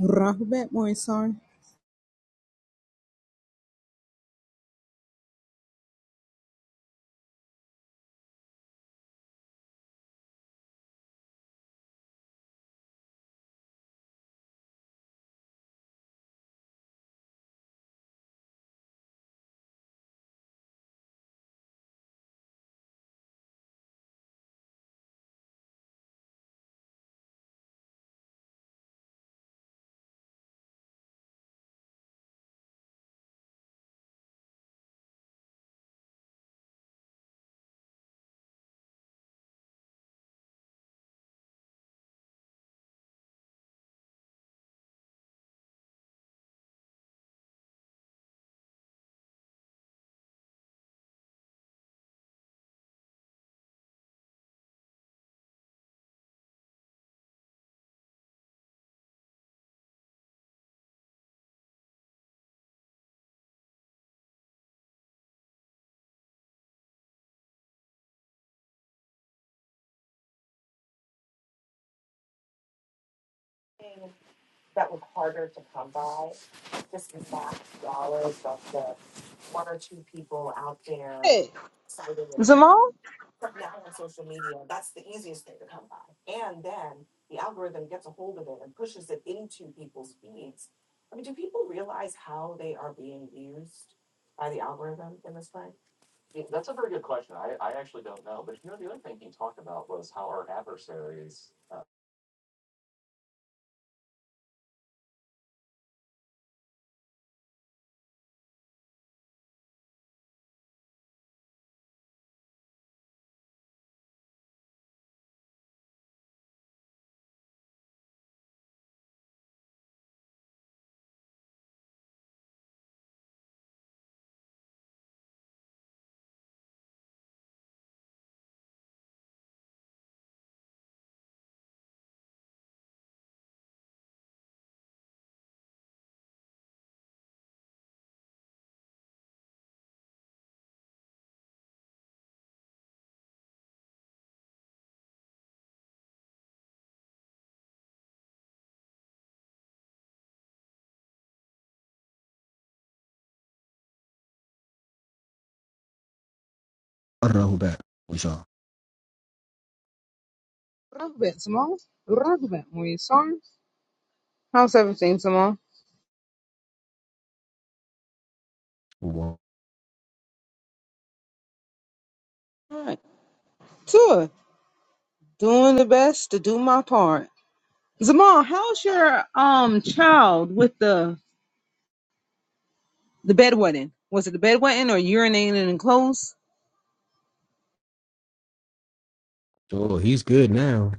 رغبت Moisar. Hey, Zamal, الرهبان we saw Ragbet, Zamal, Ragbet, my son. How's everything, Zamal? Jamal. Alright. Good. Doing the best to do my part. Zamal, how's your um child with the the bedwetting? Was it the bedwetting or urinating in clothes? So he's good now.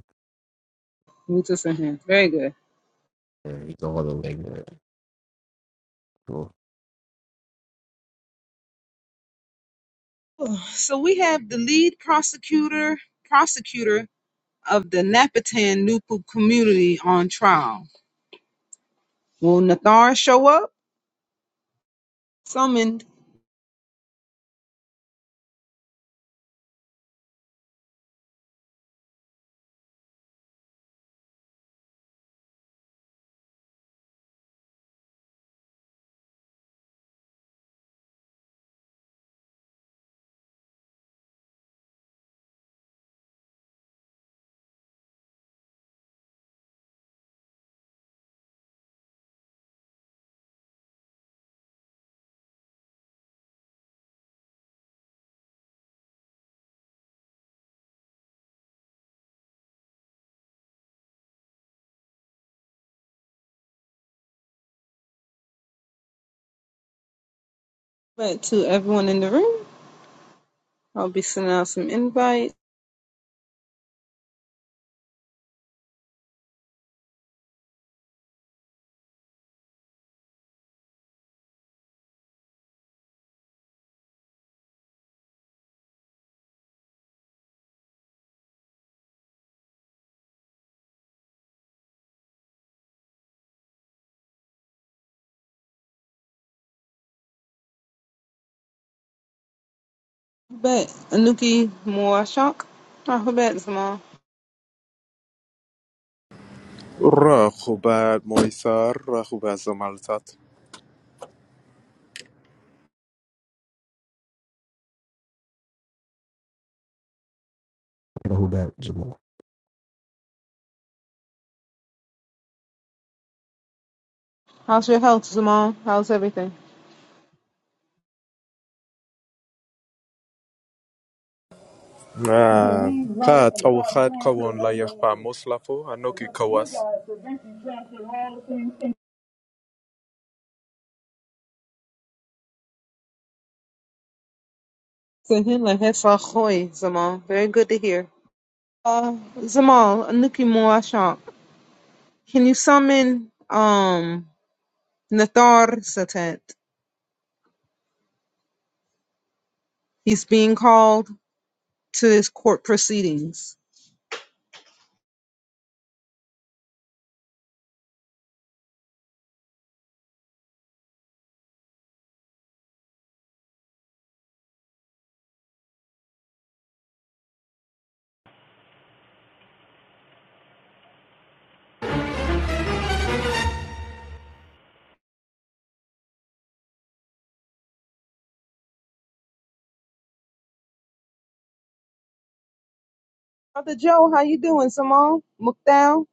Let me just in here. Very good. Yeah, he's all the way good. Cool. So we have the lead prosecutor prosecutor of the Napatan Nupu community on trial. Will Nathar show up? Summoned. But to everyone in the room, I'll be sending out some invites. But Anuki Moashak, I hope that's Zamal. راخوبر ميسار راخوبز مالزات Rahubat Jamal. How's your health, Zamal? How's everything? قات أو خات قوان لا يخفى مصلفو هنوكي كواس Sahila Hesahoy, Zamal. Very good to hear. Uh, Zamal, Anuki Moashak, can you summon um Nathar Satet? He's being called to his court proceedings. Brother Joe, how you doing, Zamal? Mukdal?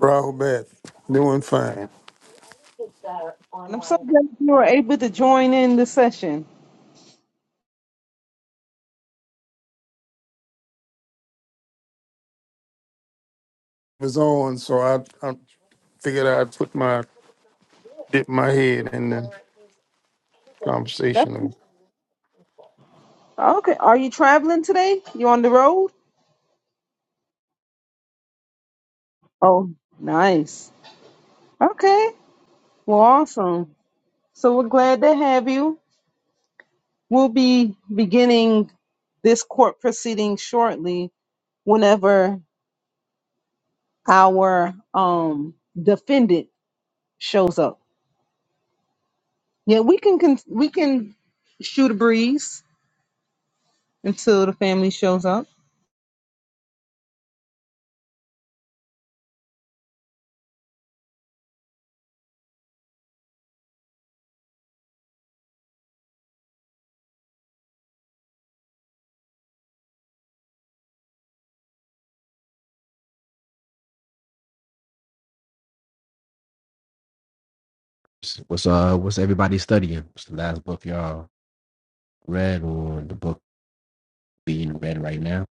Rahul Bat, doing fine. It And I'm so glad you were able to join in the session. was on, so I, I figured I'd put my dip my head in the conversation. Okay. Are you traveling today? You on the road? Oh, nice. Okay. Well, awesome. So we're glad to have you. We'll be beginning this court proceeding shortly whenever our um defendant shows up. Yeah, we can con- we can shoot a breeze until the family shows up. What's uh what's everybody studying? What's the last book y'all read or the book being read right now?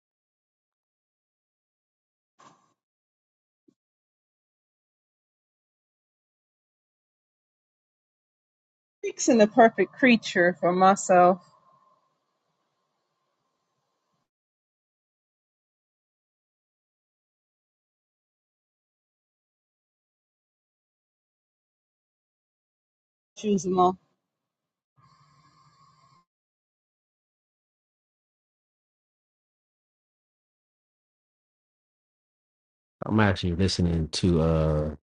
Fixing the perfect creature for myself. Choosing law. I'm actually listening to uh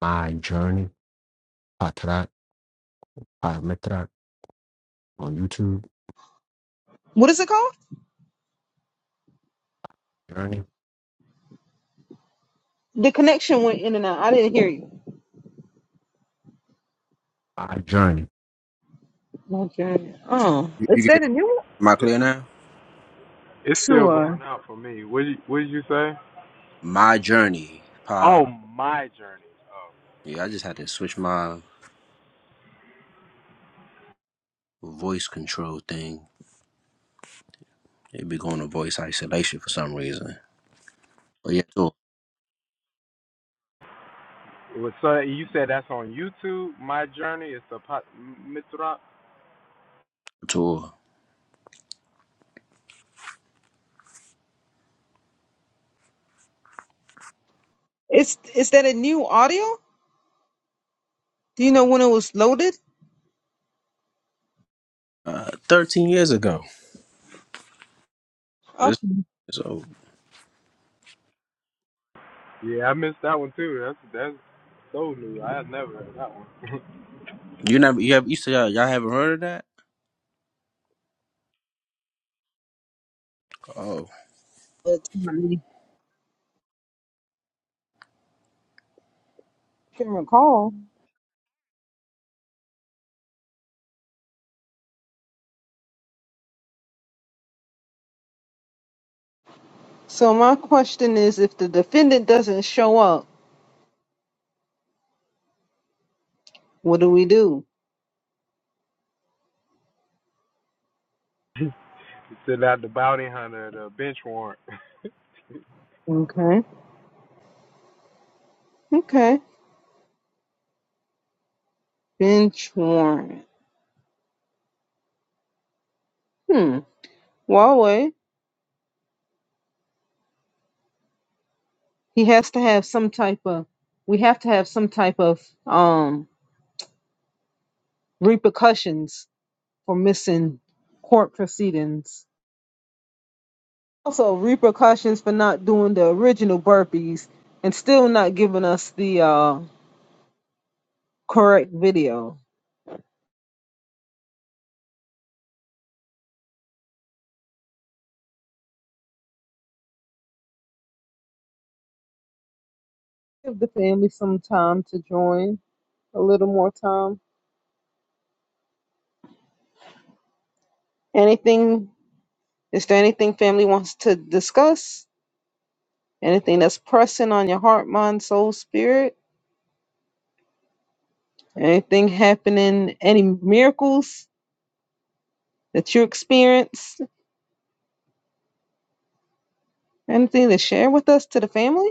My Journey, Patrat, Patrat on YouTube. What is it called? Journey. The connection went in and out. I didn't hear you. My Journey. Okay. Oh, You is you that get a new one? my It's clear now? it's still sure? going out for me. What did you, what did you say? My journey. Pa. Oh, my journey. Yeah, I just had to switch my voice control thing. It be going to voice isolation for some reason. Oh yeah, tour, Well, so you said that's on YouTube. My journey is the pot Mitrop. tour. Is is that a new audio? Do you know when it was loaded? Uh, Thirteen years ago. Oh, It's, So Yeah, I missed that one too. That's that's so new. I had never heard that one. you never you have you said y'all, y'all haven't heard of that? Oh, it's I can recall. So my question is, if the defendant doesn't show up, what do we do? Okay. Okay. Bench warrant. Hmm. Huawei. He has to have some type of. We have to have some type of um repercussions for missing court proceedings. Also, repercussions for not doing the original burpees and still not giving us the uh, correct video. Give the family some time to join, a little more time. Anything, is there anything family wants to discuss? Anything that's pressing on your heart, mind, soul, spirit? Anything happening, any miracles that you experienced? Anything to share with us to the family?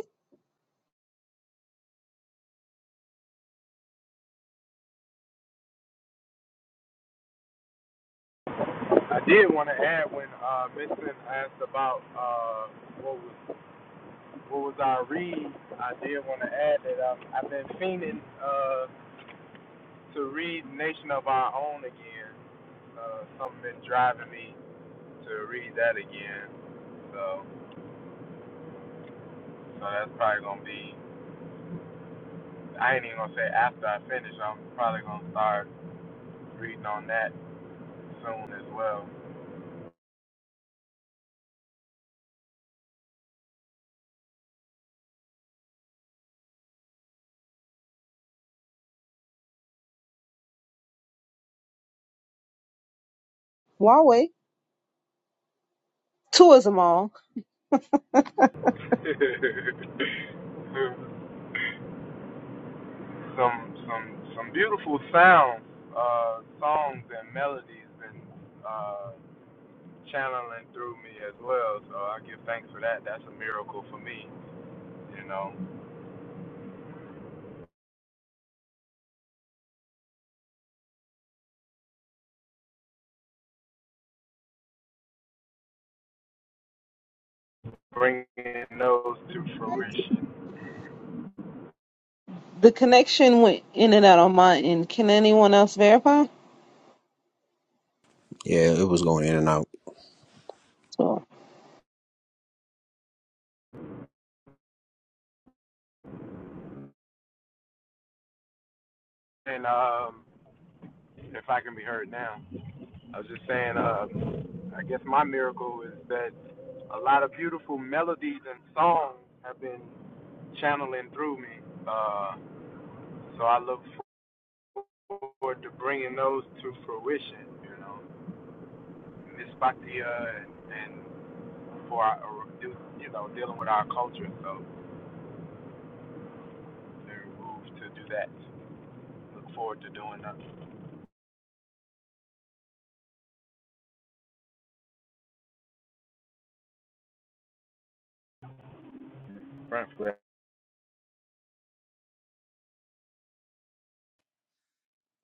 Huawei, tourism all. The connection went in and out on my end. Can anyone else verify? yeah, it was going in and out. So,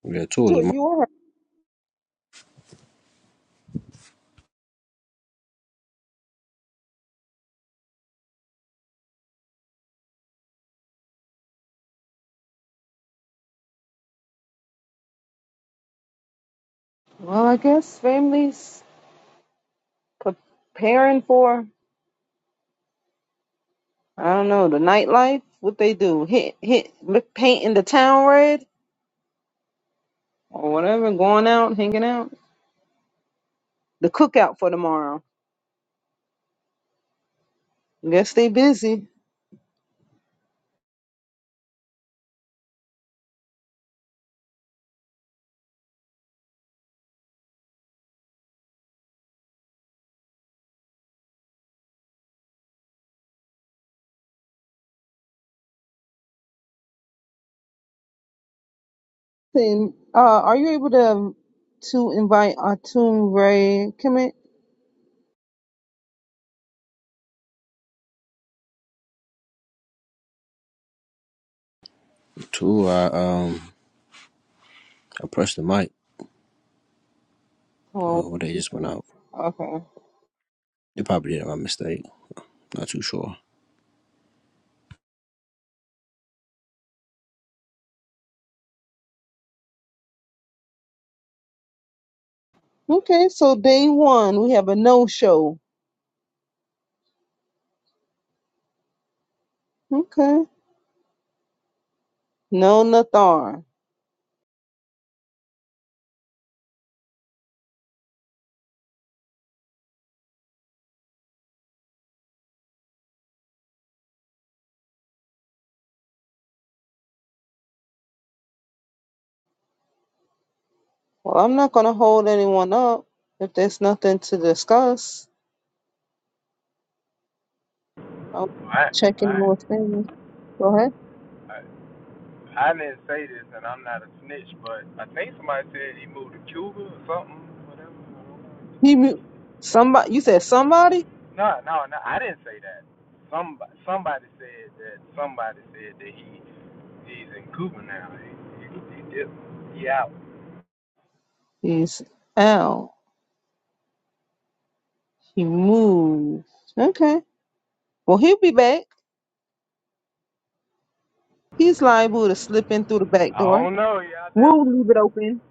Yeah, tour So was you are well, I guess families preparing for I don't know the nightlife. What they do? Hit hit painting the town red or whatever. Going out, hanging out. The cookout for tomorrow. Guess they busy. Then, uh, are you able to to invite Atum Ray Kemet? a tour. I um, I pressed the mic. Oh, Well, they just went out. okay. They probably did it by mistake. Not too sure. Okay, so day one we have a no show. Okay. No, Nathan. Well, I'm not going to hold anyone up if there's nothing to discuss. I'm checking what's in. Go ahead. He moved. Somebody, you said somebody? He's out. He moved. Okay. Well, he'll be back. He's liable to slip in through the back door. We'll leave it open.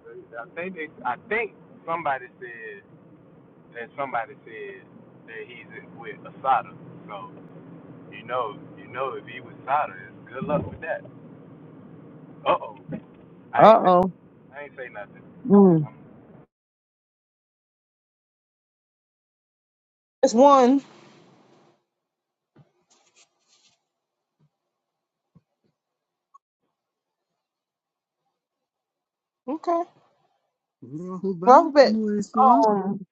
Uh oh. Mm. It's one. Okay. Who back? Robert. Who is up? Um,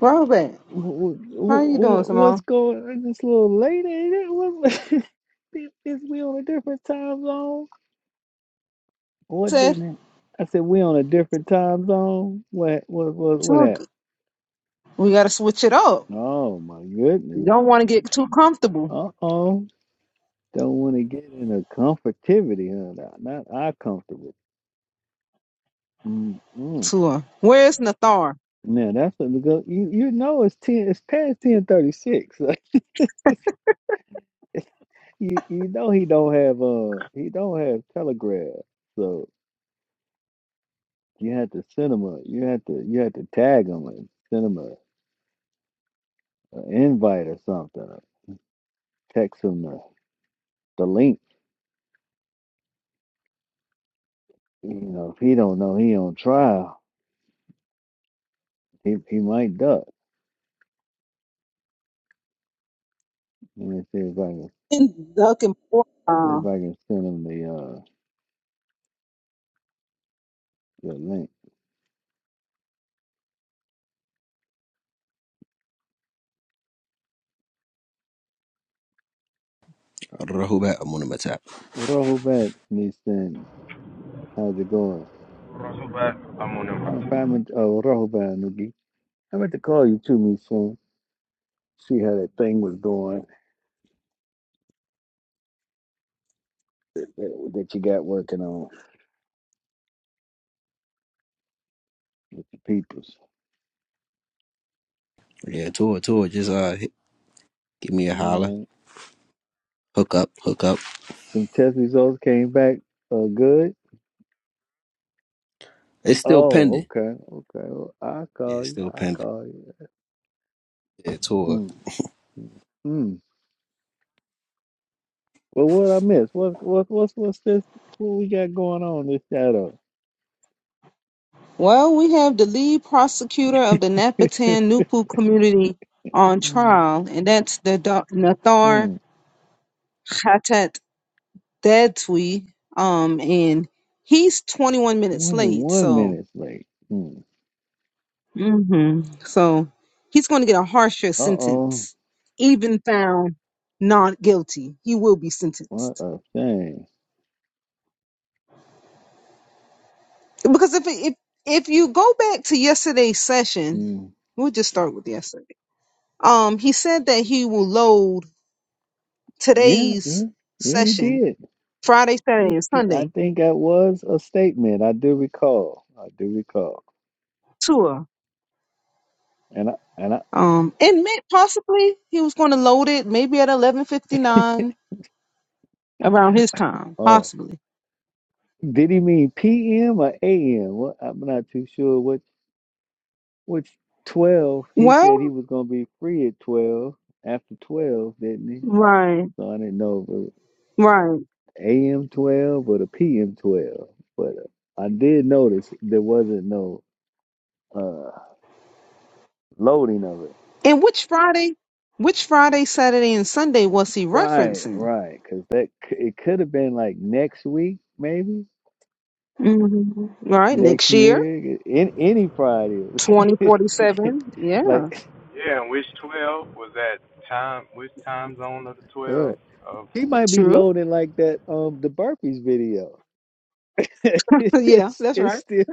Robert, Wh- wh- how you doing, wh- What's Simone? going on? This little lady? ain't it? What, is is we on a different time zone? What Said, didn't it? I said we on a different time zone. What what what what "Too that? good. we got to switch it up. Oh my You goodness. don't want to get too comfortable Uh oh. Don't want to get in a comfortivity, huh? Not, not our comfortable. Mm-mm. to her. Where's Nathar? Now that's what we go. You you know it's ten. It's past ten thirty six. You you know he don't have uh he don't have Telegram, so you had to send him a you had to you had to tag him and send him a, a invite or something, or text him the, the link. You know if he don't know he on trial, he he might duck. Let me see if I can In Duncan Port- see uh, if I can send him the uh the link. Rahubat Amunimatap. Rahubat Nissan, how's it going? I'm fine. Oh Rahubat Nugi, I meant to call you too, me soon. See how that thing was going that, that you got working on. peoples. Yeah, tour, tour. Just uh, hit, give me a holler. All right. Hook up, hook up. Them test results came back uh, good. It's still Oh, pending. okay, okay. Well, I Yeah, call it's you. still I pending. call you. Yeah, tour. Mm, mm, mm. Well, what I miss? What what what's what's this? What we got going on this shadow? well, we have the lead prosecutor of the Napatan Nupu community on trial, and that's the doc- Nathar Mm, only Hatat Dadwi. Um, and he's 21 minutes late, one so minute late. Mm. hmm so he's going to get a harsher Uh oh. sentence. Even found not guilty, he will be sentenced. What a shame. because if if if you go back to yesterday's session, Mm. we'll just start with yesterday. Um, he said that he will load Yeah, yeah, today's yeah. He session, did. Friday, He, Saturday, and he, I Sunday think that was a statement. I do recall. I do recall. tour. And I and I. Um, and may- possibly he was going to load it maybe at eleven fifty nine around his time, oh, possibly. Did he mean PM or AM? Well, I'm not too sure what which 12. He said he Well, was going to be free at 12, after 12, didn't he? right, So I didn't know if it was right. AM 12 or the PM 12. But uh, I did notice there wasn't no uh loading of it. And which Friday? Which Friday, Saturday, and Sunday was he Right, referencing? right, cuz that c- it could have been like next week maybe, hmm Right, next next year, year, in any Fridays. twenty forty seven. Yeah like right. He might be True. loading like that um the burpees video. yeah, it's that's it's right. still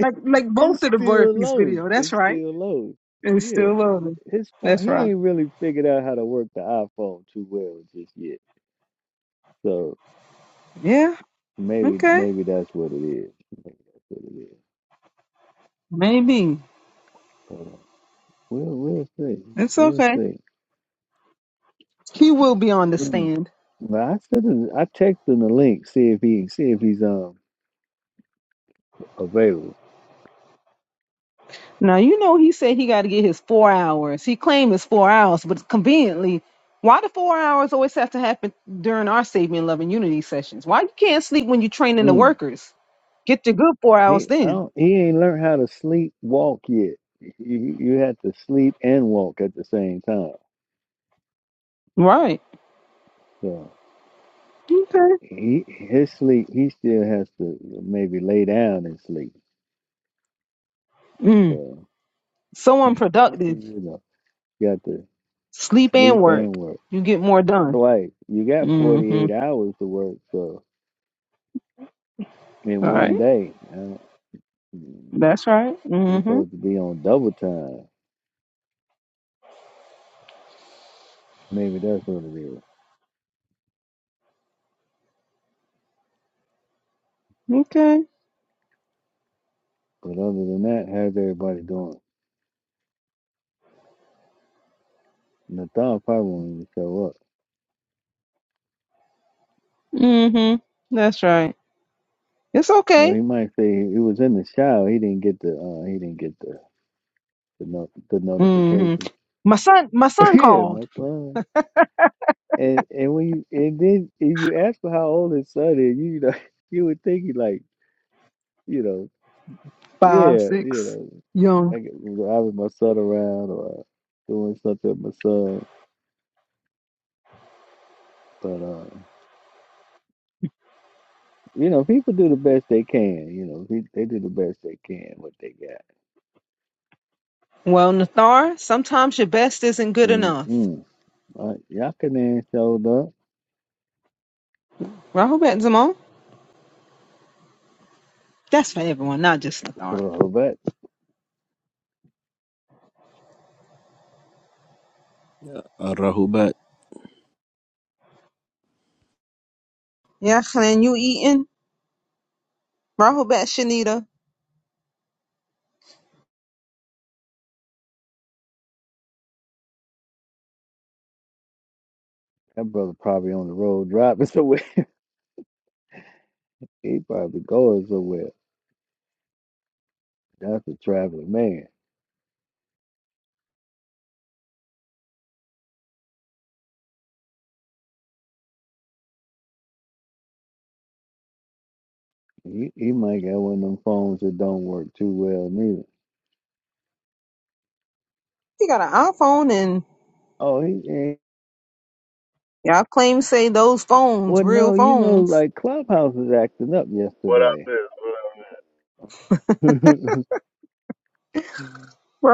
Like like it's both of the Blur still Piece low. video. That's It's right. still low. And Yeah, still love it. his phone. That's He right. ain't really figured out how to work the iPhone too well just yet. So Yeah. maybe Okay. maybe that's what it is. Maybe that's what it is. Maybe. But, uh, we'll we'll see. It's We'll okay. see. He will be on the Mm. stand. But I sent him. I texted him the link. See if he see if he's um available. Now you know he said he got to get his four hours. He claimed it's four hours, but conveniently, why the four hours always have to happen during our Saving Love and Unity sessions? Why you can't sleep when you're training the Mm. workers? Get your good four hours He I then. don't, he ain't learned how to sleep walk yet. You, you have to sleep and walk at the same time. Right. So Okay. he his sleep he still has to maybe lay down and sleep. Mm. So So unproductive. you know you got to Sleep and sleep and work. work You get more done. twice. You got forty Mm-hmm. eight hours to work. So in All right. one day, I don't, we That's right. Mm-hmm. supposed to be on double time. Maybe that's what it is. Okay. But other than that, how's everybody doing? Nathan probably won't even show up. Mm-hmm. That's right. It's Well, okay. he might say he was in the shower. He didn't get the uh, he didn't get the the, no, the Mm-hmm. notification. My son my son yeah, my called. son. And and when you and then if you ask for how old his son is, you, you know you would think he like you know Five, yeah you six, young. know I get driving my son around or uh, doing something with my son. But uh, you know people do the best they can. You know they, they do the best they can what they got. Well, Nathar, sometimes your best isn't good enough. Mm-mm. Uh, Yakanan showed Rahobat Zamal? That's for everyone, not just Nathar. up. Uh, Rahubat. Yeah, and you eating? Rahobat Shanita. That brother probably on the road driving somewhere. He probably going somewhere. That's a traveling man. He he might got one of them phones that don't work too well neither. You got an iPhone and Oh, he ain't. y'all claim to say those phones, Well, real no, you know, phones. like Clubhouse was acting up What I yesterday. missed? Uh,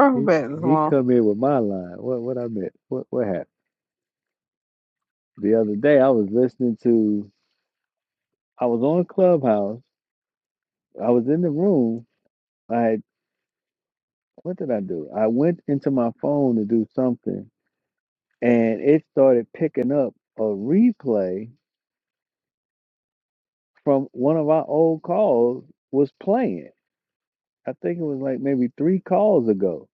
he he Zamal. come in with my line. What what I meant? What what happened? The other day I was listening to. I was on Clubhouse. I was in the room. I had, what did I do? I went into my phone to do something and it started picking up a replay from one of our old calls was playing. I think it was like maybe three calls ago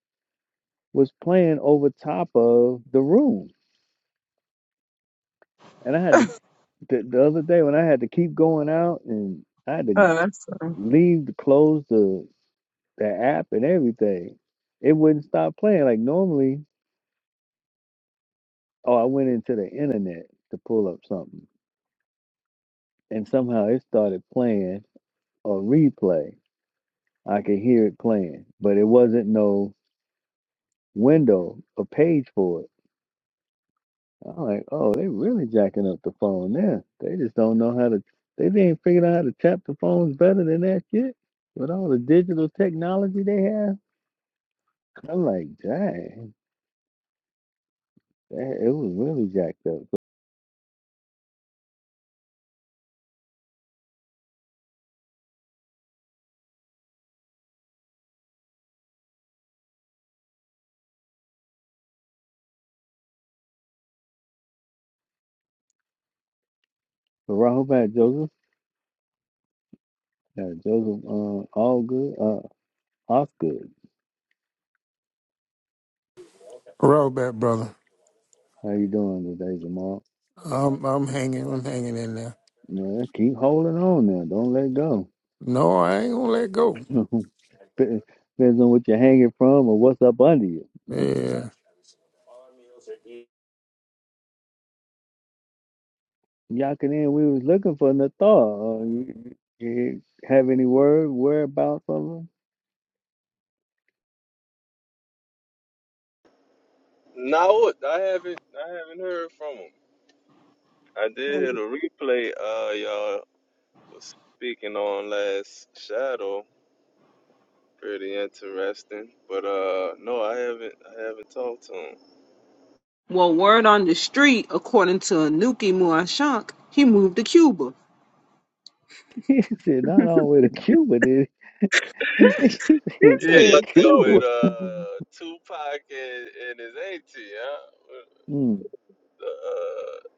was playing over top of the room, and I had to the, the other day when I had to keep going out and I had to Oh, that's leave to close the the app and everything. It wouldn't stop playing like normally. Oh, I went into the internet to pull up something, and somehow it started playing a replay I could hear it playing, but it wasn't no window or page for it. I'm like, oh, they really jacking up the phone there. They just don't know how to. They ain't figured out how to tap the phones better than that shit. With all the digital technology they have, I'm like, dang, that, it was really jacked up. So Rahul back, Joseph. Yeah, Joseph, uh, all good. Uh, Osgood, Rahul Bat, brother, how you doing today, Jamal? I'm I'm hanging, I'm hanging in there. Well, keep holding on now. Don't let go. No, I ain't gonna let go. Dep- Depends on what you're hanging from or what's up under you. Mhm. Yeah, Yakanin, we was looking for Nathar. Uh, you, you have any word, whereabouts of him? No, I haven't. I haven't heard from him. I did hear the Well, replay. Uh, y'all was speaking on last shadow. Pretty interesting, but uh, no, I haven't. I haven't talked to him. word on the street, according to Anuki Muashak, he moved to Cuba. He said, not all the way to Cuba, did he? He said he This Yeah, flew to is I dealt Cuba. with new. uh Tupac and, and his auntie. Huh? With Mm. the, uh,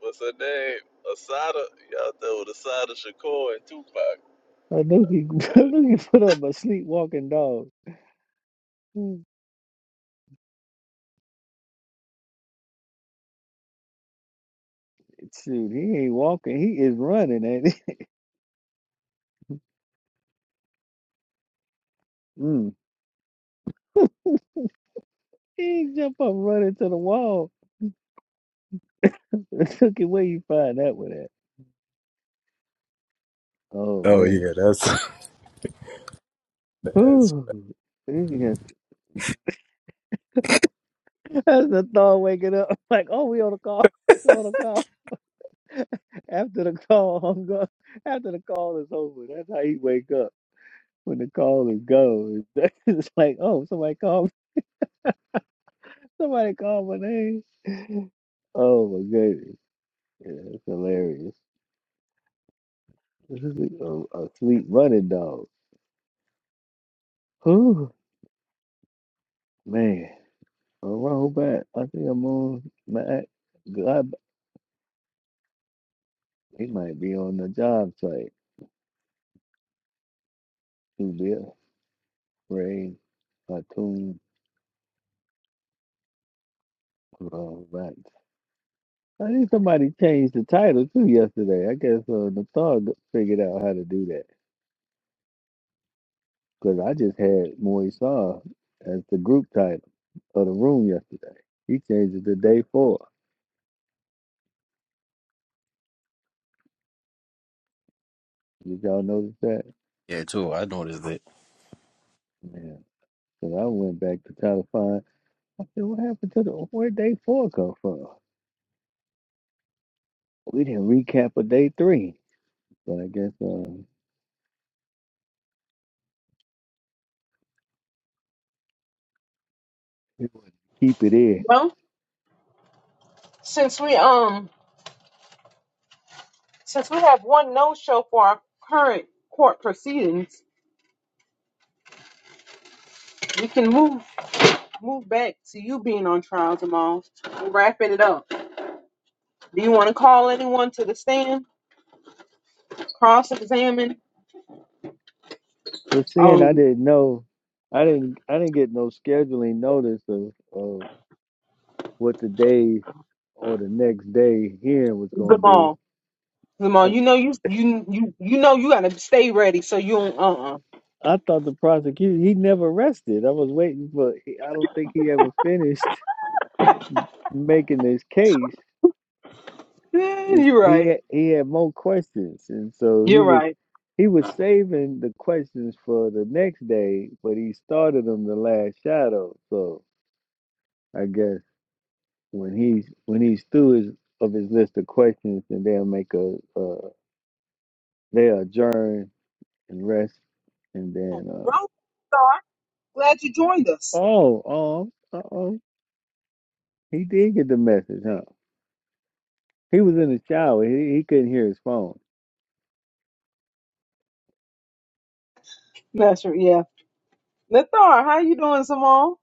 what's her name? Asada. Y'all dealt with Asada Shakur and Tupac. I knew he, I knew he put up a sleepwalking dog. Mm. Shoot, he ain't walking. He is running, ain't he? Mm. He ain't jump up running to the wall. Look at where you find that one at. Oh, Oh man. yeah, that's that's. Whew. That's the thought waking up. Like, oh, we on a call. We on a call. After the call, I'm go- after the call is over. That's how you wake up when the call is gone. It's like, oh, somebody called. Somebody called my name. Oh my goodness, yeah, that's hilarious. This is a, a sleep running dog. Whew, man, a roll back. I think I'm on Matt. God, he might be on the job site. Who did Ray Atum? I think somebody changed the title too yesterday. I guess uh, Nathar g- figured out how to do that because I just had Moisar as the group title of the room yesterday. He changed it to day four. Did y'all notice that? Yeah, tour. I noticed it. Yeah. Because I went back to try to find. I said, what happened to the where day four come from? We didn't recap of day three, but I guess um, we would keep it in. Well, since we um since we have one no show for our current court proceedings, we can move move back to you being on trial Jamal. We're wrapping it up. Do you want to call anyone to the stand? Cross examine? But seeing I Um didn't know, I didn't I didn't get no scheduling notice of. what the day or the next day hearing was going to be. Jamal? Jamal, And you know you you you you know you gotta stay ready so you don't uh uh I thought the prosecutor, he never rested. I was waiting for, I don't think he ever finished making his case. It's, you're he, right. had, he had more questions. And so he You're was, right. he was saving the questions for the next day, but he started them the last shadow. So I guess when he's, when he's through his, of his list of questions, then they'll make a, uh, they'll adjourn and rest and Rose then, uh, Thar, glad you joined us. Oh, oh, uh oh. He did get the message, huh? He was in the shower. He, he couldn't hear his phone. That's right, yeah. Nathar, how you doing, Simone?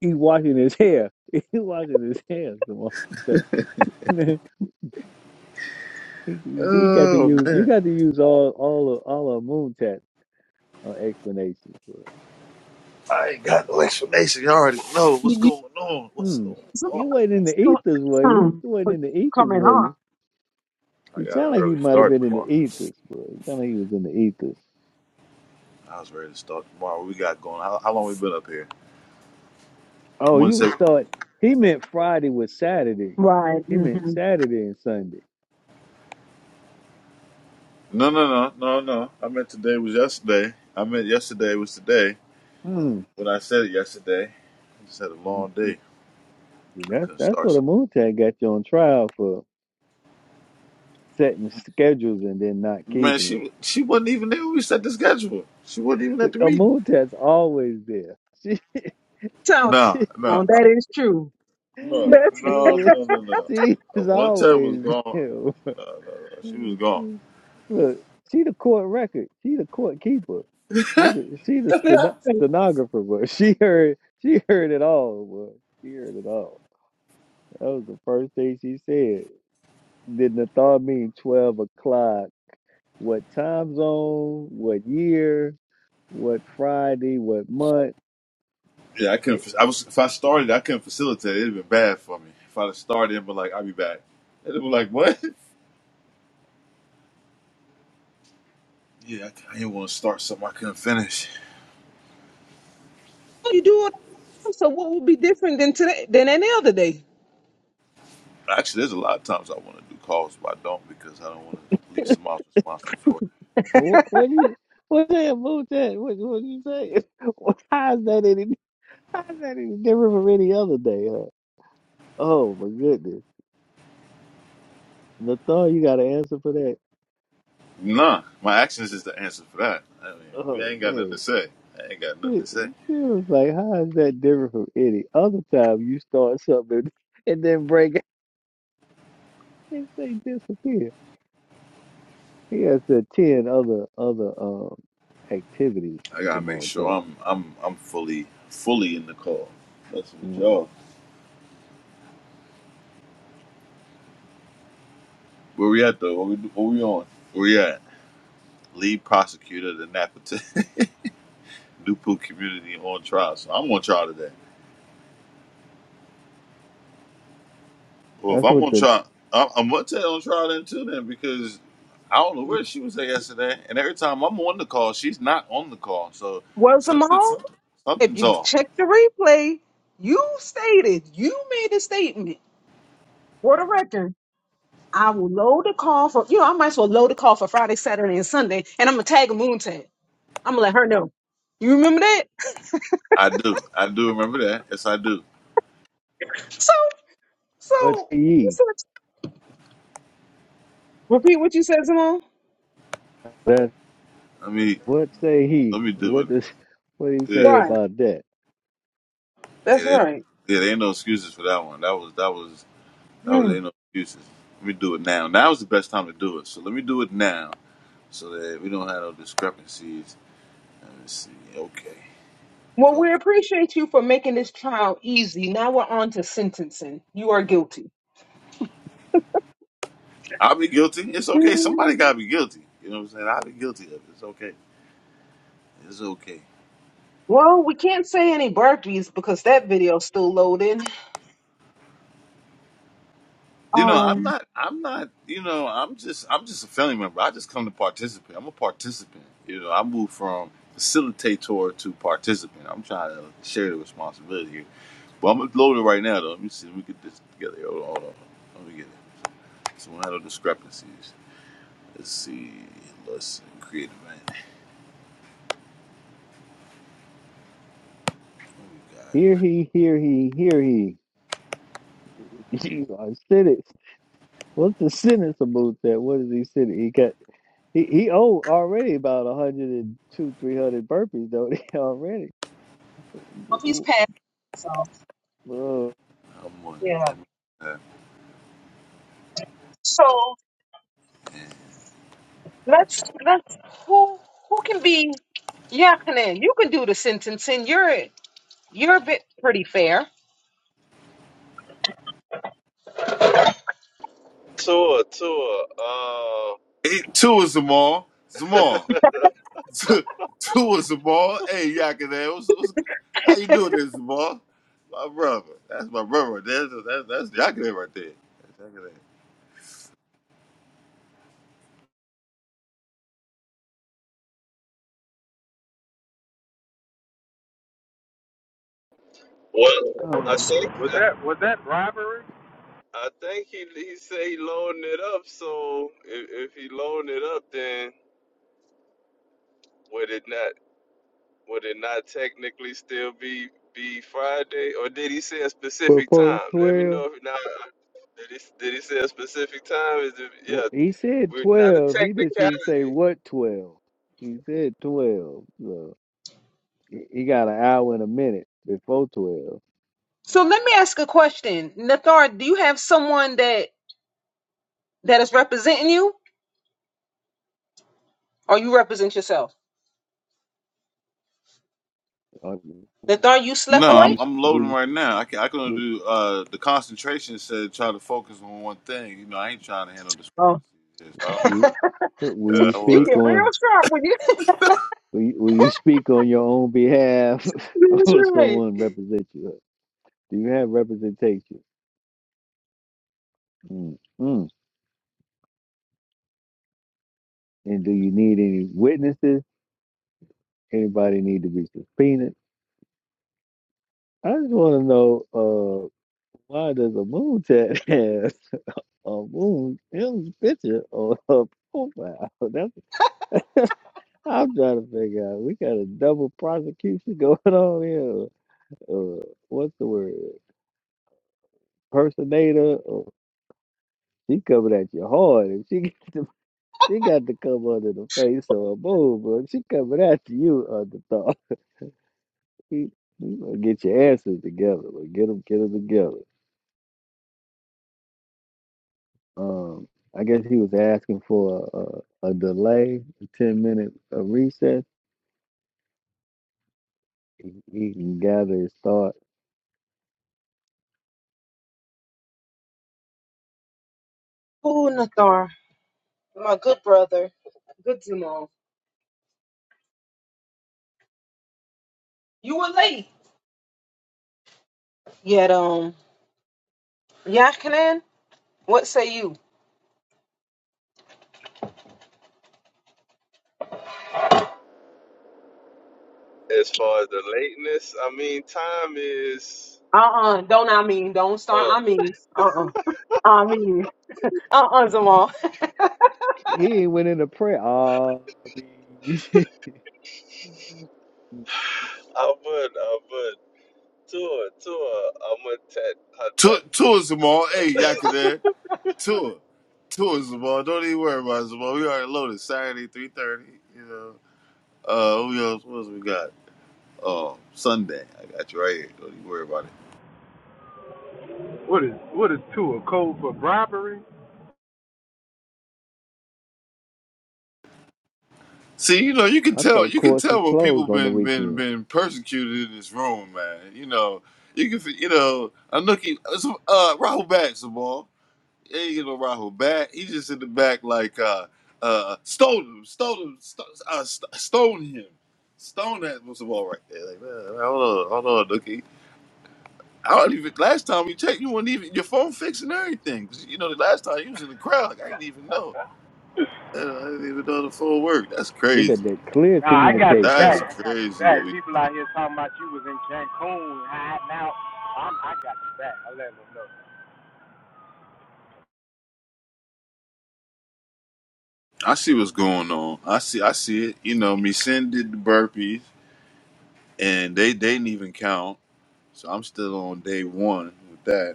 He washing his hair. He washing his hair. Simone said. he, he got to Oh use. You man, got to use all all of, all of moon chat uh, explanations for it. I ain't got no explanation. You already know You, what's you, going on. What's Hmm. going Simone, You on? wasn't in the still, ethers, were you? hmm, You wasn't in the ethers, coming were on. you? I You got an sound like you early might have start been in the tomorrow. ethers, but you sound like you was in the ethers. I was ready to start tomorrow. What We got going. How, how long we been up here? Oh, I'm gonna you would say start. He meant Friday with Saturday. Right. He meant Mm-hmm. Saturday and Sunday. no, no, no, no, no. I meant today was yesterday. I meant yesterday was today. Hmm. When I said it yesterday, I just had a Mm, long mm. day. I That's couldn't that's start what a something. moon tag got you on trial for setting schedules and then not Man, keeping them. she she wasn't even there when we set the schedule. She wasn't even But at the A meeting. moon tag's always there. She Tell No, she no. Simone, that is true. No, That's she no, is, no, no, no. she Uh, is one tab was always gone. there. No, no, no. She was gone. Look, she the court record. She the court keeper. She the she the steno- stenographer. But she heard she heard it all. But she heard it all. That was the first thing she said. Did Nathar mean twelve o'clock? what time zone, what year, what Friday, what month. Yeah, I couldn't. I was if I started, I couldn't facilitate. It'd been bad for me. If I'd have started, but like I'll be back. And it was like what? Yeah, I, I didn't want to start something I couldn't finish. you do it. So what would be different than today than any other day? Actually, there's a lot of times I want to do calls, but I don't because I don't want to leave someone else responsible for it. What, what do you what the hell moved that? What what do you say? Well, How is that any how is that any different from any other day, huh? Oh my goodness. Nathal, you got an answer for that? Nah, my actions is the answer for that. I mean, we Oh ain't got nothing to man. say. I ain't got nothing to It, say. it was like how is that different from any other time you start something and then break it and say disappear. He has the ten other other um activities, I gotta make Jamal Tap. sure I'm I'm I'm fully fully in the call. That's what y'all. Well, Where we at though? What we, what we on? Where we at? Lead prosecutor of the Napatan Dupu community on trial. So I'm on trial today. Well, if That's I'm what on the trial, I'm, I'm gonna tell you on trial then too then because I don't know where she was at yesterday. And every time I'm on the call, she's not on the call. So Well, something, Simone, something, if something's you off. check the replay, you stated you made a statement for the record. I will load the call for you know I might as well load the call for Friday, Saturday, and Sunday, and I'm gonna tag a moon tag. I'm gonna let her know. You remember that? I do, I do remember that. Yes, I do. So, what so say you ye? said- repeat what you said, Simone. That's Let me, what say he? let me do What it. does what he Yeah, say Right. about that? yeah. That's There, right. yeah, there ain't no excuses for that one. That was that was. Oh, was Mm. ain't no excuses. Let me do it now. Now is the best time to do it. So let me do it now so that we don't have no discrepancies. Let me see. Okay. Well, Okay. we appreciate you for making this trial easy. Now we're on to sentencing. You are guilty. I'll be guilty. It's okay. Somebody Mm. gotta be guilty. You know what I'm saying? I'll be guilty of it. It's okay. It's okay. Well, we can't say any burpees because that video's still loading. You know, I'm Um, not I'm not you know, I'm just I'm just a family member. I just come to participate. I'm a participant. You know, I moved from facilitator to participant. I'm trying to share the responsibility here. But I'm loaded right now though. Let me see. Let me get this together. Hold on, hold on. Let me get it. So one of the discrepancies. Let's see. Let's create a man, What we Hear got? he, hear he, hear he. You are cynic. What's the cynics about that? What is he cynic? He got he he owe already about a hundred and two, three hundred burpees though already. well, he's passed. So Uh, I'm one. yeah. M- So and- let's let's who who can be Yakinen? You can do the sentencing. You're you're a bit pretty fair. Tour, tour. Uh, Eight, two is Zamal. Zamal. Two, two is Zamal. Hey, Yakinan. What's, what's, how you doing there, Zamal? My brother. That's my brother. That's, that's, that's Yakinan right there. That's Yakinan. well, I uh, think. I think he he said he loaned it up. So if, if he loaned it up, then would it not would it not technically still be be Friday? Or did he say a but specific for time? Let me twelve, know if now did he did he say a specific time? Is it, well, yeah. he said We're not a twelve. He just technicality didn't say what twelve. He said twelve. uh. He he got an hour and a minute before twelve. So let me ask a question. Nathar, do you have someone that that is representing you or you represent yourself? Uh, Nathar, you slept No, Will you away? I'm, I'm will loading you right now. I can I can will, do uh the concentration said try to focus on one thing. You know, I ain't trying to handle Oh. discrepancies. Yes, I don't, will you will yeah, you I would. speak get real on sharp when you will you, will you speak on your own behalf That's or right. someone represent you? Do you have representation? Mm, mm. And do you need any witnesses? Anybody need to be subpoenaed? I just want to know uh, why does a moon tat have a moon him's picture on her profile? That's I'm trying to figure out. We got a double prosecution going on here. Uh, what's the word? Personator. Or she coming at you hard. If she she got to come under the face of a move, but she coming at you under thought. You gonna get your answers together. But get them, Get them together. Um, I guess he was asking for a, a, a delay, a ten minute a recess. He, he can gather his thought. Ooh, Nathar. My good brother. Good to know. You were late. Yet um Yakanan, what say you? as far as the lateness. I mean, time is. Uh Uh-uh. Don't I mean, don't start Oh, I mean. Uh-uh. I mean. Uh-uh, Zamal. He ain't went into prayer. Oh, I would, I would. Tour, tour. I'm gonna tap, I Tour, tap. tour Zamal. Hey, Yakuza. Tour. Tour Zamal. Don't even worry about it, Zamal. We already loaded Saturday, 3.30. You know. Uh, who else, what else we got? Oh, Sunday. I got you right here. Don't even worry about it. See, you know, you can I tell thought you can courts was tell when people closed on the been been weekend. been persecuted in this room, man. You know, you can f- you know, Anuki uh, Rahul back, Zamal. He ain't get no Rahul back. He just in the back like uh uh stole him, stole him, st- uh, st- stone him. Stone that was the ball right there. Like, man, hold on, hold on, Dookie. I don't even. Last time we checked, you weren't even your phone fixed and everything. 'Cause, You know, the last time you was in the crowd, like, I didn't even know. Uh, I didn't even know the phone worked. That's They got crazy. that clear communication. That's crazy. What we. I see what's going on. I see. I see it. You know, me send did the burpees, and they they didn't even count. So I'm still on day one with that.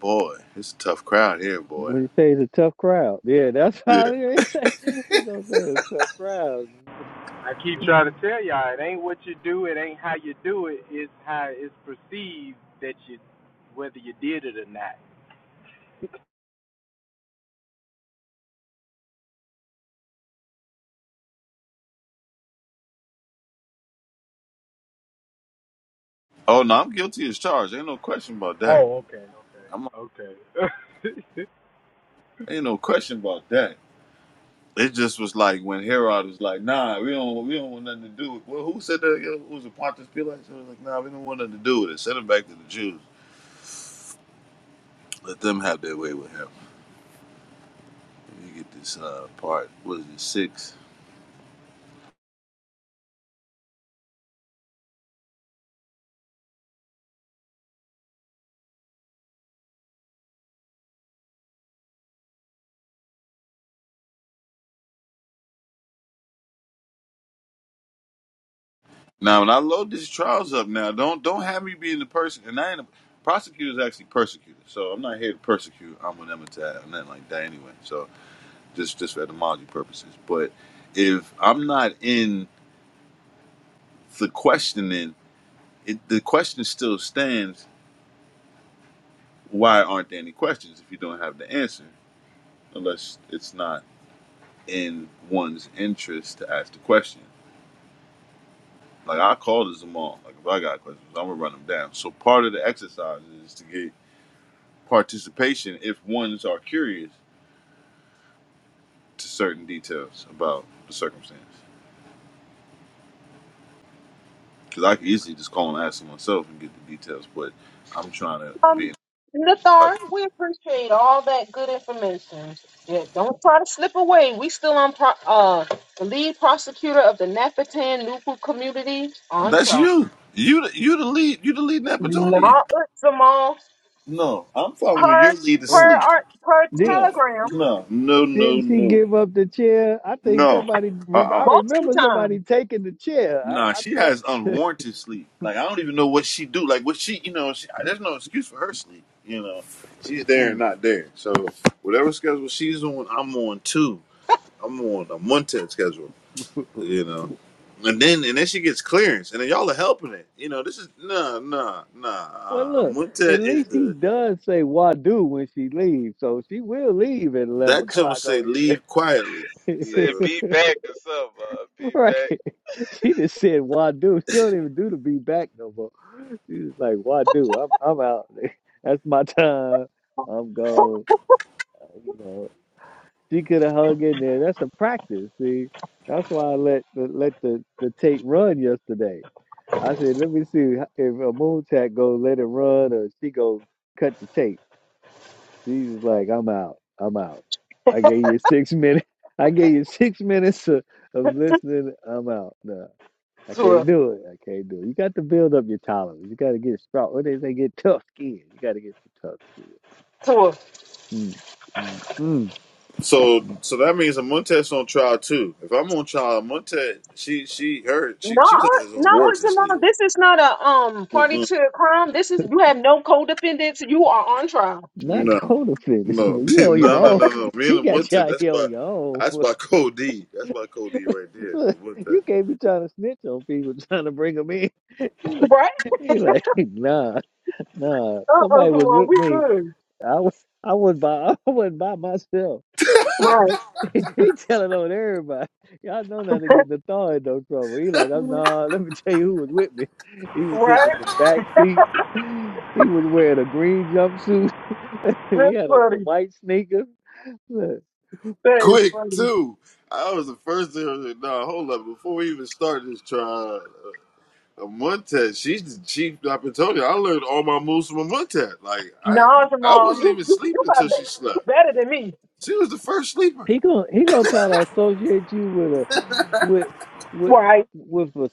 Boy, it's a tough crowd here, boy. When you say it's a tough crowd, yeah, that's how Yeah. they say. He gonna say it's a tough crowd. Oh no, I'm guilty as charged. Ain't no question about that. I'm ain't no question about that. It just was like when Herod was like, "Nah, we don't, we don't want nothing to do with." Well, who said that? Yo, Who was it Pontius Pilate? So it was like, "Nah, we don't want nothing to do with it. Send him back to the Jews. Let them have their way with him." Let me get this uh, part. What is it six? Now, when I load these trials up, now don't don't have me being the person. And I ain't a prosecutor's actually persecuted, so I'm not here to persecute. I'm an emitter, I'm nothing like that anyway. So just just for etymology purposes. But if I'm not in the questioning, it, the question still stands. Why aren't there any questions if you don't have the answer? Unless it's not in one's interest to ask the question. Like I called as them all. Like if I got questions, I'm gonna run them down. So part of the exercise is to get participation if ones are curious to certain details about the circumstance. Because I could easily just call and ask them myself and get the details, but I'm trying to be. Um, in Nathar, we appreciate all that good information. Yeah, don't try to slip away. We still on pro- uh the lead prosecutor of the Napatan Nupu community on That's trial. you. You the- you the lead. You the lead Napatonian. Not with Zamal No, I'm following per your lead to per Well, sleep. our, per Did No, telegram no, no, no, didn't she no, give up the chair? I think no. somebody. Uh re- I uh multiple remember somebody times taking the chair. Nah, I, I she thought. has unwarranted sleep. Like I don't even know what she do. Like what she, you know, she, there's no excuse for her sleep. You know, she's there Hmm. and not there. So whatever schedule she's on, I'm on too. I'm on a Montez schedule. well, You know, and then and then she gets clearance, and then y'all are helping it. You know, this is nah, nah, nah. Uh, look. At Montez is least he the does say "wadu" when she leaves, so she will leave at eleven That jump o'clock say on leave you. quietly. You There. Say, know. be back or something. Uh, be Right. back. She just said Wadu. She don't even do the be back no more. She was like, Wadu, I'm I'm out. That's my time. I'm gone. You know. She could have hung in there. That's a practice, see. That's why I let the let the, the tape run yesterday. I said, let me see h- if a moon tack go let it run or she go cut the tape. She was like, I'm out. I'm out. I gave you six minutes. I gave you six minutes of, of listening. I'm out. Nah. I to can't a do it. I can't do it. You got to build up your tolerance. You got to get strong. What they say, get tough skin. You got to get some tough skin. to a Mm, mm, mm, So mm. so that means a Montez on trial too. If I'm on trial, Montez she she her she not she's on not on Wharton's league. Zamal. This is not a um party Mm-mm. to a crime. This is you have no codependents. You are on trial, Not No. counterfeit. No. You on your no no own. no no. Me She and got you Montez, out that's here my on your own. that's my code D. That's my code D right there. Look, you Montez. can't be trying to snitch on people, trying to bring them in. He like, right? he like, nah, nah. Uh uh Somebody was Zamal, with we me. good, I was, I was by, I wasn't by myself. right? he telling on everybody. Y'all know not to get the thaw in no trouble. He like, oh Mm-hmm. no, let me tell you who was with me. He was Right. sitting in the back seat. He was wearing a green jumpsuit. he That's had on some funny. white sneakers. Look, That is Quick funny. too. I was the first to no, hold up. Before we even start this trial, A Montet, she's the chief. I've been telling you, I learned all my moves from a Montet. Like I, Nah, I Jamal, wasn't you even you you sleeping better until she you slept. better than me. She was the first sleeper. he gonna he gonna try to associate you with a with with Right. with a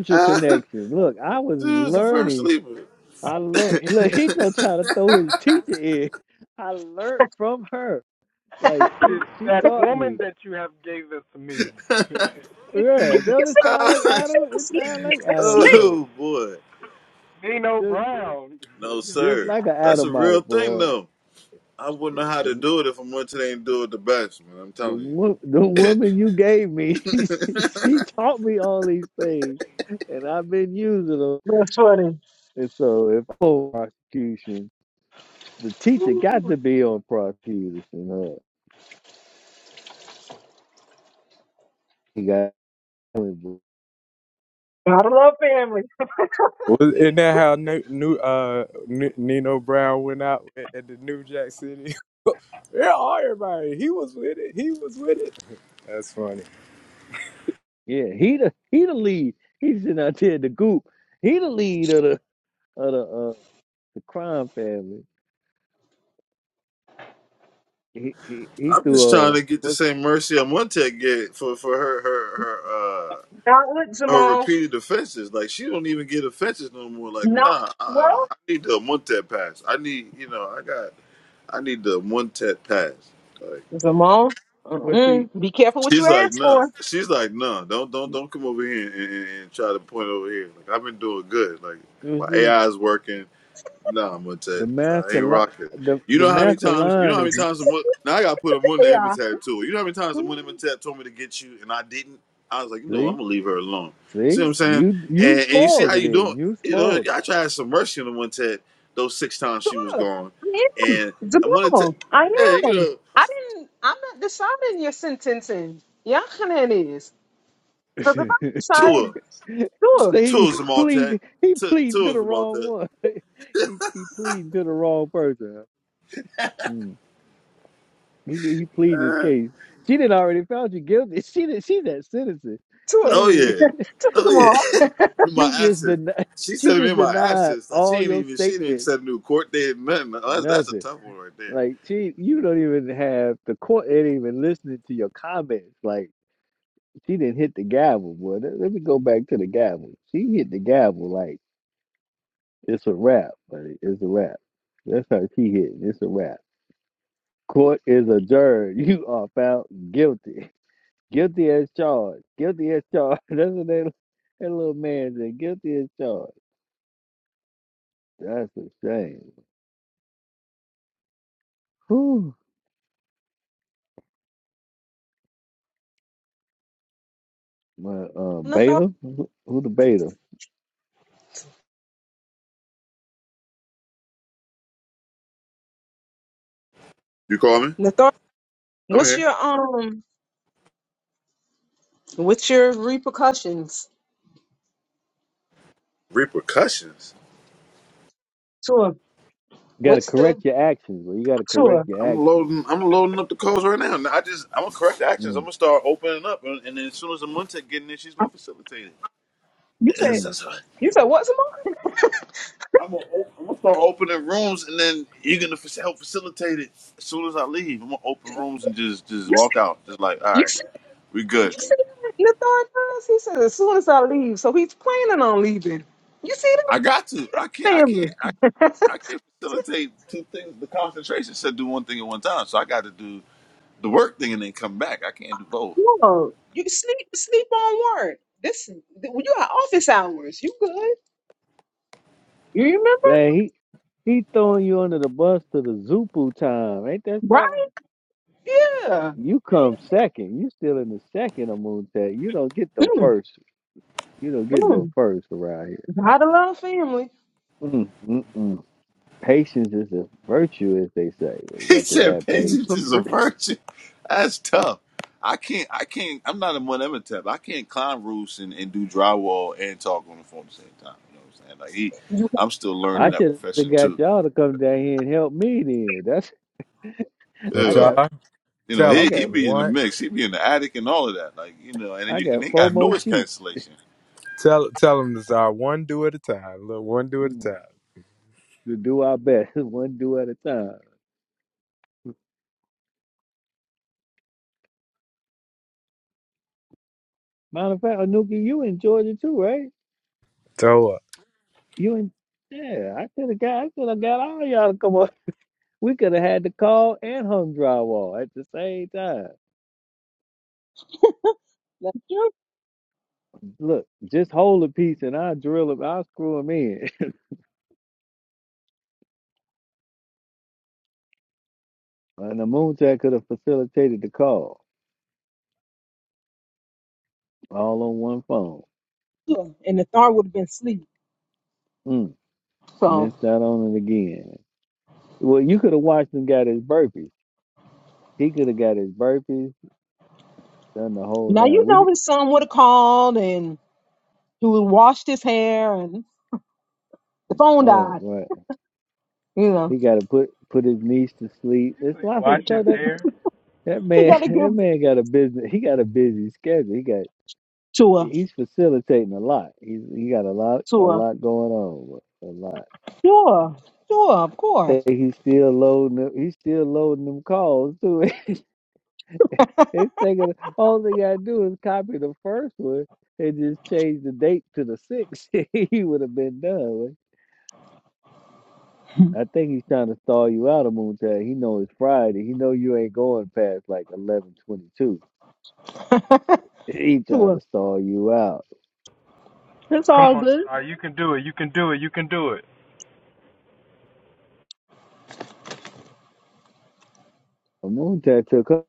she connection. Look, I was was the first learning. sleeper. I learned. Look, he gonna try to throw his teacher in. I learned from her. Like she she taught me. You you, Yeah, you don't it see how sound like you see Adam? how It slick sound it- like that's Adam, don't slick. it? oh boy, Just no just sir, like an that's a real Adamite, thing boy. though. I wouldn't Yeah, know how to The do it if a Montet ain't do it the best, man. I'm the telling you. wo- the woman you gave me, she taught me all these things, and I've been using them. That's funny. And so, if oh, prosecution, the teacher got Ooh, to be on prosecution. Huh? He got Gotta love family. Well, Isn't that how new, new uh N- Nino Brown went out at the New Jack City? Yeah, everybody. He was with it. He was with it. That's funny. yeah, he the he the lead. He's sitting out there in the goop. He the lead of the of the uh, the crime family. He he he I'm just threw trying a. to get the what's same mercy a Montet get for for her her her. uh, Not with her Jamal. repeated offenses. Like she don't even get offenses no more. Like Not nah, I, well. I need the Montet pass. I need you know I got I need the Montet pass. Like Jamal. Well, see, Mm-mm. Be careful what you she's like ask nah, for. she's like nah. Don't don't don't come over here and, and, and try to point over here. Like I've been doing good. Like well, my see, AI is working. No, I'm gonna tell you, the nah, I mask of ain't li- rocking. the You the know how many mask of times? You know line how is many times? I'm, now I got to put a one to Yeah. Imhotep too. You know how many times the one Imhotep told me to get you and I didn't? I was like, you know, what, I'm see, gonna leave her alone. See see, what I'm saying? you you And and you see spoiled how it you doing? in, you You know, spoiled it. I tried some mercy on the one Ted those six times she was Sure. gone, I am. and I wanted to, Jamal. I hey, you am. know, I didn't I'm not deciding your sentencing. Yachanan is. Because if I decided, Tua, sure. so he, Tua's he a Maltet, pleaded, he pleaded to the Tua's a wrong Maltet. one. he he pleaded to the wrong person. huh? Mm. He he pleaded his case. She didn't already found you guilty. She did. She's that citizen. She Tua, ain't Oh even. yeah, Tua oh She, Zamar, yeah. in my she just absence, denied. she She said it just in my denied absence. Like she all ain't your even she didn't statements. set a new court date, nothing. Oh, That's, that's a Nothing. tough one right there. Like she, you don't even have the court ain't even listening to your comments. Like she didn't hit the gavel, boy. Let, let me go back to the gavel. She hit the gavel like it's a wrap, buddy. It's a wrap. That's how she hit. It's a wrap. Court is adjourned. You are found guilty. Guilty as charged. Guilty as charged. That's what that, that little man said. Guilty as charged. That's a shame. Whew. My uh, Nathar, beta. Who who the beta? You call me? Nathar, I'm what's here. your um, what's your repercussions? Repercussions. Tua, You got to what's the correct your actions. Well, you got to correct Tua? your I'm actions. loading. I'm loading up the calls right now. Now, I just I'm gonna correct the actions. I'm Mm, gonna start opening up, and, and then as soon as Amunta get in there, she's uh, gonna facilitate it. You That's- said, mm. that's right. you said what, Zamar? I'm gonna, op- I'm gonna start opening rooms, and then you're gonna fac- help facilitate it. As soon as I leave, I'm gonna open rooms and just just You walk see, out. Just like, all you right, see, we you good. see what Nathar does? He said as soon as I leave, so he's planning on leaving. You see I got to. I that can't. I can't. family? I, I can't facilitate two things. The concentration said do one thing at one time, so I got to do the work thing and then come back. I can't do both. Whoa, you sleep, sleep on work. This, you got office hours. You good? You remember? Dang, he he throwing you under the bus to the Zupu time, ain't that Right? something? Yeah. You come second. You still in the second of Moontet. You don't get no Mm, first. You don't get no mm. first around here. Gotta love family. Mm, mm, mm. Patience is a virtue, as they say. Well, You He got to said have Mhm. patience patience. is a virtue. That's tough. I can't. I can't. I'm not a one type. I can't climb roofs and, and do drywall and talk on the phone at the same time. You know what I'm saying? Like he, You can I'm still find learning I that. that should have profession got too. y'all to come down here and help me. Then that's Now, I Ugh. got y'all, You know, tell I he him he got be in the one. mix. He be in the attic and all of that. Like you know, and then I you and got they four got more noise sheep cancellation. Tell tell him this. Uh, one do at a time. Look, one do at a mm, time. to do our best, one do at a time. Matter of fact, Anuki, you in Georgia too, right? Toe up. You and yeah, I could have got I could have got all y'all to come on. We could have had the call and hung drywall at the same time. Let you Look, just hold a piece and I'll drill him, I'll screw him in. And the moonshot could have facilitated the call all on one phone. do. it. And the thorn would have been asleep. Mm, So missed out on it again. Well, you could have watched him got his burpees. He could have got his burpees, done the whole now you nine. We know did, his son would have called and he would have washed his hair and the phone oh, died. right. You know, He got to put put his niece to sleep. It's lots of stuff that That he man, got to give that man got a business. He got a busy schedule. He got to her, he's facilitating a lot. He's he got a lot a to her. lot going on. A lot. Sure, sure, of course. Think He's still loading. Them, he's still loading them calls too. It's taking all they gotta do is copy the first one and just change the date to the sixth. he would have been done. with. I think he's trying to stall you out of Moonshine. He know it's Friday. He know you ain't going past like eleven twenty two. to He trying her. to stall you out. It's all good. Moonshine took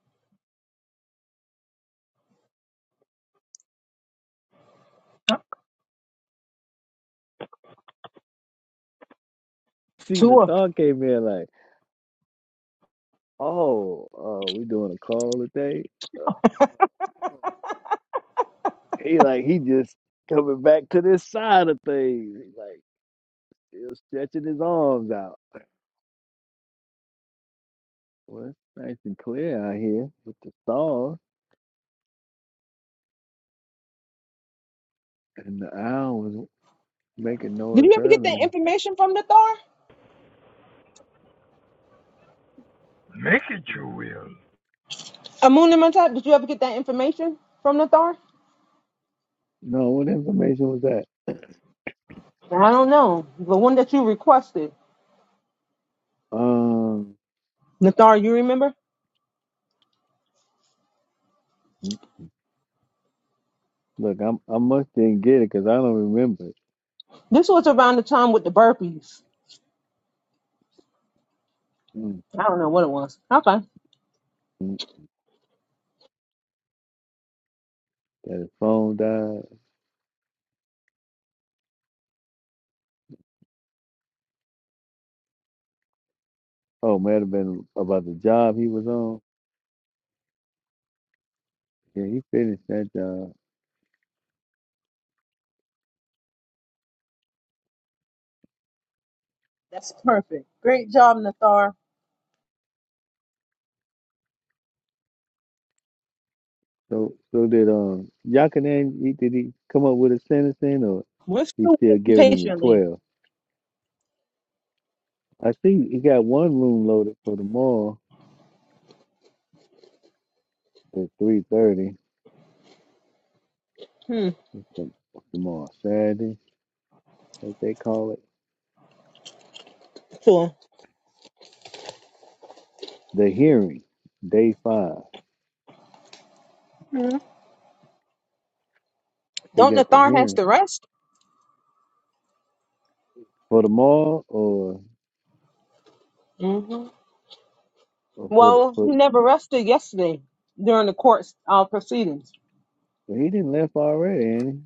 See, To the her. thought came in like, oh, uh, we doing a call today. Uh, oh. he like he just coming back to this side of things. He like still stretching his arms out. Well, it's nice and clear out here with the stars. And the owl was making Did noise you ever get that earlier. information from the Thar? Amun and Matap, did you ever get that information from the Thar? No, what information was that? I don't know. The one that you requested. Um, Nathar, you remember? look, I'm I must didn't get it because I don't remember. This was around the time with the burpees. Mm, I don't know what it was. Okay. mm, That his phone died. Oh, might have been about the job he was on. Yeah, he finished that job. That's perfect. Great job, Nathar. So, so did um Yakanan? He did he come up with a sentence then, or What's he the still giving him the patiently? twelve? I think he got one room loaded for tomorrow at three thirty. Hmm. Tomorrow, Saturday, as they call it, Cool. the hearing, day five. hmm He Don't got the Nathar has hearing to rest? for tomorrow, or, hmm or for the- Well, he for. never rested yesterday during the court's uh, proceedings. But he didn't left already, ain't he?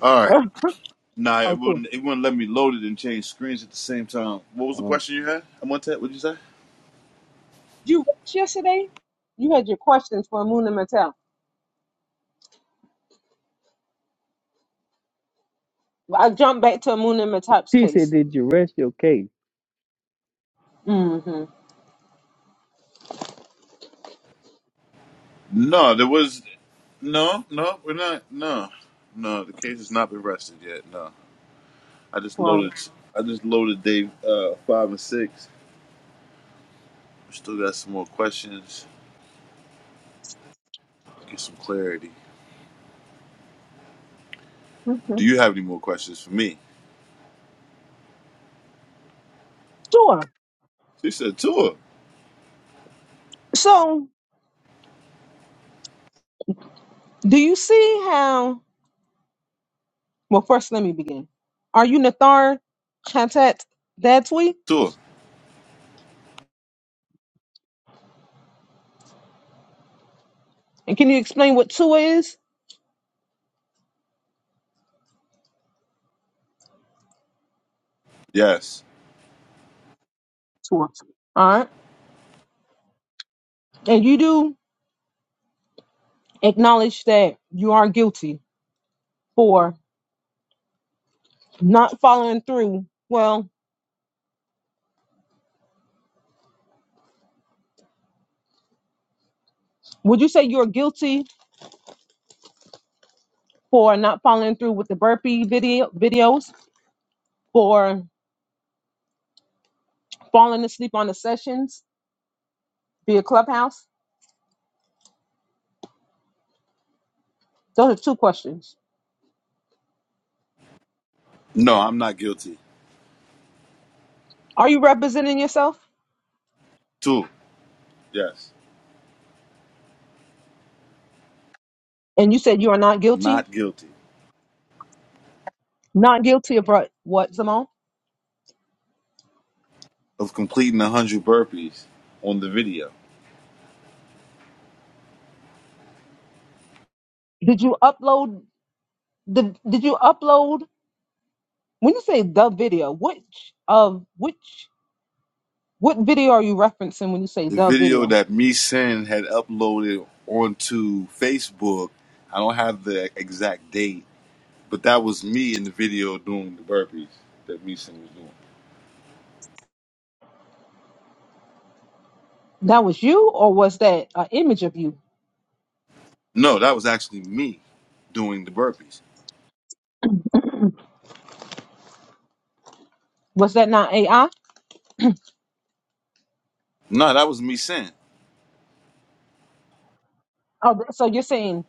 All right. Huh? Nah, oh, it cool. wouldn't. It wouldn't let me load it and change screens at the same time. What was the Oh. question you had? I want that. What'd you say? Did you rest yesterday? You had your questions for Moon and Mattel. I jumped back to Moon and Mattel's He said, case. "Did you rest your case?" Mm-hmm. No, there was no, no. We're not. No, no. The case has not been rested yet. No, I just Well, loaded. I just loaded day uh, five and six. We still got some more questions. Get some clarity. okay. Do you have any more questions for me? Sure. She said two. So, do you see how? Well, first, let me begin. Are you Nathar Chatat Datwi? Two. And can you explain what Tua is? Yes. Tua. All right. And you do acknowledge that you are guilty for not following through. Well, would you say you're guilty for not following through with the burpee video videos, for falling asleep on the sessions via Clubhouse? Those are two questions. No, I'm not guilty. Are you representing yourself? Two. Yes. And you said you are not guilty. Not guilty Not guilty of what, what Simone? of completing a hundred burpees on the video. Did you upload The did you upload when you say the video? Which of which what video are you referencing when you say the the video video? that me Sin had uploaded onto Facebook. I don't have the exact date, but that was me in the video doing the burpees that me Sin was doing. That was you, or was that an image of you? No, that was actually me doing the burpees. Was that not AI? No, that was me Sin. Oh, so you're saying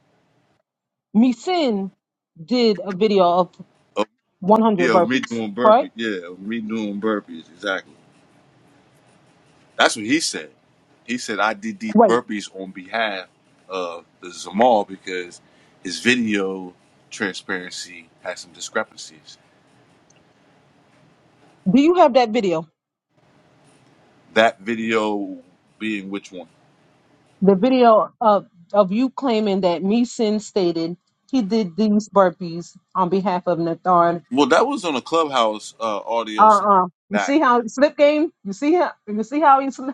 me sin did a video of Oh, 100 yeah, of me burpees, doing correct? burpees. Yeah, of me doing burpees. Exactly. That's what he said. He said I did these Wait, burpees on behalf of the Zamal because his video transparency had some discrepancies. do you have that video? That video being which one? The video of of you claiming that me sin stated he did these burpees on behalf of Nathan. Well, that was on a clubhouse uh, Uh audio sometime uh You see back. how slip game? You see how you see how he slipped.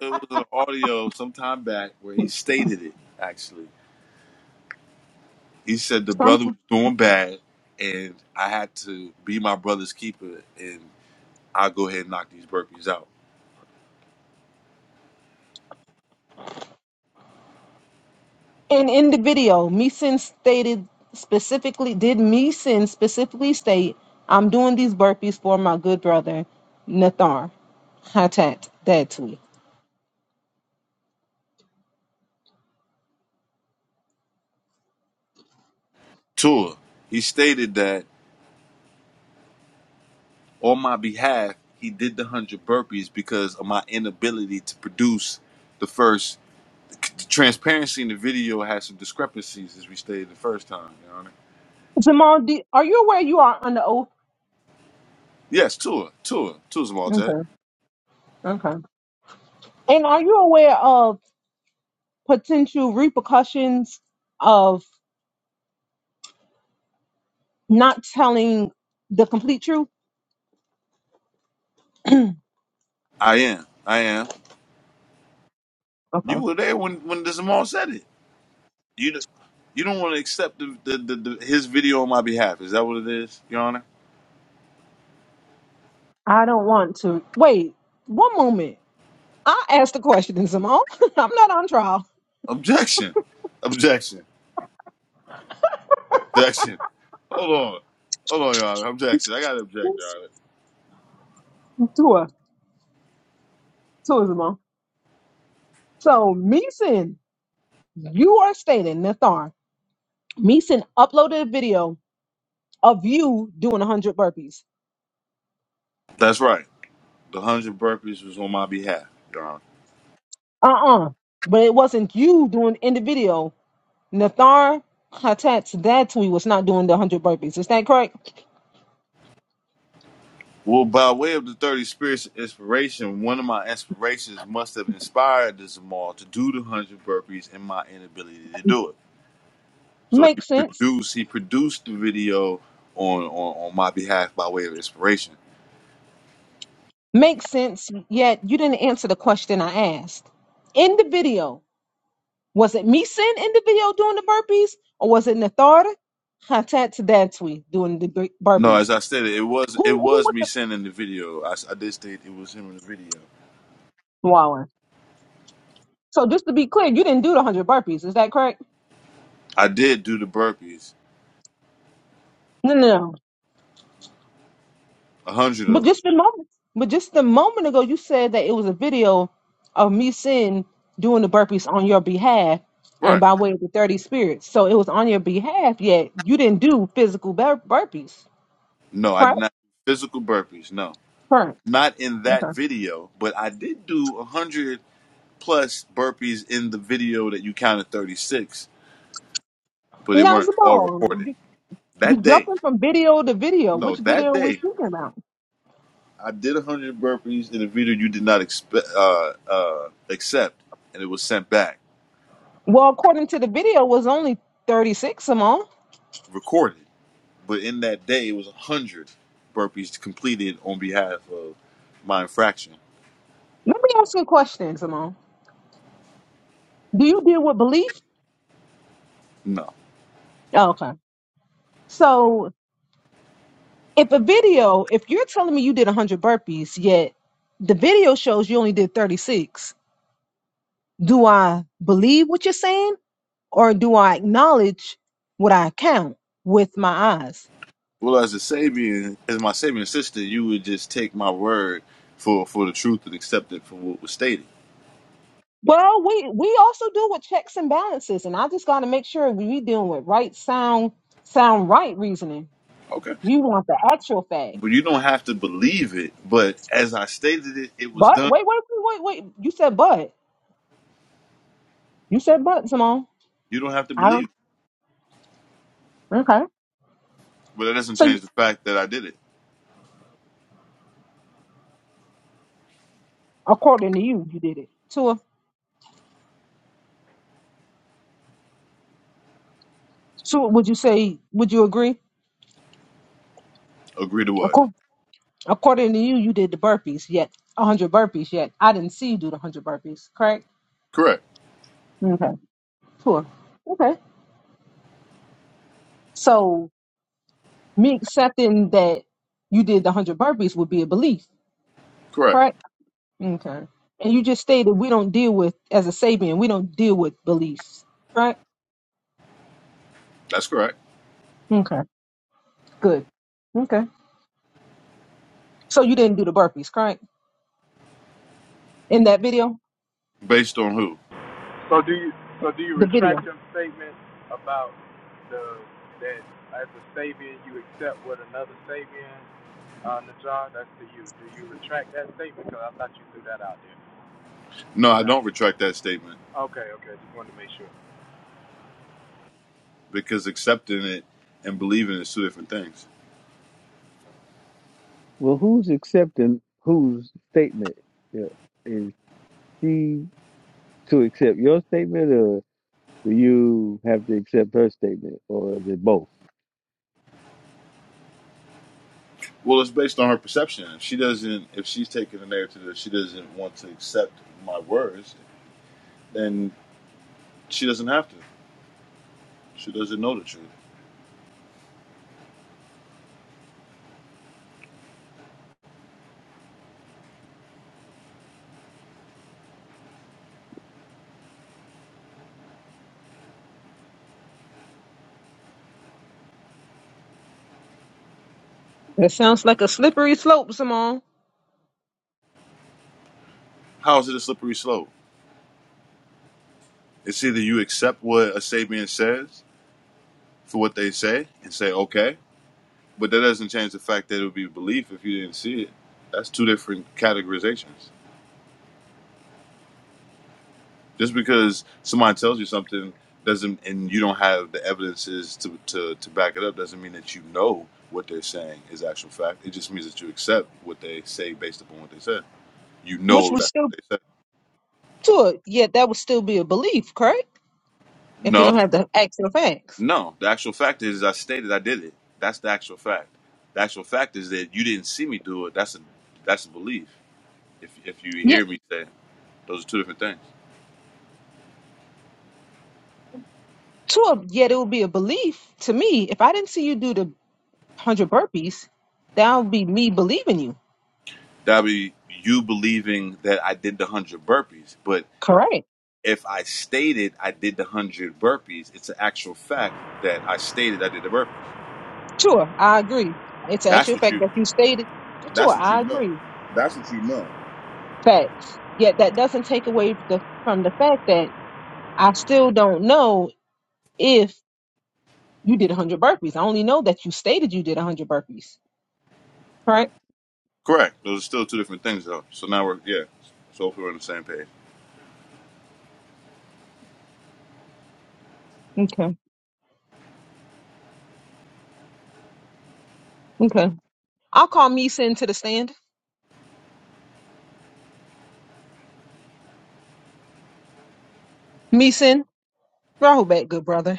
It was an audio sometime back where he stated it. Actually, he said the Trump brother was doing bad, and I had to be my brother's keeper, and I'll go ahead and knock these burpees out. and in the video, Meeson stated specifically, did Meeson specifically state, I'm doing these burpees for my good brother, Nathar Hatat Datwi. Tour. He stated that on my behalf, he did the one hundred burpees because of my inability to produce the first. The transparency in the video has some discrepancies, as we stated the first time. You know what I mean? Jamal, do, are you aware you are under oath? Yes, Tua, Tua, Tua Zamaltet. Okay. Okay. And are you aware of potential repercussions of not telling the complete truth? I am, I am. You Okay. were there when when the Zamal said it. You d- you don't want to accept the, the, the, the his video on my behalf. Is that what it is, Your Honor? I don't want to. Wait, one moment. I asked the question, Jamal. I'm not on trial. Objection, objection, objection. Hold on, hold on, Your Honor. Objection. I got to object, Your Yes, Honor. you are. Tourism. So Meeson, you are stating Nathar. Meeson uploaded a video of you doing one hundred burpees. That's right. The hundred burpees was on my behalf, Your Honor. Uh-uh. But it wasn't you doing in the video. Nathar Hatat's dad tweet was not doing the one hundred burpees. Is that correct? Well, by way of the thirty spirits of inspiration, one of my inspirations must have inspired the Zamal to do the hundred burpees and my inability to do it. So he Makes sense. produced he produced the video on, on on my behalf by way of inspiration. Makes sense. Yet you didn't answer the question I asked. In the video, was it Meeson in the video doing the burpees, or was it Nathar Hatat's dad tweet doing the bur- No, as burpees? I said, it was it Who who was was me the sending the video. I, s- I did state it was him in the video. Wallace? So just to be clear, you didn't do the hundred burpees. Is that correct? I did do the burpees, No, no, no. a hundred of But them. just the moment. But just a moment ago, you said that it was a video of me sin doing the burpees on your behalf and Right. by way of the thirty spirits. So it was on your behalf, yet you didn't do physical bur- burpees. No, I did Correct. not do physical burpees. No, Correct. not in that Okay. video, but I did do a hundred plus burpees in the video that you counted thirty six, but they Now, weren't all Simone, recorded you you that day. jumping from video to video. No, Which that video are we day speaking about? I did 100 burpees in a video you did not expect, uh, uh, accept, and it was sent back, Well, according to the video, it was only thirty six. Simone, recorded. But in that day, it was 100 burpees completed on behalf of my infraction. let me ask you a question, Simone. Do you deal with belief? No. Oh, okay. So if a video, if you're telling me you did 100 burpees, yet the video shows you only did 36, do I believe what you're saying or do I acknowledge what I count with my eyes? Well, as a Sabian, as my Sabian sister, you would just take my word for, for the truth and accept it for what was stated. Well, we, we also do with checks and balances, and I just got to make sure we we dealing with right sound, sound right reasoning. Okay. You want the actual fact. But you don't have to believe it. But as I stated it, it was But done. wait, wait, wait, wait. wait. You said but. You said but, Simone. You don't have to I believe don't. it. Okay. But that doesn't So change the fact that I did it. according to you, you did it. Tua. So would you say? Would you agree? Agree to what? Acco- According to you, you did the burpees yet one hundred burpees yet. I didn't see you do the one hundred burpees. Correct. Correct. Okay. Sure. Okay. So me accepting that you did the one hundred burpees would be a belief. Correct. Correct. Okay. And you just stated we don't deal with as a Sabian, we don't deal with beliefs. Correct. That's correct. Okay. Good. Okay. So you didn't do the burpees, correct? In that video, Based on who? the video. No, I don't retract that statement because accepting it and believing is two different things. Well, who's accepting whose statement? Yeah, is she? to accept your statement, or do you have to accept her statement, or is it both? Well, it's based on her perception. If she doesn't, if she's taking the narrative that she doesn't want to accept my words, then she doesn't have to. She doesn't know the truth. That sounds like a slippery slope, Simone. How is it a slippery slope? It's either you accept what a Sabian says for what they say and say, okay, but that doesn't change the fact that it would be belief if you didn't see it. That's two different categorizations. Just because somebody tells you something doesn't, and you don't have the evidences to, to, to back it up, doesn't mean that you know what they're saying is actual fact. It just means that you accept what they say based upon what they said. You Which know we that's still. what they said. to it, yet that would still be a belief, correct? If you No, don't have the actual facts. no. The actual fact is, I stated I did it. That's the actual fact. The actual fact is that you didn't see me do it. That's a that's a belief. If if you Yet hear me say, those are two different things. to it, yet it would be a belief to me. If I didn't see you do the hundred burpees, that would be me believing you. That'd be you believing that I did the hundred burpees, but Correct. if I stated I did the hundred burpees, it's an actual fact that I stated I did the burpees. Sure, I agree. It's an That's actual what fact you. that you stated. Sure, That's what you I know. agree. That's what you know. Facts. Yet that doesn't take away the, from the fact that I still don't know if you did 100 burpees. I only know that you stated you did 100 burpees. Correct? Correct. Those are still two different things, though. So now we're yeah. So hopefully we're on the same page. Okay. Okay. I'll call Meeson to the stand. Meeson. Rahubet, good brother.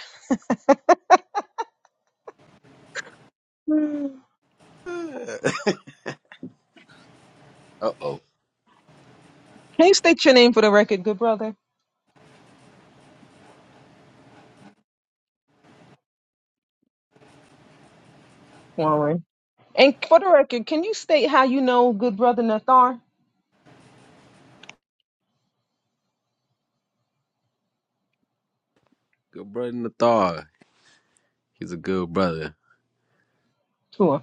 Hmm. Uh oh. Can you state your name for the record, good brother? Warren. And for the record, can you state how you know good brother Nathar? Good brother Nathar. He's a good brother. Sure.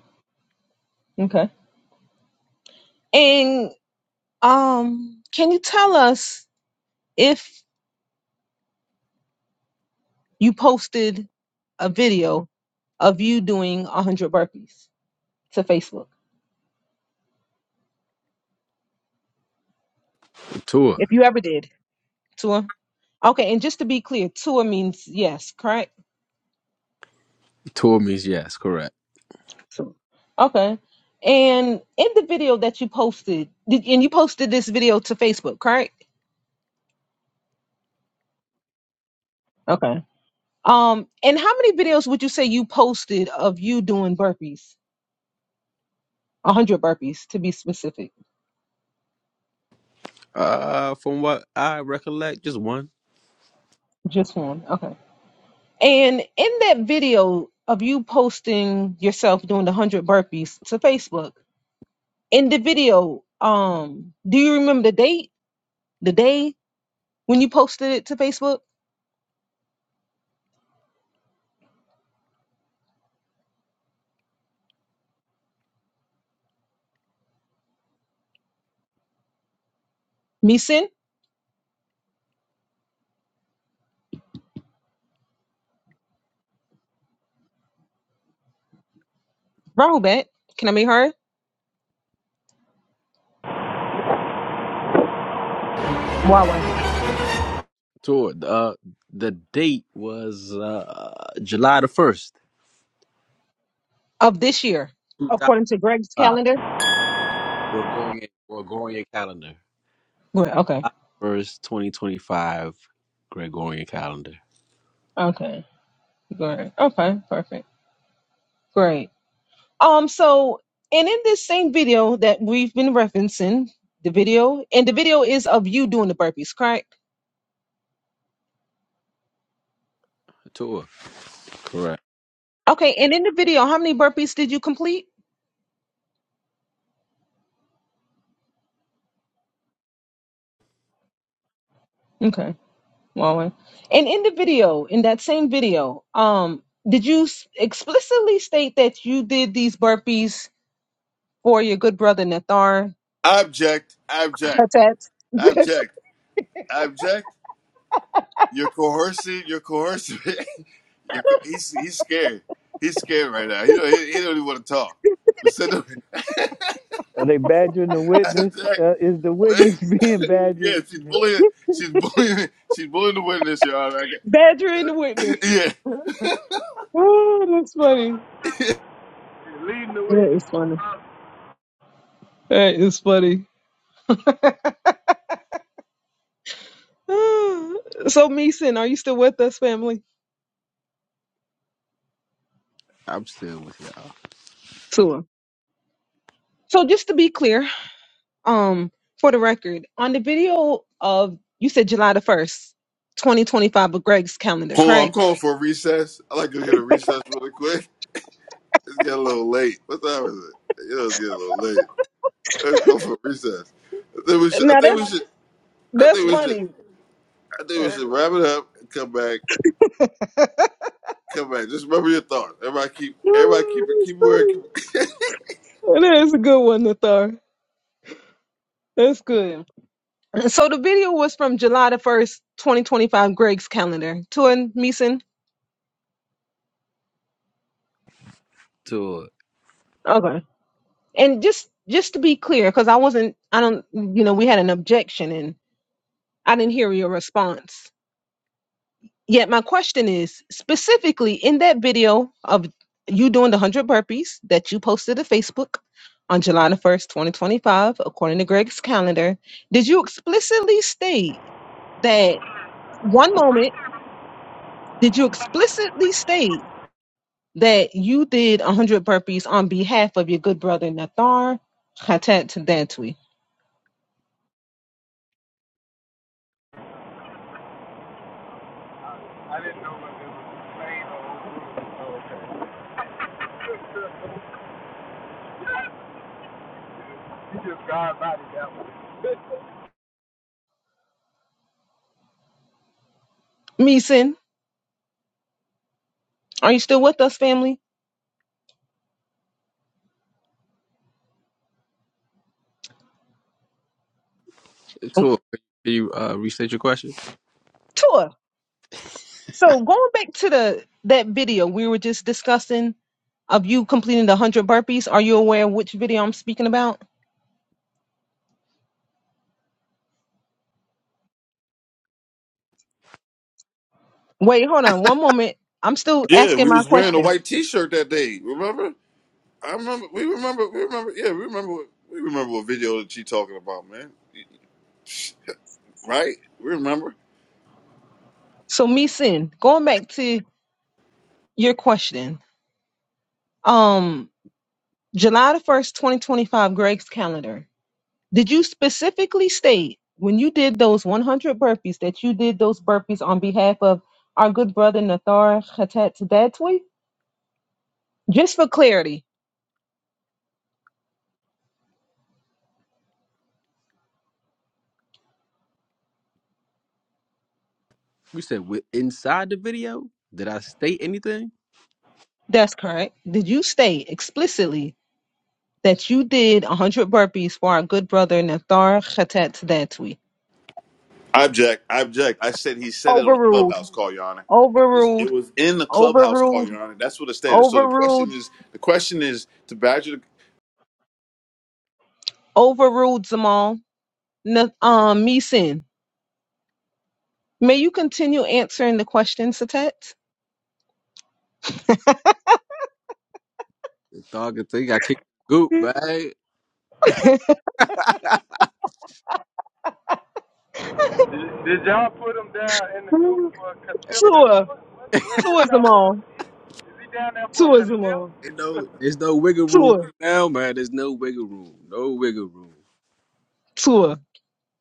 Okay. And um, can you tell us if you posted a video of you doing 100 burpees to Facebook? Tour. If you ever did. Tua? Okay, and just to be clear, Tua means yes, correct? Tour means yes, correct. Tua. Okay. And in the video that you posted, did, and you posted this video to Facebook, correct? Okay. Um, and how many videos would you say you posted of you doing burpees? A hundred burpees to be specific. Uh from what I recollect, just one Just one. Okay. And in that video of you posting yourself doing the hundred burpees to Facebook, in the video, um, do you remember the date? The day when you posted it to Facebook? Meeson, Rahubat, can I meet her? Wawa. tour. Uh the date was uh July the first, Of this year. two thousand According to Greg's five. calendar? Gregorian Gregorian calendar. Great. okay. First twenty twenty five Gregorian calendar. Okay. Great. Okay, perfect. Great. Um, so and in this same video that we've been referencing, the video and the video is of you doing the burpees, correct? Tour. Correct. Okay, and in the video, how many burpees did you complete? Okay, well, well. and in the video, in that same video, um, did you s- explicitly state that you did these burpees for your good brother Nathar? Abject, abject, abject, abject. You're coercing. You're coercing. you're co- he's he's scared. He's scared right now. He don't he, he don't even want to talk. But send him Are they badgering the witness? abject. Uh, is the witness being yeah, badgered? she's bullying. She's bullying. She's bullying the witness, Your Honor. Badgering the witness. Yeah. Oh, that's funny. That is funny. That is funny. so, Meeson, are you still with us, family? I'm still with y'all. So just to be clear, um, for the record, on the video of you said July the first, twenty twenty five, of Greg's calendar, Hold on, I'm correct? calling for a recess. I like to get a recess really quick. It's getting a little late. What time is it? You know, it's getting a little late. Let's go for a recess. I think we should. I Now think that's we should. I that's think we should. funny. I think we Uh, should wrap it up and come back. Come back. Just remember your thoughts. Everybody keep. Everybody keep it. that's Keep wearing. funny. Keep it. That is a good one, Nathar. That's good. So the video was from July the first, twenty twenty five, Greg's calendar. Tuan Meeson. Tour. Okay. And just just to be clear, because I wasn't, I don't, you know, we had an objection and I didn't hear your response. Yet my question is specifically in that video of you doing the 100 burpees that you posted to Facebook on July the 1st, 2025, according to Greg's calendar, did you explicitly state that one moment, did you explicitly state that you did 100 burpees on behalf of your good brother Nathar Hatat Tadantwi? Meeson, are you still with us, family? Oh, Tour. Can you uh restate your question? Tua. So going back to the that video we were just discussing of you completing the 100 burpees. Are you aware of which video I'm speaking about? Wait, hold on one moment. I'm still Yeah, asking we my was wearing a question. white T-shirt that day. Remember? I remember. We remember. We remember. Yeah, we remember. What, we remember what video that you talking about, man. Right? We remember. So, me sin, going back to your question, um, July the 1st, 2025, Greg's calendar. Did you specifically state when you did those 100 burpees that you did those burpees on behalf of our good brother Nathar Khatat Datwi? Just for clarity, You said with inside the video? Did I state anything? that's correct. Did you state explicitly that you did a 100 burpees for our good brother Nathar Khatat Datwi. I object. I object. I said he said it on a Overruled, clubhouse call, Your Honor. It was it overruled, was in the clubhouse call, overruled, Your Honor. That's what it stated. So the overruled, question is the question is to Badger overruled, Zamal. Na- um, Meeson, may you continue answering the question, Satet? The dog thing got kicked in the goop, Tua, man. Tua Zamal, Tua Zamal, Ain't no, there's no wiggle room Tua, right now, man. There's no wiggle room. No wiggle room. Tua.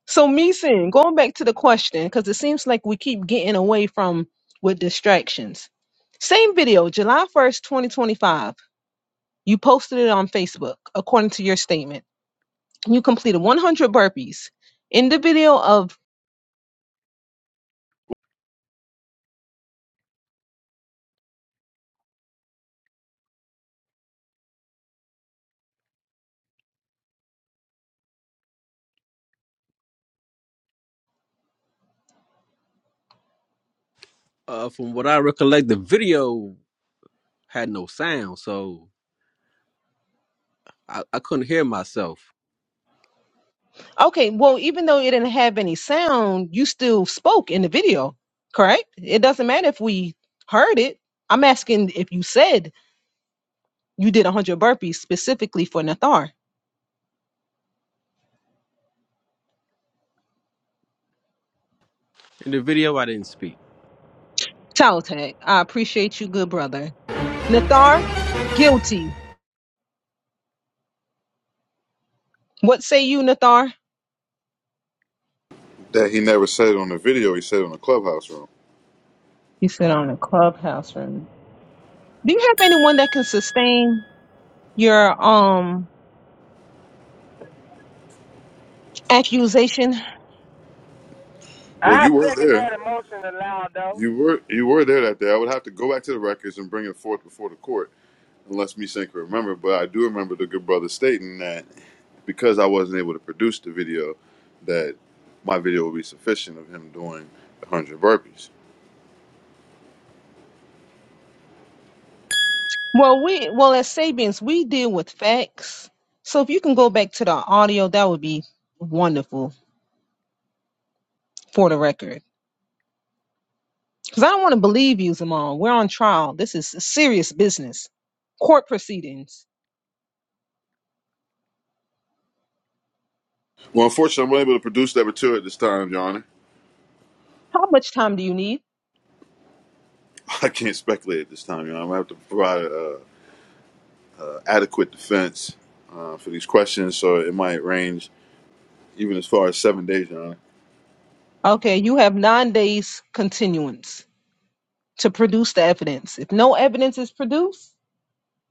So, Meeson, going back to the question, because it seems like we keep getting away from with distractions. Same video, July 1st, 2025. You posted it on Facebook, according to your statement. You completed 100 burpees. In the video of, Uh, from what I recollect, the video had no sound, so I, I couldn't hear myself. okay, well, even though it didn't have any sound, you still spoke in the video, correct? It doesn't matter if we heard it. I'm asking if you said you did 100 burpees specifically for Nathar. In the video, I didn't speak. Tag, I appreciate you, good brother. Nathar, guilty. What say you, Nathar? that he never said it on the video. He said it on the clubhouse room. You said on the clubhouse room. Do you have anyone that can sustain your um accusation. Well, you were there. You were you were there that day. I would have to go back to the records and bring it forth before the court, unless me can remember. But I do remember the good brother stating that because I wasn't able to produce the video, that my video would be sufficient of him doing the hundred burpees. Well, we well as Sabians, we deal with facts. So if you can go back to the audio, that would be wonderful for the record. Because I don't want to believe you, Zamal. We're on trial. This is serious business. Court proceedings. Well, unfortunately, I'm unable to produce that material at this time, Your Honor. How much time do you need? I can't speculate at this time, Your Honor. I have to provide uh, adequate defense uh, for these questions, so it might range even as far as seven days, Your Honor. Okay, you have nine days continuance to produce the evidence. If no evidence is produced,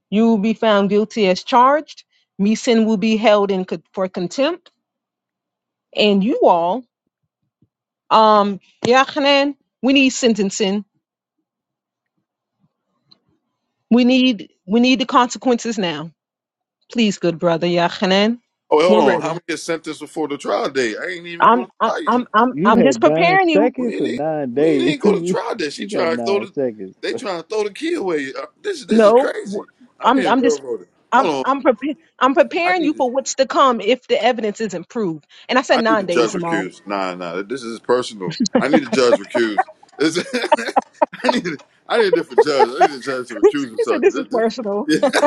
you will be found guilty as charged. Meeson will be held in co- for contempt, and you all Um, Yochanan, we need sentencing. We need we need the consequences now. Please, good brother Yochanan, Oh, wait, we're hold on. How ready. many get sentenced before the trial date? I ain't even I'm go to I'm trial yet. I'm I'm You I'm just had nine preparing you. seconds We ain't or e- nine we ain't days. go to you trial date. She you got trying to throw nine the seconds. they trying to throw the key away. Uh, this is this is No, w- crazy. I'm I'm being I'm just railroaded. I'm Hold on. I'm prepa- I'm I preparing you need to for what's to come if the evidence isn't proved. And I said I need nine the days, judge Jamal. recused. Nah, nah, this is personal. I need the judge recused. This, I need, I need a different judge. I need the judge to he recuse said himself. 'cause this is this, this, personal. yeah,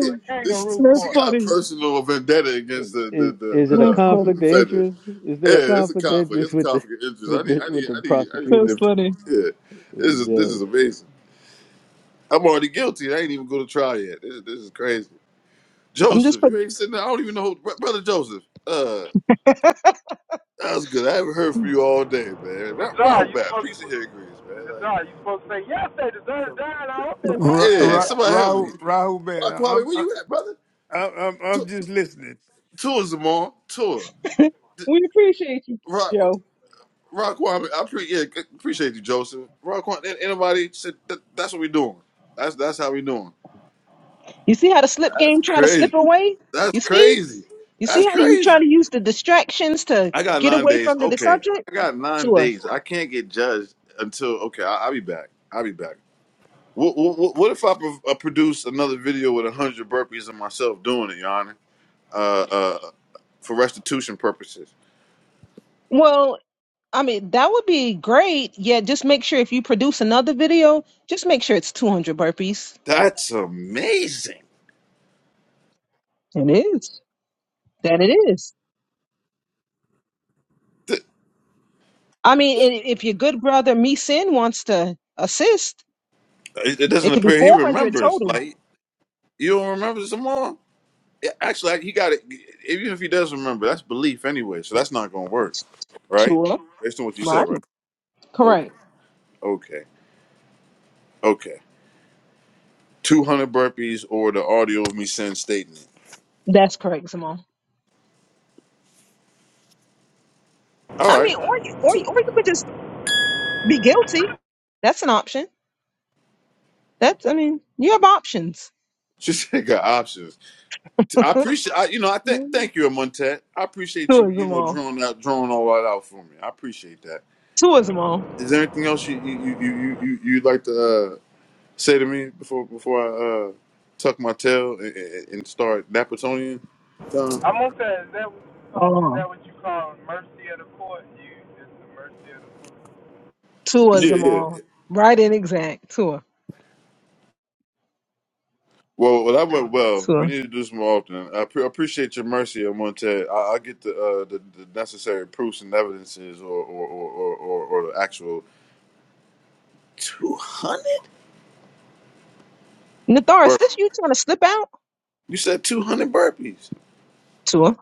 yeah, this, That's she got a funny. personal vendetta against the the Is the, is the, it a That's uh, the conflict funny. of defendant. interest? Is there a Yeah, it's a conflict of conflict. interest It's a with the conflict of interest. I with need, the I with need, the I need, I need a prosecutor That's and different. funny. Yeah, this the is this is judge? amazing. I'm already guilty. I ain't even go to trial yet. This, this is crazy. I'm just Joseph, pre- you ain't sitting there. I don't even know, who, brother Joseph. uh, That was good. I haven't heard from you all day, man. Ra- Rahul back. Peace and hair grease, man. Like, Ra, yeah, Ra, somebody help me. Rahul Raul Bat, Rock Kwame, I'm where I, you at, brother? I'm I'm I'm Tour, just listening, tour Zamar. Tour. D- we appreciate you, Rock, Joe. Rock Kwame. I pre- yeah, c- appreciate you, Joseph. Rock Kwame. an- Anybody said that, that's what we doing. That's that's how we doing. You see how the slip That's game try to slip crazy. away? That's You see? crazy. You see That's how you try crazy. to use the distractions to I got get nine away days. from the, the Okay, subject? I got nine Sure. days. I can't get judged until okay. I, I'll be back. I'll be back. What, what, what if I pro- uh, produce another video with a hundred burpees of myself doing it, Your Honor, uh, uh, for restitution purposes? Well, I mean, that would be great. Yeah, just make sure if you produce another video, just make sure it's 200 burpees. That's amazing. It is. That it is. Th- I mean, i- if your good brother Me Sin wants to assist, It it it doesn't could be appear he 400 remembers. total. Like you don't remember some more. Yeah, Actually, he got it. Even if he does remember, that's belief anyway. So that's not going to work, right? Sure. Based on what you said, Right. right? Okay, Correct. okay, okay. Two hundred burpees or the audio of me saying statement. That's correct, Simone. I All mean, right. or you, or, you- Two. or you could just be guilty. That's an option. That's, I mean, you have options. She said got options. I appreciate. I, you know, I thank thank you, Montet. I appreciate you. Sure, You know, Simone. drawing out, drawing all that out for me. I appreciate that. Two is them all. Is there anything else you you you you you you'd like to uh, say to me before before I uh, tuck my tail and, and and start Napatonian? Tom? Oh, tour's Yeah, them yeah. all. Right and exact. Tour. Well, well, that went well. We Tour. need to do this more often. I pre- appreciate your mercy, Montet. I- I'll get the, uh, the the necessary proofs and evidences, or or or or, or, or the actual two hundred. Natharis, Bur- this you trying to slip out? You said two hundred burpees. Tour.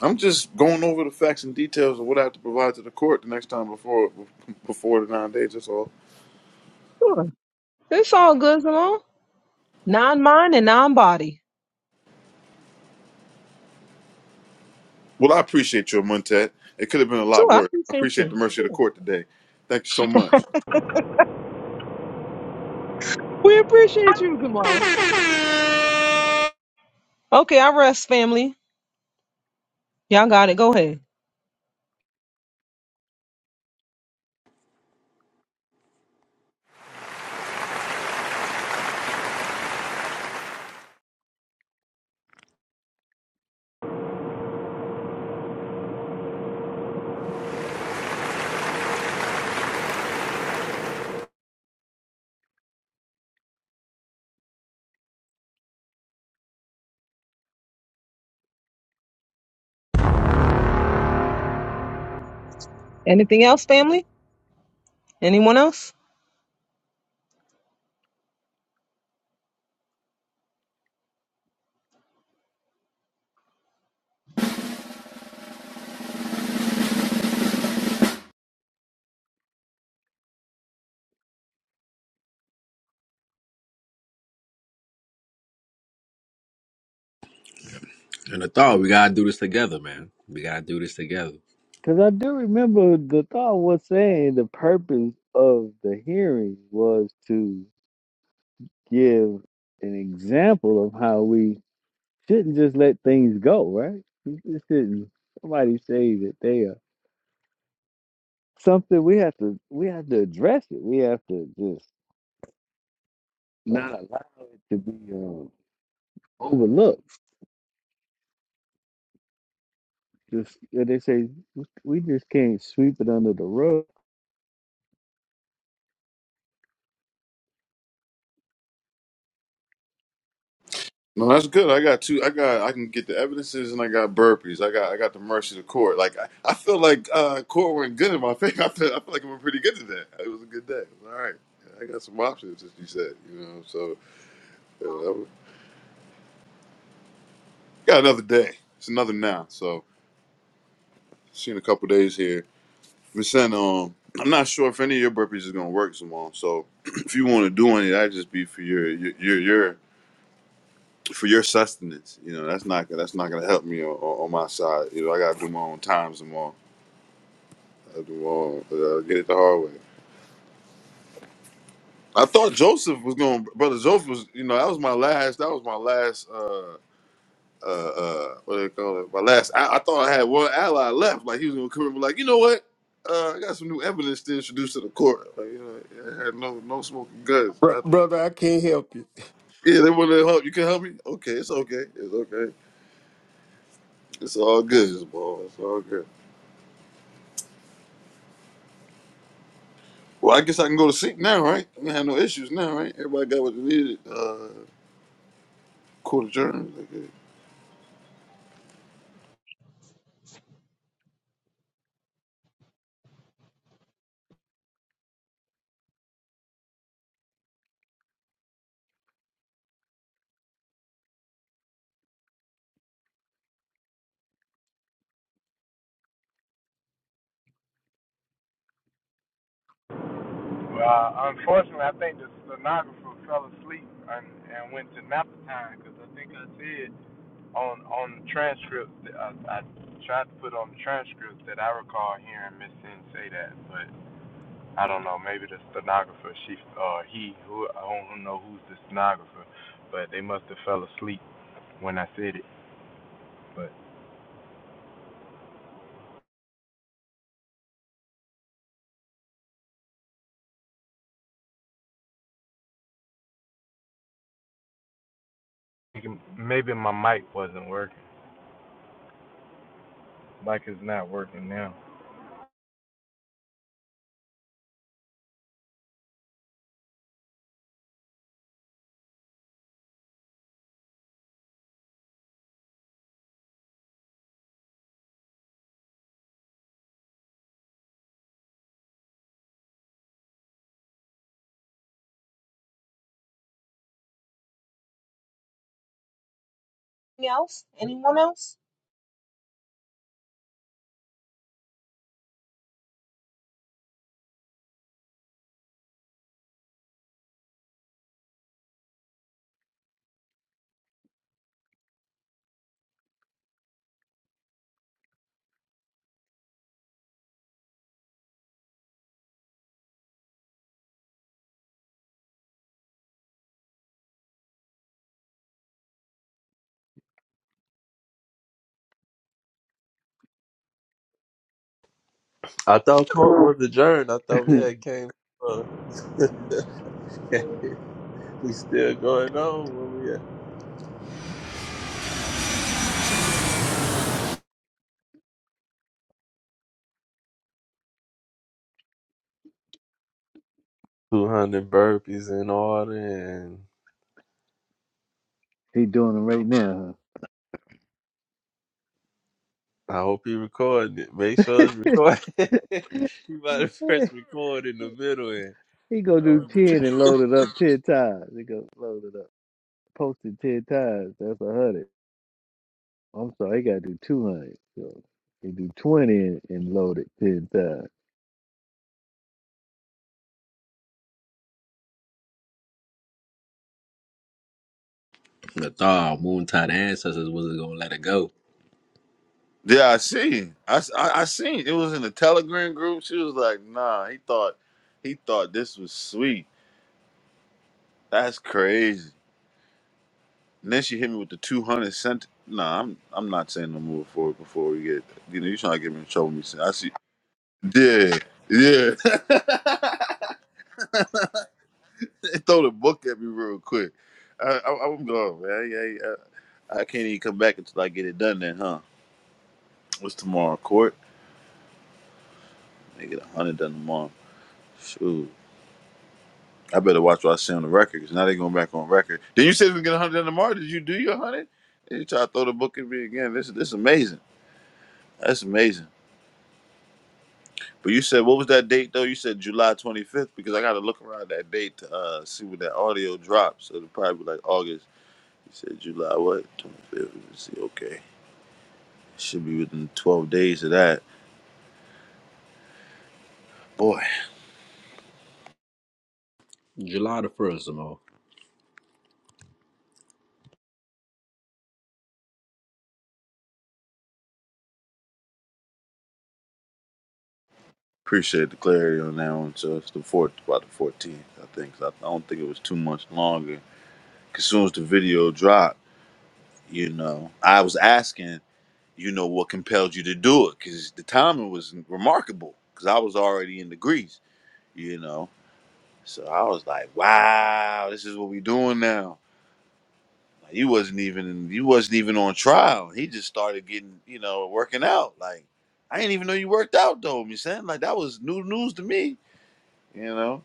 I'm just going over the facts and details of what I have to provide to the court the next time before before the nine days. That's all. Tour. It's all good, Zamal. Non mind and non body. Well, I appreciate you, Montet. It could have been a lot Tour, I worse. I appreciate appreciate the you. mercy of the Tour. court today. Thank you so much. We appreciate you, Zamal. Okay, I rest, family. Y'all got it. Go ahead. Anything else, family? Anyone else? And I thought we gotta do this together, man. We gotta do this together. Because I do remember the thought was saying the purpose of the hearing was to give an example of how we shouldn't just let things go, right? We just shouldn't somebody say that they are something we have to we have to address it. We have to just not allow it to be um, overlooked. Just and they say we just can't sweep it under the rug. No, that's good. I got two. I got. I can get the evidences, and I got burpees. I got. I got the mercy of the court. Like I, I feel like uh, court went good in my favor. I feel. I feel like I went pretty good today. It was a good day. It was all right. Yeah, I got some options, as you said. You know. So uh, that was- got another day. It's another now. So see you in a couple days here. Vincent, um, I'm not sure if any of your burpees is gonna work tomorrow. So if you want to do any, that just be for your your your, your for your sustenance. You know, that's not that's not gonna help me on, on on my side. You know, I gotta do my own times tomorrow. I do my own, uh, get it the hard way. I thought Joseph was going, brother Joseph was. You know, that was my last. That was my last. Uh, uh, uh, what do they call it? My last, I, I thought I had one ally left. Like he was gonna come in, be like, you know what? Uh, I got some new evidence to introduce to the court. Like, you know, I had no, no smoking guns, Br- nothing. brother. I can't help you. Yeah, they want to help. You can help me. Okay, it's okay. It's okay. It's all good, it's ball. It's all good. Well, I guess I can go to sleep now, right? I don't have no issues now, right? Everybody got what they needed. Uh, court adjourned. Okay. Anything else? Anyone else? I thought court was adjourned. I thought we had came. Uh, we still going on where we at? Two hundred burpees in order, and he doing it right now. I hope he recorded it. Make sure it's recorded. you about to Huh? press record in the middle, and he go do um, ten and load it up ten times. He go load it up, post it ten times. That's a hundred. I'm sorry, he got to do 200. So he do 20 and, and load it 10 times. And I thought our Moontide ancestors wasn't gonna let it go. Yeah, I seen. I, s- I, I seen. It was in the Telegram group. She was like, "Nah, he thought, he thought this was sweet." That's crazy. And then she hit me with the two hundred cent. Nah, I'm I'm not saying no more for it before we get. You know, you trying to get me in trouble? Me, saying- I see. Yeah, yeah. Throw the book at me real quick. I, I, I'm gone, man. I, I, I can't even come back until I get it done. Then, huh? What's tomorrow? Court? They get a hundred done tomorrow. Shoot. I better watch what I say on the record because now they going back on record. Then you said we get a hundred done tomorrow. Did you do your hundred? Then you try to throw the book at me again. This this is amazing. That's amazing. But you said what was that date though? You said July 25th because I got to look around that date to uh, see when that audio drops. So it'll probably be like August. You said July what? 25th. Let's see. Okay, should be within 12 days of that. Boy, July the first, Zamal. appreciate the clarity on that one. So it's the fourth, about the 14th, I think. 'Cause I don't think it was too much longer. 'Cause soon as the video dropped, you know, I was asking, you know, what compelled you to do it? Because the timing was remarkable. Because I was already in the grease, you know. So I was like, wow, this is what we doing now. Like, he wasn't even you wasn't even on trial. He just started getting, you know, working out. Like I didn't even know you worked out though, me saying like that was new news to me. You know,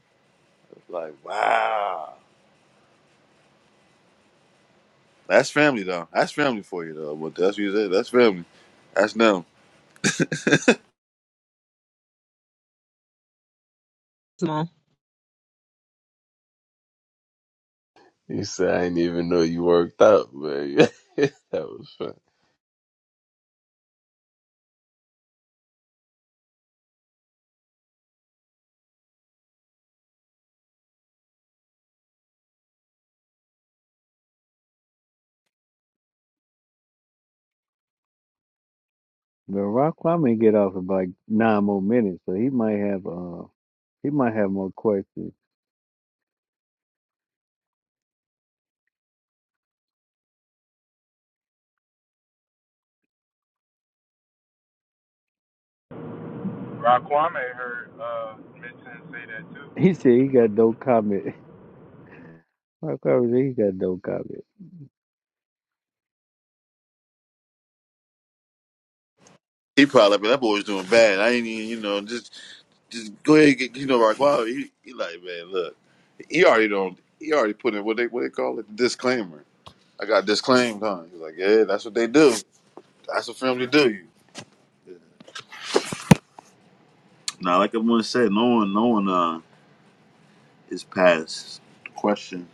It's like wow, that's family though. That's family for you though. But that's what you said. That's family. That's them. Zamal. you said I didn't even know you worked out, man. that was fun. But Rock Kwame get off in like nine more minutes, so he might have uh he might have more questions. He said he got no comment. Rock Kwame said he got no comment. He probably like, "Man, that boy's doing bad. I ain't even, you know, just just go ahead and get you know like wow. He, he like man, look, he already don't. He already put in what they what they call it disclaimer. I got disclaimed, huh? He was like, yeah, that's what they do. That's what family do. You. Now, like everyone said, no one, no one uh, is past question.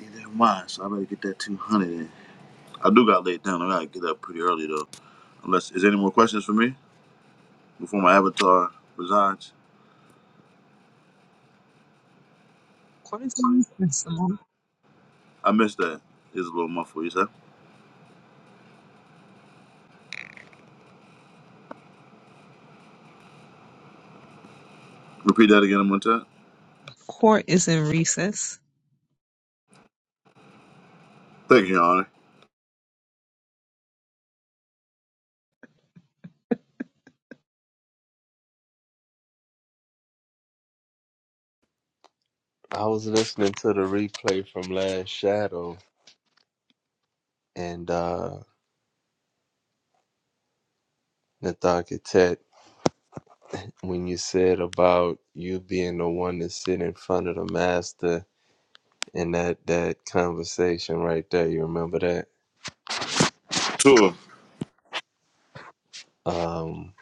Neither am I, so I better get that 200 in. I do got laid down. I gotta get up pretty early though. Unless, is there any more questions for me before my avatar resigns? Court is in recess, Zamal. I missed that. It's a little muffled, you said. Repeat that again one time. Court is in recess. Thank you, Your Honor. I was listening to the replay from last Shadow and uh, Nathan when you said about you being the one to sit in front of the master and that that conversation right there you remember that Sure. um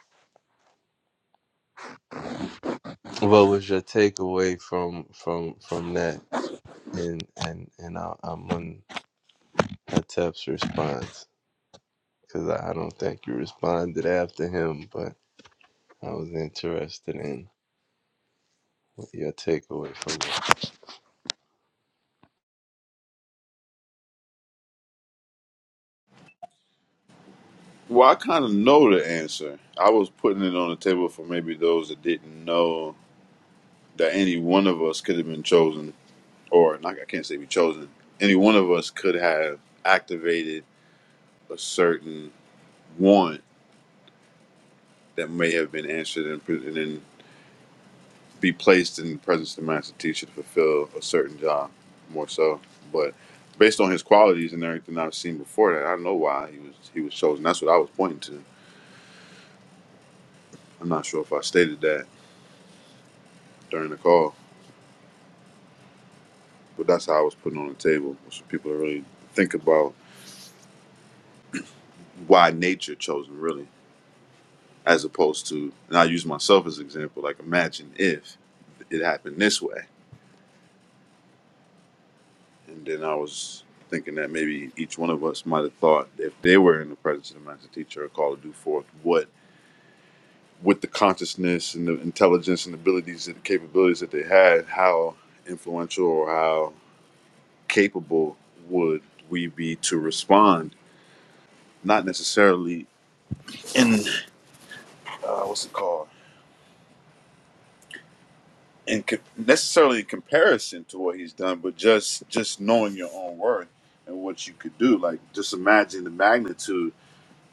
what was your takeaway from from from that and and and I, i'm on atep's response because i I don't think you responded after him but i was interested in what your takeaway from Well, I kind of know the answer. I was putting it on the table for maybe those that didn't know that any one of us could have been chosen or not, I can't say we chosen. Any one of us could have activated a certain want that may have been answered and, pre- and then be placed in the presence of the master teacher to fulfill a certain job, more so. But based on his qualities and everything I've seen before that, I know why he was he was chosen. That's what I was pointing to. I'm not sure if I stated that during the call, but that's how I was putting on the table. So people to really think about why nature chose him, really. as opposed to and i use myself as an example like imagine if it happened this way and then i was thinking that maybe each one of us might have thought if they were in the presence of the master teacher or called to do forth what with the consciousness and the intelligence and abilities and capabilities that they had how influential or how capable would we be to respond not necessarily in uh, what's it called in co- necessarily in comparison to what he's done, but just just knowing your own worth and what you could do. Like just imagine the magnitude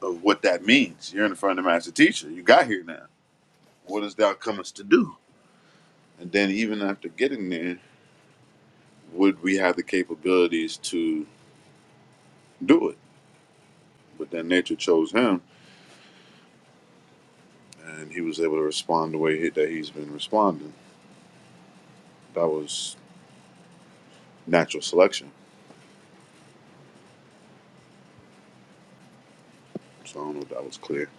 of what that means. You're in front of the master teacher. You got here now. What is thou comest to do? And then even after getting there, would we have the capabilities to do it? But then nature chose him, and he was able to respond the way he, that he's been responding. That was natural selection. So I don't know if that was clear.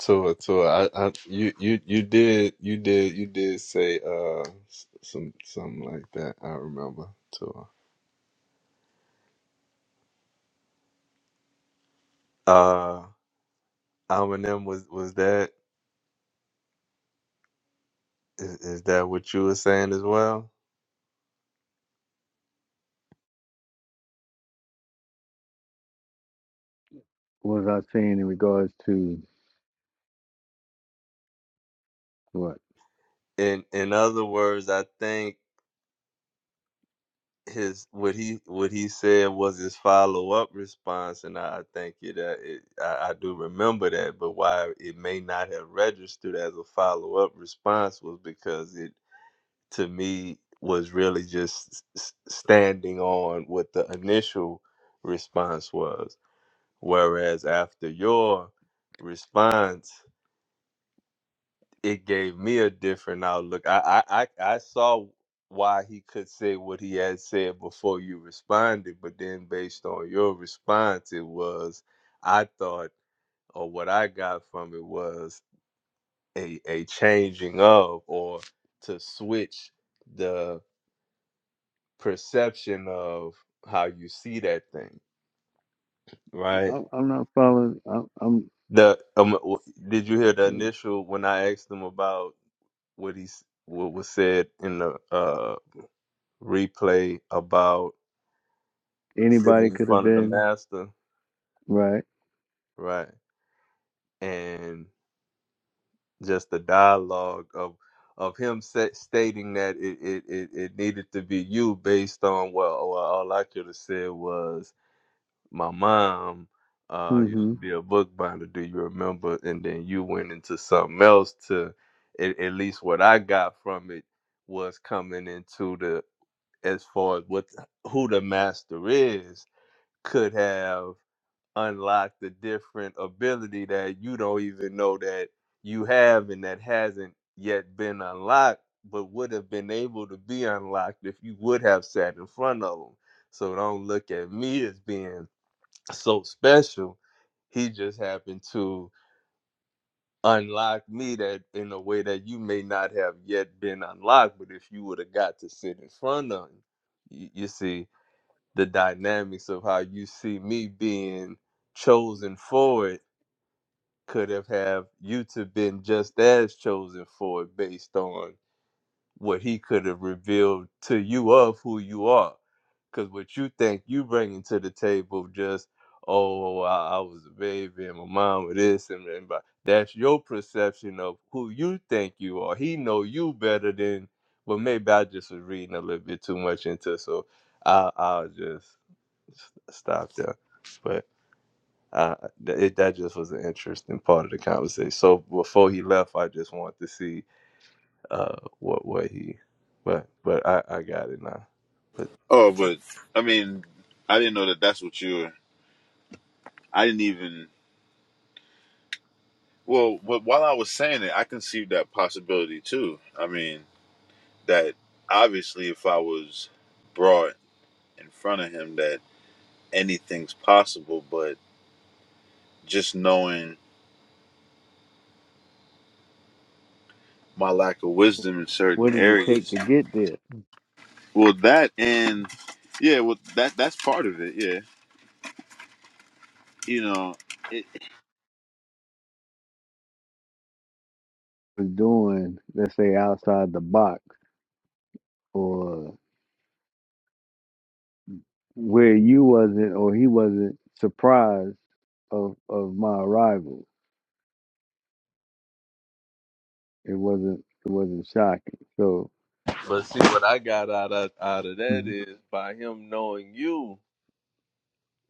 So, so I, I, you, you, you did, you did, you did say uh s- some something like that. I remember. So, uh, Eminem was was that is, is that what you were saying as well? What was I saying in regards to what? In in other words, I think his what he what he said was his follow up response, and I, I think it, uh, it I, I do remember that. But why it may not have registered as a follow up response was because it to me was really just s- standing on what the initial response was whereas after your response it gave me a different outlook i i i, I saw why he could say what he had said before you responded but then based on your response it was i thought or what i got from it was a a changing of or to switch the perception of how you see that thing, right? I'm, I'm not following. I'm, I'm The um, w- did you hear the eh, initial when I asked him about what he s- what was said in the uh replay about sitting anybody in could have front of the been master, right. right? And just the dialogue of of him sa stating that it, it, it, it needed to be you based on well, well all I could have said was my mom uh used hmm to be a book binder do you remember and then you went into something else to at, at least what i got from it was coming into the as far as what the- who the master is could have unlocked the different ability that you don't even know that you have and that hasn't yet been unlocked but would have been able to be unlocked if you would have sat in front of them so don't look at me as being so special he just happened to unlock me that in a way that you may not have yet been unlocked but if you would have got to sit in front of him you, you see the dynamics of how you see me being chosen for it could have have you to been just as chosen for it based on what he could have revealed to you of who you are. Because what you think you bringing to the table, just, oh, I, I was a baby and my mom was this and, and but that's your perception of who you think you are. He know you better than, but maybe I just was reading a little bit too much into it, so I, I'll just s- stop there. But uh, th- it, that just was an interesting part of the conversation. So before he left, I just want to see uh what what he but but I I got it now. But Oh, but I mean, I didn't know that. That's what you were. I didn't even. Well, but while I was saying it, I conceived that possibility too. I mean, that obviously, if I was brought in front of him, that anything's possible. But just knowing my lack of wisdom in What certain does it take areas, to get there? well, that and yeah, well, that that's part of it. Yeah, you know. It, Was Doing let's say outside the box or where you wasn't or he wasn't surprised of of my arrival. It wasn't it wasn't shocking. So but see what I got out of out of that Mhm. is by him knowing you,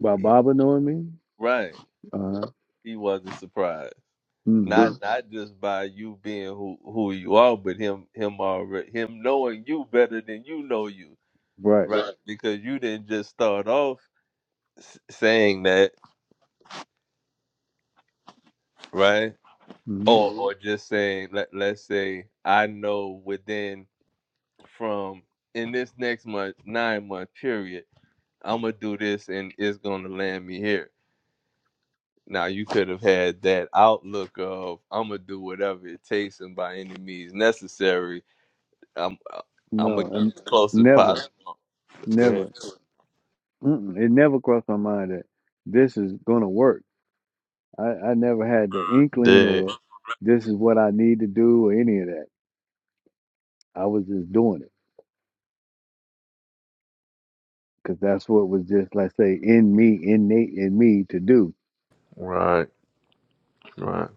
by he, Baba knowing me, right? uh He wasn't surprised. Not hmm Mm. not just by you being who who you are, but him him already him knowing you better than you know you, right, right? Right. Because you didn't just start off s- saying that, right? hmm Or hmm or just saying let let's say I know within. from in this next month, nine month period, I'm gonna do this and it's gonna land me here. Now you could have had that outlook of I'm gonna do whatever it takes and by any means necessary, I'm I'm no, gonna get and as close as never, possible. Go ahead. never, mm it never crossed my mind that this is gonna work. I, I never had the inkling Dead. or this is what I need to do or any of that. I was just doing it because that's what was just let's say in me, innate in me to do. Right. Right.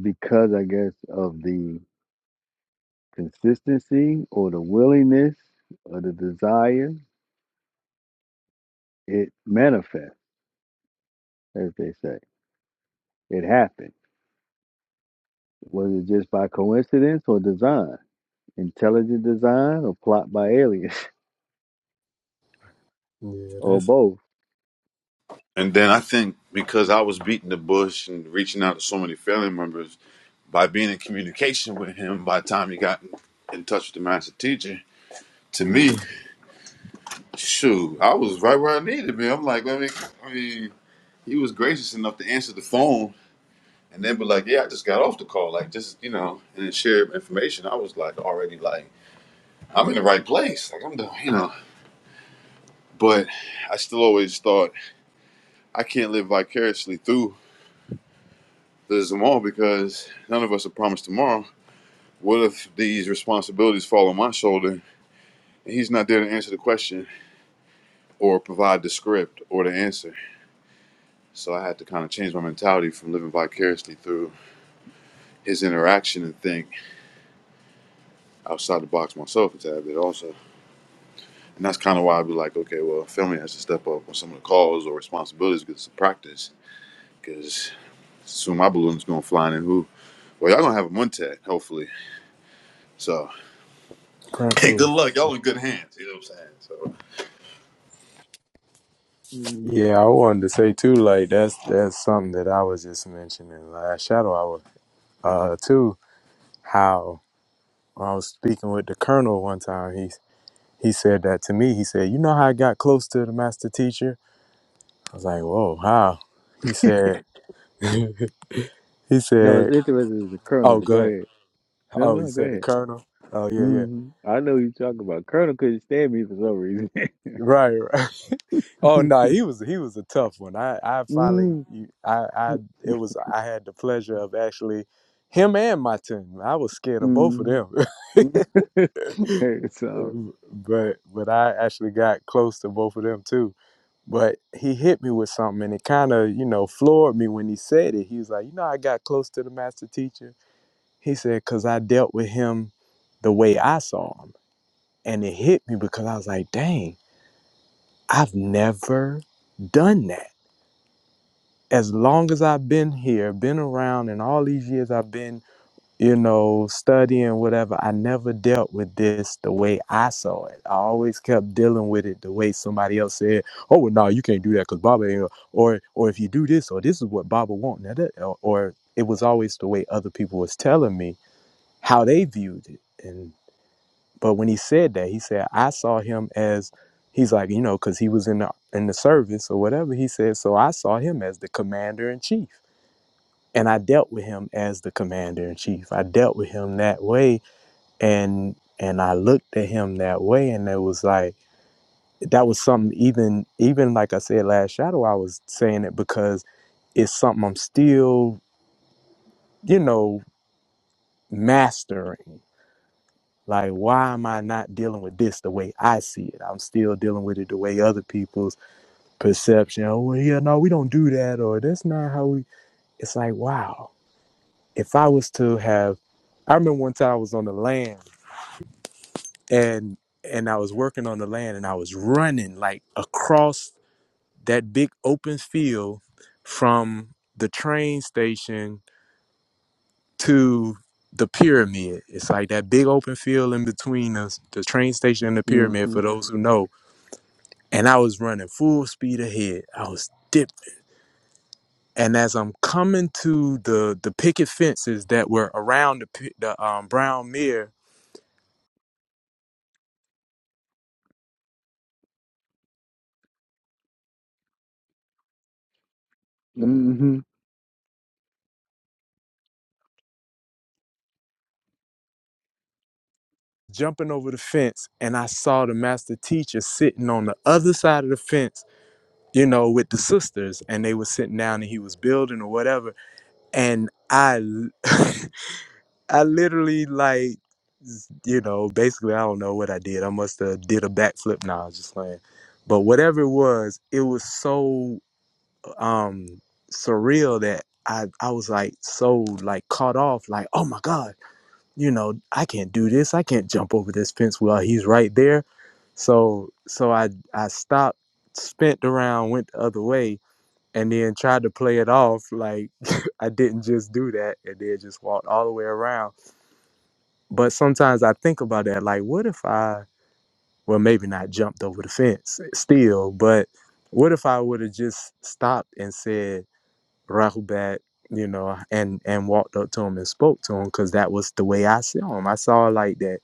because I guess of the consistency or the willingness or the desire, it manifests, as they say. It happened. Was it just by coincidence or design? Intelligent design or plot by aliens Yeah, or that's both? and then I think because I was beating the bush and reaching out to so many family members, by being in communication with him, by the time he got in touch with the master teacher, To me, shoot, I was right where I needed to be. I'm like, I mean, I mean, he was gracious enough to answer the phone and then be like, yeah, I just got off the call, like just you know, and then share information. I was like, already like, I'm in the right place, like I'm doing, you know. But I still always thought I can't live vicariously through the Zamal because none of us are promised tomorrow. What if these responsibilities fall on my shoulder and he's not there to answer the question or provide the script or the answer? So I had to kind of change my mentality from living vicariously through his interaction and think outside the box myself a tad bit also. And that's kind of why I'd be like, okay, well, family has to step up on some of the calls or responsibilities because it's a practice. Because soon my balloon's going flying and who? Well, y'all gonna have a one hopefully. So, hey, good prayerfully. luck. Y'all in good hands. You know what I'm saying? So, Yeah, I wanted to say too. Like that's that's something that I was just mentioning last shadow hour. Uh, too how I was speaking with the colonel one time. He he said that to me. He said, "You know how I got close to the master teacher?" I was like, "Whoa, how?" He said. he No, it's said interesting as a colonel, Oh, but go go ahead. ahead. No, Oh, you no, go said the ahead. colonel. Oh, yeah, yeah. hmm I know you talking about colonel couldn't stand me for some reason. Right, right. Oh no, he was he was a tough one. I I finally you- I I it was I had the pleasure of actually him and my team. I was scared of both of mm-hmm. them, so, but but I actually got close to both of them too. But he hit me with something, and it kind of you know floored me when he said it. He was like, you know, I got close to the master teacher. He said, cause I dealt with him the way I saw him. And it hit me because I was like, dang, I've never done that. As long as I've been here, been around, and all these years I've been, you know, studying, whatever, I never dealt with this the way I saw it. I always kept dealing with it the way somebody else said, oh, well, no, you can't do that because Baba ain't, or, or if you do this, or this is what Baba want, now that- or, or it was always the way other people was telling me how they viewed it. and. But when he said that, he said, I saw him as he's like, you know, because he was in the in the service or whatever. He said, so I saw him as the commander in chief. And I dealt with him as the commander in chief. I dealt with him that way and and I looked at him that way and it was like that was something even even like I said last shadow, I was saying it because it's something I'm still, you know, mastering. Like, why am I not dealing with this the way I see it? I'm still dealing with it the way other people's perception. Oh, well, yeah, no, we don't do that, or that's not how we. It's like, wow. If I was to have, I remember one time I was on the land and and I was working on the land and I was running like across that big open field from the train station to the pyramid. It's like that big open field in between us, the train station and the pyramid. mm-hmm. For those who know, and I was running full speed ahead. I was dipping. And as I'm coming to the the picket fences that were around the pi- the um, brown mirror, jumping over the fence, and I saw the master teacher sitting on the other side of the fence, you know, with the sisters, and they were sitting down, and he was building or whatever. And I, l- I literally like, you know, basically I don't know what I did. I must have did a backflip. Now I was just playing. But whatever it was, it was so. um surreal that I I was like so like caught off like oh my god you know I can't do this I can't jump over this fence while he's right there so so I I stopped spent around went the other way and then tried to play it off like I didn't just do that and then just walked all the way around but sometimes I think about that like what if I well maybe not jumped over the fence still but what if I would have just stopped and said Rahubat, you know, and and walked up to him and spoke to him because that was the way I saw him. I saw like that.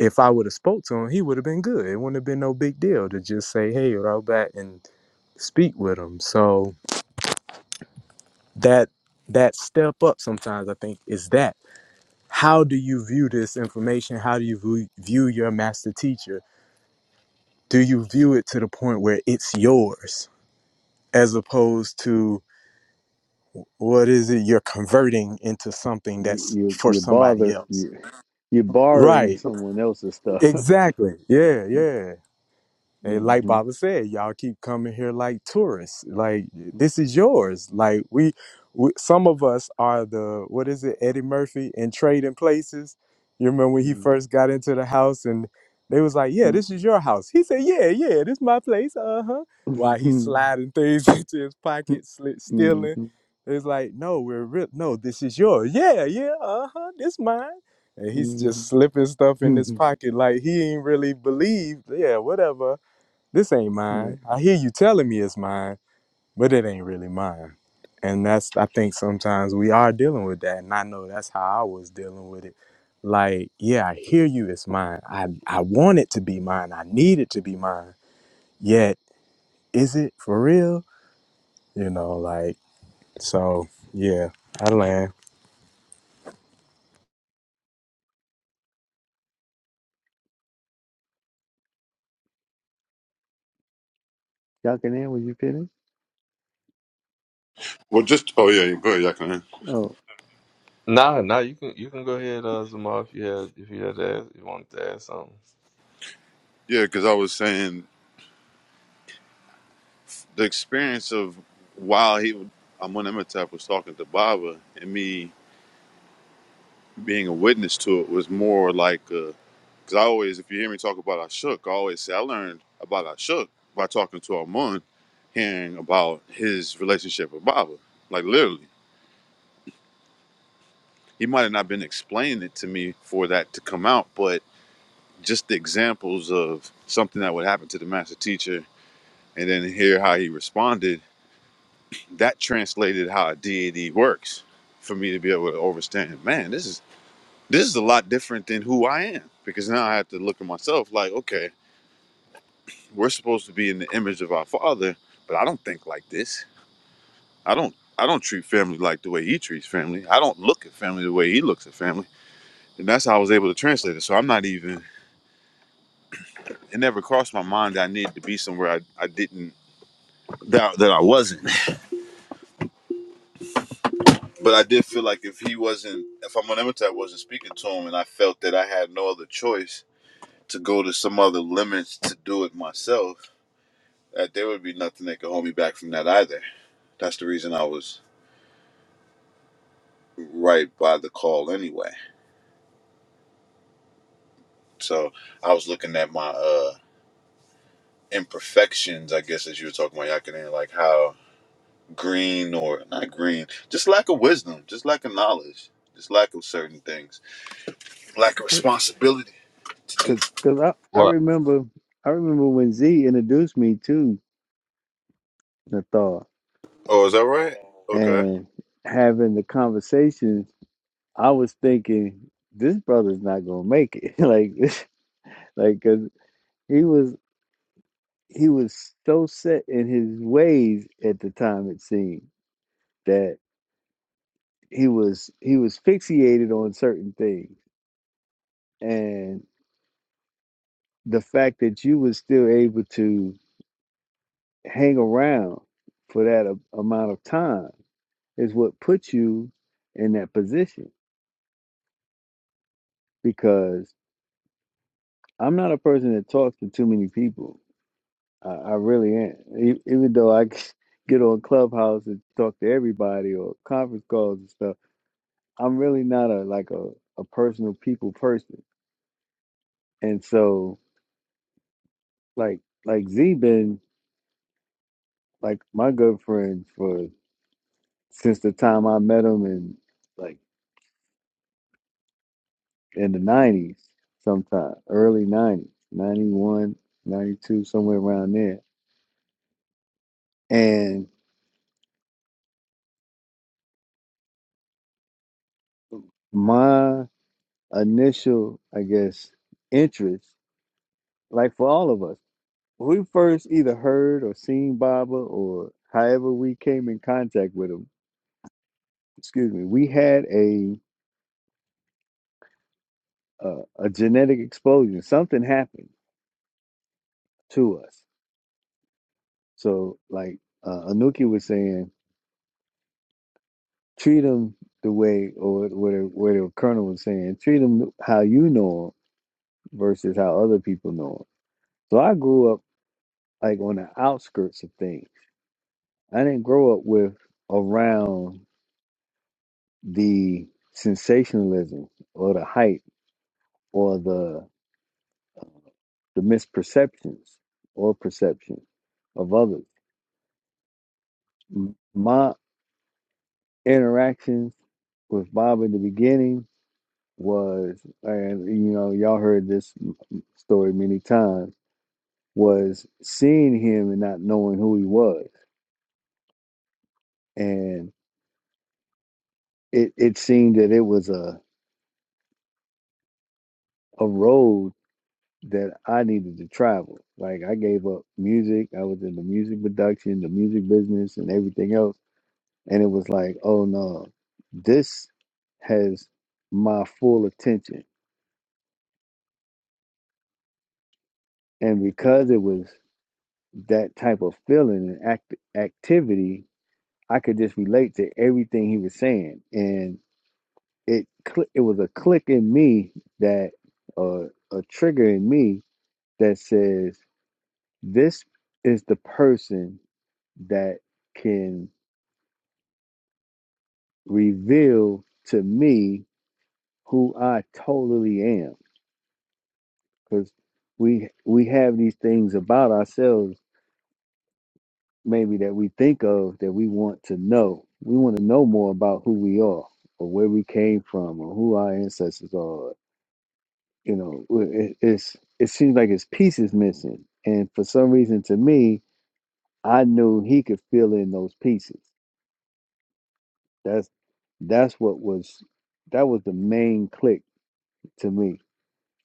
If I would have spoke to him, he would have been good. It wouldn't have been no big deal to just say, "Hey, Rahubat," and speak with him. So that that step up sometimes I think is that. How do you view this information? How do you view, view your master teacher? Do you view it to the point where it's yours as opposed to what is it you're converting into something you that's you for you somebody bother else? you you're borrowing Right. someone else's stuff. Exactly. Yeah. Yeah. And like Mhm. Baba said, y'all keep coming here like tourists. Like this is yours. Like we, we some of us are the what is it, Eddie Murphy in Trading Places. You remember when he Mhm. first got into the house and they was like, "Yeah, this is your house." He said, "Yeah, yeah, this my place." Uh huh. While he's Mhm. sliding things into his pocket, sli stealing. Mhm. It's like, no, we're real. No, this is yours. Yeah, yeah. Uh huh. This mine and he's just slipping stuff in his Mhm. pocket like he ain't really believed. Yeah, whatever. This ain't Right. mine. I hear you telling me it's mine, but it ain't really mine. And that's I think sometimes we are dealing with that. And I know that's how I was dealing with it. Like, yeah, I hear you, it's mine. I, I want it to be mine. I need it to be mine. Yet, is it for real? You know, like so yeah, I land. Y'all can end when you finish. well, just oh yeah, yeah, go ahead, y'all can. Oh, Nah, nah. You can you can go ahead, uh, Zamar, if you had if you had to ask, you wanted to ask something. Yeah, because I was saying the experience of while he, I'm when was talking to Baba and me being a witness to it was more like because I always, if you hear me talk about Ashok, I always say I learned about Ashok by talking to Armand, hearing about his relationship with Baba. Like literally, he might have not been explaining it to me for that to come out, but just the examples of something that would happen to the master teacher, and then hear how he responded. That translated how a deity works for me to be able to understand. Man, this is this is a lot different than who I am because now I have to look at myself like, okay. We're supposed to be in the image of our Father, but I don't think like this. I don't. I don't treat family like the way he treats family. I don't look at family the way he looks at family, and that's how I was able to translate it. So I'm not even. It never crossed my mind that I needed to be somewhere I, I didn't that that I wasn't. But I did feel like if he wasn't, if Amunemetet wasn't speaking to him, and I felt that I had no other choice to go to some other limits to do it myself, that there would be nothing that could hold me back from that either. That's the reason I was right by the call anyway. So I was looking at my uh imperfections, I guess, as you were talking about Yakinen, like how green or not green, just lack of wisdom, just lack of knowledge, just lack of certain things, lack of because responsibility to do. because I, I What? remember I remember when Z introduced me to Nathar Oh, is that right? and having the conversation. I was thinking this brother's not gonna make it. like this, like because he was. he was so set in his ways at the time it seemed that he was he was fixated on certain things and the fact that you was still able to hang around for that a- amount of time is what put you in that position because i'm not a person that talks to too many people i, I really am E- even though i get on clubhouse and talk to everybody or conference calls and stuff I'm really not a like a, a personal people person. And so like like Z been like my good friend for since the time I met him in like in the nineties sometime, early nineties, 91, 92, somewhere around there. And my initial, I guess, interest, like for all of us, when we first either heard or seen Baba or however we came in contact with him, excuse me, we had a uh, a genetic explosion. Something happened to us. So, like uh, Anuki was saying, treat them the way, or what the, what the colonel was saying, treat them how you know them versus how other people know them. So, I grew up like on the outskirts of things. I didn't grow up with around the sensationalism or the hype or the the misperceptions or perception of others. M- My interactions with Bob in the beginning was, and you know, y'all heard this story many times, was seeing him and not knowing who he was. And it, it seemed that it was a, a road that I needed to travel. Like I gave up music, I was in the music production, the music business, and everything else. And it was like, oh no, this has my full attention. And because it was that type of feeling and act- activity, I could just relate to everything he was saying, and it cl- it was a click in me that uh, a trigger in me that says this is the person that can reveal to me who I totally am because we we have these things about ourselves maybe that we think of that we want to know. We want to know more about who we are or where we came from or who our ancestors are. You know, it, it's it seems like it's pieces missing, and for some reason, to me, I knew he could fill in those pieces. That's that's what was that was the main click to me.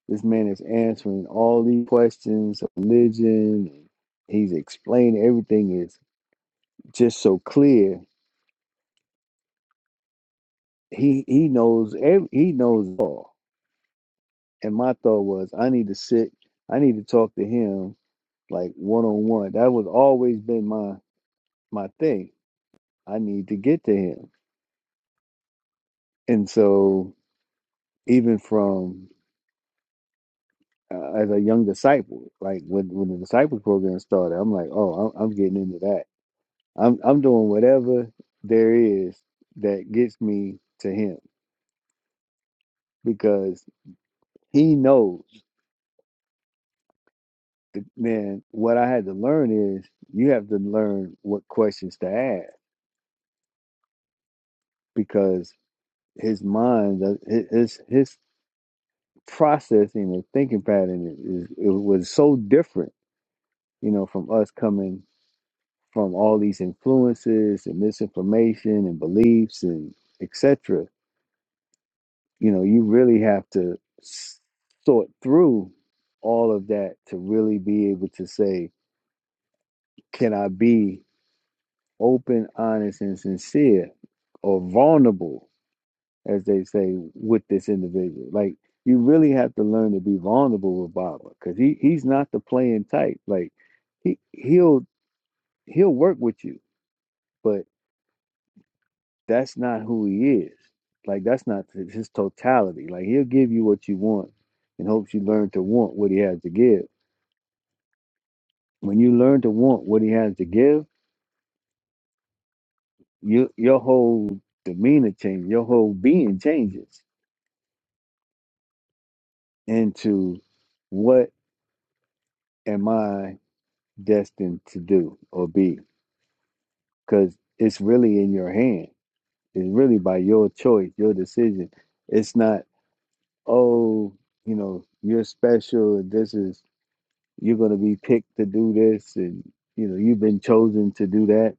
This man is answering all these questions of religion. He's explaining everything is just so clear he he knows every, he knows it all. And my thought was, I need to sit, I need to talk to him like one on one. That was always been my my thing. I need to get to him. And so even from uh, as a young disciple, like when when the disciples program started, I'm like, oh, I'm, I'm getting into that. I'm I'm doing whatever there is that gets me to him because he knows. the- man, what I had to learn is you have to learn what questions to ask because his mind, uh, his his processing and thinking pattern is, it was so different, you know, from us coming from all these influences and misinformation and beliefs and etc. You know, you really have to s- sort through all of that to really be able to say, can I be? open, honest, and sincere or vulnerable, as they say, with this individual. Like you really have to learn to be vulnerable with Baba because he he's not the playing type. Like he he'll he'll work with you, but that's not who he is. Like that's not his totality. Like he'll give you what you want in hopes you learn to want what he has to give. When you learn to want what he has to give, you your whole demeanor changes, your whole being changes into what am I destined to do or be? Because it's really in your hand. It's really by your choice, your decision. It's not, oh, you know, you're special and this is, you're going to be picked to do this and, you know, you've been chosen to do that.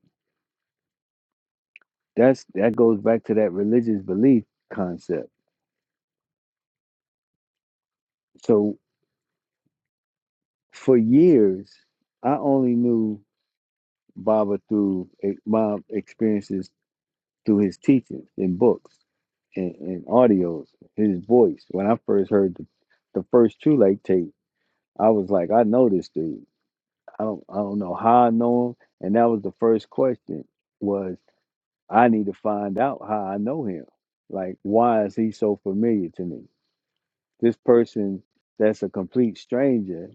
That's, that goes back to that religious belief concept. So for years, I only knew Baba through eh, my experiences through his teachings and books and, and audios, his voice. When I first heard the, the first True Light tape, I was like, I know this dude. I don't I don't know how I know him. And that was the first question was I need to find out how I know him. Like why is he so familiar to me? This person that's a complete stranger,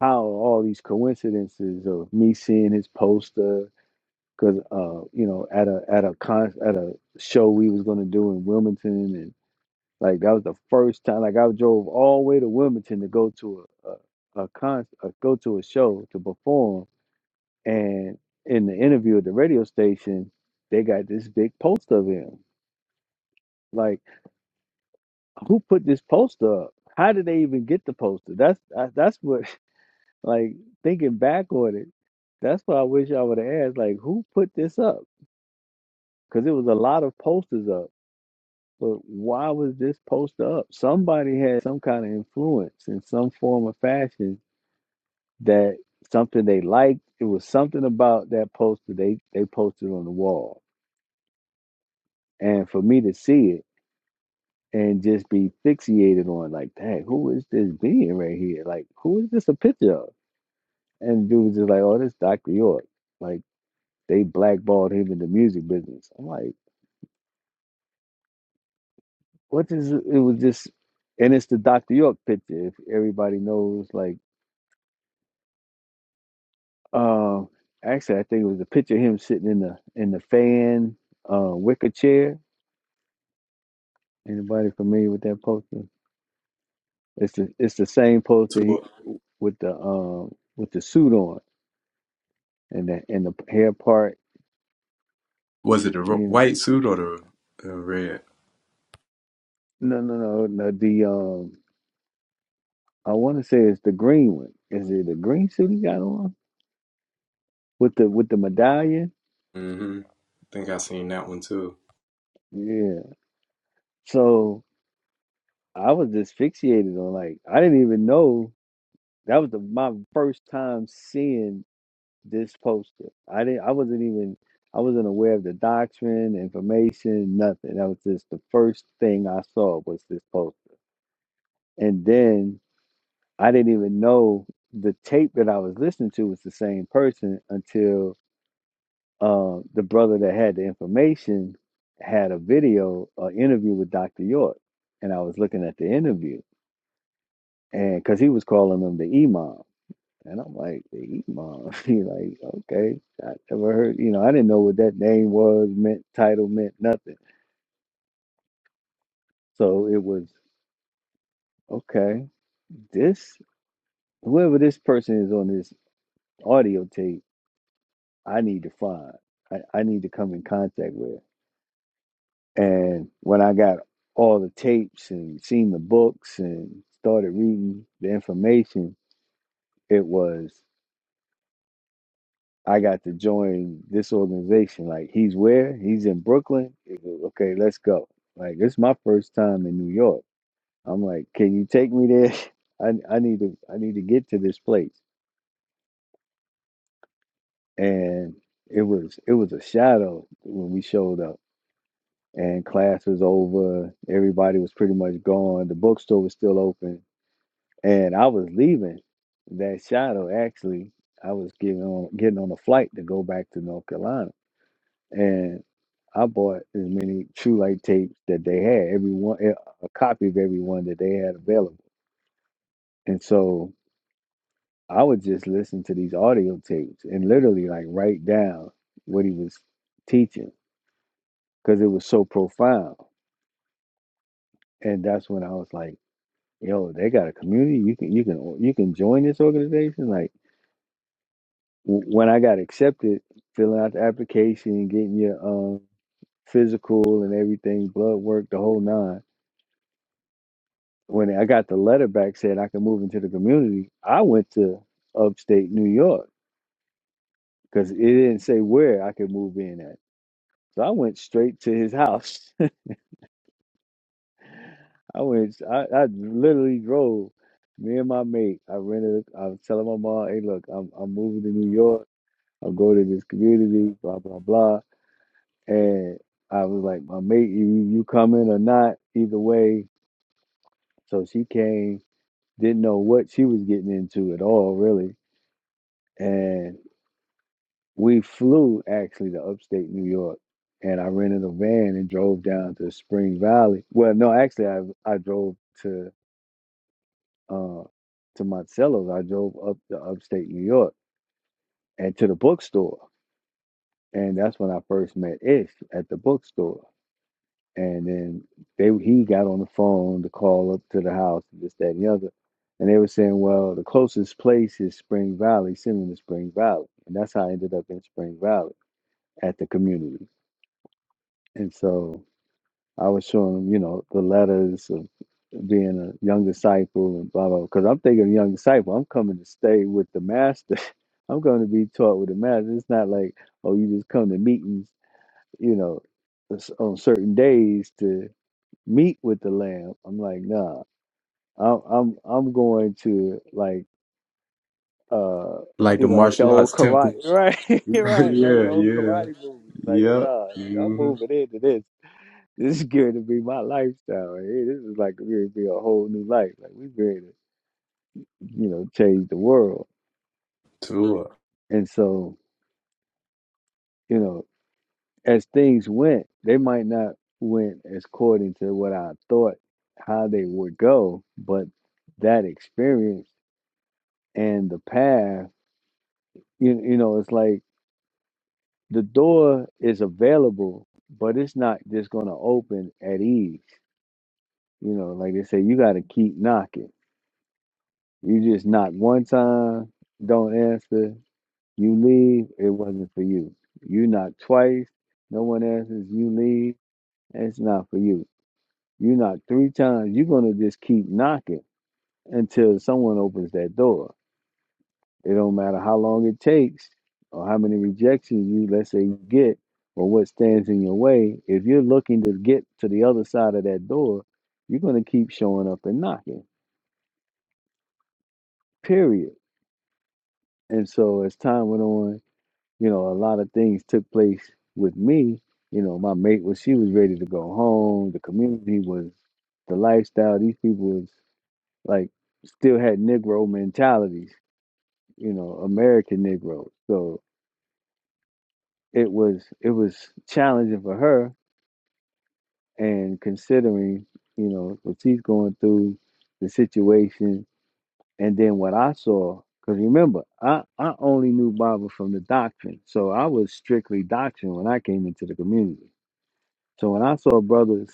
how are all these coincidences of me seeing his poster because uh you know at a at a con at a show we was gonna do in Wilmington and like that was the first time like I drove all the way to Wilmington to go to a a, a con uh go to a show to perform and in the interview at the radio station they got this big poster of him like who put this poster up how did they even get the poster that's I, that's what like thinking back on it that's what I wish I would have asked like who put this up because it was a lot of posters up But why was this post up? Somebody had some kind of influence in some form or fashion that something they liked. It was something about that poster they, they posted on the wall. And for me to see it and just be fixated on like, dang, who is this being right here? Like, who is this a picture of? And dude was just like, oh, this Dr. York. Like they blackballed him in the music business. I'm like, what is it? It was just and it's the Dr. York picture. If everybody knows like Um, actually, I think it was a picture of him sitting in the in the fan uh, wicker chair. Anybody familiar with that poster? It's the it's the same poster he, So, with the um with the suit on and the and the hair part. was it the ro- You know, white suit or the, the red? no, no, no, no. The um, I want to say it's the green one. Is it the green suit he got on with the with the medallion? hmm I think I seen that one too. Yeah. So I was just fixated on like I didn't even know that was the, my first time seeing This poster. I didn't. I wasn't even. I wasn't aware of the doctrine, information, nothing. That was just the first thing I saw was this poster, and then I didn't even know the tape that I was listening to was the same person until uh, the brother that had the information had a video, an interview with Dr. York, and I was looking at the interview, and because he was calling him the imam, And I'm like, the Imam. He like, okay, I never heard, you know, I didn't know what that name was, meant, title meant, nothing. So it was, okay, this, whoever this person is on this audio tape, I need to find. I, I need to come in contact with. And when I got all the tapes and seen the books and started reading the information, it was I got to join this organization. Like he's where? He's in Brooklyn. He go, Okay, let's go. Like this is my first time in New York. I'm like, can you take me there? I I need to I need to get to this place. And it was it was a shadow when we showed up. And class was over. Everybody was pretty much gone. The bookstore was still open. And I was leaving that shadow actually. I was getting on getting on a flight to go back to North Carolina and I bought as many True Light tapes that they had, every one eh, a copy of every one that they had available. And so I would just listen to these audio tapes and literally like write down what he was teaching because it was so profound. And that's when I was like, "Yo, they got a community. You can you can o- you can join this organization." Like w- when I got accepted, filling out the application, getting your um physical and everything, blood work, the whole nine when I got the letter back saying I could move into the community, I went to upstate New York because it didn't say where I could move in at. So I went straight to his house. I went, I, I literally drove. Me and my mate, I rented. a- I was telling my mom, "Hey, look, I'm I'm moving to New York. I'm going to this community, blah blah blah." And I was like, "My mate, you you coming or not? Either way." So she came, didn't know what she was getting into at all, really. and. We flew actually to upstate New York and I rented a van and drove down to Spring Valley. Well, no, actually I I drove to uh to Monticello's. I drove up to upstate New York and to the bookstore. And that's when I first met Ish at the bookstore. And then they he got on the phone to call up to the house and this, that, and the other. And they were saying, well, the closest place is Spring Valley, send them to Spring Valley. And that's how I ended up in Spring Valley at the community. And so I was showing him, you know, the letters of being a young disciple and blah blah. Because I'm thinking young disciple, I'm coming to stay with the master. I'm going to be taught with the master. It's not like oh, you just come to meetings, you know, s- on certain days to meet with the Lamb. I'm like, nah, I'm I'm I'm going to like uh. Like You the know, like the martial old arts karate, temple. right? right, like the yeah, old yeah. karate movies. Like, Yep. nah, nigga, I'm hmm moving into this. This is going to be my lifestyle. Hey, this is like going to be a whole new life. Like we are going to, you know, change the world. Tua. And so, you know, as things went, they might not went as according to what I thought how they would go, but that experience and the path, you you know, it's like the door is available, but it's not just gonna open at ease. You know, like they say, you gotta keep knocking. You just knock one time, don't answer. You leave, it wasn't for you. You knock twice, no one answers, you leave, it's not for you. You knock three times, you're gonna just keep knocking until someone opens that door. It don't matter how long it takes or how many rejections you let's say you get or what stands in your way. If you're looking to get to the other side of that door, you're gonna keep showing up and knocking. Period. And so as time went on, you know, a lot of things took place with me. You know, my mate was she was ready to go home. The community was the lifestyle. These people was like still had Negro mentalities. You know, American Negroes. So it was it was challenging for her. And considering you know what she's going through, the situation, and then what I saw. Because remember, I, I only knew Bible from the doctrine. So I was strictly doctrine when I came into the community So when I saw brothers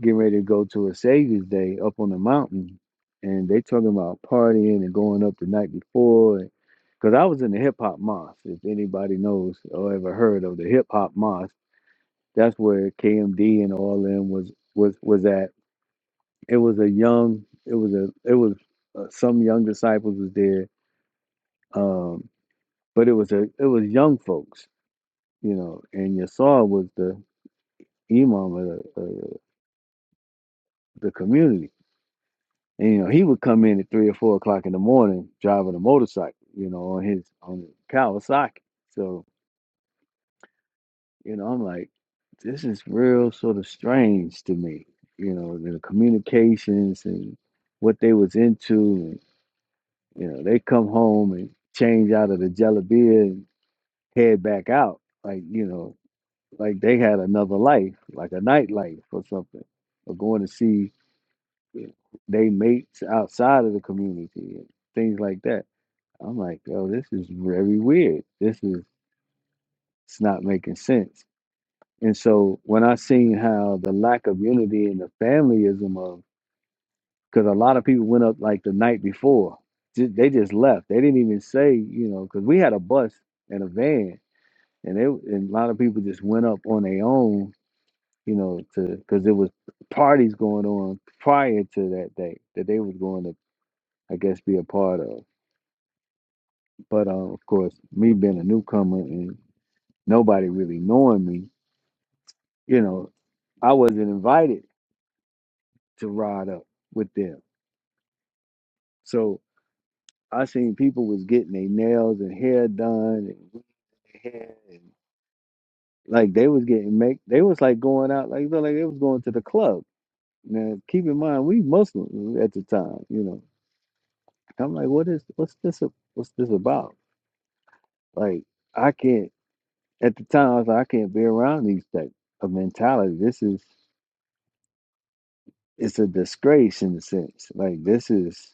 getting ready to go to a Savior's Day up on the mountain, and they talking about partying and going up the night before, because I was in the hip hop mosque. If anybody knows or ever heard of the hip hop mosque, that's where KMD and all them was was was at. It was a young, it was a, it was uh, some young disciples was there, um, but it was a, it was young folks, you know. And Yasar was the imam of the, uh, the community And, you know, he would come in at three or four o'clock in the morning driving a motorcycle, you know, on his on his Kawasaki. So, you know, I'm like, this is real sort of strange to me, you know, the communications and what they was into and you know, they come home and change out of the jelly beer and head back out. Like, you know, like they had another life, like a nightlife or something. Or going to see you know, they mates outside of the community and things like that I'm like, yo, this is very weird. This is it's not making sense. And so when I seen how the lack of unity and the familyism of, because a lot of people went up like the night before, ju- they just left. They didn't even say, you know, because we had a bus and a van, and they and a lot of people just went up on their own, you know, to because there was parties going on prior to that day that they was going to, I guess, be a part of. But uh, of course, me being a newcomer and nobody really knowing me, you know, I wasn't invited to ride up with them. So I seen people was getting their nails and hair done and wigs in their hair and like they was getting make they was like going out like they like they was going to the club. Now keep in mind we Muslims at the time, you know. I'm like, what is what's this a- what's this about? Like I can't at the time I was like, I can't be around these type of mentality. This is it's a disgrace in a sense. Like this is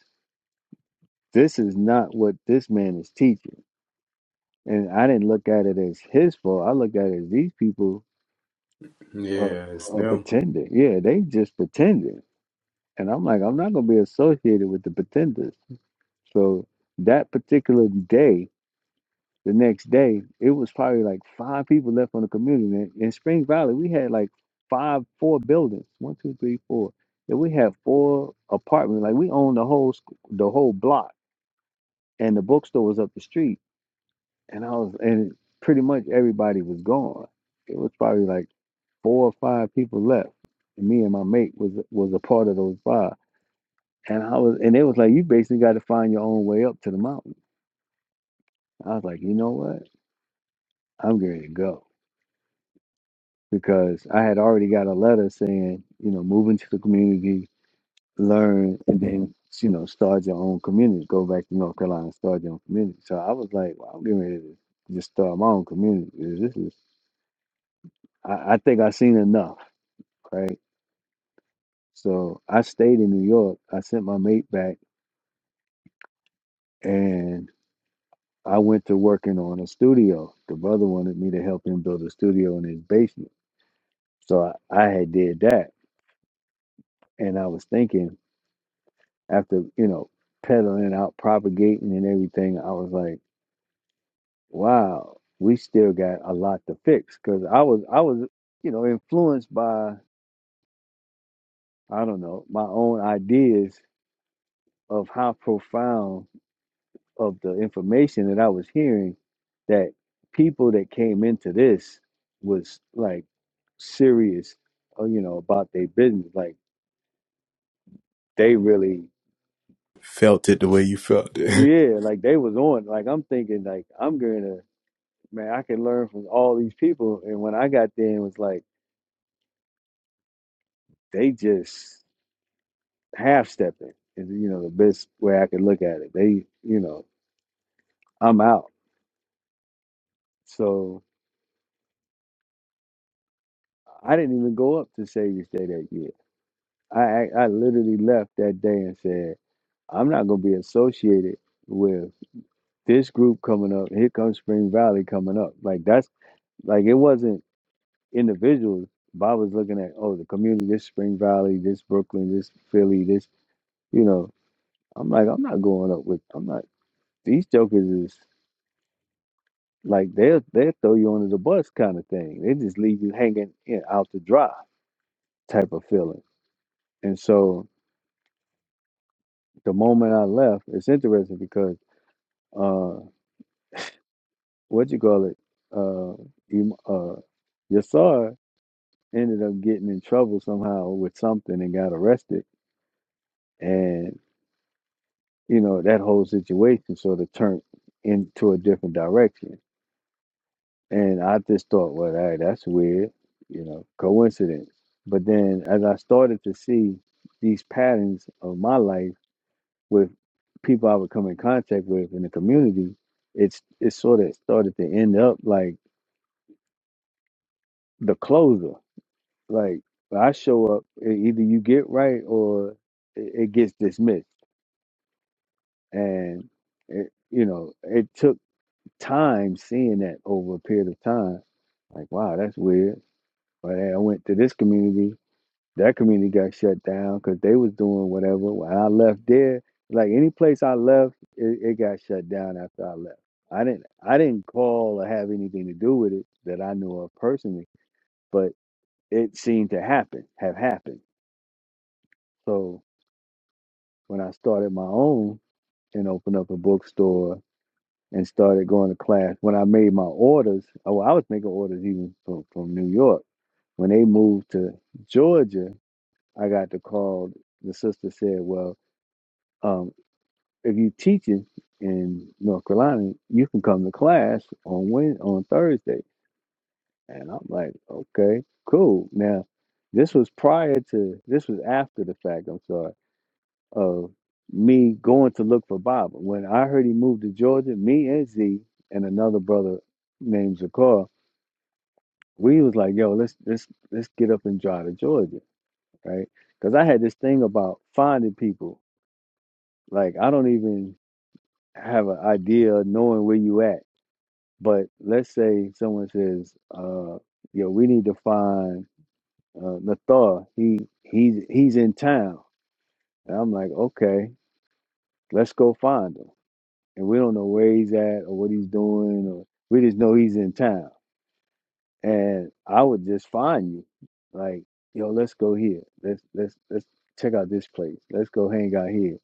This is not what this man is teaching. And I didn't look at it as his fault. I look at it as these people are, Yeah, it's are them. pretending. Yeah, they just pretending. And I'm like, I'm not going to be associated with the pretenders. So that particular day, the next day, it was probably like five people left on the community. And in Spring Valley, we had like five, four buildings. One, two, three, four. And we had four apartments. Like we owned the whole squ- the whole block, and the bookstore was up the street and I was and pretty much everybody was gone. It was probably like four or five people left. And me and my mate was was a part of those five. And I was and they was like, You basically gotta find your own way up to the mountain. I was like, you know what? I'm going to go. Because I had already got a letter saying, you know, move into the community, learn, and then you know, start your own community. Go back to North Carolina, and start your own community. So I was like, well, I'm getting ready to just start my own community. This is I, I think I've seen enough, right? So I stayed in New York. I sent my mate back and I went to working on a studio. The brother wanted me to help him build a studio in his basement. So I, I had did that. And I was thinking after, you know, peddling out, propagating and everything, I was like, wow, we still got a lot to fix. Cause I was, I was, you know, influenced by, I don't know, my own ideas of how profound of the information that I was hearing that people that came into this was like serious, uh, you know, about their business. Like they really, Felt it the way you felt it. yeah, like they was on. Like I'm thinking, like I'm gonna, man, I can learn from all these people. And when I got there, it was like they just half stepping. Is you know the best way I could look at it. They, you know, I'm out. So I didn't even go up to Savior's Day that year. I I I literally left that day and said. I'm not gonna be associated with this group coming up. Here comes Spring Valley coming up. Like that's like it wasn't individuals. Bob was looking at oh the community, this Spring Valley, this Brooklyn, this Philly, this you know. I'm like I'm not going up with I'm not these jokers is like they'll they'll throw you under the bus kind of thing. They just leave you hanging in, out to dry type of feeling. And so the moment I left, it's interesting because uh, what you call it? Uh, em- uh, Yassar ended up getting in trouble somehow with something and got arrested, and you know that whole situation sort of turned into a different direction. And I just thought, well, hey, that's weird, you know, coincidence. But then as I started to see these patterns of my life with people I would come in contact with in the community, it's it sort of started to end up like the closer Like I show up, e- either you get right or it it gets dismissed. And it, you know, it took time seeing that over a period of time. Like, wow, that's weird. But hey, I went to this community. That community got shut down because they was doing whatever. When I left there, like any place I left, it, it got shut down after I left. I didn't, I didn't call or have anything to do with it that I knew of personally, but it seemed to happen, have happened. So when I started my own and opened up a bookstore and started going to class, when I made my orders, oh, I was making orders even from, from New York. When they moved to Georgia, I got the call. The sister said, "Well, um, if you teaching in North Carolina, you can come to class on Wed on Thursday." And I'm like, "Okay, cool." Now, this was prior to this was after the fact. I'm sorry of me going to look for Baba. When I heard he moved to Georgia, me and Z and another brother named Zakar, we was like, yo, let's let's let's get up and drive to Georgia, right? Because I had this thing about finding people. Like I don't even have an idea of knowing where you at. But let's say someone says, uh, yo, we need to find uh Nathar. He he's he's in town. And I'm like, okay, let's go find him and we don't know where he's at or what he's doing or we just know he's in town and i would just find you like yo let's go here let's let's let's check out this place let's go hang out here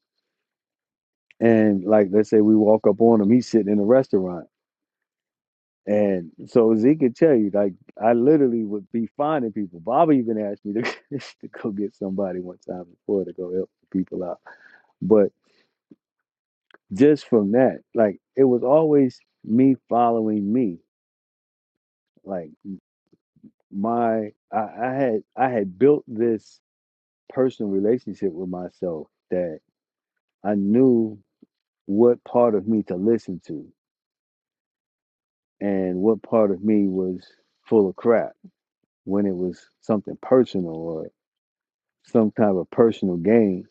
and like let's say we walk up on him he's sitting in a restaurant and so Zeke could tell you, like I literally would be finding people. Baba even asked me to, to go get somebody one time before to go help people out. But just from that, like it was always me following me. like. my I, I had I had built this personal relationship with myself that I knew what part of me to listen to and what part of me was full of crap when it was something personal or some kind of personal gain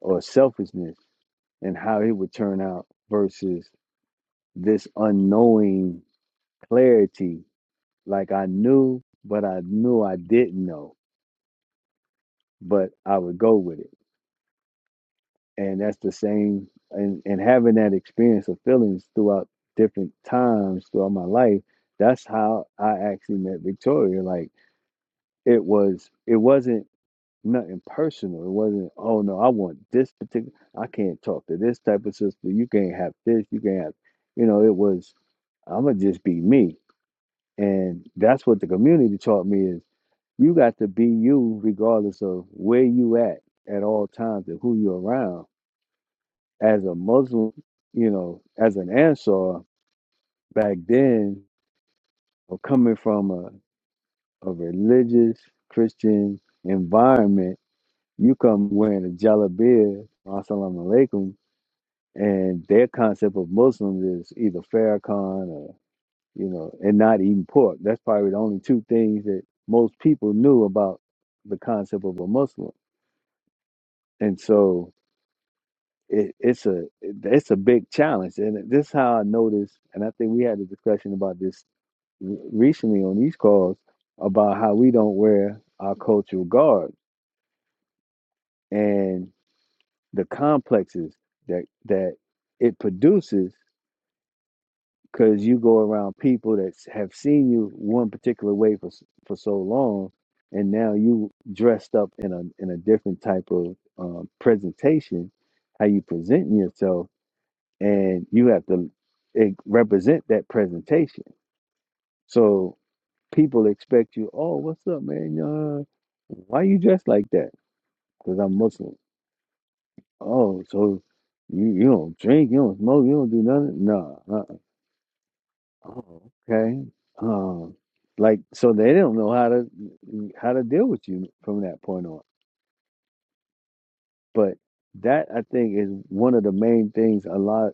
or selfishness and how it would turn out versus this unknowing clarity like I knew but I knew I didn't know but I would go with it and that's the same and, and having that experience of feelings throughout different times throughout my life that's how i actually met victoria like it was it wasn't nothing personal it wasn't oh no i want this particular i can't talk to this type of sister you can't have this you can't have you know it was i'm gonna just be me and that's what the community taught me is you got to be you regardless of where you at at all times and who you're around as a Muslim, you know, as an Ansar back then, or coming from a, a religious Christian environment, you come wearing a jalabia, assalamu alaikum, and their concept of Muslims is either Farrakhan or, you know, and not eating pork. That's probably the only two things that most people knew about the concept of a Muslim. And so it, it's a it's a big challenge, and this is how I noticed. And I think we had a discussion about this re- recently on these calls about how we don't wear our cultural garb and the complexes that that it produces because you go around people that s- have seen you one particular way for s- for so long and now you dressed up in a in a different type of um, presentation how you presenting yourself and you have to eh, represent that presentation So. people expect you, oh, what's up, man? Uh, why you dressed like that? Because I'm Muslim. Oh, so you, you don't drink, you don't smoke, you don't do nothing? No. Uh-uh. Oh, okay. Um, like so they don't know how to how to deal with you from that point on. But that I think is one of the main things a lot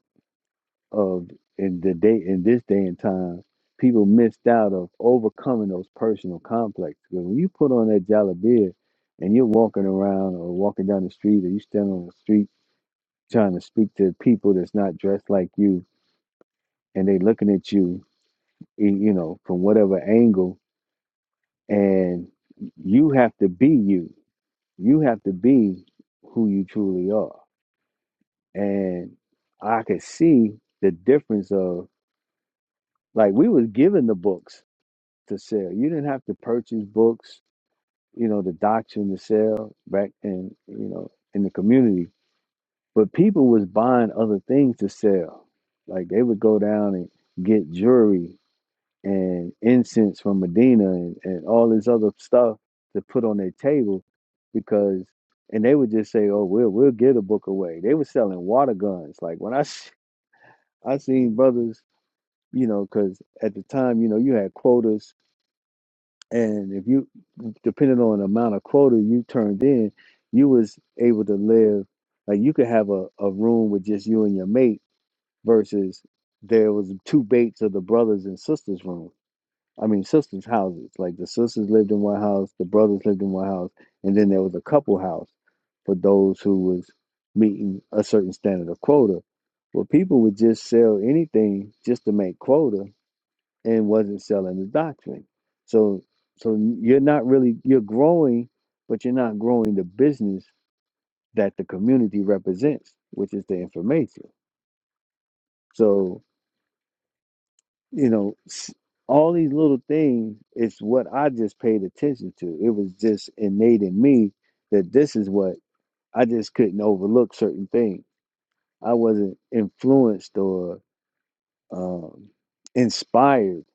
of in the day in this day and time, people missed out of overcoming those personal complexes. 'Cause when you put on that jalabia and you're walking around or walking down the street or you stand on the street trying to speak to people that's not dressed like you and they looking at you, y- you know, from whatever angle, and you have to be you. You have to be who you truly are. And I could see the difference of like we was given the books to sell. You didn't have to purchase books, you know, the doctrine to sell back in, you know, in the community. But people was buying other things to sell. Like they would go down and get jewelry and incense from Medina and, and all this other stuff to put on their table because and they would just say, Oh, we'll we'll give the book away. They were selling water guns. Like when I s- I seen brothers, you know, because at the time, you know, you had quotas and if you depending on the amount of quota you turned in you was able to live like you could have a, a room with just you and your mate versus there was two baits of the brothers and sisters room i mean sisters houses like the sisters lived in one house the brothers lived in one house and then there was a couple house for those who was meeting a certain standard of quota well people would just sell anything just to make quota and wasn't selling the doctrine. So so you're not really you're growing, but you're not growing the business that the community represents, which is the information. So you know s- all these little things is what I just paid attention to. It was just innate in me that this is what I just couldn't overlook certain things. I wasn't influenced or um, inspired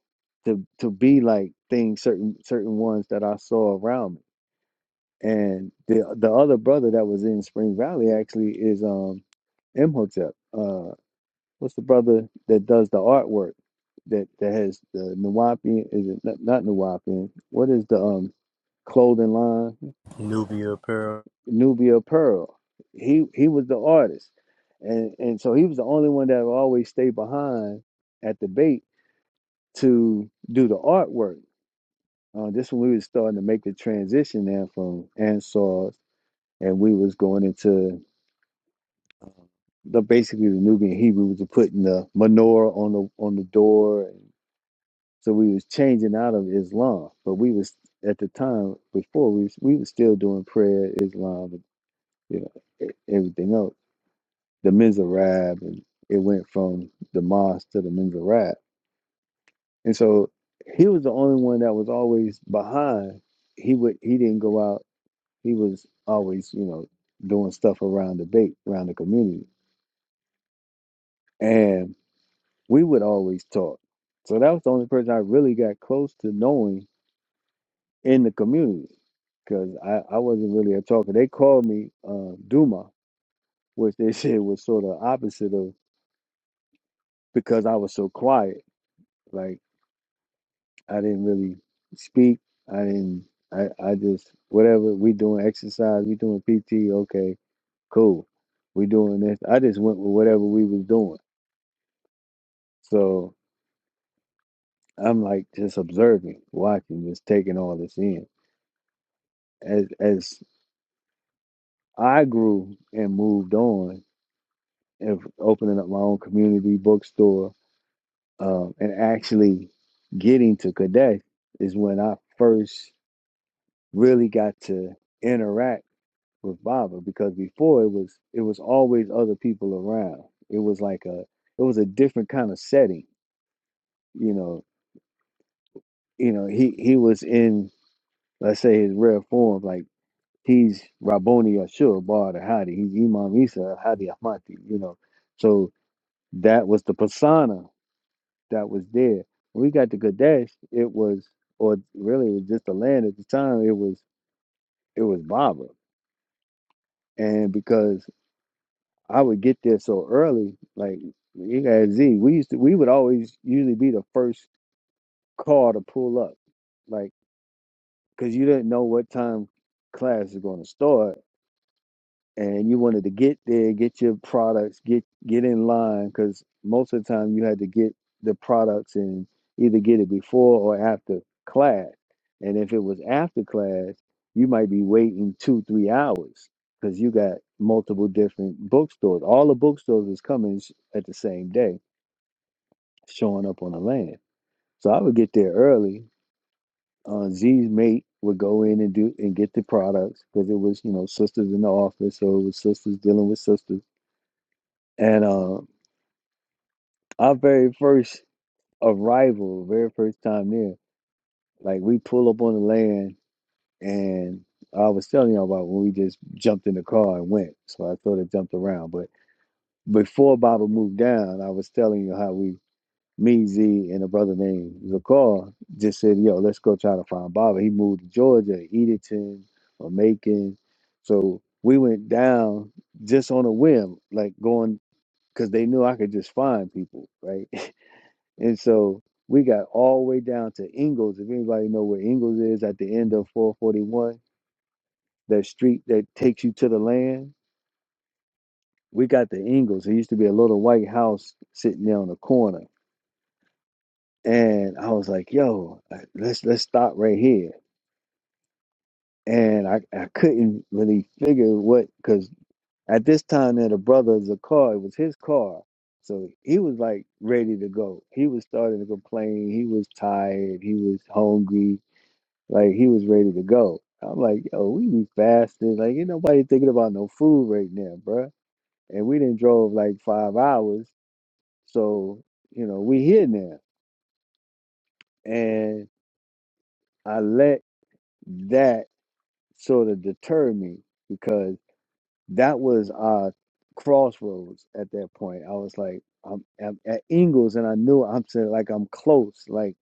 to to be like things certain certain ones that I saw around me And the the other brother that was in Spring Valley actually is um Imhotep. Uh, what's the brother that does the artwork that that has the Nuwapian? Is it not, not Nuwapian? What is the um clothing line? Nubia apparel. Nubia Pearl. He he was the artist, and and so he was the only one that would always stay behind at the bait to do the artwork. Uh, this when we was starting to make the transition there from Ansar, and we was going into the basically the Nubian Hebrews were putting the menorah on the on the door, and so we was changing out of Islam. But we was at the time before we was, we was still doing prayer, Islam, and you know e- everything else. The Mizrab, and it went from the mosque to the Mizrab, and so he was the only one that was always behind. He would he didn't go out. He was always you know doing stuff around the bait around the community, and we would always talk. So that was the only person I really got close to knowing in the community because I, I wasn't really a talker. They called me uh, Duma, which they said was sort of opposite of because I was so quiet. Like I didn't really speak. I didn't. I, I just whatever we doing exercise, we doing PT. Okay, cool. We doing this. I just went with whatever we was doing. So I'm like just observing, watching, just taking all this in as as I grew and moved on and opening up my own community bookstore um, and actually getting to Quebec is when I first really got to interact with Baba because before it was it was always other people around. It was like a it was a different kind of setting. You know, you know, he he was in let's say his rare form, like he's Raboni Ashur Bar Hadi, he's Imam Isa Hadi Ahmadi, you know. So That was the persona that was there. When we got to Kadesh, it was, or really, it was just the land at the time. It was, it was Baba, and because I would get there so early, like you got Z, we used to, we would always usually be the first car to pull up, like because you didn't know what time class is going to start and you wanted to get there, get your products, get get in line because most of the time you had to get the products and either get it before or after class. And if it was after class, you might be waiting two, three hours because you got multiple different bookstores. All the bookstores is coming s- at the same day, showing up on the land. So I would get there early. Uh, Z's mate would go in and do and get the products because it was, you know, sisters in the office, so it was sisters dealing with sisters And, uh, our very first arrival, very first time there, like we pull up on the land and I was telling y'all about when we just jumped in the car and went. So I sort of jumped around. But before Baba moved down, I was telling you how we, me, Z, and a brother named Zakar just said, yo, let's go try to find Baba. He moved to Georgia, Edenton or Macon. So we went down just on a whim, like going, because they knew I could just find people, right? And so we got all the way down to Ingles. If anybody know where Ingles is at the end of 441, that street that takes you to the land, we got the Ingles. There used to be a little white house sitting there on the corner. And I was like, yo, let's let's stop right here. And I, I couldn't really figure what because at this time that a brother's a car, it was his car. So he was like ready to go. He was starting to complain. He was tired. He was hungry Like he was ready to go. I'm like, yo, we be fasting. Like ain't nobody thinking about no food right now, bruh. And we didn't drove like five hours, so you know we here now. And I let that sort of deter me because that was our crossroads at that point. I was like, I'm, I'm at Ingles, and I knew I'm saying like I'm close, like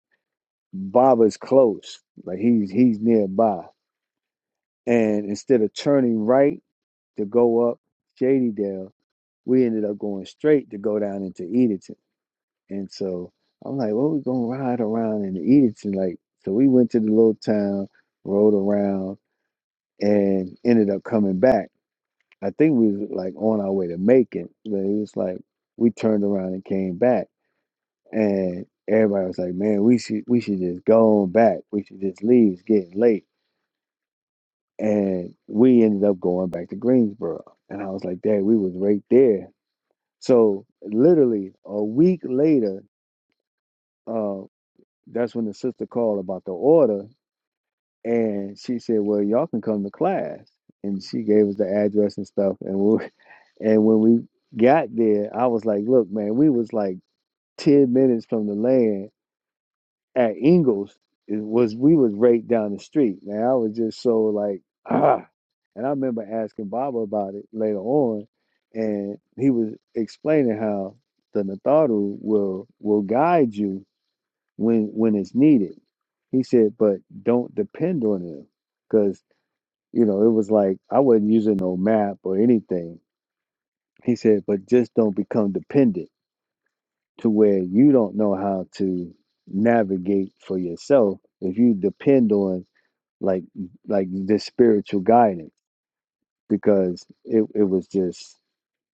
Baba's close, like he's he's nearby. And instead of turning right. to go up Shadydale, we ended up going straight to go down into Edenton. And so I'm like, well, we gonna ride around in Edenton. Like, so we went to the little town, rode around, and ended up coming back. I think we was like on our way to Macon, but it was like we turned around and came back. And everybody was like, man, we should we should just go on back. We should just leave. It's getting late. And we ended up going back to Greensboro. And I was like, Dad, we was right there So literally a week later, uh, that's when the sister called about the order, and she said, "Well, y'all can come to class." And she gave us the address and stuff, and we, and when we got there, I was like, "Look, man, we was like ten minutes from the land, at Ingles it was we was right down the street, man. I was just so like ah, and I remember asking Baba about it later on, and he was explaining how the Natharu will will guide you when when it's needed. He said, but don't depend on him, because you know it was like I wasn't using no map or anything. He said, but just don't become dependent to where you don't know how to navigate for yourself if you depend on like like this spiritual guidance because it, it was just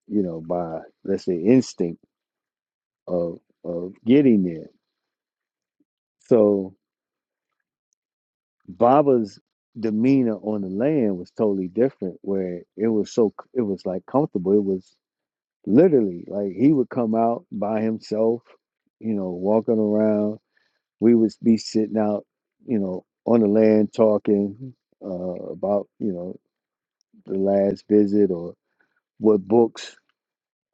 you know by let's say instinct of of getting there so baba's demeanor on the land was totally different where it was so it was like comfortable it was literally like he would come out by himself you know walking around we would be sitting out, you know, on the land talking uh, about, you know, the last visit or what books.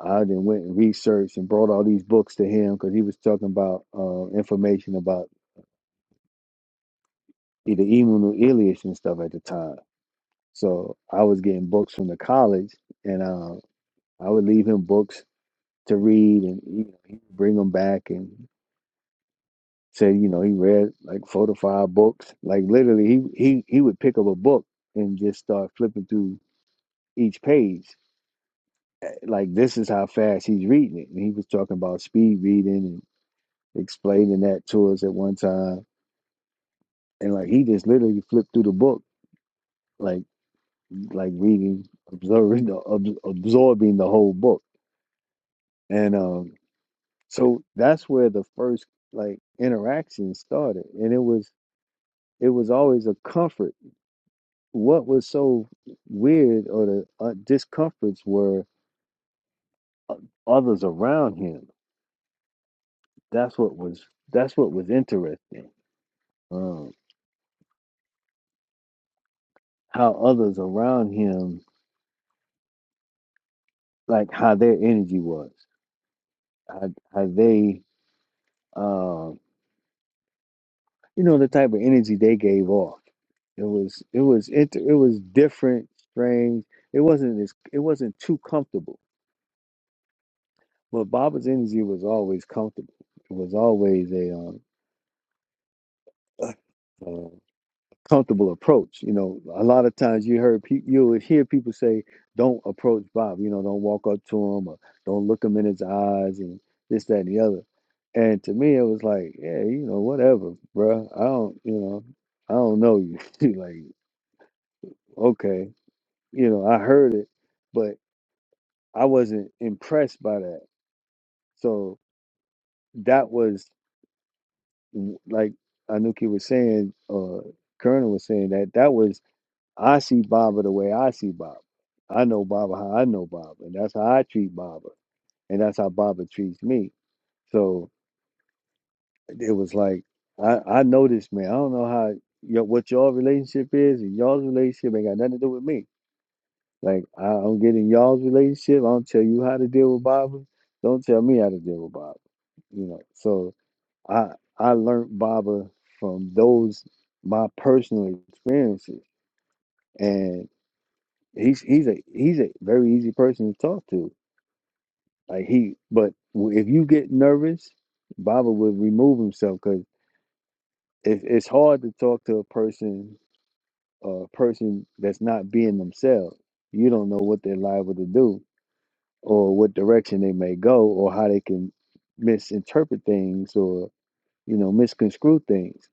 I then went and researched and brought all these books to him because he was talking about uh, information about either Emu Ilyich and stuff at the time. So I was getting books from the college, and uh, I would leave him books to read, and you know, he would bring them back, and Said, you know, he read like four to five books. Like literally he he he would pick up a book and just start flipping through each page. Eh, Like this is how fast he's reading it. And he was talking about speed reading and explaining that to us at one time. And like he just literally flipped through the book, like like reading, observing the ab- absorbing the whole book. And um so that's where the first like interaction started. And it was it was always a comfort what was so weird or the uh, discomforts were uh, others around him. That's what was that's what was interesting. Um, how others around him, like how their energy was, how, how they, uh, you know, the type of energy they gave off. It was it was inter- it was different, strange. It wasn't as it wasn't too comfortable. But Baba's energy was always comfortable. It was always a um, comfortable approach. You know, a lot of times you heard pe- you would hear people say, "Don't approach Bob." You know, don't walk up to him or don't look him in his eyes and this, that, and the other. And to me, it was like, yeah, you know, whatever, bruh. I don't, you know, I don't know you. like, okay, you know, I heard it, but I wasn't impressed by that. So that was w- like Anuki was saying, uh, Colonel was saying that that was I see Baba the way I see Baba. I know Baba how I know Baba, and that's how I treat Baba, and that's how Baba treats me. So it was like I I know this man. I don't know how your what your relationship is, and y'all's relationship ain't got nothing to do with me. Like I don't get in y'all's relationship. I don't tell you how to deal with Baba. Don't tell me how to deal with Baba. You know. So I I learned Baba from those my personal experiences, and. he's he's a he's a very easy person to talk to. Like he, but w- if you get nervous, Baba would remove himself because it, it's hard to talk to a person, a person that's not being themselves. You don't know what they're liable to do, or what direction they may go, or how they can misinterpret things, or you know misconstrue things.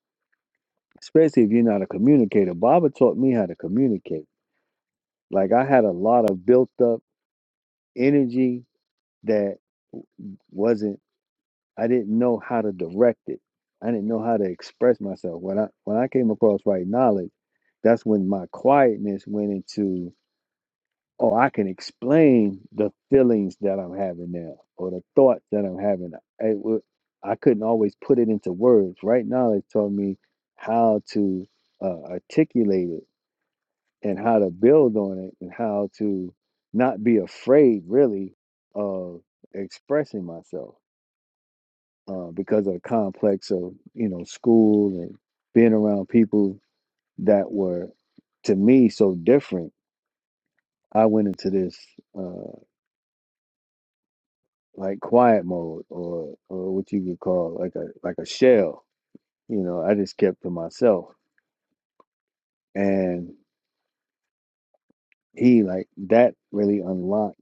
Especially if you're not a communicator. Baba taught me how to communicate. Like I had a lot of built up energy that wasn't I didn't know how to direct it. I didn't know how to express myself. When I when I came across right knowledge, that's when my quietness went into oh, I can explain the feelings that I'm having now or the thoughts that I'm having. It wa- I couldn't always put it into words. Right knowledge taught me how to uh, articulate it and how to build on it and how to not be afraid really of expressing myself uh, because of the complex of you know school and being around people that were to me so different i went into this uh, like quiet mode or or what you could call like a like a shell you know i just kept to myself and he like that really unlocked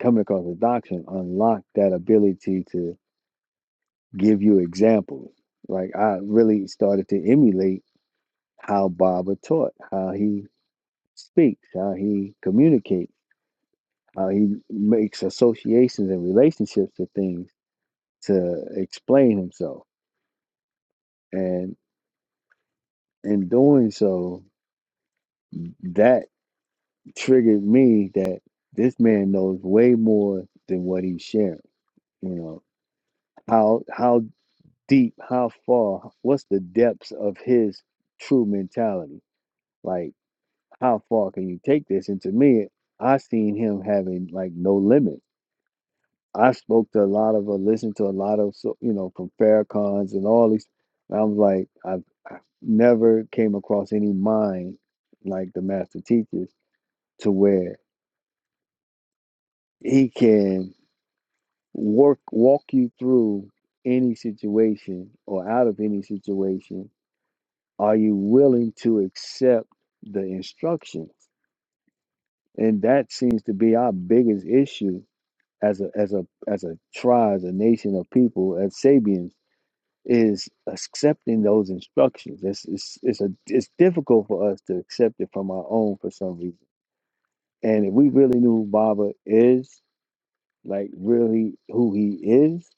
coming across the doctrine unlocked that ability to give you examples like i really started to emulate how baba taught how he speaks, how he communicates, how he makes associations and relationships to things to explain himself. And in doing so, that triggered me that this man knows way more than what he's sharing. You know, how how deep, how far, what's the depths of his true mentality? Like how far can you take this? And to me, I seen him having like no limit. I spoke to a lot of, uh, listened to a lot of, so, you know, from Farrakhan's and all these. And I was like, I've, i never came across any mind like the master teachers to where he can work, walk you through any situation or out of any situation. Are you willing to accept the instructions? And that seems to be our biggest issue as a as a as a tribe, as a nation of people, as Sabians is accepting those instructions. It's it's it's a it's difficult for us to accept it from our own for some reason. And if we really knew who Baba is, like really who he is,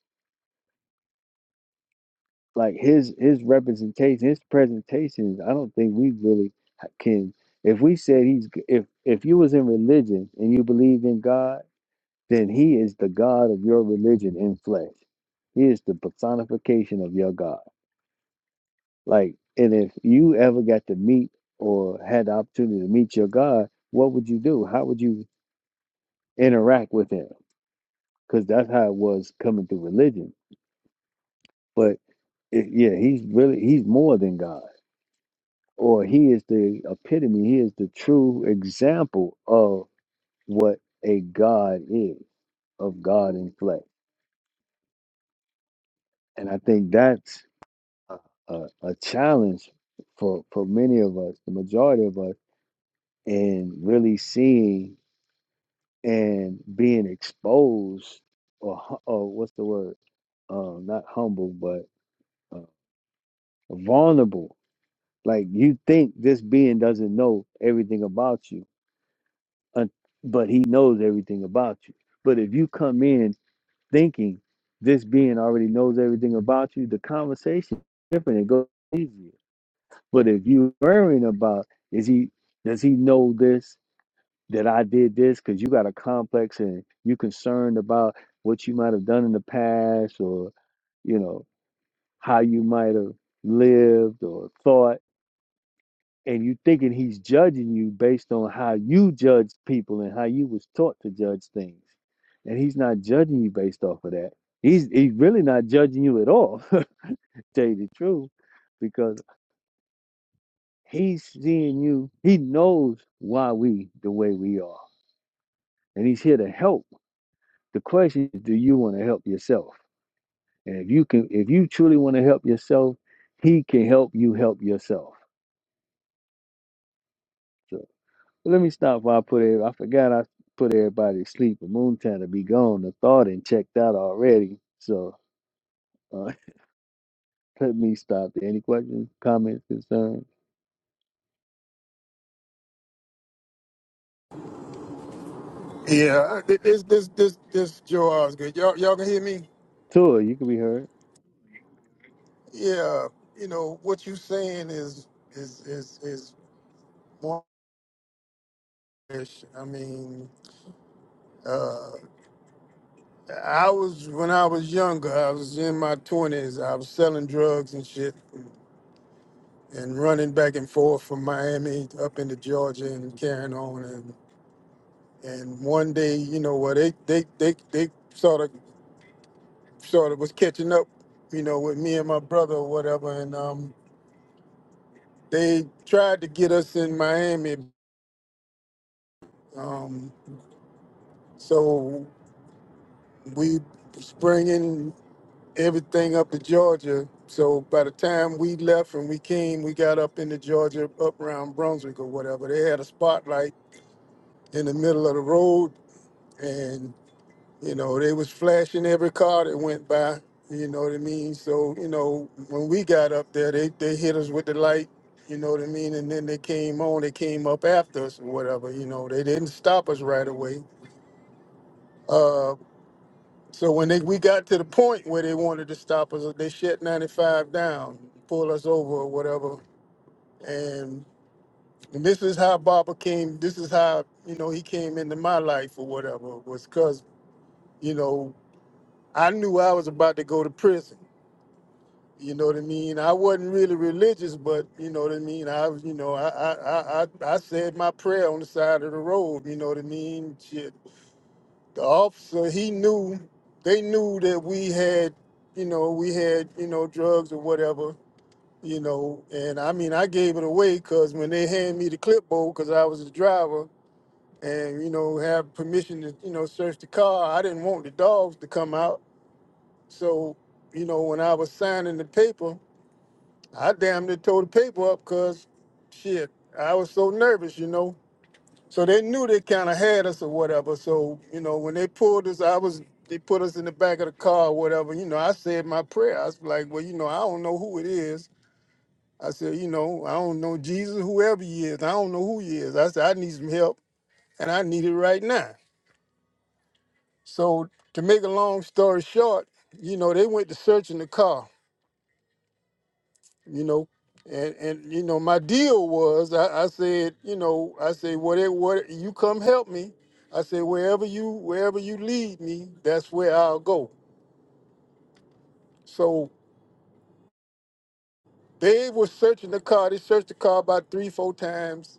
like his his representation, his presentations, I don't think we really ha- can. If we said he's g- if if you was in religion and you believed in God, then he is the God of your religion in flesh. He is the personification of your God Like, and if you ever got to meet or had the opportunity to meet your God, what would you do? How would you interact with him? Because that's how it was coming through religion. But it, yeah, he's really, he's more than God, or he is the epitome, he is the true example of what a God is, of God in flesh. And I think that's a, a, a challenge for, for many of us, the majority of us, in really seeing and being exposed or hu- or what's the word um not humble but uh, vulnerable like you think this being doesn't know everything about you un- but he knows everything about you but if you come in thinking this being already knows everything about you the conversation is different it goes easier but if you worrying about is he does he know this that I did this because you got a complex and you concerned about what you might have done in the past or, you know, how you might have lived or thought. And you thinking he's judging you based on how you judged people and how you was taught to judge things. And he's not judging you based off of that. He's he's really not judging you at all, to tell you the truth, because he's seeing you, he knows why we the way we are. And he's here to help The question is, do you want to help yourself? And if you can, if you truly want to help yourself, he can help you help yourself. So let me stop while I put it. I forgot I put everybody to sleep. The moon time to be gone. The thought and checked out already. So uh, let me stop. there. Any questions, comments, concerns? Yeah, this this this this Joe Osgood. Y'all y'all can hear me? Tour, you can be heard. Yeah, you know what you saying is is is is. Yes, I mean, uh, I was when I was younger. I was in my twenties. I was selling drugs and shit, and running back and forth from Miami up into Georgia and carrying on. And and one day, you know what? They they they they sort of sort of was catching up, you know, with me and my brother or whatever. And um, they tried to get us in Miami. Um, so we springing. everything up to Georgia. So by the time we left and we came, we got up into Georgia, up around Brunswick or whatever. They had a spotlight in the middle of the road, and you know they was flashing every car that went by. You know what I mean? So you know when we got up there, they they hit us with the light. You know what I mean? And then they came on. They came up after us or whatever. You know they didn't stop us right away. Uh, So when they we got to the point where they wanted to stop us, they shut 95 down, pull us over or whatever. And, and this is how Baba came. This is how you know he came into my life or whatever was because you know I knew I was about to go to prison. You know what I mean? I wasn't really religious, but you know what I mean. I was, you know, I I I I I said my prayer on the side of the road. You know what I mean? Shit, The officer, he knew, they knew that we had, you know, we had, you know, drugs or whatever, you know. And I mean, I gave it away because when they handed me the clipboard, because I was the driver and, you know, have permission to, you know, search the car, I didn't want the dogs to come out. So, you know, when I was signing the paper, I damn near tore the paper up because, shit, I was so nervous, you know. So they knew they kind of had us or whatever. So you know, when they pulled us, I was they put us in the back of the car or whatever. You know, I said my prayer. I was like, well, you know, I don't know who it is. I said, you know, I don't know Jesus, whoever he is. I don't know who he is. I said, I need some help, and I need it right now. So to make a long story short, you know, they went to searching the car you know. And and you know, my deal was I, I said, you know, I said, what it what you come help me. I said, wherever you wherever you lead me, that's where I'll go. So they were searching the car. They searched the car about three, four times.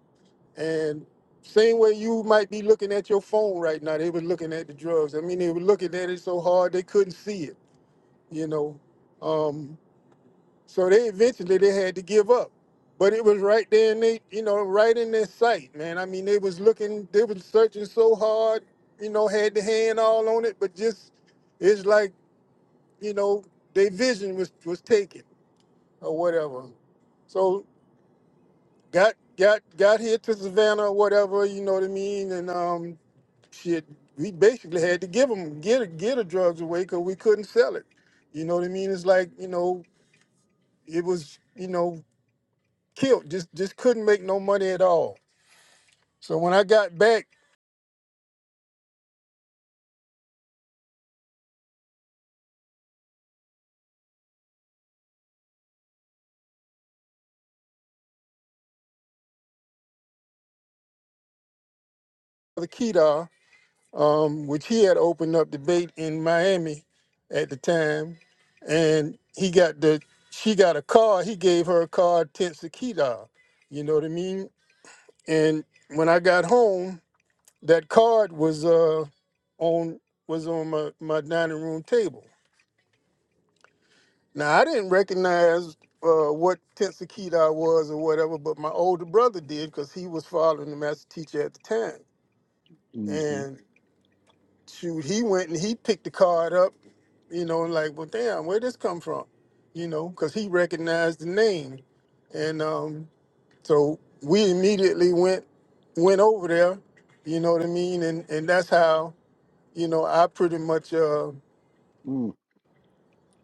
And same way you might be looking at your phone right now, they were looking at the drugs. I mean, they were looking at it so hard they couldn't see it, you know. Um, So they eventually they had to give up. But it was right there in they, you know, right in their sight, man. I mean, they was looking, they was searching so hard, you know, had the hand all on it, but just it's like, you know, their vision was was taken or whatever. So got got got here to Savannah or whatever, you know what I mean? And um shit, we basically had to give them get get the drugs away because we couldn't sell it. You know what I mean? It's like, you know, it was, you know, killed. Just just couldn't make no money at all. So when I got back to the Kedar, um, which he had opened up debate in Miami at the time, and he got the she got a car. He gave her a car tents to Kedar. You know what I mean? And when I got home, that card was uh on was on my, my dining room table. Now I didn't recognize uh, what Tensei Kedar was or whatever, but my older brother did because he was following the master teacher at the time. Mm-hmm. And shoot, he went and he picked the card up, you know, and like, well, damn, where this come from? You know, because he recognized the name, and um, so we immediately went went over there. You know what I mean? And and that's how you know I pretty much. uh, Mm-hmm.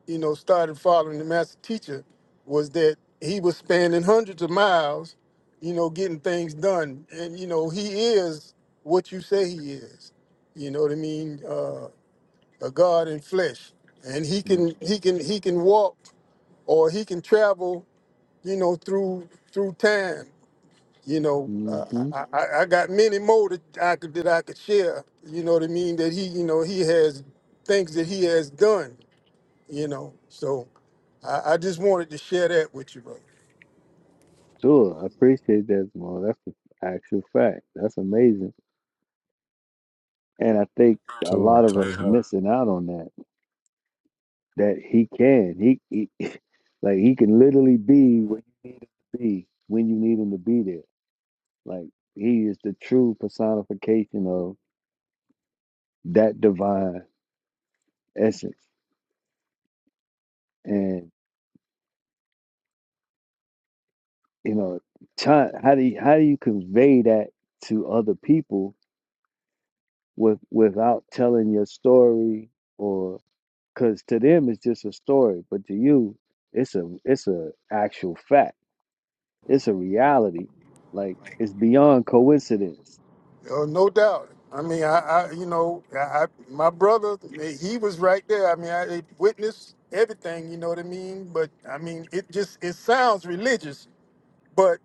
you know, started following the master teacher was that he was spanning hundreds of miles, you know, getting things done. And, you know, he is what you say he is. You know what I mean? Uh, a God in flesh. And he can he can he can walk or he can travel, you know, through through time. You know, uh, Mm-hmm. I, I I got many more that I could that I could share. You know what I mean? That he, you know, he has things that he has done you know. So I, I just wanted to share that with you, brother. Sure, I appreciate that, Jamal. That's an actual fact. That's amazing. And I think a Tua, lot of us tighten are up. missing out on that that he can. He, he like he can literally be where you need him to be when you need him to be there. Like he is the true personification of that divine essence. And you know, try, how do you, how do you convey that to other people with without telling your story or because to them it's just a story, but to you it's a it's a actual fact. It's a reality. Like it's beyond coincidence. Oh, no doubt. I mean, I, I you know, I, I, my brother, he was right there. I mean, I witnessed everything. You know what I mean? But I mean, it just it sounds religious, but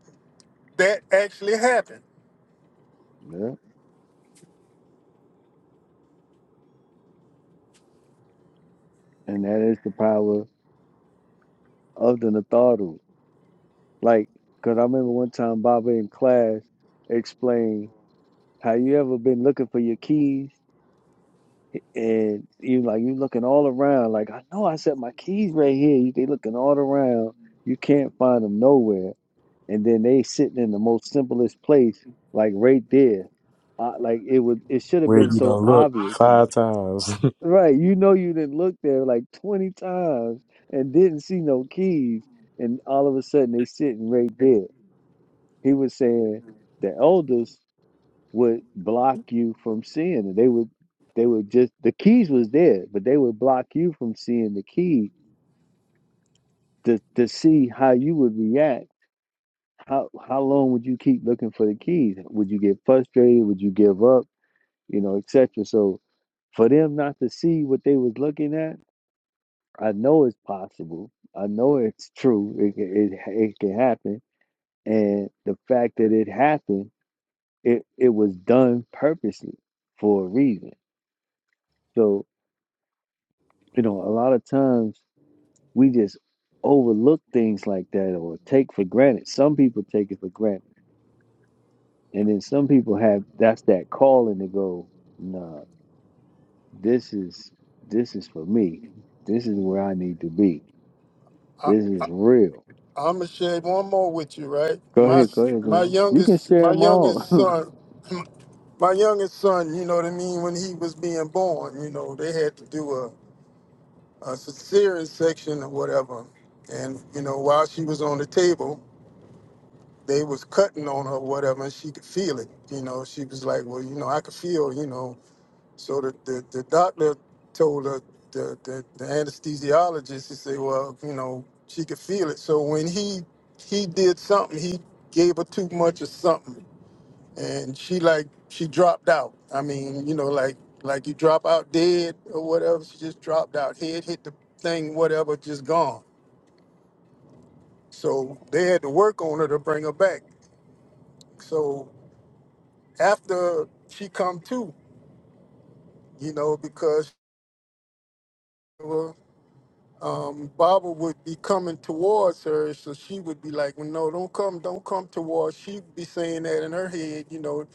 that actually happened. Yeah. and that is the power of the Natharu. Like, because I remember one time Baba in class explained how you ever been looking for your keys and you like you looking all around. Like, I know I set my keys right here. You they looking all around. You can't find them nowhere. And then they sitting in the most simplest place, like right there. I, like it would, it should have Where been you so done look obvious five times. Right, you know you didn't look there like 20 times and didn't see no keys, and all of a sudden they sitting right there. He was saying the elders would block you from seeing it. They would they would just the keys was there, but they would block you from seeing the key to to see how you would react. How how long would you keep looking for the keys? Would you get frustrated? Would you give up? You know, et cetera. So for them not to see what they was looking at I know it's possible. I know it's true. It can- it it can happen, and the fact that it happened, it it was done purposely for a reason. So you know, a lot of times we just overlook things like that or take for granted. Some people take it for granted, and then some people have that's that calling to go. Nah, this is this is for me. This is where I need to be. I, This is I, real. I'm gonna share one more with you, right? Go My ahead, go ahead, my Jamal. You can youngest share my them all. youngest son my youngest son. You know what I mean? When he was being born, you know, they had to do a a cesarean section or whatever. And you know, while she was on the table, they was cutting on her, or whatever, and she could feel it. You know, she was like, "Well, you know, I could feel." You know, so the the, the doctor told her the, the the anesthesiologist he said, "Well, you know, she could feel it." So when he he did something, he gave her too much of something and she like she dropped out. I mean, you know, like like you drop out dead or whatever. She just dropped out. Head hit the thing, whatever, just gone. So they had to work on her to bring her back. So after she come to, you know, because um, Baba would be coming towards her, so she would be like, well, "No, don't come, don't come towards." She'd be saying that in her head, you know.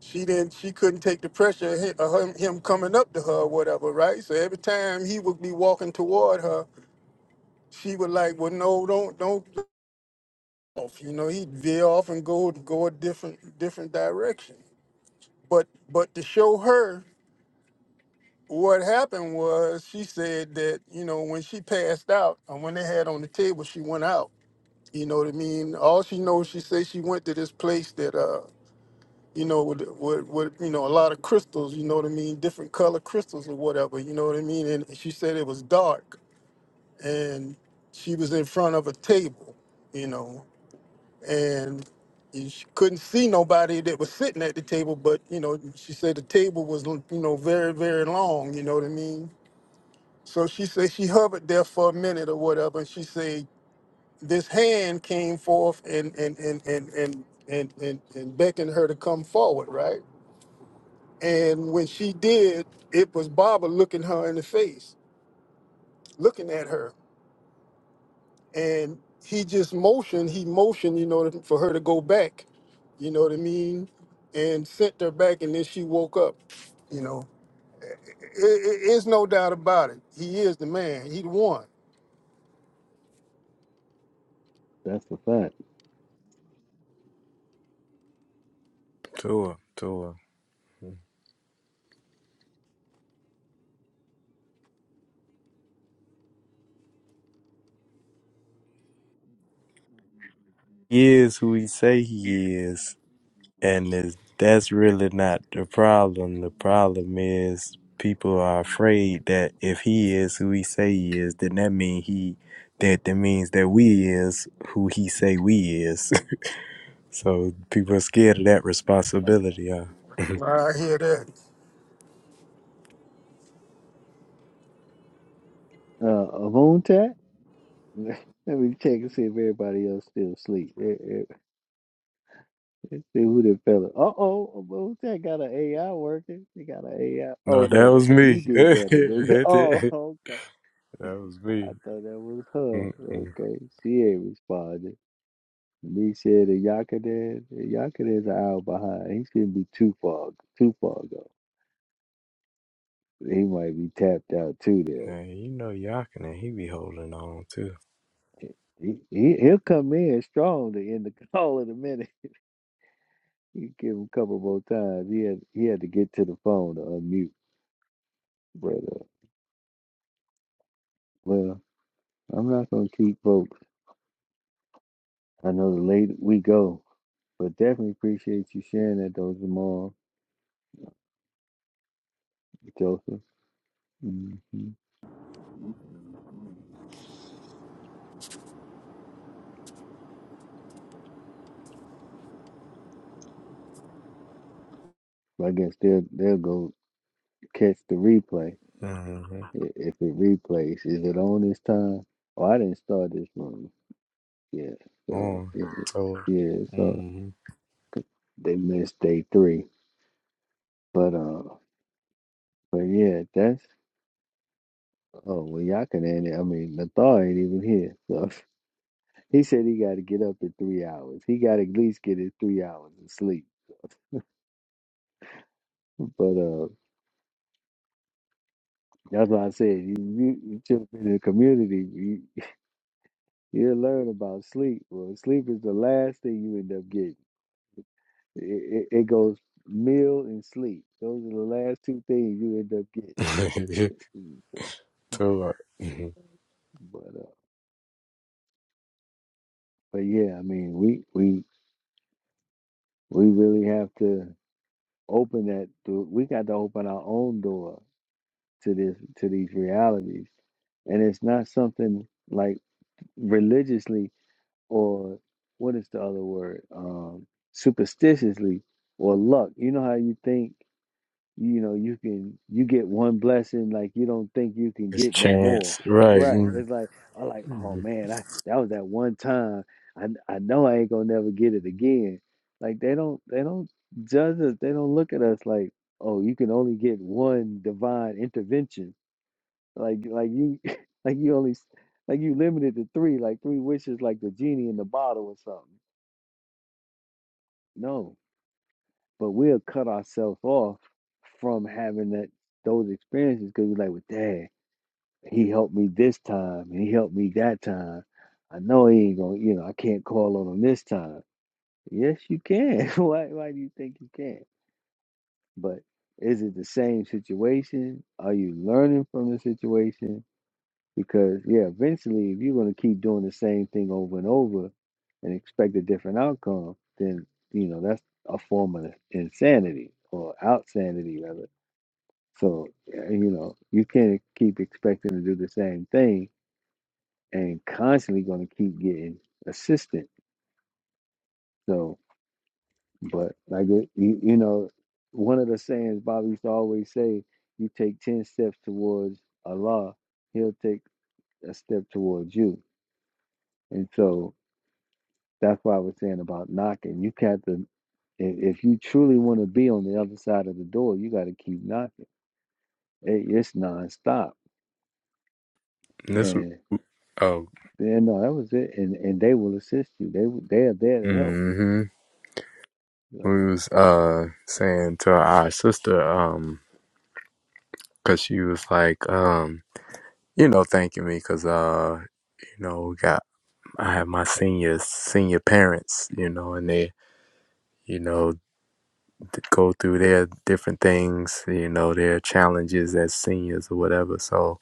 She didn't, she couldn't take the pressure of him, of him him coming up to her, or whatever, right? So every time he would be walking toward her, she would like, "Well, no, don't, don't." Off, you know, he'd veer off and go go a different different direction. But but to show her what happened was, she said that you know when she passed out and when they had on the table, she went out You know what I mean? All she knows, she says she went to this place that, uh, you know, with, with, with, you know, a lot of crystals, you know what I mean? Different color crystals or whatever, you know what I mean? And she said it was dark and she was in front of a table, you know, and she couldn't see nobody that was sitting at the table, but, you know, she said the table was, you know, very, very long, you know what I mean? So she said she hovered there for a minute or whatever, and she said this hand came forth and and and and and and, and, and beckoned her to come forward, right? And when she did, it was Baba looking her in the face, looking at her, and he just motioned. He motioned, you know, for her to go back. You know what I mean? And sent her back, and then she woke up. You know, there's no doubt about it. He is the man. He the one. That's the fact. Tua, Tua. He is who he say he is, and is, that's really not the problem. The problem is people are afraid that if he is who he say he is, then that mean he that that means that we is who he say we is. So people are scared of that responsibility, huh? I hear that. Uh, Avon Let me check and see if everybody else still asleep. Eh, eh, Let's see who that fella. Uh oh, Avon Tat got an AI working. He got an AI. Oh No, that no, that was you me. did that, I do. Oh, that okay. was I me. thought that was her. Mm-mm. Okay, she ain't responding. Me said that Yakadan. Yakadan's an hour behind. He shouldn't be too far, too far gone. He might be tapped out too. There, Now, you know Yakinen, he be holding on too. he, he he'll come in strong to end the call in a minute. You give him a couple more times. He had he had to get to the phone to unmute. But uh, well, I'm not gonna keep folks. I know the later we go, but definitely appreciate you sharing that though, Jamal, Joseph. hmm I guess they'll they'll go catch the replay Mm-hmm. i- if it replays. Is it on this time? Oh, I didn't start this one. Yeah, so On it- to yeah, so mm-hmm. they missed day three, but uh, but yeah, that's. Oh well, y'all can end it. I mean, Nathar ain't even here, so he said he got to get up in three hours. He got to at least get his three hours of sleep. But uh, that's why I said you, you, you should have in the community. You, you'll learn about sleep. Well, sleep is the last thing you end up getting. It, it, it goes meal and sleep. Those are the last two things you end up getting. Mm, to uh, mhm. But uh, but yeah, I mean, we we we really have to open that. Door. We got to open our own door to this to these realities and it's not something like religiously or what is the other word um superstitiously or luck you know how you think you know you can you get one blessing like you don't think you can it's get no chance, more right? right it's like i like oh Mm-hmm. man i that was that one time i i know i ain't gonna never get it again like they don't they don't judge us they don't look at us like oh you can only get one divine intervention like like you like you only s- like you limited to three, like three wishes, like the genie in the bottle or something. No, but we'll cut ourselves off from having that those experiences because we're like, well, Dad, he helped me this time, and he helped me that time. I know he ain't gonna, you know, I can't call on him this time. Yes, you can. why Why do you think you can? But is it the same situation? Are you learning from the situation? Because yeah, eventually if you're gonna keep doing the same thing over and over and expect a different outcome, then you know, that's a form of insanity or outsanity rather. So yeah, you know, you can't keep expecting to do the same thing and constantly gonna keep getting assistant. So but like it, you, you know, one of the sayings Bobby used to always say, you take ten steps towards Allah, he'll take a step towards you. And so That's why I was saying about knocking. You have to, if if you truly want to be on the other side of the door, you got to keep knocking. It, it's nonstop. This And oh, then no, that was it. And and they will assist you. They w- they are there to help. mm-hmm. You we was uh saying to our sister um because she was like um. you know, thanking me because, uh, you know, we got I have my seniors, senior parents, you know, and they, you know, d- go through their different things, you know, their challenges as seniors or whatever. So,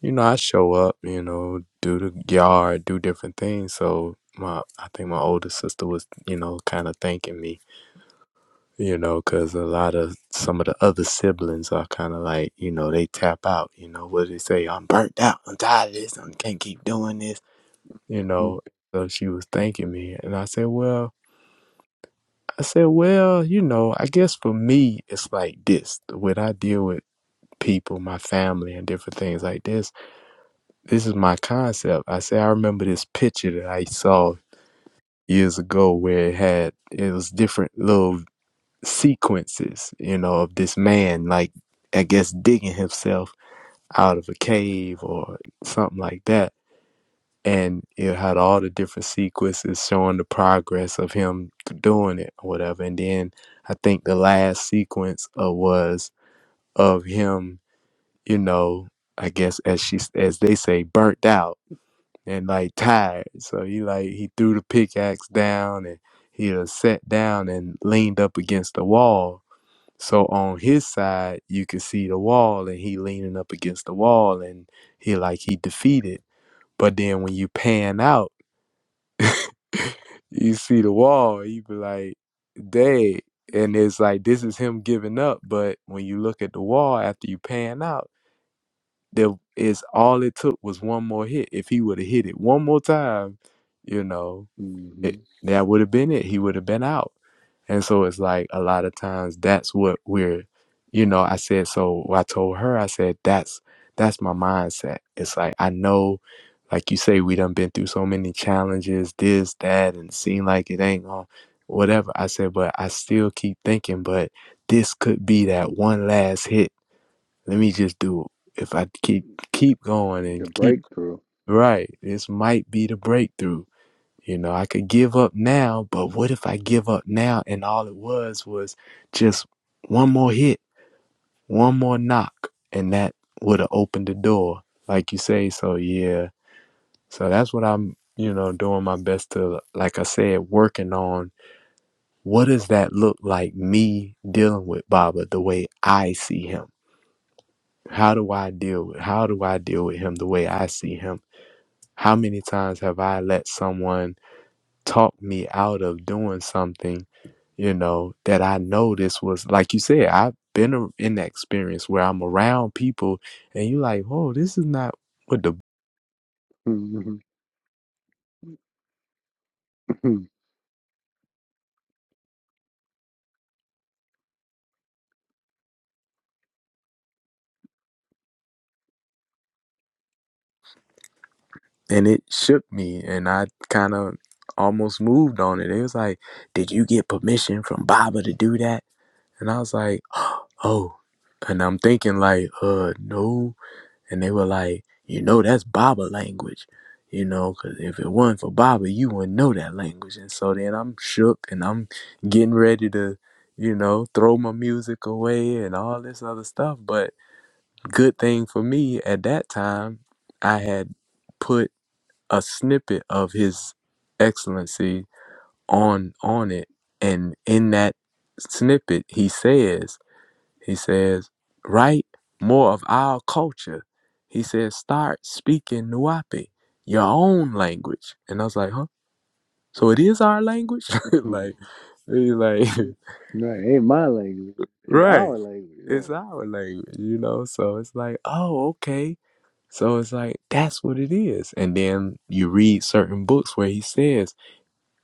you know, I show up, you know, do the yard, do different things. So my, I think my older sister was, you know, kind of thanking me. You know, because a lot of some of the other siblings are kind of like, you know, they tap out. You know, what do they say? I'm burnt out. I'm tired of this. I can't keep doing this you know. know, so she was thanking me. And I said, well, I said, well, you know, I guess for me, it's like this. When I deal with people, my family, and different things like this, this is my concept. I said, I remember this picture that I saw years ago where it had, it was different little sequences, you know, of this man, like, I guess digging himself out of a cave or something like that and it had all the different sequences showing the progress of him doing it or whatever. And then I think the last sequence uh, was of him, you know, I guess as she as they say, burnt out and like tired. So he like he threw the pickaxe down and he was sat down and leaned up against the wall. So on his side, you could see the wall and he leaning up against the wall and he like he defeated. But then when you pan out you see the wall, you be like, dead. And it's like this is him giving up. But when you look at the wall after you pan out, there is all it took was one more hit. If he would have hit it one more time, you know, mm-hmm. it, that would have been it. He would have been out. And so it's like a lot of times that's what we're, you know, I said, so I told her, I said, that's, that's my mindset. It's like, I know, like you say, we done been through so many challenges, this, that, and it seem like it ain't on whatever. I said, but I still keep thinking, but this could be that one last hit. Let me just do it. If I keep, keep going and The keep, breakthrough. right, this might be the breakthrough you know, I could give up now, but what if I give up now and all it was was just one more hit, one more knock, and that would have opened the door, like you say. So, yeah. So that's what I'm, you know, doing my best to, like I said, working on what does that look like me dealing with Baba the way I see him? How do I deal with, how do I deal with him the way I see him? How many times have I let someone talk me out of doing something, you know, that I know this was like you said, I've been a- in that experience where I'm around people and you like, whoa, this is not what the Mhm. Mhm. and it shook me and I kind of almost moved on it. It was like, did you get permission from Baba to do that? And I was like, oh, and I'm thinking like, uh, no, And they were like, you know, that's Baba language, you know, because if it wasn't for Baba, you wouldn't know that language. And so then I'm shook and I'm getting ready to, you know, throw my music away and all this other stuff. But good thing for me at that time, I had put a snippet of His Excellency on on it, and in that snippet, he says. He says, write more of our culture. He says, start speaking Nuapi, your own language. And I was like, huh? So it is our language? mhm. like, he's like, Mm. right, ain't my language. It's right. our language, It's right? our language, you know? So it's like, oh, okay. So it's like, that's what it is. And then you read certain books where he says,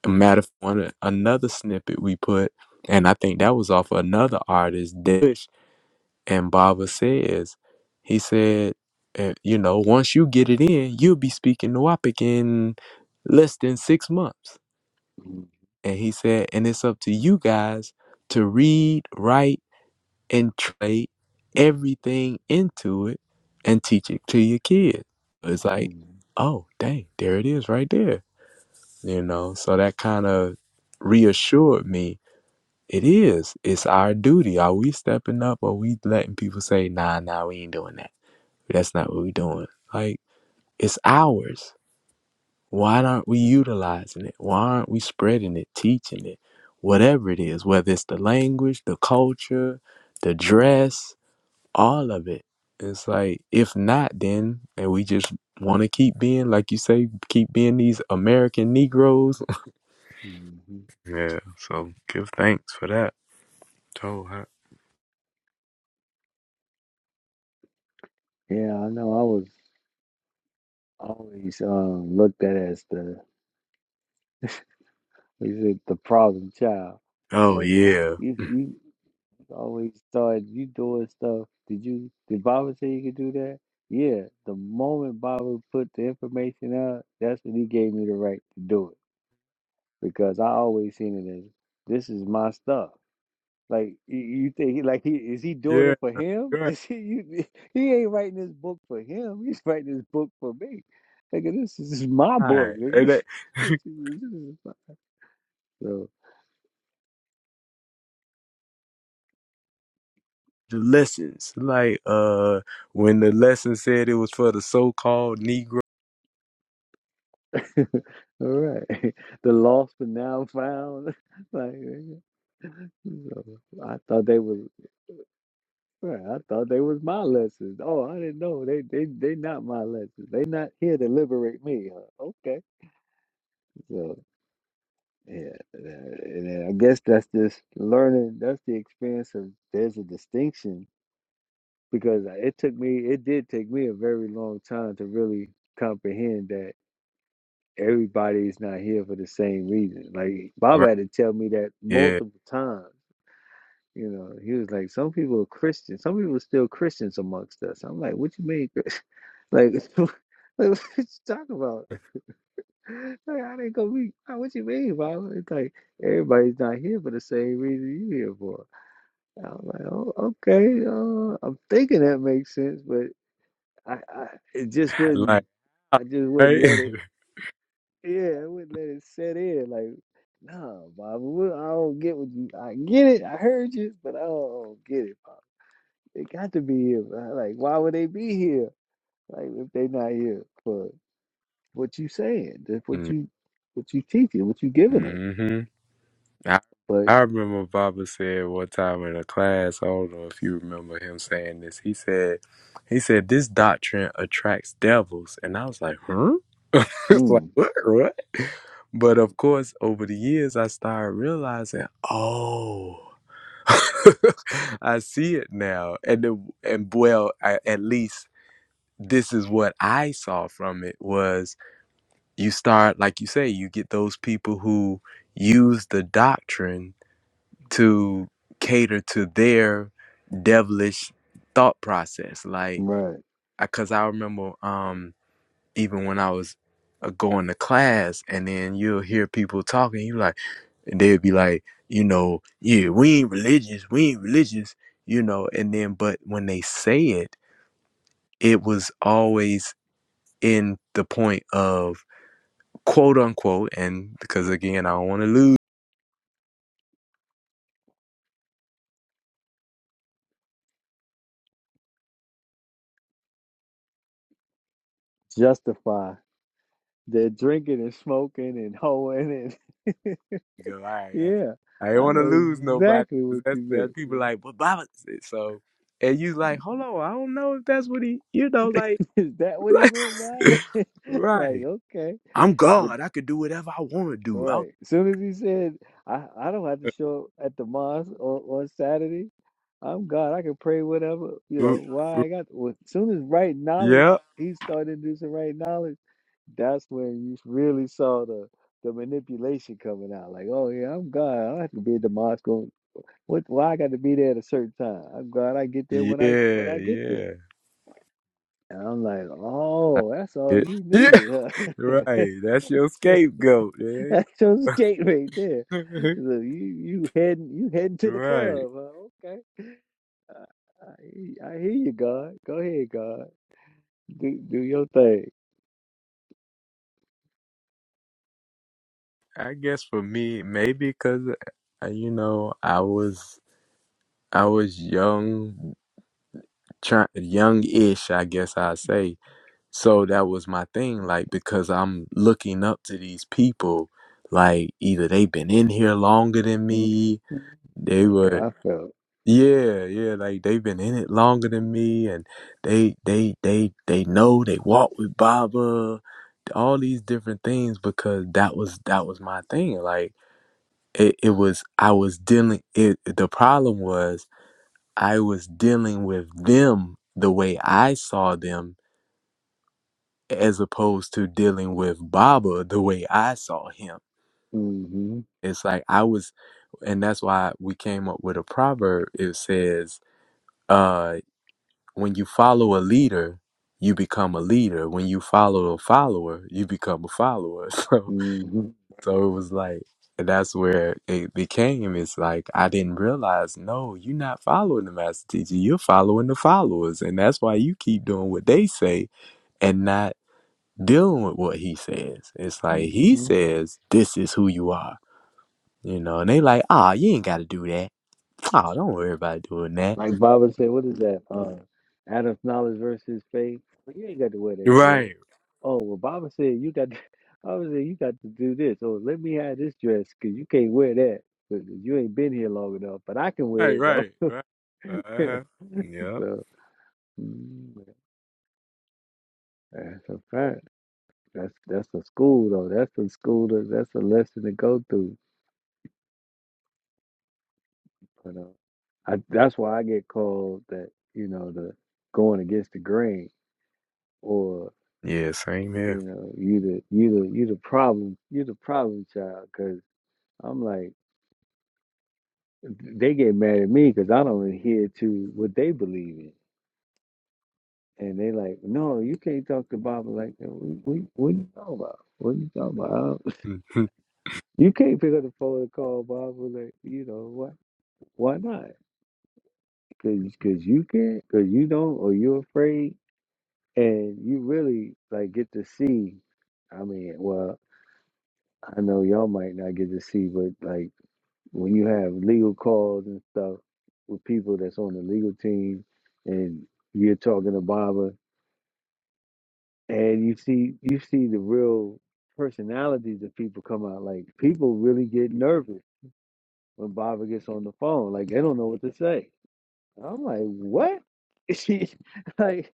a matter of one, another snippet we put, and I think that was off of another artist, Dish. And Baba says, he said, eh, you know, once you get it in, you'll be speaking Nuwapic in less than six months. And he said, and it's up to you guys to read, write, and trade everything into it and teach it to your kids. It's like, oh, dang, there it is right there. You know, so that kind of reassured me. It is. It's our duty. Are we stepping up? Or we letting people say, nah, nah, we ain't doing that? That's not what we're doing. Like, it's ours. Why aren't we utilizing it? Why aren't we spreading it, teaching it? Whatever it is, whether it's the language, the culture, the dress, all of it. It's like, if not, then, and we just want to keep being, like you say, keep being these American Negroes. Mm-hmm. Yeah, so give thanks for that. Oh, huh? Yeah, I know. I was always um, looked at as the He said the problem child. oh Like yeah. you, you always thought you doing stuff. Did you? Did Baba say you could do that? Yeah. The moment Baba put the information out, that's when he gave me the right to do it because I always seen it as this is my stuff. Like you, you think he like he is he doing Yeah, it for him? good. Is he you, he ain't writing this book for him? He's writing this book for me. Nigga, this is my All book, right. And nigga. that, This is- this is- So the lessons. Like uh when the lesson said it was for the so called Negro. All right. The lost but now found. like so I thought they was right, I thought they was my lessons. Oh, I didn't know. They they they not my lessons. They not here to liberate me. Huh? Okay. So yeah, that- and then I guess that's just learning. That's the experience of there's a distinction because it took me, it did take me a very long time to really comprehend that everybody's not here for the same reason. Like Baba Right. had to tell me that Yeah. multiple times. You know, he was like, "Some people are Christians. Some people are still Christians amongst us." I'm like, "What you mean? Like, like what you talking about? Like, I didn't go be. like, What you mean, Baba? It's like everybody's not here for the same reason you here for." I'm like, "Oh, okay. Uh, I'm thinking that makes sense, but I, I, it just Like wouldn't. I just wouldn't right. let it. Yeah, I wouldn't let it set in. Like." No, Bobby, I don't get what you. I get it. I heard you, but I don't get it, Pop. They got to be here. bruh. Like, why would they be here? Like, if they not here for what you saying, that's what you, what you teaching, what you giving us. mm-hmm. I, But I remember Baba said one time in a class, I don't know if you remember him saying this. He said, he said, this doctrine attracts devils. And I was like, huh? It's like, mm, what, what? But of course, over the years, I started realizing, oh, I see it now. And, the, and well, I, at least this is what I saw from it was you start, like you say, you get those people who use the doctrine to cater to their devilish thought process. Like, right, I, cause I remember um, even when I was uh, going to class, and then you'll hear people talking, you like, they'd be like, you know, yeah, we ain't religious, we ain't religious, you know, and then, but when they say it, it was always in the point of quote unquote, and because again, I don't want to lose. justify their drinking and smoking and hoeing and go, all right, yeah, I, I do not I want to know lose nobody. exactly 'cause what That's you that meant. people like, but Baba. So, and you like, man. hold on, I don't know if that's what he, you know, like, Is that what he like meant by it? Like, right. okay. I'm but. God. I could do whatever I want to do. I'm, Right. As soon as he said, I, I don't have to show up at the mosque on, on Saturday. I'm God. I can pray whatever, you know, Oop, why I got. Well, as soon as right knowledge, yeah, he started introducing right knowledge, that's when you really saw the the manipulation coming out. Like, oh, yeah, I'm God. I don't have to be at the mosque. On, what, why I got to be there at a certain time? I'm God. I get there yeah, when I when I get there. yeah. And I'm like, I- oh, that's all Yeah, you yeah, needed, huh? right. That's your scapegoat. eh? That's your skate right there. So you you heading you heading to the right. club? Huh? Okay, I, I, I hear you, God. Go ahead, God. Do do your thing. I guess for me, maybe because you know I was I was young try, young-ish, I guess I say. So that was my thing, like because I'm looking up to these people, like either they've been in here longer than Mhm. me, That's they what were, I felt. yeah, yeah, like they've been in it longer than me, and they, they, they, they know they walk with Baba, all these different things because that was that was my thing. Like it, it was, I was dealing. It the problem was I was dealing with them the way I saw them as opposed to dealing with Baba the way I saw him. hmm It's like I was, and that's why we came up with a proverb. It says, uh, when you follow a leader, you become a leader. When you follow a follower, you become a follower. So, hmm so it was like, and that's where it became. It's like, I didn't realize, no, you're not following the master teacher. You're following the followers. And that's why you keep doing what they say and not dealing with what he says. It's like he hmm says, "This is who you are," you know, and they like, "Ah, you ain't got to do that. Oh, don't worry about doing that." Like Baba said, what is that? Uh, Adam's knowledge versus faith. Well, you ain't got to wear that dress. Right, Oh well, Baba said you got. To, Baba said you got to do this. Oh, let me have this dress because you can't wear that. But you ain't been here long enough. But I can wear right. it though. So mm, that's a fact. That's that's a school though. That's a school. That, that's a lesson to go through. You know, I that's why I get called that. You know, the going against the grain, or Yeah, same here. you know, you the you the you the problem you the problem child. Because I'm like, they get mad at me because I don't adhere to what they believe in, and they like, no, you can't talk to Baba like that. What, what, what you talking about? What you talking about? no, You can't pick up the phone and call Bob and like, you know, what? Why not? Cause, cause you can't, cause you don't, or you're afraid, and you really like get to see. I mean, well, I know y'all might not get to see, but like when you have legal calls and stuff with people that's on the legal team, and you're talking to Baba, and you see you see the real personalities of people come out. Like people really get nervous when Baba gets on the phone. Like they don't know what to say. I'm like, what? She like,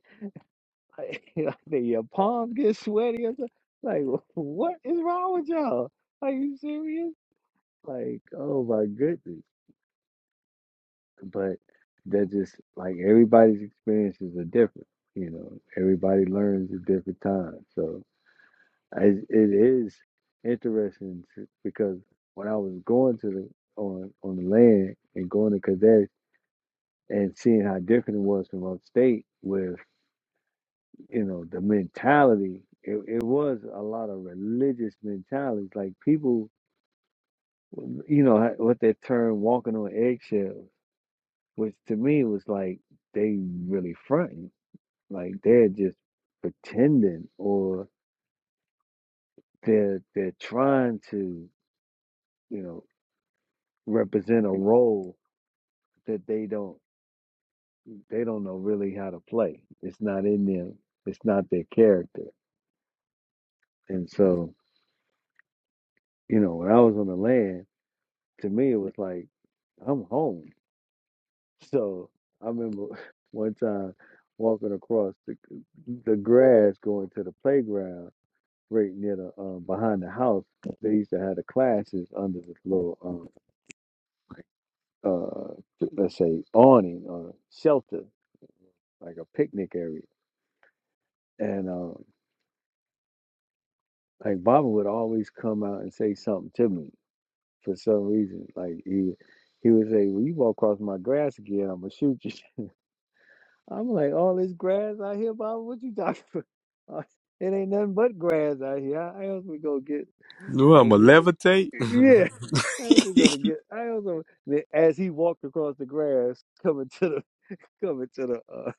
like, did your palms get sweaty or something? Like, what is wrong with y'all? Are you serious? Like, oh my goodness. But that just like everybody's experiences are different. You know, everybody learns at different times. So it, it is interesting to- because when I was going to the on on the land and going to Kadesh and seeing how different it was from upstate with you know the mentality it, it was a lot of religious mentalities like people you know ha- what that term walking on eggshells which to me was like they really fronting like they're just pretending or they're they're trying to you know represent a role that they don't they don't know really how to play it's not in them it's not their character and so you know, when I was on the land, to me it was like I'm home. So I remember one time walking across the the grass going to the playground right near the um, behind the house. They used to have the classes under this little um, uh, let's say awning or shelter, like a picnic area. And um, like Baba would always come out and say something to me for some reason. Like he he would say, "Well, you walk across my grass again, I'm gonna shoot you." I'm like, all this grass out here, Bob. What you talking about? It ain't nothing but grass out here. How else we gonna get I'm a over it? levitate. Yeah. How else we gonna get? How else? gonna- Then As he walked across the grass, coming to the coming to the uh,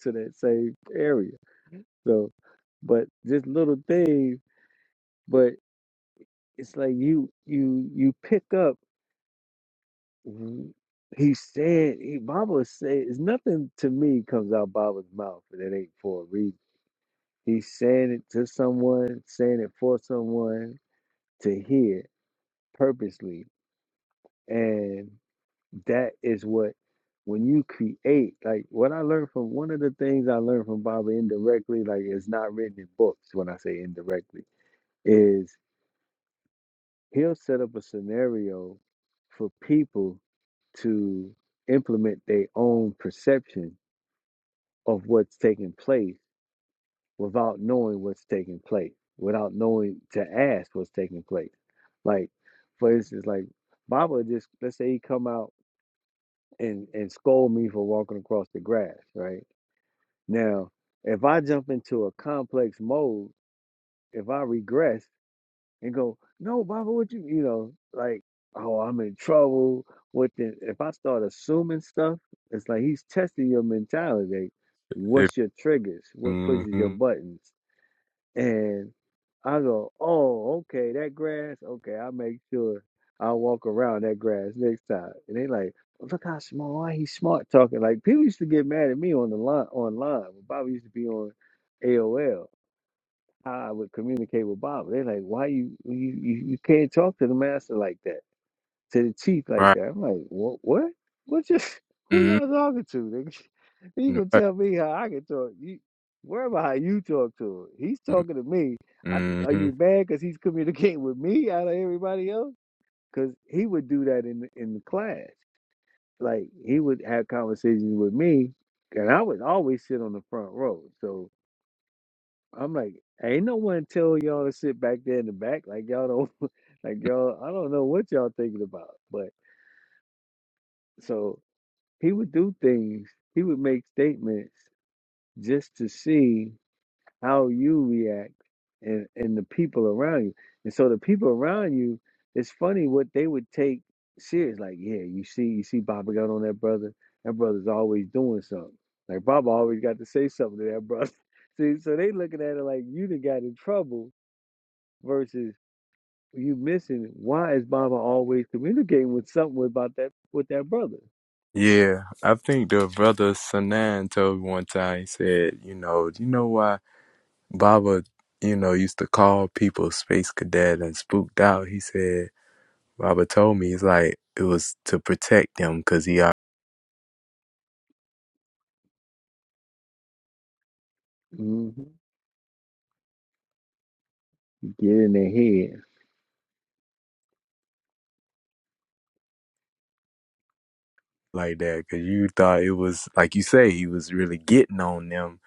to that same area. So, but just little things. But it's like you you you pick up. w- He said, he, Baba said, it's nothing to me comes out Baba's mouth, and it ain't for a reason He's saying it to someone, saying it for someone to hear purposely. And that is what, when you create, like what I learned from one of the things I learned from Baba indirectly, like it's not written in books when I say indirectly, is he'll set up a scenario for people to implement their own perception of what's taking place without knowing what's taking place, without knowing to ask what's taking place. Like, for instance, like Baba just let's say he come out and and scold me for walking across the grass, right? Now, if I jump into a complex mode, if I regress and go, no, Baba, what you you know, like, oh, I'm in trouble. What the if I start assuming stuff, it's like he's testing your mentality. What's mm-hmm. your triggers? What pushes your buttons? And I go, oh, okay, that grass. Okay, I'll make sure I walk around that grass next time. And they like, look how small. Why he smart talking? Like people used to get mad at me on the line online. When Bobby used to be on AOL, how I would communicate with Bob. They're like, why you you you you can't talk to the master like that? to the cheek like Right. that. I'm like, what? What? What? Just who hmm y'all talking to? Nigga? You gonna right. tell me how I can talk? You worry about how you talk to him. He's talking to me. I, are Mm-hmm. you mad because he's communicating with me out of everybody else? Because he would do that in the- in the class. Like he would have conversations with me, and I would always sit on the front row. So I'm like, ain't no one tell y'all to sit back there in the back. Like y'all don't, like y'all. I don't know what y'all thinking about, but so. He would do things. He would make statements just to see how you react and, and the people around you. And so the people around you, it's funny what they would take serious. Like, yeah, you see, you see Baba got on that brother. That brother's always doing something. Like Baba always got to say something to that brother. See, so they looking at it like you done got in trouble versus you missing why is Baba always communicating with something about that with that brother? Yeah, I think the brother Sanan told me one time, he said, you know, do you know why Baba, you know, used to call people space cadet and spooked out? He said, Robert told me it's like it was to protect them because he hmm Get in their head. like that. Because you thought it was like you say he was really getting on them,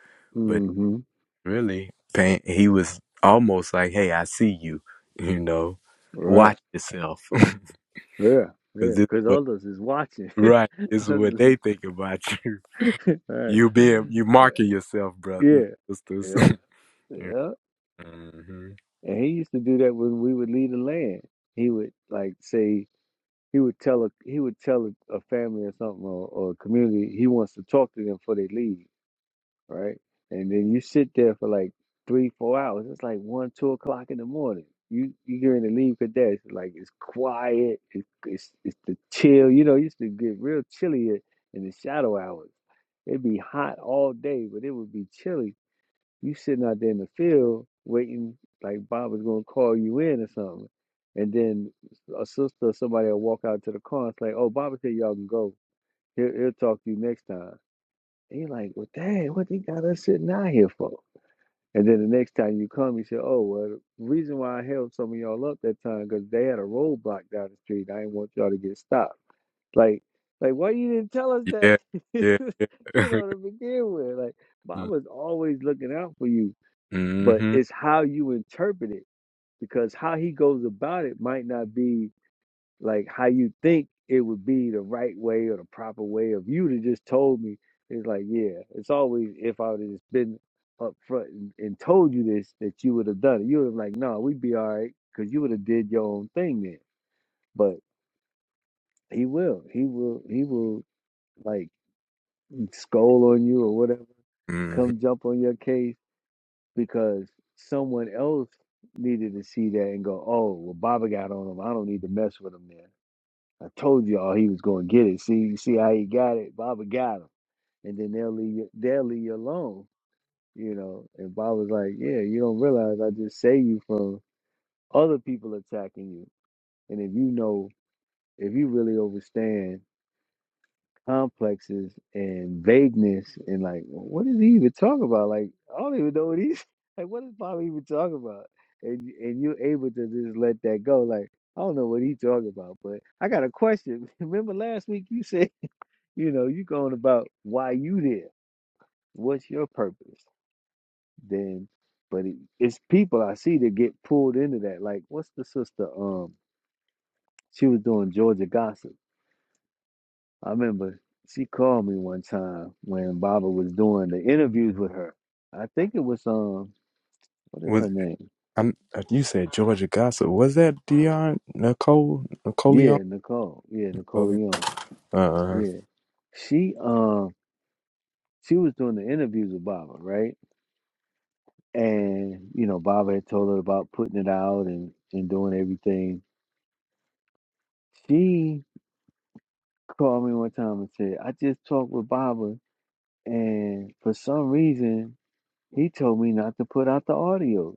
but Mm-hmm. really, pain, he was almost like, "Hey, I see you. You know, Right. watch yourself, because Yeah. Yeah. this is Because what others is watching. right. This is what Others they is- think about you. right. You being you marking yourself, brothers and Yeah. sisters. Yeah. Yeah. hmm And he used to do that when we would leave the land. He would like say he would tell a he would tell a, a family or something or, or a community he wants to talk to them before they leave. right? And then you sit there for like three, four hours. It's like one, two o'clock in the morning. You you going to leave Kadesh. like it's quiet. It's it's it's the chill. You know, it used to get real chilly i- in the shadow hours. It'd be hot all day, but it would be chilly. You sitting out there in the field waiting, like Bob was gonna call you in or something. And then a sister or somebody will walk out to the car and say, "Oh, Bob said y'all can go. He'll, he'll talk to you next time." And you're like, well, dang, what they got us sitting out here for? And then the next time you come, you say, oh, well, the reason why I held some of y'all up that time because they had a roadblock down the street. I didn't want y'all to get stopped. Like, like why you didn't tell us that? Yeah, yeah. you know, yeah. to begin with, like, Mama's always looking out for you, but hmm it's how you interpret it because how he goes about it might not be like how you think it would be the right way or the proper way of you to just told me it's like yeah it's always if i would have just been up front and, and told you this that you would have done it you would have like no we'd be all right because you would have did your own thing then but he will he will he will like scold on you or whatever come hmm jump on your case because someone else needed to see that and go oh well baba got on him i don't need to mess with him there. I told y'all he was gonna get it. See, see how he got it. Baba got him, and then they'll leave you, they'll leave you alone, you know. And Baba's like, "Yeah, you don't realize I just saved you from other people attacking you. And if you know, if you really understand complexes and vagueness, and like, what is he even talking about? Like, I don't even know what he's like. What is Baba even talking about? And and you're able to just let that go, like. I don't know what he's talking about, but I got a question. Remember last week you said You know, you going about why you there? What's your purpose? Then, but it, it's people I see that get pulled into that. Like, what's the sister? Um, she was doing Georgia gossip. I remember she called me one time when Baba was doing the interviews with her. I think it was um, what is her name? I'm, uh, you said Georgia Gossip. Was that Dion Nicole Yeah, Nicoleon? Nicole. Yeah, Nicole Nicoleon? Leon. Uh, Yeah, she um, she was doing the interviews with Baba, right? And you know, Baba had told her about putting it out and and doing everything She called me one time and said, I just talked with Baba, and for some reason, he told me not to put out the audio.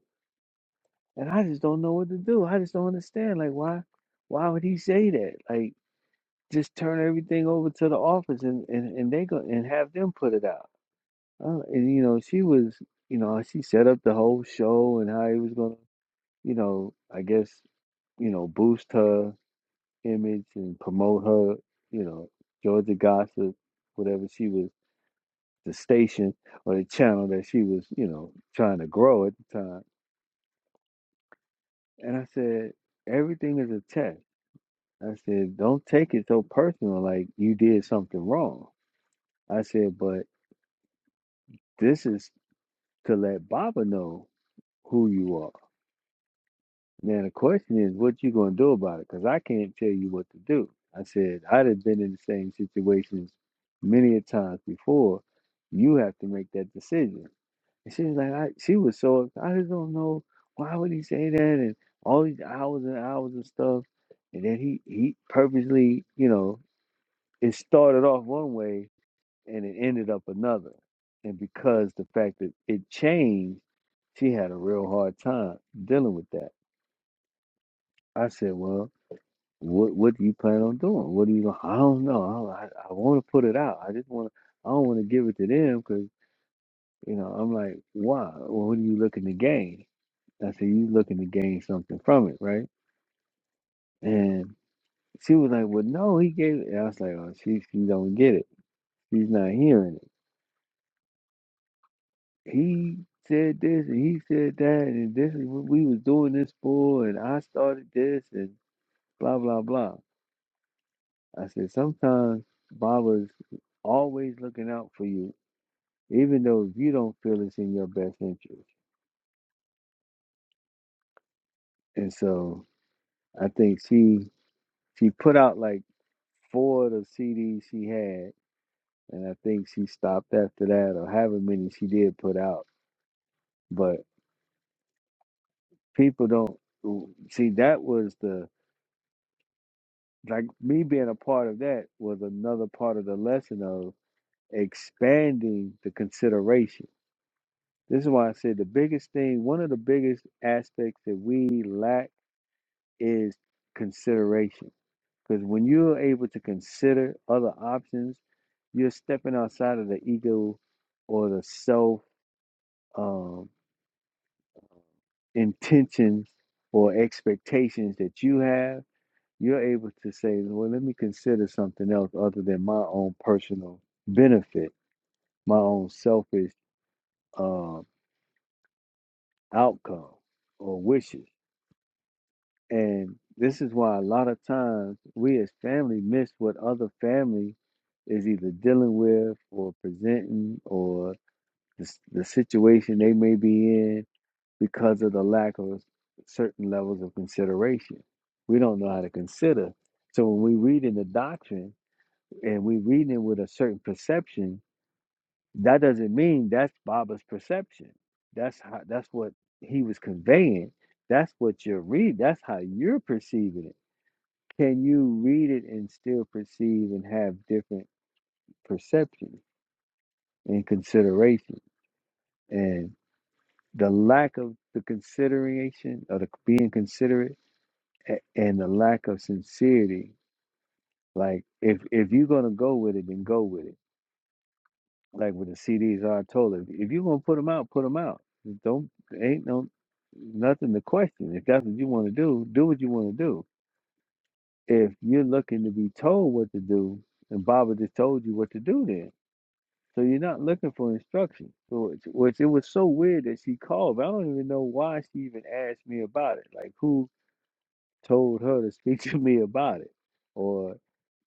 And I just don't know what to do. I just don't understand. Like, why why would he say that? Like, just turn everything over to the office and, and, and they go and have them put it out. Uh, and you know, she was, you know, she set up the whole show and how he was gonna, you know, I guess, you know, boost her image and promote her, you know, Georgia Gossip, whatever she was, the station or the channel that she was, you know, trying to grow at the time. And I said, everything is a test. I said, don't take it so personal, like you did something wrong. I said, but this is to let Baba know who you are. Now the question is, what you gonna do about it? Because I can't tell you what to do. I said I'd have been in the same situations many a times before. You have to make that decision. And she was like, I, she was so I just don't know why would he say that and all these hours and hours of stuff. And then he he purposely, you know, it started off one way and it ended up another. And because the fact that it changed, she had a real hard time dealing with that. I said, well. What what do you plan on doing? What do you? gonna- I don't know. I I, I want to put it out. I just want. to I don't want to give it to them because you know I'm like, why? Well, what are you looking to gain? I said, you looking to gain something from it, right? And she was like, well, no, he gave it. And I was like, oh, she she don't get it. She's not hearing it. He said this and he said that and this is what we was doing this for and I started this and blah blah blah. I said sometimes Baba's always looking out for you even though you don't feel it's in your best interest. And so I think she she put out like four of the CDs she had, and I think she stopped after that, or however many she did put out. But people don't see that was the like me being a part of that was another part of the lesson of expanding the consideration. This is why I said the biggest thing, one of the biggest aspects that we lack is consideration Because when you're able to consider other options, you're stepping outside of the ego or the self um, intentions or expectations that you have. You're able to say, well, let me consider something else other than my own personal benefit, my own selfish um, outcome or wishes. And this is why a lot of times we as family miss what other family is either dealing with or presenting or the, the situation they may be in because of the lack of certain levels of consideration. We don't know how to consider. So when we read in the doctrine and we reading it with a certain perception, that doesn't mean that's Baba's perception. That's how that's what he was conveying. That's what you're reading. That's how you're perceiving it. Can you read it and still perceive and have different perceptions and consideration? And the lack of the consideration of the being considerate a- and the lack of sincerity. Like if if you're gonna go with it, then go with it. Like with the CDs, I told her, if you're gonna put them out, put them out. Don't ain't no nothing to question. If that's what you want to do, do what you want to do. If you're looking to be told what to do, and Baba just told you what to do, then so you're not looking for instruction. So it's, which it was so weird that she called. But I don't even know why she even asked me about it. Like who told her to speak to me about it? Or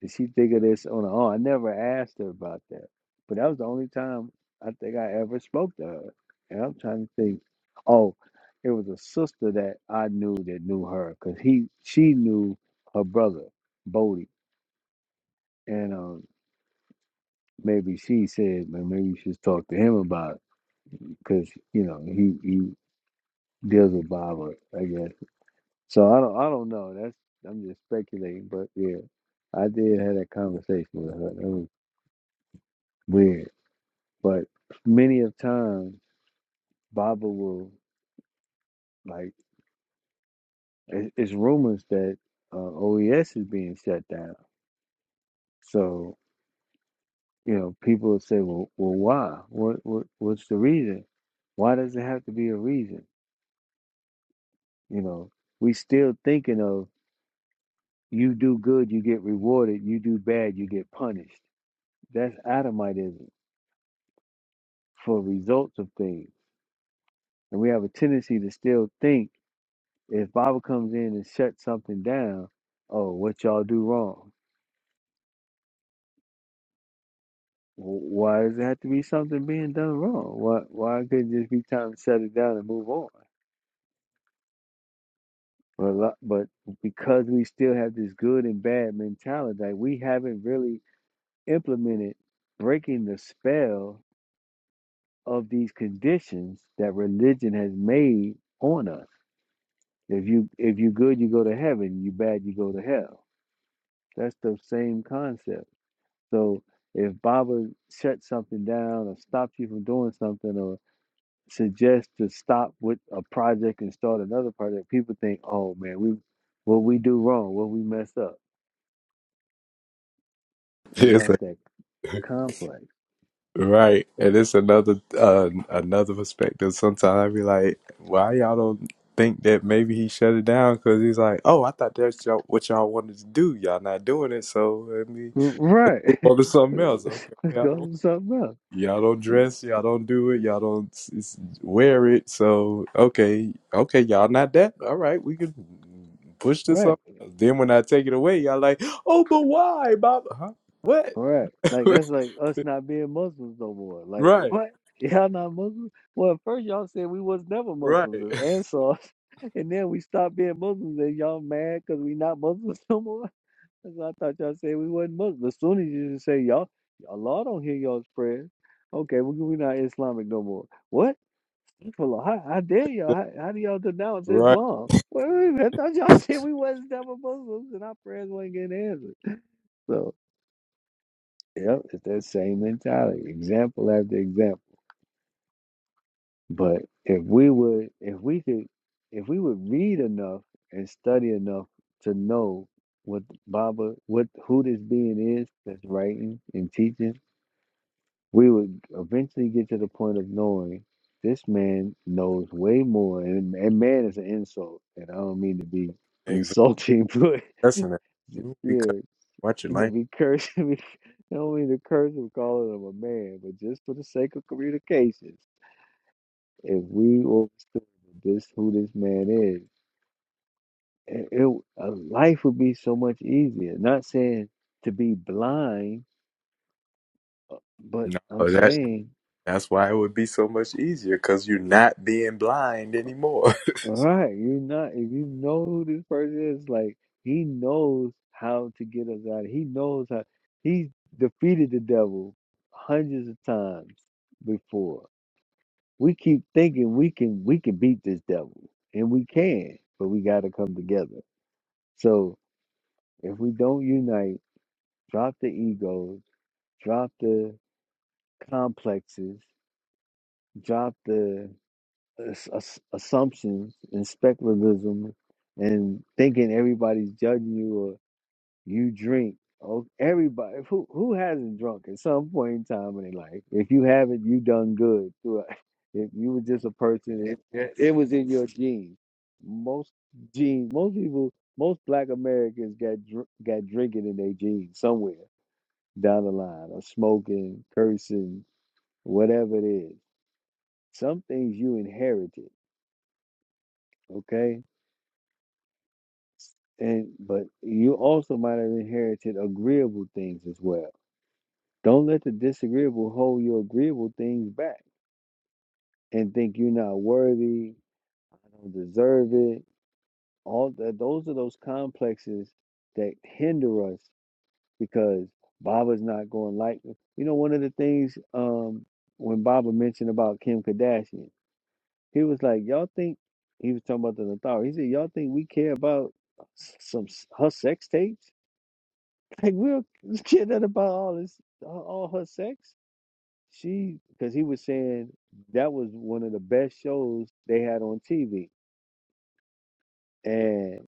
did she think of this on her own? I never asked her about that. But that was the only time I think I ever spoke to her. And I'm trying to think, oh, it was a sister that I knew that knew her because he she knew her brother, Bodie. And um, maybe she said, man, maybe you should talk to him about it because, you know, he, he deals with Bible, I guess. So I don't I don't know. That's I'm just speculating, but yeah, I did have that conversation with her. That was weird, but many of times Baba will like it, it's rumors that uh, OES is being shut down. So you know people say, well, well, why? What what what's the reason? Why does it have to be a reason? You know, we still thinking of you do good, you get rewarded. You do bad, you get punished. That's Adamitism for results of things And we have a tendency to still think if Baba comes in and shuts something down, oh, what y'all do wrong? Wh- Why does it have to be something being done wrong? Why why couldn't it just be time to shut it down and move on? But a but because we still have this good and bad mentality, like we haven't really implemented breaking the spell of these conditions that religion has made on us. If you if you good, you go to heaven. You bad, you go to hell. That's the same concept. So if Baba shuts something down or stops you from doing something or suggests to stop with a project and start another project, people think, oh man, we what we do wrong, what we mess up. And it's that's a, that complex. right, and it's another uh, another perspective. Sometimes I be like, why y'all don't think that maybe he shut it down? Because he's like, oh, I thought that's y'all, what y'all wanted to do. Y'all not doing it, so let me R- move Right. on to something else. Okay, Let's yeah. go do something else. Y'all don't dress, y'all don't do it, y'all don't s- s- wear it. So okay, okay, y'all not that. All right, we can push this Right. up. Then when I take it away, y'all like, oh, but why, Bob? Huh? What? Right. Like that's like us not being Muslims no more. Like right, what? Y'all not Muslims? Well, at first y'all said we was never Muslims right, as Ansars, and then we stopped being Muslims, and y'all mad because we not Muslims no more. That's what I thought y'all said we wasn't Muslim. As soon as you just say y'all, Allah don't hear y'all's prayers. Okay, we we not Islamic no more. What? Well, How, how dare y'all? How, how do y'all denounce right. Islam? Wait, wait a minute. I thought y'all said we wasn't never Muslims and our prayers weren't getting answered. So, yeah, it's that same mentality, example after example. But if we would, if we could, if we would read enough and study enough to know what Baba, what who this being is that's writing and teaching we would eventually get to the point of knowing this man knows way more and, and man is an insult and i don't mean to be Exactly. insulting but That's an because yeah watch your to language. be cursing we- i don't mean to curse him calling him a man but just for the sake of communications if we understood this who this man is it, it uh, life would be so much easier not saying to be blind uh, but No, i'm that saying that's why it would be so much easier because you're not being blind anymore. Right. You're not, if you know who this person is, like he knows how to get us out. He knows how he's defeated the devil hundreds of times before. We keep thinking we can we can beat this devil. And we can, but we gotta come together. So if we don't unite, drop the egos, drop the complexes, drop the ass- ass- assumptions and speculatism and thinking everybody's judging you or you drink. Oh, everybody who who hasn't drunk at some point in time in their life. If you haven't, you done good. through- If you were just a person, it, it it was in your genes. Most genes, most people, most Black Americans got dr- got drinking in their genes somewhere down the line, or smoking, cursing, whatever it is. Some things you inherited. Okay, and but you also might have inherited agreeable things as well. Don't let the disagreeable hold your agreeable things back and think you're not worthy, I don't deserve it. All that those are those complexes that hinder us because Baba's not going like you know one of the things um when Baba mentioned about Kim Kardashian, he was like, Y'all think he was talking about the authority. He said, Y'all think we care about s- some s- her sex tapes? Like we don't about all this, all her sex. She, because he was saying that was one of the best shows they had on TV. And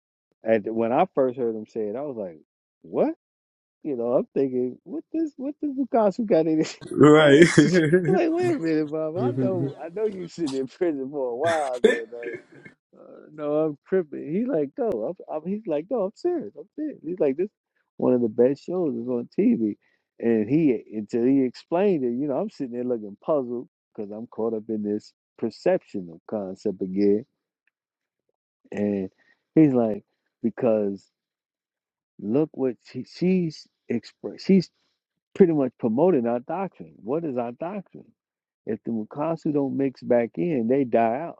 at when I first heard him say it, I was like, "What?" You know, I'm thinking, "What this? What this Picasso got in it?" I right. am like, "Wait a minute, Bob. I know, I know you sitting in prison for a while there. Now. Uh, no, I'm tripping. He like, no, I'm, I'm, he's like, no, I'm serious. I'm serious. He's like, this one of the best shows is on TV. And he, until he explained it, you know, I'm sitting there looking puzzled because I'm caught up in this perception of concept again. And he's like, because look what she, she's expressed pretty much promoting our doctrine. What is our doctrine? If the Mukasu don't mix back in, they die out.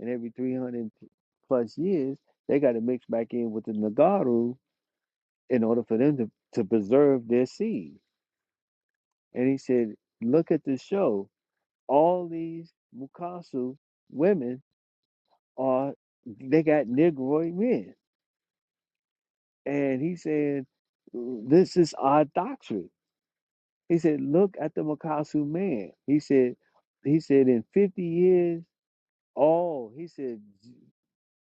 And every 300 plus years, they got to mix back in with the Nagaru in order for them to, to preserve their seed. And he said, Look at the show. All these Mukasu women are, they got Negroid men. And he said, This is our doctrine He said, look at the Makasu man. He said, he said, in 50 years, all, he said,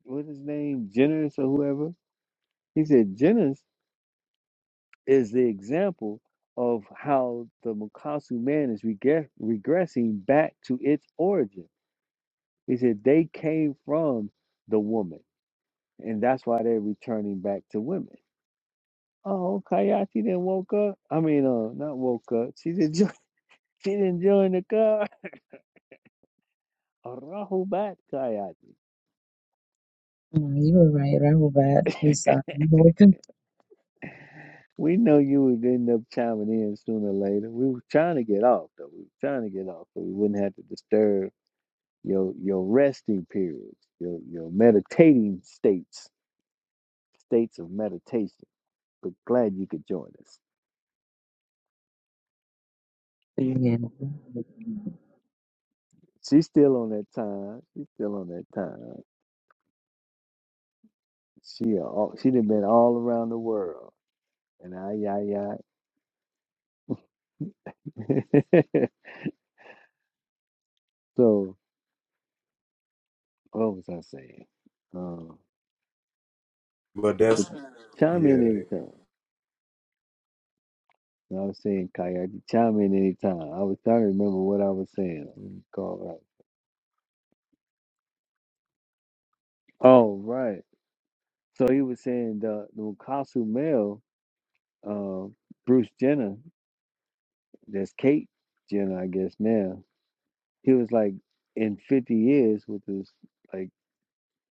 what's his name, Jennings or whoever? He said, Jennings is the example of how the Makasu man is regre- regressing back to its origin. He said, they came from the woman, and that's why they're returning back to women. Oh, Kayati then woke up. I mean, uh, not woke up. She didn't join, she didn't join the car. Rahubat Kayati. No, you were right. Rahubat. We saw you were confused. We know you would end up chiming in sooner or later. We were trying to get off though. We were trying to get off so we wouldn't have to disturb your your resting periods, your your meditating states, states of meditation. But glad you could join us. The She's still on that time. She's still on that time. She a- all, she done been all around the world. And I yeah yeah. so what was I saying? Uh, but that's chime in yeah. anytime. And I was saying, "Kayak, you chime in anytime. I was trying to remember what I was saying. Let me call out. Oh, right. So he was saying the the Newcastle male, uh, Bruce Jenner, that's Kate Jenner, I guess now. He was like in 50 years, which was like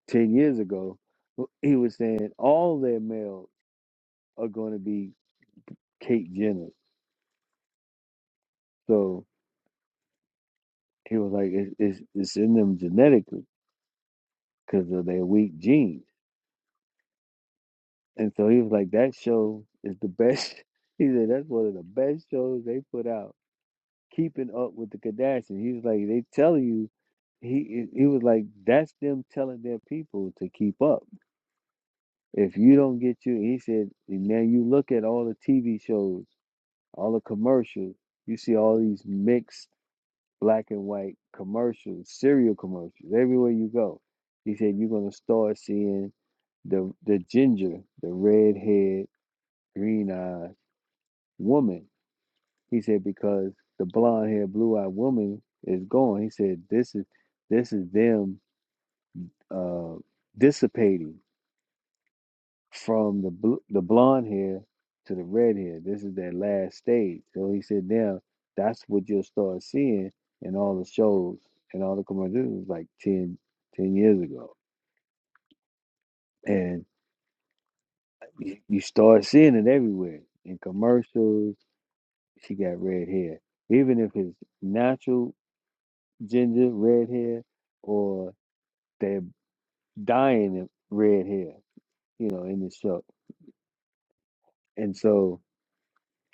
10 years ago. w- He was saying all their males are going to be Kate Jenner. So he was like, it's it's, it's in them genetically because of their weak genes. And so he was like, that show is the best. He said, that's one of the best shows they put out, keeping up with the Kardashians. He was like, they tell you, he he was like, that's them telling their people to keep up. If you don't get you, he said, and now you look at all the TV shows, all the commercials, you see all these mixed black and white commercials, cereal commercials, everywhere you go. He said, you're going to start seeing the, the ginger, the red head, green eyes woman. He said, because the blonde haired, blue eyed woman is gone. He said, this is this is them uh, dissipating from the bl- the blonde hair to the red hair. This is their last stage. So he said, now that's what you'll start seeing in all the shows and all the commercials like 10, 10 years ago. And you you start seeing it everywhere in commercials. She got red hair. Even if it's natural ginger red hair or they're dying of red hair, you know, in the show. And so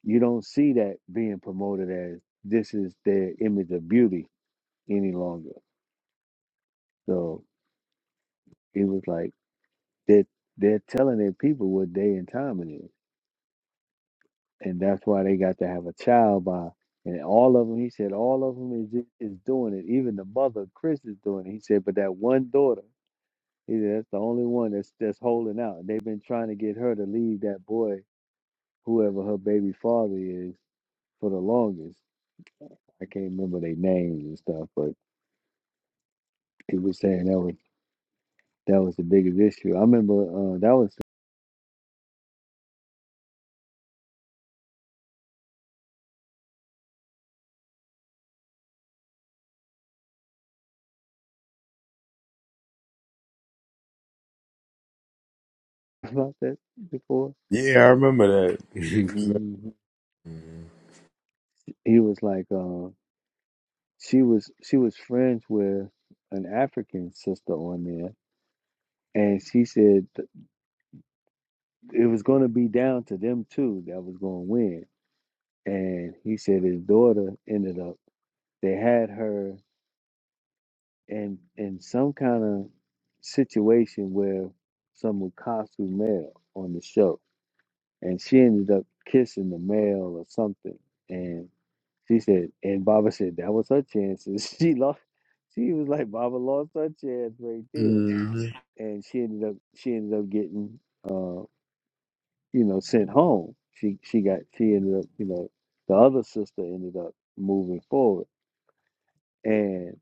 you don't see that being promoted as this is their image of beauty any longer. So it was like they they're telling their people what day and time it is. And that's why they got to have a child by and all of them, he said, all of them is is doing it. Even the mother, Chris, is doing it. He said, but that one daughter He said, that's the only one that's that's holding out. They've been trying to get her to leave that boy, whoever her baby father is, for the longest. I can't remember their names and stuff, but he was saying that was that was the biggest issue. I remember uh, that was about that before. Yeah, I remember that. Mhm. Mhm. He was like, uh, she was she was friends with an African sister on there, and she said th- it was going to be down to them two that was going to win. And he said his daughter ended up They had her in in some kind of situation where some Wakasu male on the show, and she ended up kissing the male or something. And she said, and Baba said that was her chance, and she lost. She was like, Baba lost her chance right there, and she ended up she ended up getting uh you know sent home. She she got she ended up you know the other sister ended up moving forward, and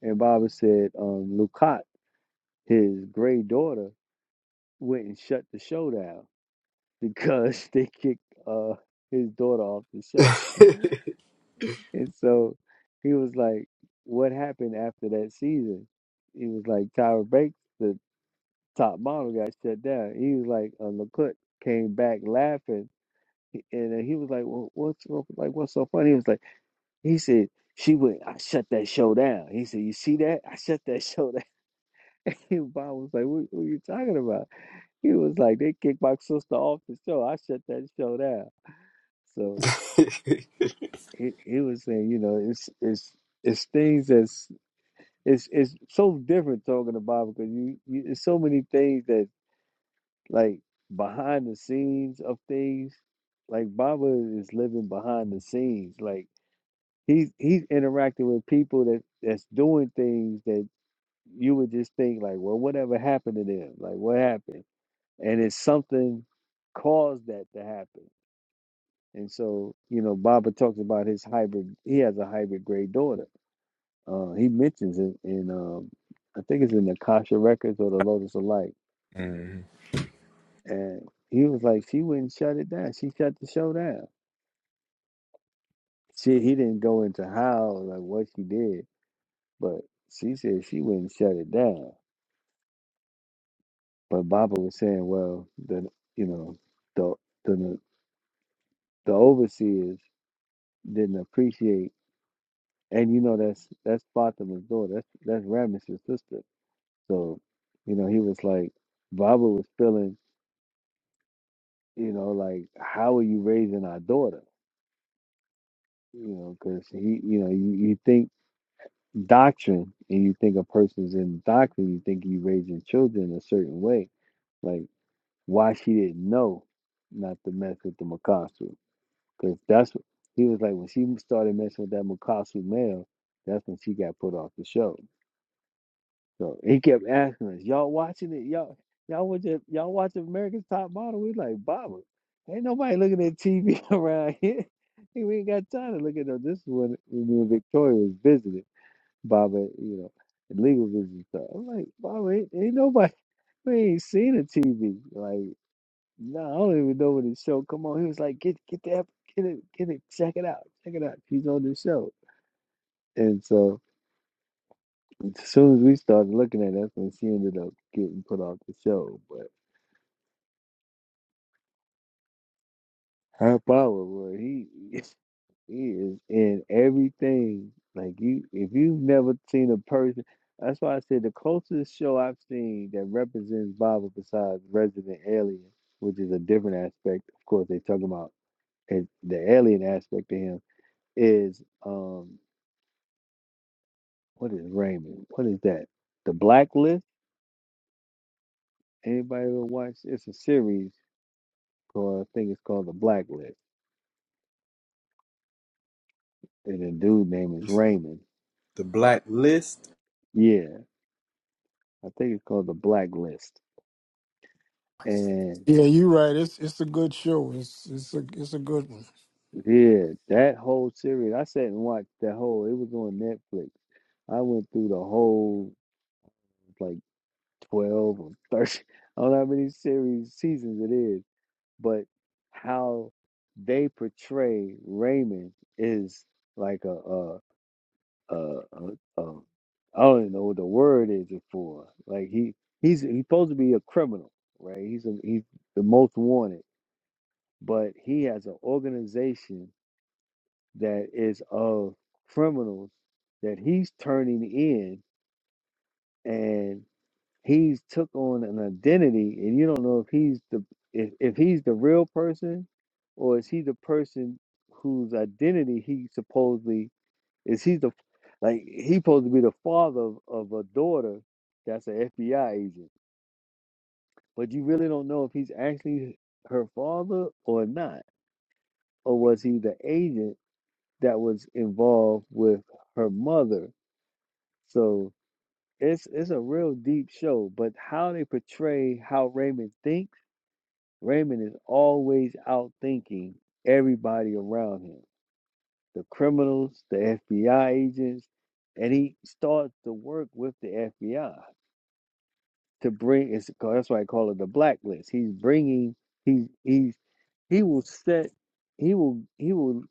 and Baba said um, Lukat. his gray daughter went and shut the show down because they kicked uh his daughter off the show. Mhm. And so he was like, What happened after that season? He was like, Tyra Banks, the top model, got shut down. He was like, uh, LeCook came back laughing. And then he was like, well, What's so- like, what's so funny? He was like, He said, she went, I shut that show down. He said, You see that? I shut that show down. And Bob was like, What, what are you talking about? He was like, they kicked my sister off the show. I shut that show down. So he, he was saying, you know, it's it's it's things that's it's it's so different talking about it, because you, you there's so many things that like behind the scenes of things. Like Baba is living behind the scenes. Like he's he's interacting with people that that's doing things that you would just think like, well, whatever happened to them? Like what happened? And it's something caused that to happen And so, you know, Baba talks about his hybrid. He has a hybrid gray daughter. Uh, he mentions it in, um, I think it's in the Kasha Records or the Lotus of Light. Mhm. And he was like, she wouldn't shut it down. She shut the show down. She, he didn't go into how, like what she did, but she said she wouldn't shut it down. But Baba was saying, well, the, you know, the, the, the overseers didn't appreciate. And you know, that's, that's Fatima's daughter. That's, that's Ramesses' sister So, you know, he was like, Baba was feeling, you know, like, how are you raising our daughter? You know, because he, you know, you, you think doctrine and you think a person's in doctrine, you think you raising children a certain way. Like, why she didn't know not to mess with the Makasu. Because that's what he was like, when she started messing with that Makasu male, that's when she got put off the show So he kept asking us, "Y'all watching it? Y'all, y'all watch it? Y'all watch America's Top Model?" We like, "Baba, ain't nobody looking at TV around here. We ain't got time to look at no." This is when, when me and Victoria was visiting Baba, you know, legal visits stuff. I'm like, "Baba, ain't, ain't nobody. We ain't seen a TV. Like, no, I don't even know what the show come on." He was like, "Get, get the get it, get it, check it out, check it out. She's on the show." And so as soon as we started looking at it, that's when she ended up getting put off the show. But her power, boy, he he is in everything. Like you, if you've never seen a person, that's why I said the closest show I've seen that represents Bible besides Resident Alien, which is a different aspect. Of course, they talking about it, the alien aspect to him is um what is Raymond? What is that? The Blacklist. Anybody ever watch? It's a series called I think it's called The Blacklist and the dude name is Raymond. the Black List. Yeah, I think it's called the Blacklist. And Yeah, you're right. It's it's a good show. It's it's a it's a good one. yeah, that whole series, I sat and watched that whole. It was on Netflix. I went through the whole like twelve or thirteen. I don't know how many series seasons it is, but how they portray Raymond is like a, a uh, uh, uh, I don't even know what the word is it for. Like he he's he's supposed to be a criminal, right? He's a, he's the most wanted, but he has an organization that is of criminals that he's turning in, and he's took on an identity, and you don't know if he's the if, if he's the real person or is he the person whose identity he supposedly Is he the like he supposed to be the father of, of a daughter that's an FBI agent, but you really don't know if he's actually her father or not, or was he the agent that was involved with her mother? So it's it's a real deep show, but how they portray how Raymond thinks, Raymond is always out thinking everybody around him, the criminals, the FBI agents, and he starts to work with the FBI. to bring it's called that's why I call it the blacklist. He's bringing he he's he will set he will he will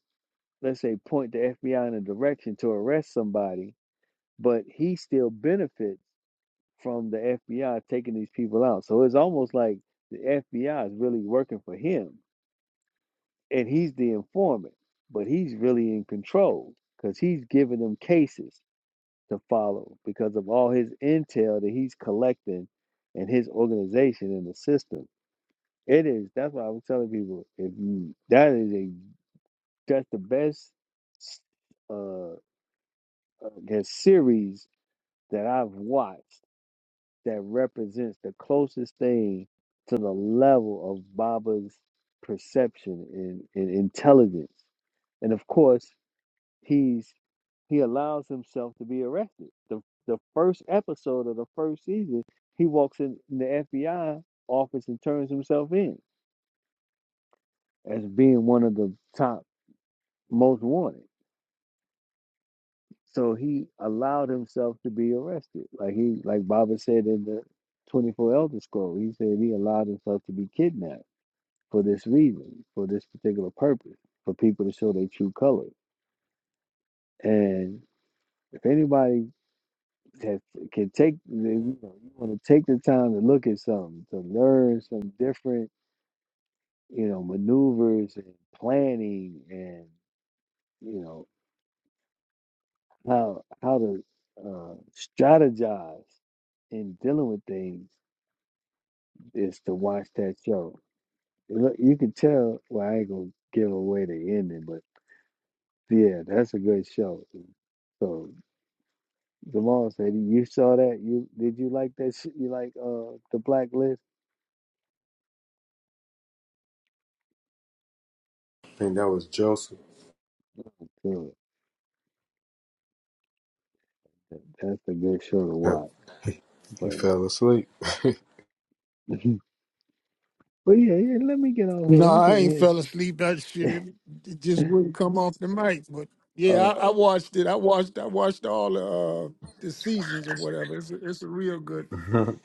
let's say point the FBI in a direction to arrest somebody, but he still benefits from the FBI taking these people out. So it's almost like the FBI is really working for him and he's the informant, but he's really in control because he's giving them cases to follow because of all his intel that he's collecting and his organization and the system. It is. That's what I was telling people. If you, that is a that's the best uh, uh the series that I've watched that represents the closest thing to the level of Baba's perception and, and intelligence. And of course, he's he allows himself to be arrested. The the first episode of the first season, he walks in the FBI office and turns himself in as being one of the top most wanted. So he allowed himself to be arrested. Like he like Baba said in the 24 Elder Scroll, he said he allowed himself to be kidnapped for this reason, for this particular purpose, for people to show their true colors. And if anybody has, can take, you know, you want to take the time to look at something, to learn some different, you know, maneuvers and planning and, you know. how how to uh, strategize in dealing with things is to watch that show. Look, you can tell. Well, I ain't gonna give away the ending, but yeah, that's a good show. So Jamal said, "You saw that? You did you like that? sh- You like uh the Blacklist? I think that was Joseph. Good. That's a good show to watch." he But fell asleep. but yeah, yeah. Let me get off No, here. I'm I sitting ain't here. fell asleep. That shit it, it just wouldn't come off the mic. But yeah, Uh, I, I watched it. I watched. I watched all the uh, the seasons or whatever. It's a, it's a real good.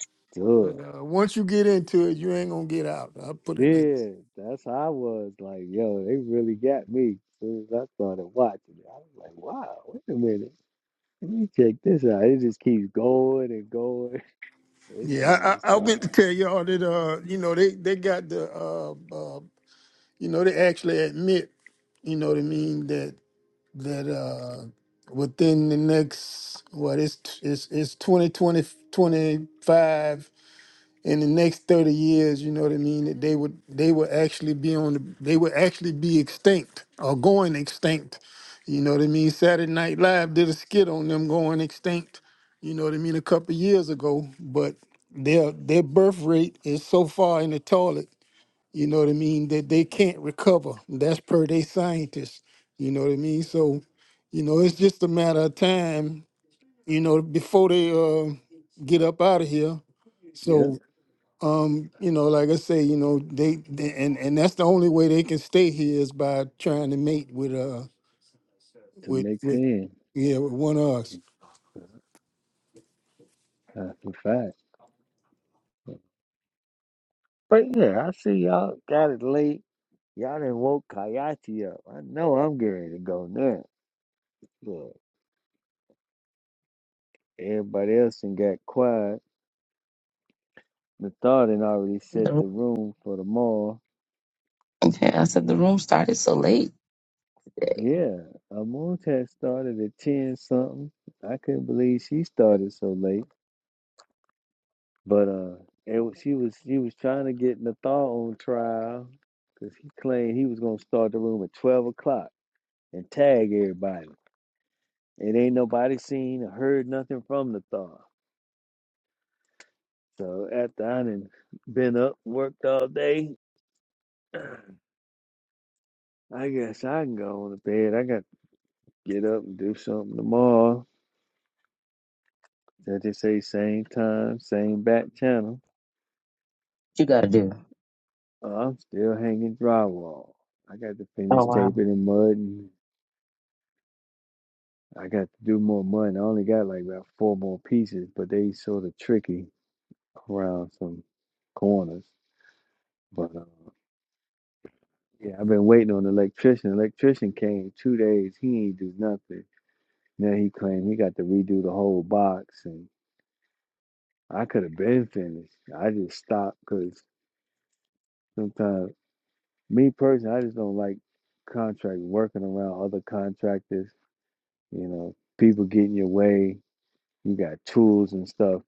But good. uh, once you get into it, you ain't gonna get out. I will put it like. Yeah, that's how I was. Like, yo, they really got me. As Soon as I started watching it, I was like, wow, wait a minute. Let me check this out. It just keeps going and going. It's Yeah, I, I, I nonstop. meant to tell y'all that uh, you know, they they got the uh, uh, you know, they actually admit, you know what I mean, that that uh, within the next what it's it's it's 20 20 25 in the next 30 years, you know what I mean, that they would they would actually be on the they would actually be extinct or going extinct. You know what I mean? Saturday Night Live did a skit on them going extinct, you know what I mean, a couple years ago, but their their birth rate is so far in the toilet, you know what I mean, that they can't recover. That's per day scientists. You know what I mean? So, you know, it's just a matter of time, you know, before they uh get up out of here. Yep, So um you know like i say you know they, they and and that's the only way they can stay here is by trying to mate with uh to with mix with in. yeah with one of us Uh, That's a fact. But yeah, I see y'all got it late. Y'all done woke Kayati up. I know I'm getting to go now. Look, everybody else and got quiet. The thought had already set the room- room for the morrow. Okay, I said the room started so late. today. Yeah, Amonte started at ten something. I couldn't believe she started so late. But uh, it was, she was she was trying to get Nathal on trial because he claimed he was gonna start the room at twelve o'clock and tag everybody. It ain't nobody seen or heard nothing from Nathal. So after I done been up worked all day, I guess I can go on to bed. I got to get up and do something tomorrow. They just say same time, same back channel. What you gotta do? Oh, I'm still hanging drywall. I got to finish Oh wow. taping and mudding. I got to do more mudding. I only got like about four more pieces, but they sort of tricky around some corners. But uh, yeah, I've been waiting on the electrician. electrician came two days. He ain't do nothing. Now he claimed he got to redo the whole box, and I could have been finished. I just stopped because sometimes, me personally, I just don't like contract working around other contractors You know, people get in your way. You got tools and stuff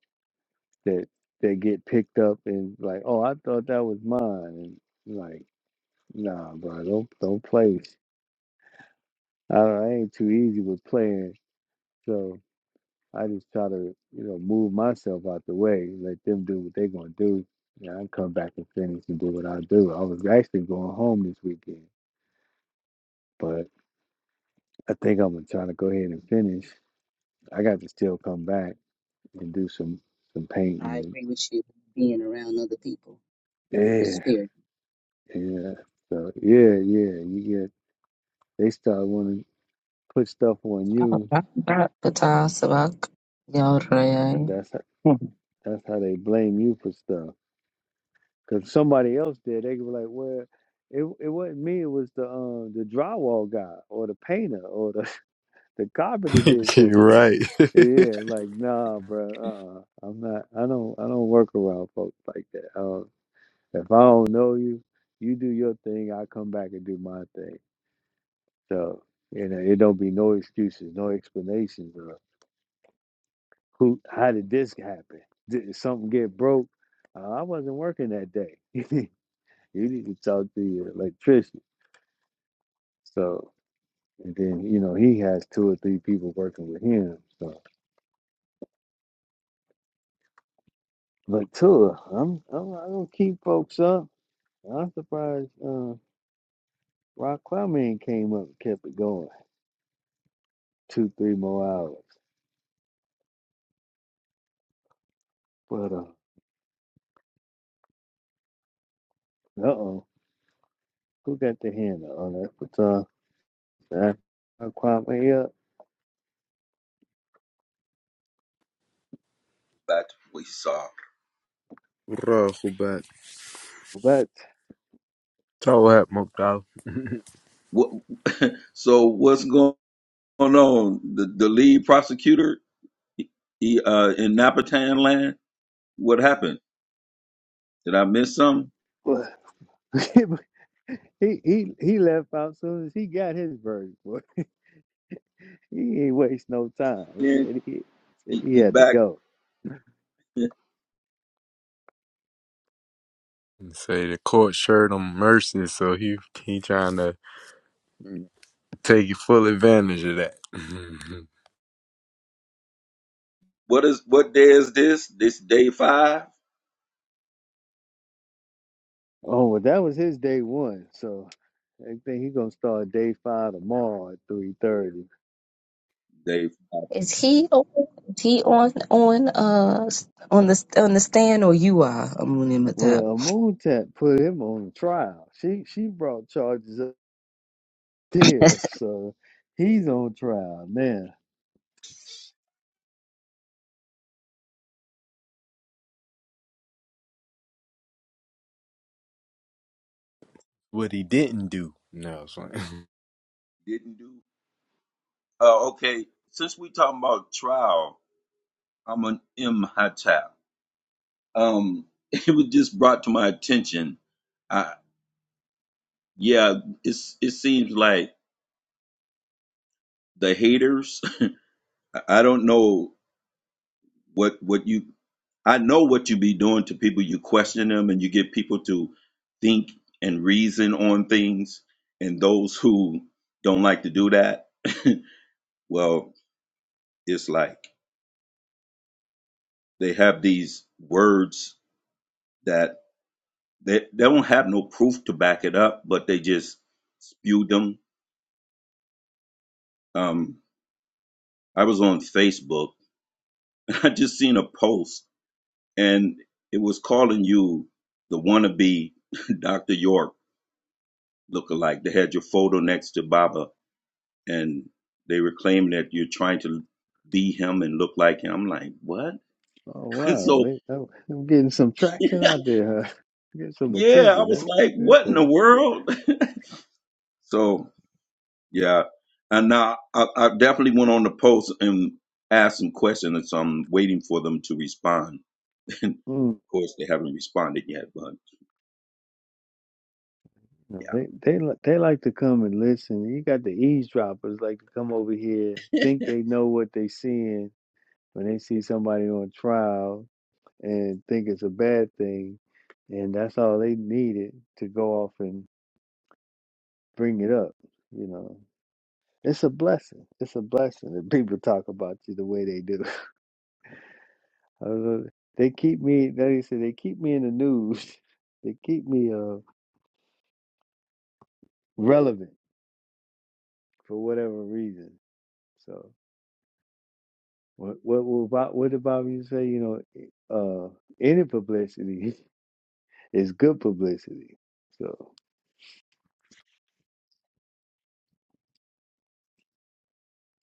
that that get picked up and like, oh, I thought that was mine. And like, nah, bro, don't don't play. I, I ain't too easy with playing, so I just try to you know move myself out the way, let them do what they gonna do, and I come back and finish and do what I do. I was actually going home this weekend, but I think I'm gonna try to go ahead and finish. I got to still come back and do some some I painting. agree with you being around other people, And, the yeah. spirit. Yeah. So yeah, yeah, you get they start wanting to put stuff on Oh, you. Rahubat, Patah, Sabak, Yaw, Raya. That's how, Hmm. that's how they blame you for stuff. Cause somebody else did, they could be like, well, it it wasn't me. It was the um the drywall guy or the painter or the the carpenter did such You're that. right. Yeah, like nah, bro. Uh, uh I'm not. I don't. I don't work around folks like that. I don't, if I don't know you, you do your thing. I come back and do my thing. So you know, it don't be no excuses, no explanations. who how did this happen? Did something get broke? Uh, I wasn't working that day. you need to talk to your electrician. So and then you know he has two or three people working with him. So but Tua, I'm I'm I don't keep folks up. I'm surprised uh Rock Kwame came up and kept it going two, three more hours. But uh uh oh, who got the hand on that? But uh Rock Kwame up. that we saw. Rahubat. But Throw at Mukdal. What, so what's going on? The, the lead prosecutor he, uh, in Napatan land. What happened? Did I miss something? Boy, he he he left out soon as he got his verdict. Boy, he ain't waste no time. He Then said he said he, he he had to back. go. Say the court showed him mercy, so he he trying to take full advantage of that. What is what day is this? This day five. Oh, well, that was his day one. So I think he gonna start day five tomorrow at three thirty. Day five Is he on? Is he on on uh s- on the on the stand or you are Amun Matap? Well, Moontap put him on trial. She she brought charges up there, so he's on trial now. What he didn't do. no, it's fine. didn't do. Uh, okay, since we talking about trial, I'm an M Hatap. Um, it was just brought to my attention. I, yeah, it's it seems like the haters I I don't know What what you I know what you be doing to people. You question them and you get people to think and reason on things. And those who don't like to do that, well, it's like they have these words that they, they don't have no proof to back it up, but they just spew them. Um, I was on Facebook. And I just seen a post and it was calling you the wannabe Dr. York look alike. They had your photo next to Baba, and they were claiming that you're trying to be him and look like him. I'm like, what? Oh wow, so they, I'm, I'm getting some traction out there. Huh? Get some yeah, I was attention. like, That's what in the good. world? So yeah, and now I, I definitely went on the post and asked some questions, and so I'm waiting for them to respond. And of course, they haven't responded yet, but No, yeah, they they li- they like to come and listen. You got the eavesdroppers like to come over here, think they know what they seeing when they see somebody on trial and think it's a bad thing, and that's all they needed to go off and bring it up. You know, it's a blessing. It's a blessing that people talk about you the way they do. I don't know. They keep me. They say they keep me in the news. They keep me uh relevant for whatever reason. So. What what will Bob, what did Bobby say? You know, uh, any publicity is good publicity. So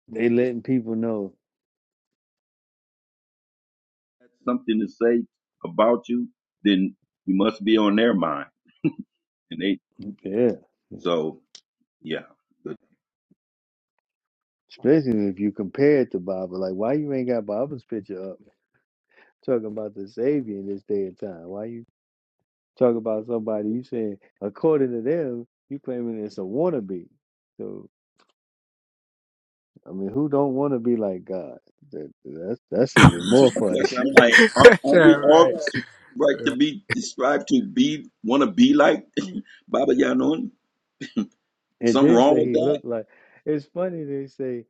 they letting people know, If that's something to say about you, then you must be on their mind, and they yeah. so yeah. Especially if you compare it to Bible, like why you ain't got Bible's picture up talking about the Savior in this day and time? Why you talk about somebody you saying according to them you claiming it's a wannabe? So I mean, who don't want to be like God? That, that's that's even more That's my funny. question. I'm like, aren't, aren't All we right. all su- right to be described to be want to be like Baba Yanun? It Something did wrong say with he that? looked like. It's funny they say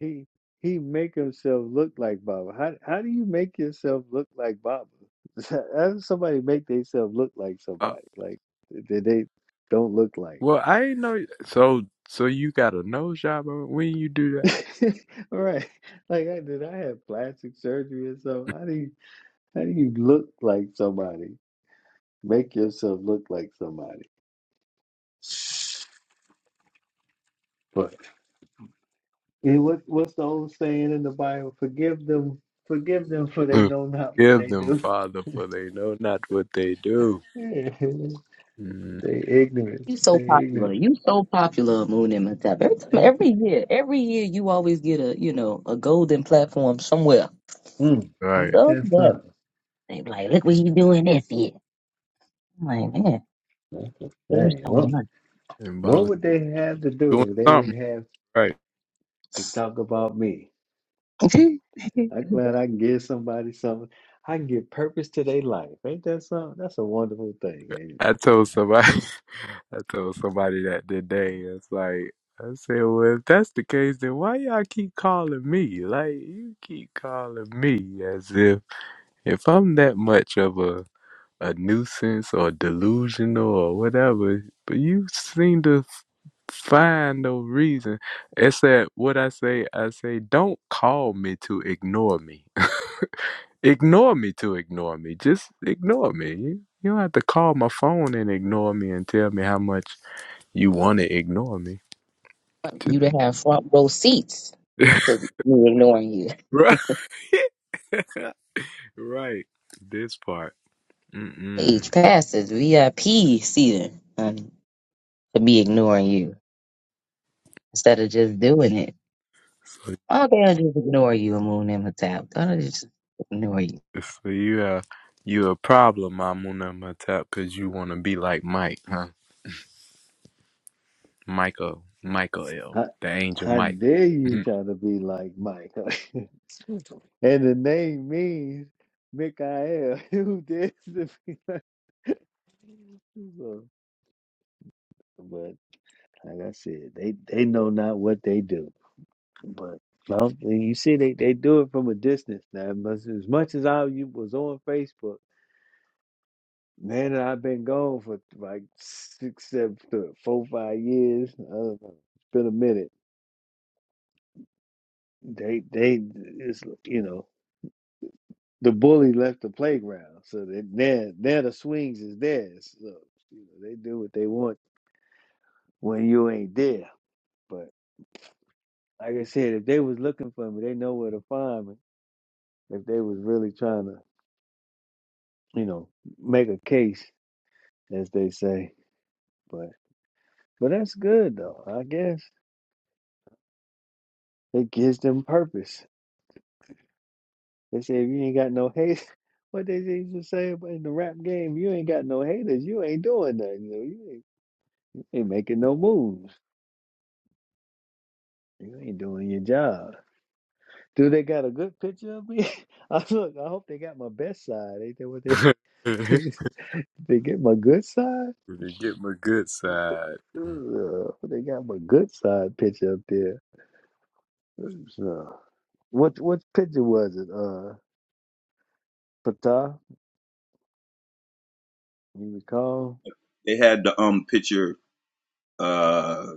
he he make himself look like Baba. How how do you make yourself look like Baba? How does somebody make themselves look like Uh, somebody? Like that they don't look like. Well, I ain't know. So, so you got a nose job on- when you do Right. Like I did I have plastic surgery or something? that? How do you how do you look like somebody? Make yourself look like somebody. But and what what's the old saying in the Bible? Forgive them, forgive them for they know not what Give they them, do. Father, for they know not what they do. Yeah, Mm, they ignorant. You They so popular. ignorant. You so popular, Moon and Matap. Every time, Ain't, every year, every year, you always get a you know a golden platform somewhere. mm, right. ain't that Somewhere. something? They be like, look what you doing this year. I'm like, That's, man, that's the there's thing. so Well, much. And Bob what was would they have to doing do if they didn't something have right. to talk about me? I'm glad I can give somebody something. I can give purpose to their life. Ain't that something? That's a wonderful thing. Ain't it? I told somebody, I told somebody that today. It's like I said, well, if that's the case, then why y'all keep calling me? Like you keep calling me as if if I'm that much of a a nuisance or delusional or whatever. But you seem to find no reason. It's that what I say, I say, don't call me to ignore me. ignore me to ignore me. Just ignore me. You, you don't have to call my phone and ignore me and tell me how much you want to ignore me. you to have front row seats Just- to you ignoring you. right. right. This part. Mm-mm. Age passes, VIP seating um, to be ignoring you instead of just doing it. So, Why don't they just ignore you, Moon and Matap? Why don't they just ignore you? so you, uh, you a problem, Mamuna Matap, because you want to be like Mike, huh? Michael, Michael L., How, the angel how Mike. dare you try to be like Mike? and the name means Mikael, who dares to be like. So, but Like I said, they they know not what they do. But well, and you see, they, they do it from a distance now. As, as much as I you was on Facebook, man, and I've been gone for like six, seven, th- four, five years. I don't know. It's been a minute. They they it's you know the bully left the playground, so they now now the swings is theirs. So you know, they do what they want when you ain't there. But like I said, if they was looking for me, they know where to find me. if they was really trying to, you know, make a case, as they say. But but that's good though, I guess. It gives them purpose. They say if you ain't got no hate what they used to say about in the rap game, you ain't got no haters, you ain't doing nothing. You, you, ain't, you ain't making no moves. You ain't doing your job. Do they got a good picture of me? I look, I hope they got my best side. Ain't that what they they get my good side? Get my good side. Ugh, they got my good side picture up there. So, what what picture was it? Uh, Pata, you recall? They had the um picture. Uh,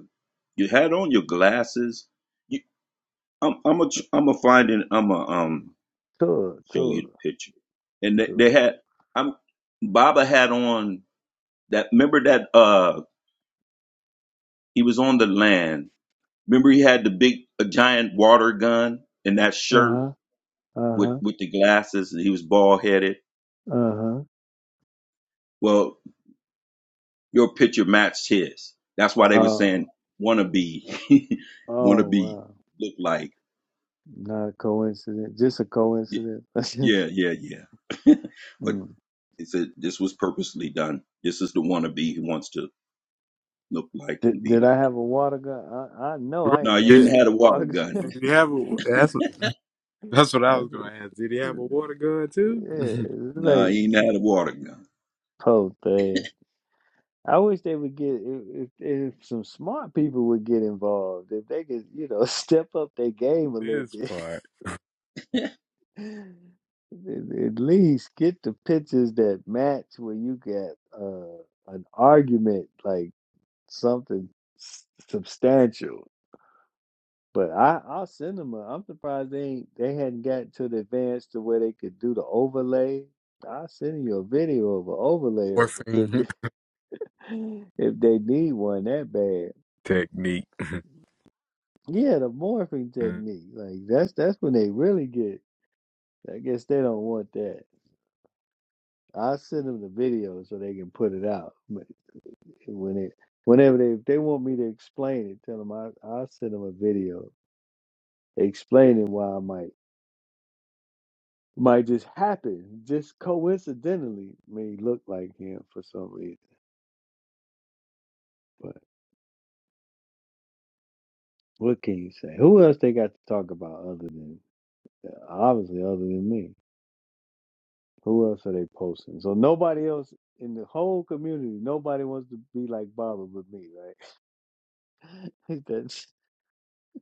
you had on your glasses. You, I'm I'm a tr- I'm a find and I'm a um Tour, show you tour, the picture. And they, they tour. had I'm Baba had on that. Remember that uh he was on the land. Remember he had the big a giant water gun and that Uh shirt huh. Uh with huh. with the glasses and he was bald headed Uh huh. Well, your picture matched his. That's why they were Oh, saying wanna be, oh wanna be, wow! look like. Not a coincidence. Just a Y- coincidence. Yeah, yeah, yeah. but mm. it said this was purposely done. This is the wannabe who wants to look like and Did be Did I like have him. a water gun? I, I know Right. I No, ain't you never Did, didn't had have no a water water gun. gun. did he have a? That's that's what I was That's gonna a, ask. Did he have a water gun too? yeah, it's No, like you didn't have a water gun. whole thing. I wish they would get if, if, if some smart people would get involved. If they could, you know, step up their game a little this bit, part, at at least get the pictures that match where you get uh, an argument, like something s- substantial. But I, I'll send them. A, I'm surprised they ain't, they hadn't got to the advance to where they could do the overlay. I'll send you a video of an overlay of a morphine picture if they need one that bad. technique. Yeah, the morphing Mm. technique. Like that's that's when they really get. I guess they don't want that. I send them the video so they can put it out. But When it whenever they if they want me to explain it, tell them I I'll send them a video explaining why I might might just happen, just coincidentally may look like him for some reason. But what can you say? Who else they got to talk about other than uh, obviously other than me? Who else are they posting? So nobody else in the whole community, nobody wants to be like Baba but me, right? that's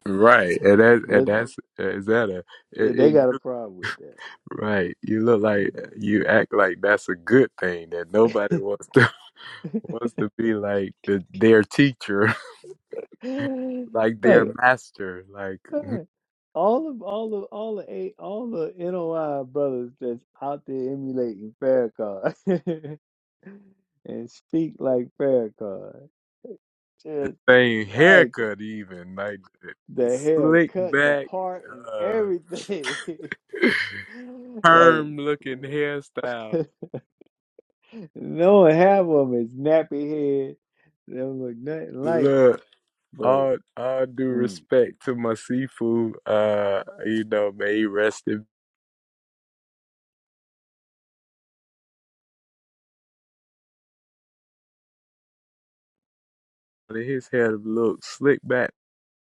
right, and that and that's eh, that's is that a? It, they it, got a you, problem with right, you look like you act like that's a good thing that nobody wants to that. wants to be like the, their teacher, like their like master, like. hey, all of all of all the eight all the NOI brothers that's out there emulating Farrakhan and speak like Farrakhan. the Just same like haircut even like the it's slick haircut, the back part and uh everything. like perm looking hairstyle No, half of them is nappy head. They don't look nothing like, look but all all due mm, respect to my seafood uh you know may he rest in his hair looked slick back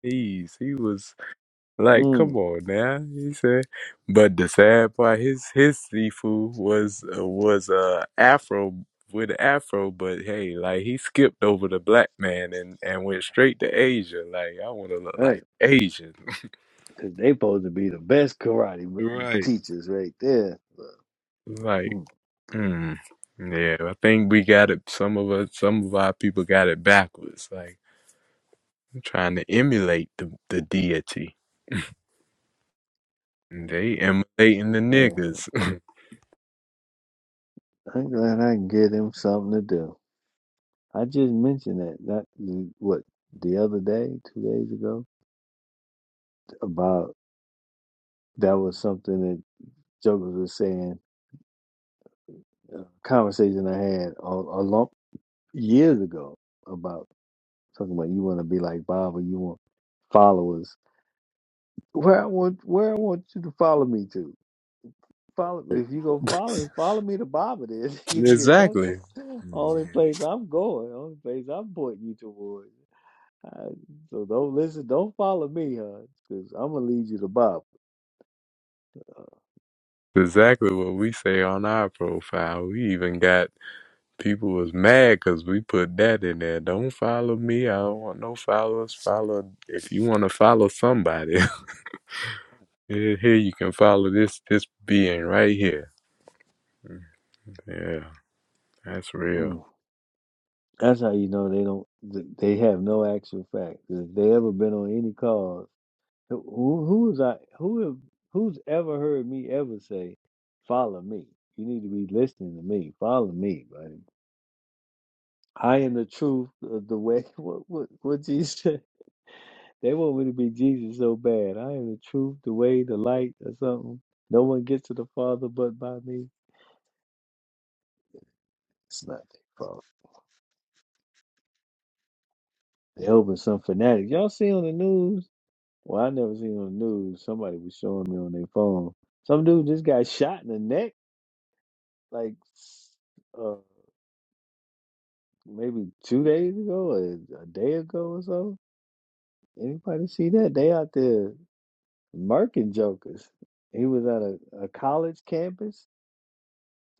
knees he was Like, come mm, on now. He said, but the sad part, his his seafood was uh, was uh afro with a afro, but hey, like he skipped over the black man and and went straight to Asia. Like, I want to look right, like Asian, because they supposed to be the best karate ma- Right. teachers right there. like. Mm, Mm. Yeah, I think we got it. Some of us, some of our people got it backwards. Like trying to emulate the, the deity, man, they emulating the like I said, niggas. I'm glad I can give them something to do. I just mentioned that that the- what the other day, two days ago, about that was something that Jokers was saying. A conversation I had a, a long years ago Talking about you want to be like Bob or you want followers. Where I want where I want you to follow me to. Follow if you go follow him, follow me to Bob it is. 'Cause That's exactly. the only place I'm going. Only place I'm pointing you towards. I- so don't listen. Don't follow me, huh? Because I'm gonna lead you to Bob. exactly what we say on our profile. We even got people was mad because we put that in there. Don't follow me. I don't want no followers. Follow if you want to follow somebody. here here you can follow this this being right here. Yeah, that's real. Mm. That's how you know they don't. th- They have no actual fact. If they ever been on any cause. Who who- who's I who have who's ever heard me ever say, follow me? You need to be listening to me. Follow me, buddy. I am the truth, uh, the way. What what what Jesus? said? They want me to be Jesus so bad. I am the truth, the way, the light, or something. No one gets to the Father but by me. It's not their fault. They're helping some fanatic. Y'all see on the news? Well, I never seen on the news. Somebody was showing me on their phone. Some dude just got shot in the neck, like maybe two days ago, or a day ago or so. Anybody see that? They out there murking jokers. He was at a, a college campus.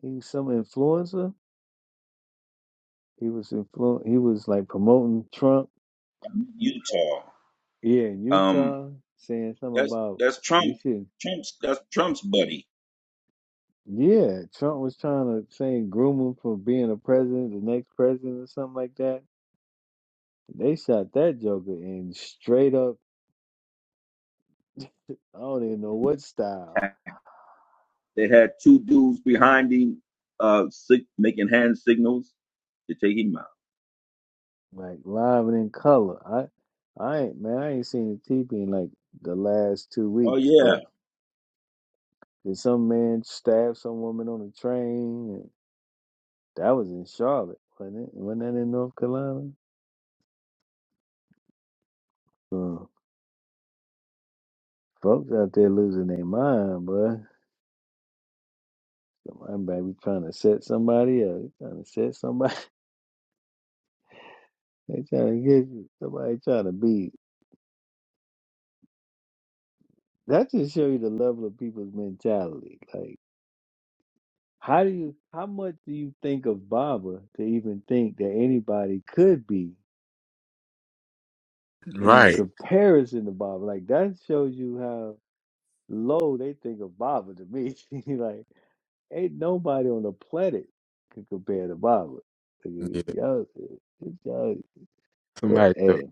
He was some influencer. He was influ- He was like promoting Trump. I'm in Utah. Yeah, in Um, Utah, saying something that's about that's Trump. we should. Trump's that's Trump's buddy. Yeah, Trump was trying to say groom him for being a president, the next president, or something like that. They shot that joker in straight up. I don't even know what style They had two dudes behind him, uh, sig- making hand signals to take him out. like live and in color. I, I ain't man. I ain't seen a teepee in like the last two Oh weeks. yeah. But did some man stab some woman on the train? And that was in Charlotte, wasn't it? Wasn't that in North Carolina? Uh, folks out there losing their mind, boy. Somebody be trying to set somebody up. They trying to set somebody. They trying to get you. Somebody trying to be. That just show you the level of people's mentality. Like. How do you how much do you think of Baba to even think that anybody could be in Right. comparison to Baba? Like that shows you how low they think of Baba to me. like ain't nobody on the planet can compare to Baba. Like, Yeah. Y'all, y'all, but Somebody told, hey,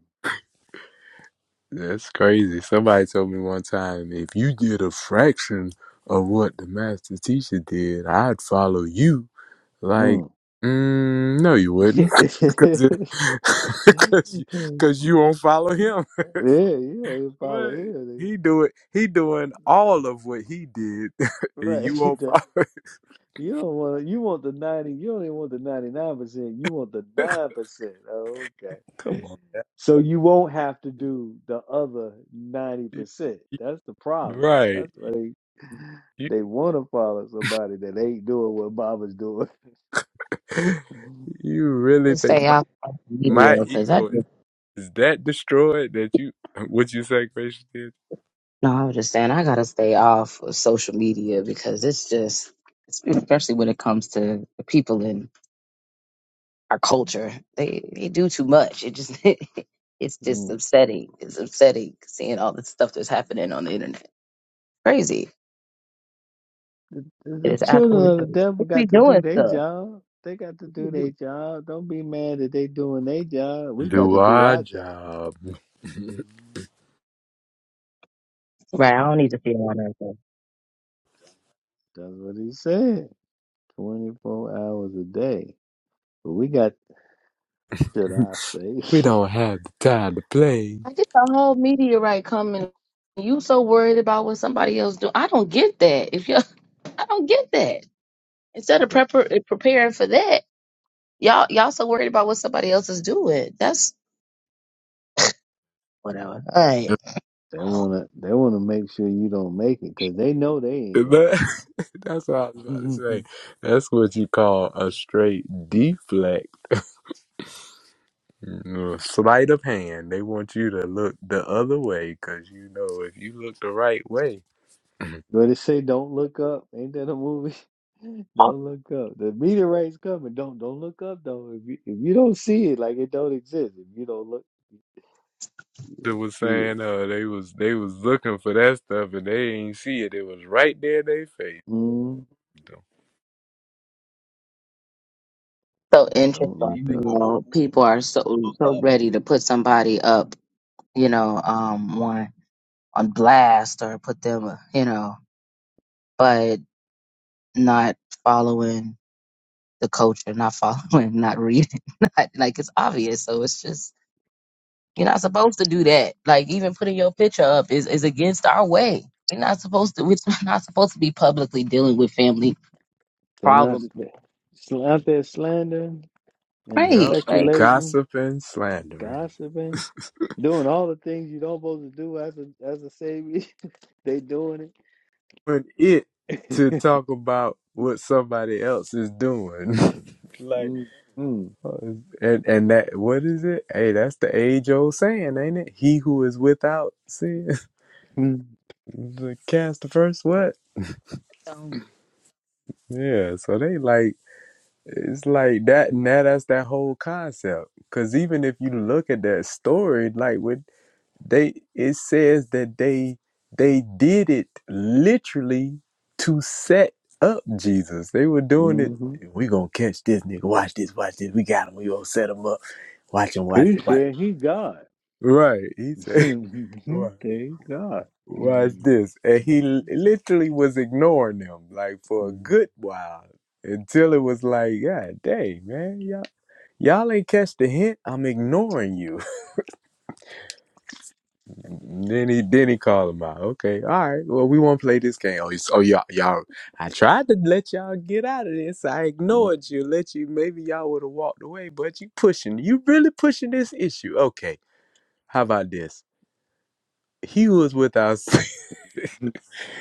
that's crazy. Somebody told me one time if you did a fraction of what the master teacher did, I'd follow you. Like, mm. mm, no, you wouldn't, yeah, because because you, you 'cause you won't follow him. It's like, know, you follow what here, he they- do it? He doing all of what he did, and you right? won't follow. You don't want you want the 90, you don't even want the 99%, you want the Him. 9%. Oh, Come okay. on, So you won't have to do the other You- 90%. you- That's the problem. right? That's why they You they want to follow somebody that ain't doing what Baba's doing. you really Just think stay my, off social media my because I just. ego is, is that destroyed that you? What you say, Gracious did? No, I was just saying I gotta stay off of social media because it's just, especially when it comes to the people in our culture, they they do too much. It just it's just Mm. upsetting. It's upsetting seeing all the stuff that's happening on the internet. Crazy. It The is children absolutely of the crazy. devil They be got to do doing their stuff. job. They got to do their job. Don't be mad that they doing their job. We got Do to do our our job. job. Mhm. Right. I don't need to see all that. Stuff. That's what he said. 24 hours a day. But we got should I say we don't have the time to play. I get the whole meteorite coming. You so worried about what somebody else do. I don't get that. If you, I don't get that. Instead of they prepar- preparing for that. Y'all, y'all so worried about what somebody else is doing. That's whatever. All right. they wanna they wanna make sure you don't make it because they know they ain't gonna That, make that's what I was about to it. say. That's what you call a straight deflect, Mm, sleight of hand. They want you to look the other way because you know if you look the right way, but it say don't look up. Ain't that a movie? Don't look up. The meteorite's coming. Don't don't look up though. If you if you don't see it, like it don't exist. If you don't look, you they don't was see it. saying uh, they was they was looking for that stuff and they ain't see it. It was right there in their face. Mm, So don't interesting. Didn't they look make You a up. whole know, movie? people are Don't so look so up. ready to put somebody up. You know, um, on on blast or put them. You know, but not following the culture, not following, not reading, not like it's obvious. So it's just you're not supposed to do that. Like even putting your picture up is is against our way. We're not supposed to. We're not supposed to be publicly dealing with family They're not problems sl- sl- out there slandering and Yep. Right. Like, speculating, Gossip and slandering. gossiping, doing all the things you don't supposed to do as a as a savior. They doing it. But it to talk about what somebody else is doing. like mm mm uh, and and that what is it? Hey, that's the age old saying, ain't it? He who is without sin mm the cast the first what? um, Yeah, so they like it's like that now that's that whole concept. Cause even if you look at that story, like with They it says that they they did it literally to set up Jesus. They were doing it. mhm. We gonna catch this nigga. Watch this. Watch this. We got him. We gonna set him up. Watch him. Watch He him. Watch. said he God. Right. He he said. said Right. he God. Watch mm this. And he l- literally was ignoring them like for a mm. good while until it was like, God dang, man, y'all, y'all ain't catch the hint. I'm ignoring you. Then he then he called him out. Okay, all right. Well, we won't play this game. Oh, you, oh, y'all, y'all. I tried to let y'all get out of this. I mm. ignored you. Let you. Maybe y'all would have walked away, but you pushing. You really pushing this issue. Okay. How about this? He was with us,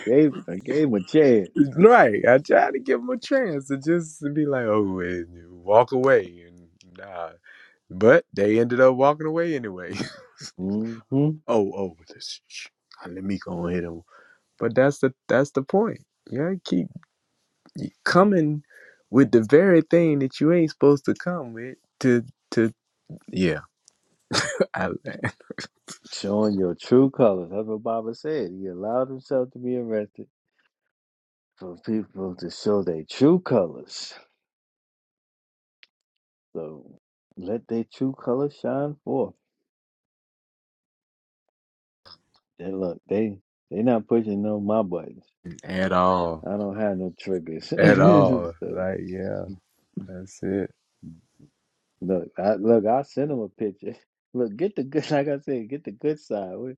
Gave I gave him a chance. right? I tried to give him a chance to just be like, oh, wait, walk away, and nah. But they ended up walking away anyway. hmm oh, oh, this, sh- sh- let me go ahead and. But that's the that's the point. Yeah, keep coming with the very thing that you ain't supposed to come with to to yeah I, Showing your true colors. That's what Baba said. He allowed himself to be arrested for people to show their true colors. So let their true colors shine forth. They look, they they not pushing no my buttons. at all I don't have no triggers. at all so like yeah that's it Look, I, look, I'll send him a picture. Look, get the good, like I said, get the good side. We-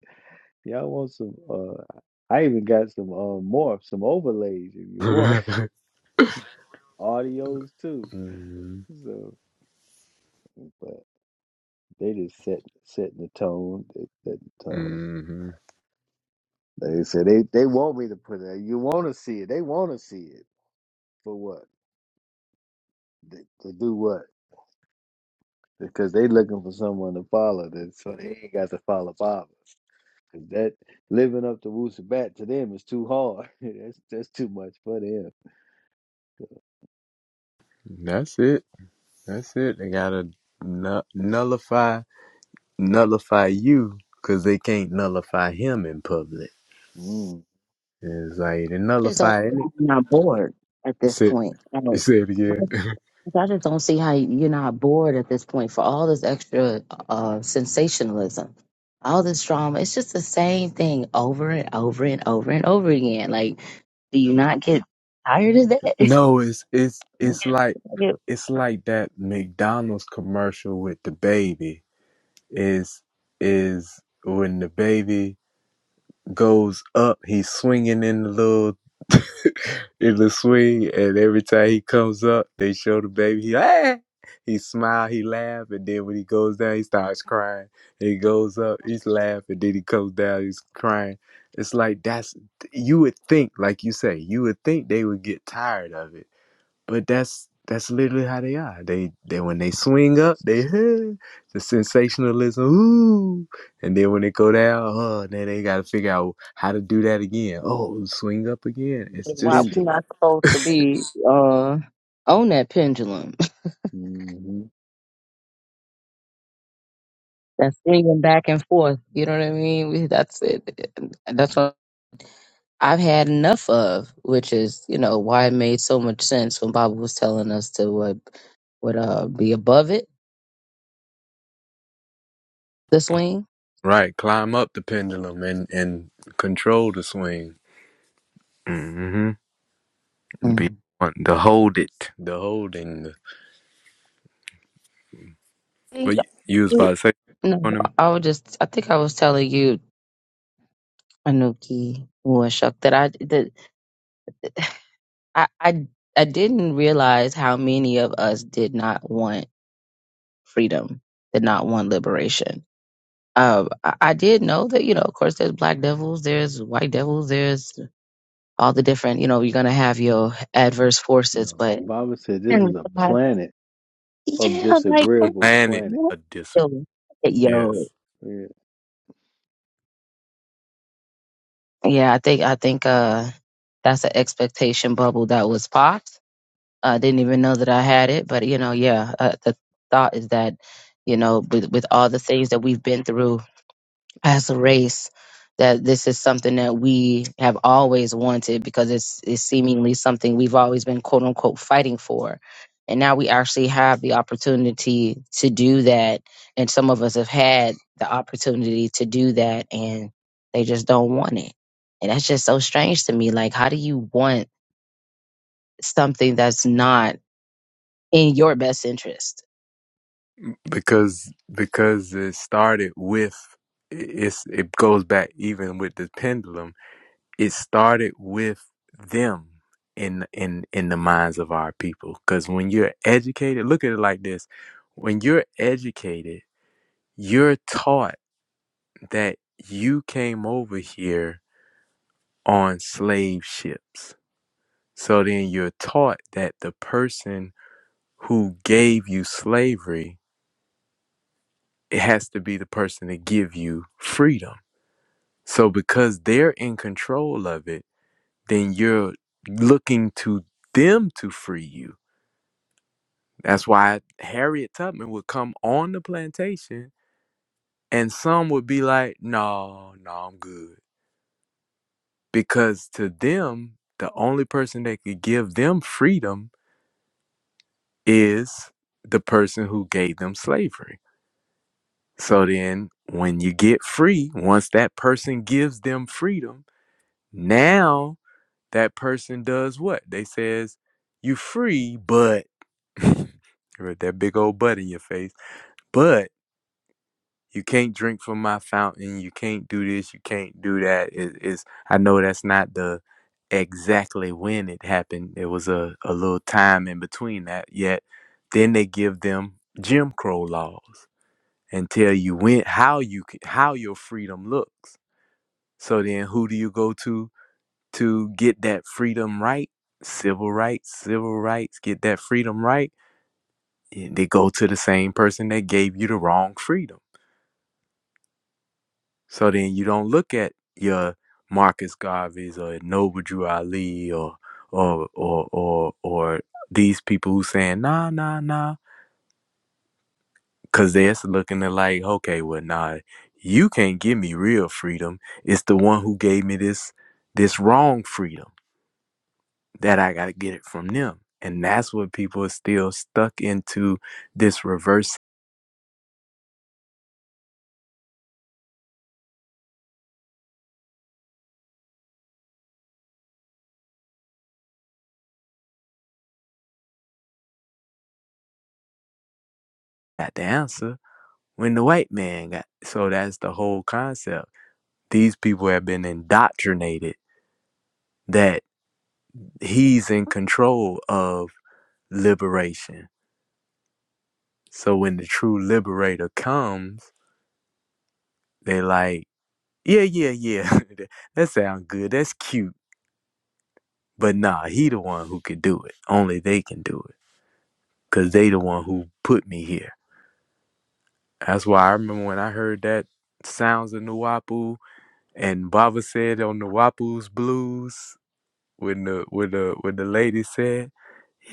Y'all want some, uh, I even got some uh, more, some overlays if you hmm want. Audios too. So, but they just set setting the tone. They set the tone. hmm They said they, they want me to put it. You want to see it. They want to see it. For what? Th- To do what? Because they looking for someone to follow this, so they ain't got to follow Bob. Cause that living up to Wusabat to them is too hard. that's that's too much for them. that's it that's it they gotta nu- nullify nullify you because they can't nullify him in public Mm. it's like they I just don't nullify see any how you're not bored at this say, point. Like, say it again like, I just don't see how you're not bored at this point for all this extra uh, sensationalism, all this drama. It's just the same thing over and over and over and over again. Like, do you not get tired of that? No, it's it's Mm. it's like Like, it- it's like that McDonald's commercial with the baby is is when the baby goes up, he's swinging in the little in the swing, and every time he comes up, they show the baby. He ah! he smile, he laugh, and then when he goes down, he starts crying. He goes up, he's laughing, then he comes down, he's crying. It's like that's you would think, like you say, you would think they would get tired of it but that's that's literally how they are. They they when they swing up, they huh, the sensationalism, ooh, and then when they go down, oh, then they got to figure out how to do that again. Oh, swing up again. It's The it's Why just we are pendulum. not supposed to be uh, on that pendulum? hmm That's swinging back and forth. You know what I mean? We, that's it. That's what. I've had enough of, which is, you know, why it made so much sense when Baba was telling us to what would uh be above it, the swing. Right, climb up the pendulum and and control the swing, mm hmm be Mm. to hold it. the holding. but you you was about to say No, on them I would just. I think I was telling you, Anuki or Shuck, that I that I, I I didn't realize how many of us did not want freedom, did not want liberation. Um, I, I did know that you know, of course, there's black devils, there's white devils, there's all the different. You know, you're gonna have your adverse forces, No, but Baba said Oh this my is a God. planet of Yeah, like come on. disagreeable planet planet. What? a disagree. Yo, yo. Yes. Yeah. yeah, I think I think uh that's an expectation bubble that was popped. I didn't even know that I had it, but you know, yeah, uh, the thought is that you know, with with all the things that we've been through as a race that this is something that we have always wanted because it's it's seemingly something we've always been quote unquote fighting for. And now we actually have the opportunity to do that. And some of us have had the opportunity to do that and they just don't want it. And that's just so strange to me. Like how do you want something that's not in your best interest? because because it started with it's it goes back even with the pendulum it started with them in in in the minds of our people because when you're educated look at it like this when you're educated you're taught that you came over here on slave ships so then you're taught that the person who gave you slavery it has to be the person to give you freedom So because they're in control of it, then you're looking to them to free you. That's why Harriet Tubman would come on the plantation and some would be like, "No, no, I'm good." Because to them, the only person that could give them freedom is the person who gave them slavery. So then when you get free, once that person gives them freedom, now that person does what? They says, you free, but with that big old butt in your face, but you can't drink from my fountain. You can't do this. You can't do that. It, it's I know that's not the exactly when it happened. It was a, a little time in between that. Yet then they give them Jim Crow laws and tell you when how you how your freedom looks. So then who do you go to to get that freedom right, civil rights, civil rights, get that freedom right, and they go to the same person that gave you the wrong freedom. So then you don't look at your Marcus Garvey's or Noble Drew Ali or or or or or these people who saying nah nah nah because they're looking at like okay well nah you can't give me real freedom it's the one who gave me this this wrong freedom that I got to get it from them. And that's what people are still stuck into this reverse got the answer when the white man got. So that's the whole concept. These people have been indoctrinated that he's in control of liberation. So when the true liberator comes, they like, yeah, yeah, yeah, that sounds good. That's cute. But nah, he the one who could do it. Only they can do it. Cause they the one who put me here That's why I remember when I heard that sounds of Nuwapu and Baba said on Nuwapu's blues when the when the when the lady said,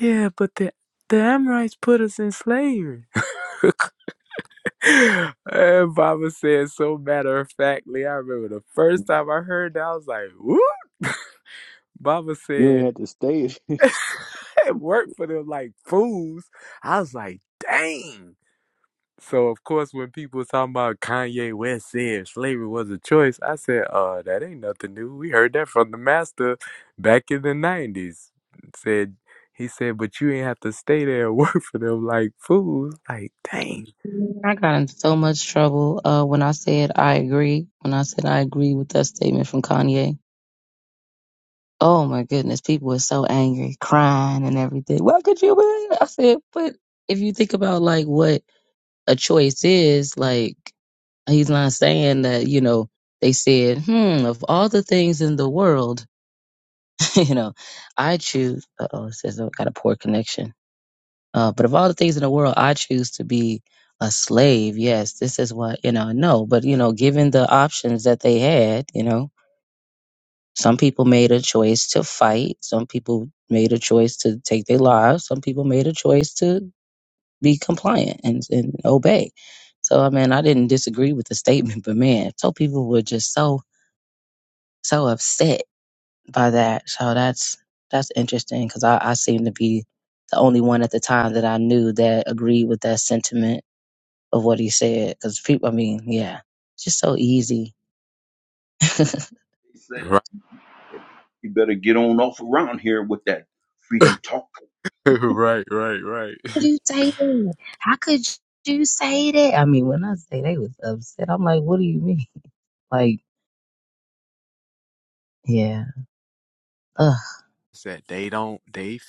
Yeah, but the the Amorites put us in slavery. and Baba said so matter of factly, I remember the first time I heard that I was like, Whoop Baba You ain't said have to stay. it worked for them like fools. I was like, dang. So of course, when people talking about Kanye West said slavery was a choice, I said, "Uh, that ain't nothing new. We heard that from the master back in the nineties." Said he said, "But you ain't have to stay there and work for them like fools." Like, dang. I got in so much trouble uh, when I said I agree. When I said I agree with that statement from Kanye Oh my goodness, people were so angry, crying and everything. Why could you? win?" I said, but if you think about like what a choice is, like he's not saying that, you know, they said, hmm, of all the things in the world, you know, I choose, uh oh, it says I got a poor connection. Uh, but of all the things in the world, I choose to be a slave. Yes, this is what, you know, no, but, you know, given the options that they had, you know, Some people made a choice to fight. Some people made a choice to take their lives. Some people made a choice to be compliant and, and obey. So, I mean, I didn't disagree with the statement, but man, so people were just so, so upset by that. So that's, that's interesting because I, I seem to be the only one at the time that I knew that agreed with that sentiment of what he said. Because people, I mean, yeah, it's just so easy. They say Right, you better get on off around here with that freedom talk. right, right, right. could you say that? How could you say that? I mean, when I say they was upset, I'm like, what do you mean? Like, yeah. Ugh. Said they don't. They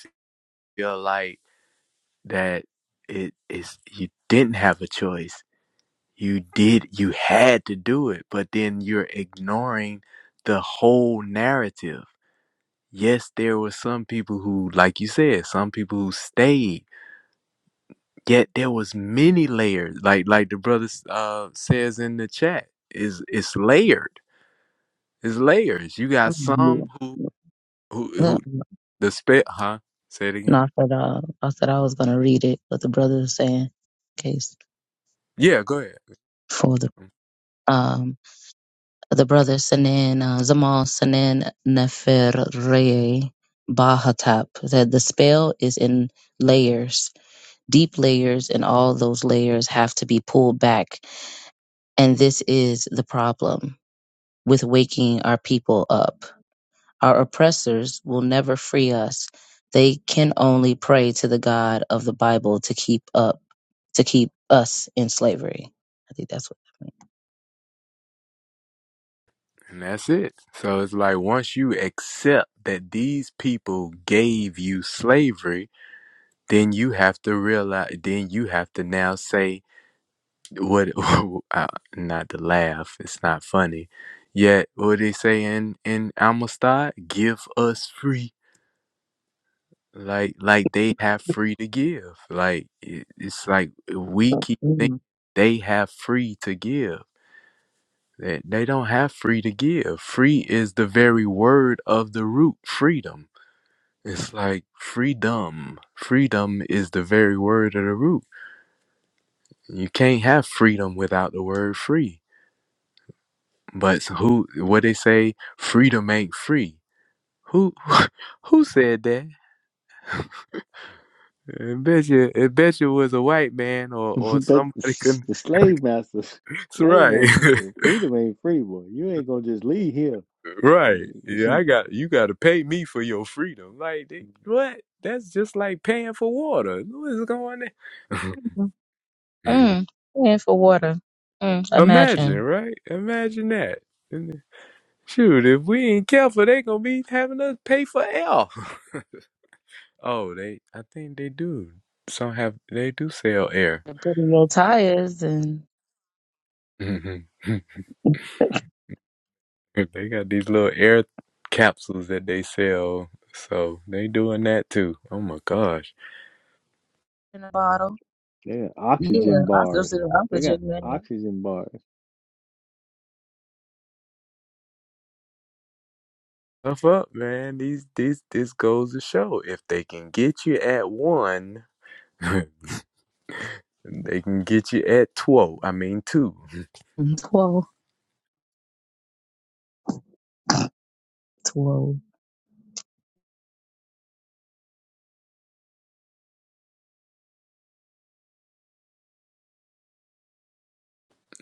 feel like that it is. You didn't have a choice. You did. You had to do it. But then you're ignoring the whole narrative. Yes, there were some people who, like you said, some people who stayed. Yet there was many layers, like like the brother uh, says in the chat. Is it's layered. It's layers. You I'm got some like, who yeah. who who Ugh. the spit, huh? Say it again. No, I said, uh, I said I was gonna read it, but the brother was saying, case Yeah, go ahead. for the um the brother Sanan uh, Zamal Sanan Neferre Bahatap that the spell is in layers, deep layers, and all those layers have to be pulled back, and this is the problem with waking our people up. Our oppressors will never free us. They can only pray to the God of the Bible to keep up, to keep us in slavery. I think that's what that And that's it. So it's like once you accept that these people gave you slavery, then you have to realize. Then you have to now say what uh, not to laugh it's not funny yet what they say in in amistad give us free like like they have free to give like it, it's like we keep thinking means. they have free to give they, they don't have free to give free is the very word of the root freedom it's like freedom freedom is the very word of the root you can't have freedom without the word free But so who? What they say? Freedom ain't free. Who? Who said that? I bet you. I bet you was a white man or or But somebody. s- Can, the slave master, that's slave right. master said, "Freedom ain't free, boy. You ain't gonna just leave here." right. they Yeah, I got. You got to pay me for your freedom. Like they, what? That's just like paying for water. What's going on? Mm. Mm. And for water. Mm. Imagine, Imagine. right? Imagine that. And then, Shoot, if we ain't careful, they gonna be having us pay for air. Oh, they. I think they do. Some have. They do sell air. They're putting your tires and. hmm They got these little air capsules that they sell. So they doing that too. Oh my gosh. In a bottle. got Yeah, oxygen I still bars. sit in They got opposite, man. oxygen bars. tough up, man. These these this goes to show. If they can get you at one, they can get you at twelve. I mean two. 12, 12.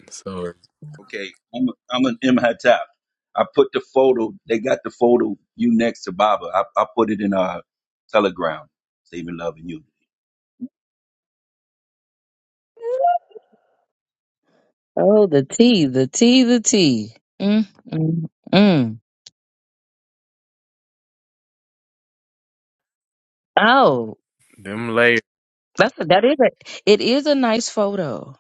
So Okay, I'm I'm an MHATAP. I put the photo. They got the photo. You next to Baba. I, I put it in our Telegram. Saving love and unity. Oh, the T, the T, the T. Mm, mm, mm. Oh, them layers that's a, that is a, it is a nice photo.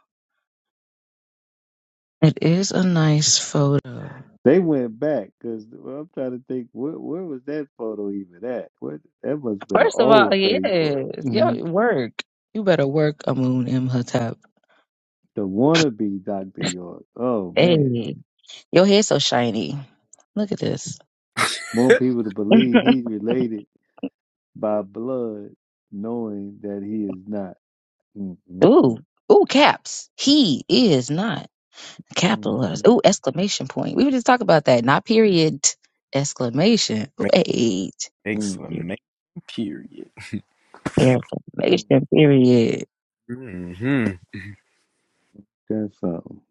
It is a nice photo. They went back because well, I'm trying to think where where was that photo even at? What that must have been an First of all, old Facebook. yes, the yo, work. You better work, Amun M. Hattab. wannabe Doctor York. Oh man, Hey, your hair's so shiny. Look at this. want people to believe he's related by blood, knowing that he is not. Mm, mm, Ooh, mm, ooh, caps. He is not. mm, Capital mm, letters. Ooh, exclamation point. We were just talking about that. Not period. Exclamation. make Wait. mm, exclamation period. mm. Exclamation period. hmm That's something.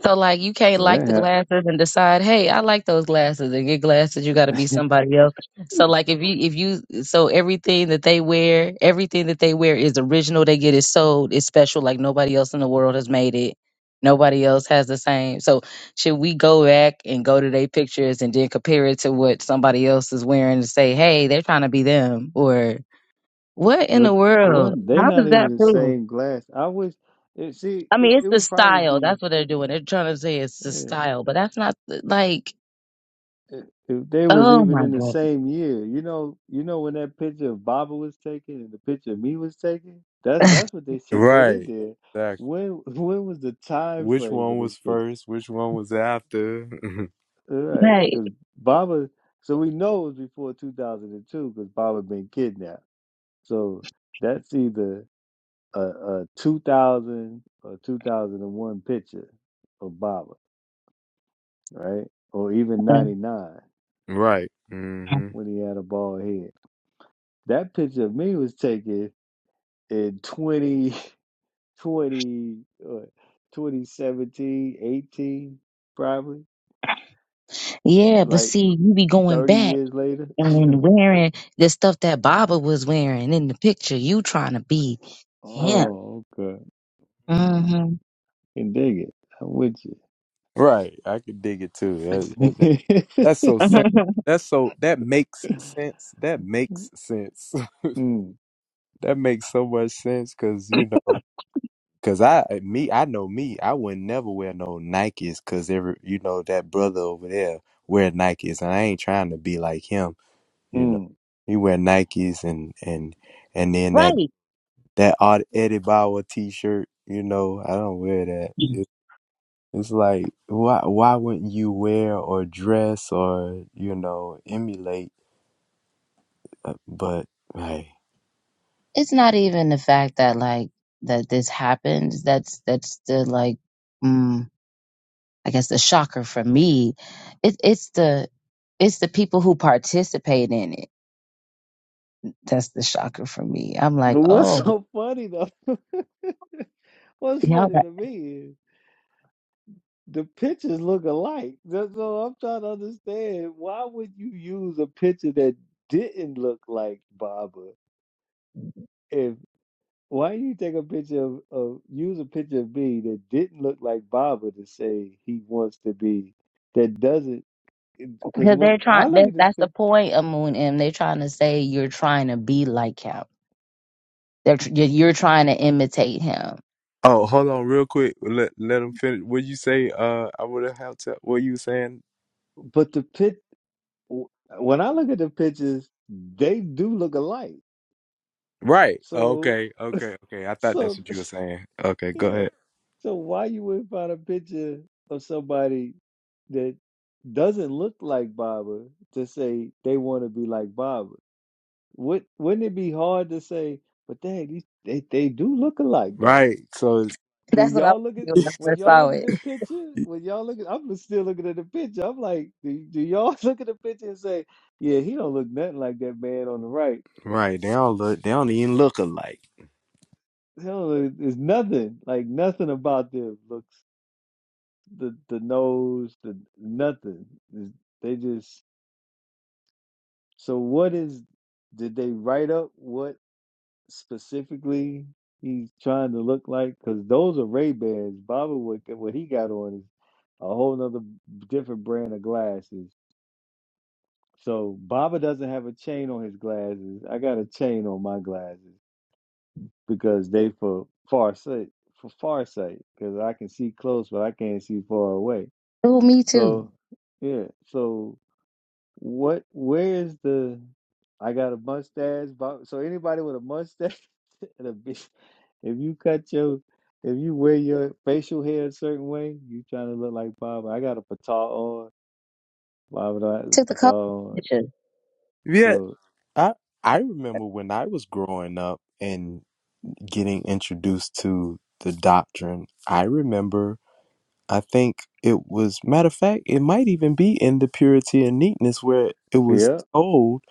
So like you can't So like the that glasses and decide, hey, I like those glasses and get glasses. You got to be happened. somebody else. So like if you if you so everything that they wear, everything that they wear is original. They get it sold. It's special. Like nobody else in the world has made it. Nobody else has the same. So should we go back and go to their pictures and then compare it to what somebody else is wearing and say, hey, they're trying to be them or what in but the world? one, they How not does even that the prove? same glass. I wish. It, see, I it, mean, it it's the would probably style. be That's what they're doing. They're trying to say it's the yeah, style, but that's not the- like. i- if they was Oh even my in the god! same year. You know, you know when that picture of Baba was taken and the picture of me was taken. That's that's what they should put in Right. there. When when was the time which frame one of this was picture? first, which one was after. All right, like, because Baba. So we know it was before two thousand and two because Baba been kidnapped. So that's either. a, a 2000 or 2001 picture of Baba, right? Or even 99 right. hmm when he had a bald head. That picture of me was taken in 2020, uh, 2017, probably, yeah, but like see, you be going 30 back years later. and wearing the stuff that Baba was wearing in the picture. You trying to be him? Oh, okay. All right. hmm can dig it. I'm with you. Right. I could dig it too. That, that- that- that's so simple. That's so that makes sense. That makes sense. mm, that makes so much sense because you know, because I eh, me I know me. I would never wear no Nikes because every you know that brother over there wear Nikes, and I ain't trying to be like him. You know, mm. he wear Nikes and and. And then that right. that Art Eddie Bauer T-shirt. You know, I don't wear that. It, it's like why why wouldn't you wear or dress or you know emulate? Uh, But hey, It's not even the fact that like that this happens. That's that's the like, mm, I guess the shocker for me. It, it's the it's the people who participate in it That's the shocker for me. I'm like, But what's oh, so funny though? What's yeah, funny to me is the pictures look alike. That's all I'm trying to understand. Why would you use a picture that didn't look like Baba? If why you take a picture of, of use a picture of me that didn't look like Baba to say he wants to be that doesn't? Because because when they're I trying. look That, at this that's the picture, point of Moon M. They're trying to say you're trying to be like him. They're tr- you're you're trying to imitate him. Oh, hold on, real quick. Let let him finish. What you say? Uh, I would have had to. What you saying? but the pit when I look at the pictures, they do look alike. Right. So, Okay. Okay. Okay. I thought that's so. what you were saying. Okay. Go Yeah. ahead. So why you wouldn't find a picture of somebody that doesn't look like Baba to say they want to be like Baba? Would wouldn't it be hard to say, but dang, these they, they do look alike though. Right. So it's- Do That's what I was y'all look at thinking when I when first y'all saw look at it. the picture? When y'all look at, I'm still looking at the picture. I'm like, do, do y'all look at the picture and say, yeah, he don't look nothing like that man on the right. right? They don't look. They don't even look alike. He don't look, there's nothing like nothing about them looks. the the nose, the nothing. They just so what is did they write up what specifically he's trying to look like? Because those are Ray Bans. Baba what what he got on is a whole nother different brand of glasses. So Baba doesn't have a chain on his glasses. I got a chain on my glasses because they for far sight for far sight because I can see close but I can't see far away. Oh, me too. So yeah, so. What? Where is the? I got a mustache. bob- So anybody with a mustache and a beard, if you cut your, if you wear your facial hair a certain way, you trying to look like Bob. I got a pataw on. Bob would I have I took a the cover pataw on? pictures. yeah. So I I remember when I was growing up. getting introduced to the doctrine. I remember, I think it was, matter of fact, it might even be in the purity and neatness where it was yeah, told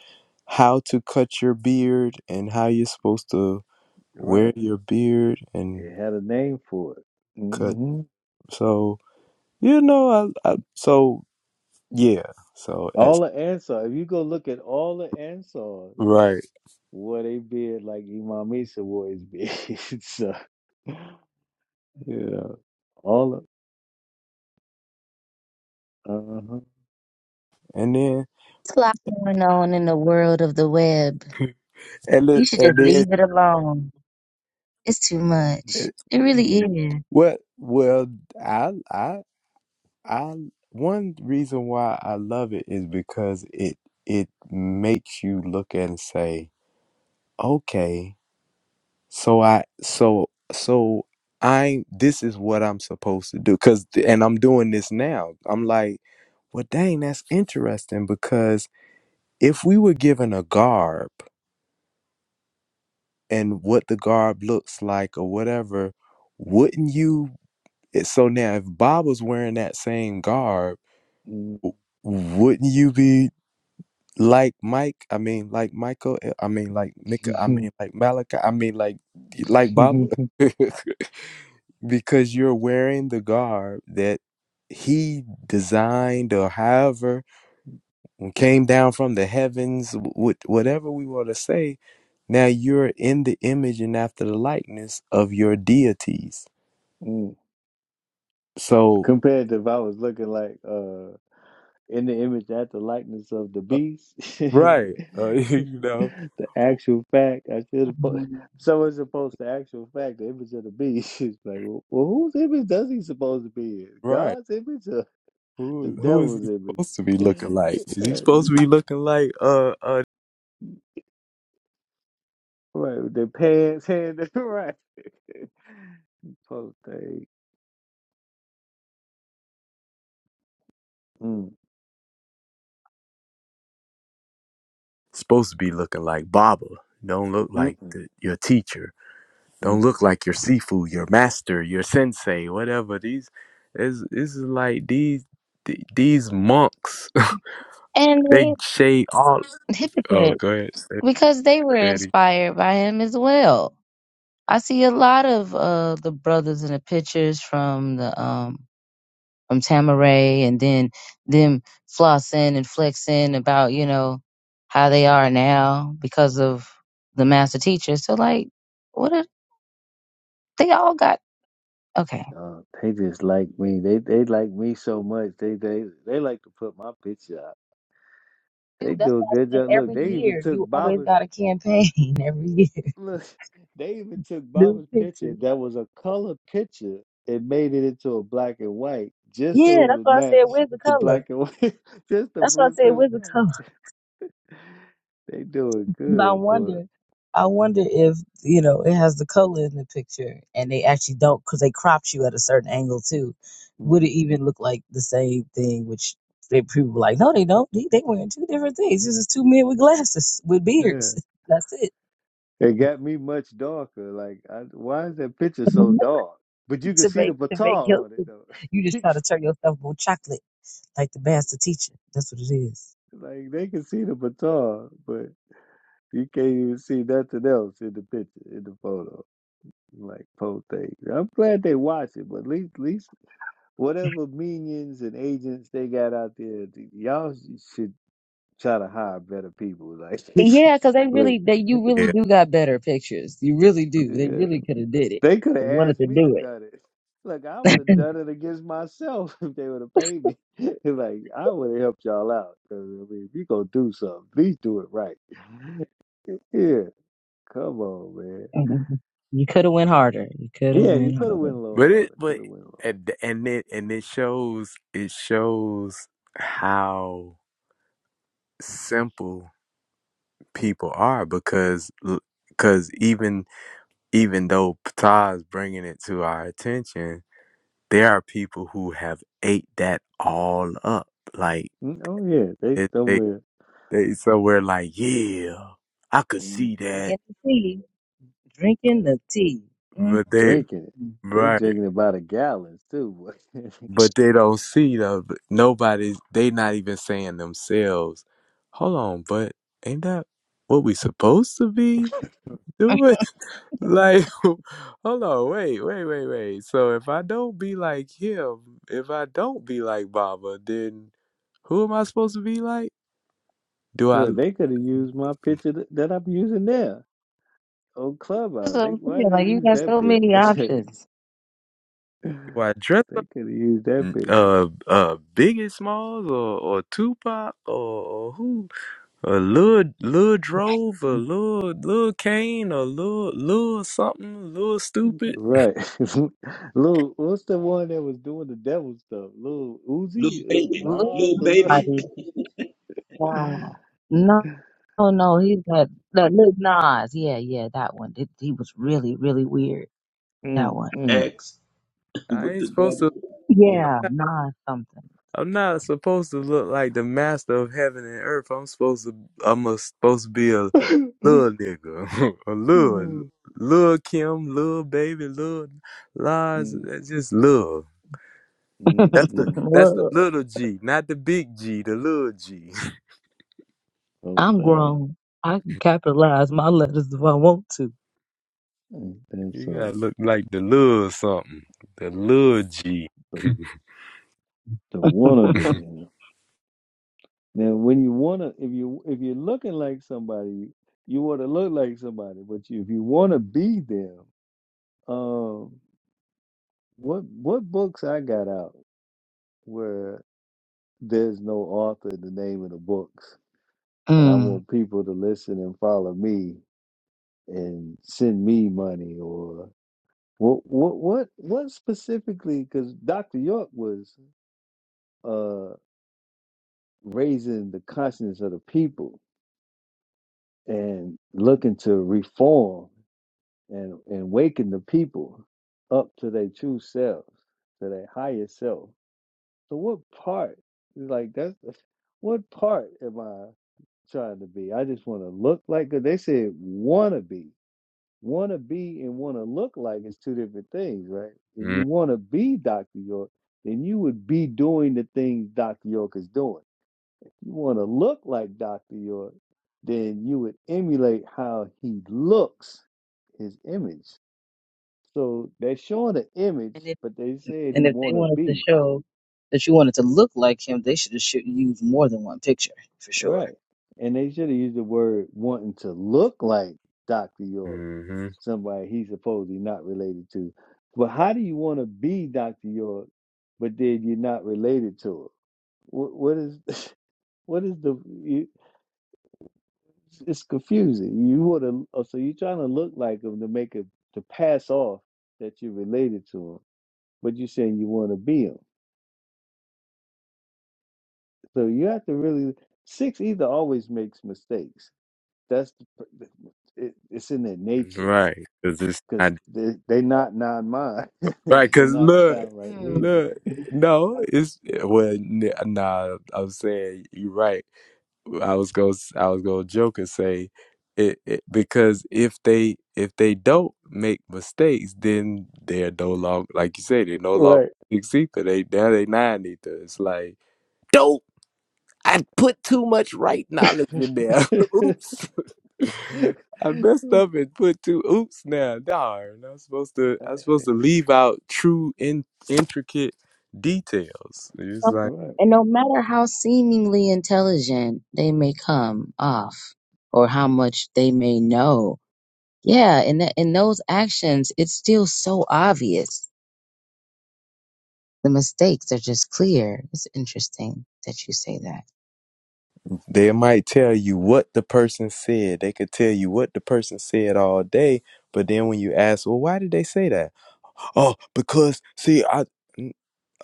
how to cut your beard and how you're supposed to you're wear right. your beard and It had a name for it. cut. hmm So, you know, I, I so yeah, so that's All the Ansar. If you go look at all the Ansars, right. wore they beard like Imam Isa wore his beard. so, yeah, all the. Uh huh. And then, It's a lot going on in the world of the web. and, You it, should and just then, leave it alone. It's too much. it- It really is. Mm, what? Well, I, I I one reason why I love it is because it it makes you look at it and say, okay, so I so so I this is what I'm supposed to do because and I'm doing this now. I'm like, well, dang, that's interesting because if we were given a garb and what the garb looks like or whatever, wouldn't you? eh, So now, if Bob was wearing that same garb mm. wouldn't you be like Mike, I mean like Michael, eh, I mean like Mika, I mean like Malachi, I mean like like Baba, because you're wearing the garb that he designed or however came down from the heavens, wh- whatever we want to say. Now you're in the image and after the likeness of your deities. Mm. So Compared to if I was looking like uh in the image at the likeness of the uh, beast, the right, uh, you know, w- actual fact I should have put Mhm. someone supposed to actual fact the image of the beast is like well, well whose image does he supposed to be in? right. God's image or the Who who is devil's he supposed image? to be looking like? Is he right, supposed to you- be looking like uh uh right, their pants hand right. Post thing. Mm, supposed to be looking like Baba. Don't look like mm-mm, the, your teacher. Don't look like your Sifu, your master, your sensei, whatever. These is this is like these th- these monks. And they they shade all. Oh, hypocrite go ahead. Say- because they were say it again. inspired by him as well. I see a lot of uh the brothers in the pictures from the um from Tamaray and then them flossing and flexing about, you know, how they are now because of the master teacher. So like what if they all got okay. Uh, they just like me. They they like me so much. They they they like to put my picture up. They Dude, that's do a what I good said job. Look, every they even year. took You always Baba's got a campaign every year. look. They even took New Baba's picture pictures. that was a color picture and made it into a black and white just so Yeah, it that's would what I said. match Where's the the color? black and white. just the That's what I blue said. to Where's the color? match. They doing But I good, boy. wonder, I wonder if you know it has the color in the picture, and they actually don't because they cropped you at a certain angle too. Would it even look like the same thing? Which they people were like, no, they don't. They, they wearing two different things. This is two men with glasses with Yeah, beards. That's it. it got me much darker. Like, I, why is that picture so dark? But you can to see the make to make batar you, on it you just though. try to turn yourself more chocolate like the master teacher. That's what it is. Like they can see the baton, but you can't even see nothing else in the picture, in the photo. Like post thing. I'm glad they watch it, but at least, at least whatever minions and agents they got out there, th- y'all should try to hire better people. Like, Yeah, because they look, really, they you really Yeah, do got better pictures. You really do. They yeah, really could have did it. they could have They wanted asked to me to do it. done it. Look, I would have done it against myself if they would have paid me. like, I would have helped y'all out. 'Cause, I mean, if you gonna do something, please do it right. Yeah, come on, man. Mhm. You could have went harder. You could have Yeah, you went could have harder. went a little but it harder. Could but have went a little. and and it and it shows it shows how simple people are because because even even though Ptah's bringing it to our attention There are people who have ate that all up. Like Mm, Oh yeah, they it, they somewhere they somewhere like, yeah, I could mm, see that, Drinking the tea. Drinking the tea. mm but they mm drinking it. mm. They right, drinking it by the gallons too. boy. but they don't see the nobody's. They not even saying themselves. Hold on, but ain't that what we supposed to be doing? Like, hold on, wait, wait, wait, wait. So if I don't be like him, if I don't be like Baba, then who am I supposed to be like? Do I? Look, they could have used my picture th- that I'm using there on That's Clubhouse. what They, I'm why saying. did they Like you use got that so many picture? options. Do I dress they up could have used that picture, uh uh Biggie Smalls or, or Tupac or, or who or Lil Lil Drove or Lil Lil Kane or Lil Lil something Lil Stupid? right? Lil, what's the one that was doing the devil stuff? Lil Uzi, Little uh, baby, Look, Nas, little or the... baby, buddy. Nah. No, no, no. He's got the Lil Nas. Yeah, yeah, that one. It, he was really, really weird. That mm, one. mm. X I with ain't the supposed W. to. Yeah. Yeah, Nas something. I'm not supposed to look like the master of heaven and earth. I'm supposed to. I'm a, supposed to be a little nigga, a little, little Kim, little baby, little lies. Mm. That's just love. That's the Mm-mm. that's the Look, little G, not the big G, the little G. I'm Okay. grown. I can capitalize my letters if I want to. Ain't that you gotta something? look like the little something, the little G. The the wanna be. Now when you wanna if you if you're looking like somebody, you, you wanna look like somebody, but you if you wanna be them, um what what books I got out where there's no author in the name of the books and I Mm. want people to listen and follow me and send me money or what what what what specifically because Dr. York was uh, raising the consciousness of the people and looking to reform and, and waking the people up to their true selves, to their higher self. So what part like that's what part am I trying to be? I just want to look like 'cause they said wanna be. Wanna be and wanna look like is two different things, right? If you mm-hmm. wanna be Dr. York, then you would be doing the things Dr. York is doing you want to look like Dr. York, then you would emulate how he looks, his image. So they're showing the image, but they said he And if they want to wanted to be. show that you wanted to look like him, they should have shoot used more than one picture for All sure. Right. And they should have used the word wanting to look like Dr. York, somebody he's supposedly not related to. But how do you want to be Dr. York, but then you're not related to him? What, what is. What is the? you? it's it's confusing. You would have so you're trying to look like him to make it to pass off that you're related to him, but you're saying you want to be him. So you have to really six either always makes mistakes. That's the, it, it's in their nature Right, cause it's not because they they not non mind. right. they Cause not look, sound right Mm. reason. look, no, it's well, n- nah. I'm saying you're right. I was go I was gonna joke and say it, it because if they if they don't make mistakes, then they're no longer like you say they're no longer Right. six ether. They now they nine ether. It's like don't I put too much right knowledge in there. oops, I messed up and put two oops now. Darn, I'm supposed to I'm right. supposed to leave out true in, intricate details. It's Um, like. Right. And no matter how seemingly intelligent they may come off or how much they may know, yeah, in, that in those actions, it's still so obvious. The mistakes are just clear. It's interesting that you say that. They might tell you what the person said. They could tell you what the person said all day, but then when you ask, well, why did they say that? Oh, because see, I. mm,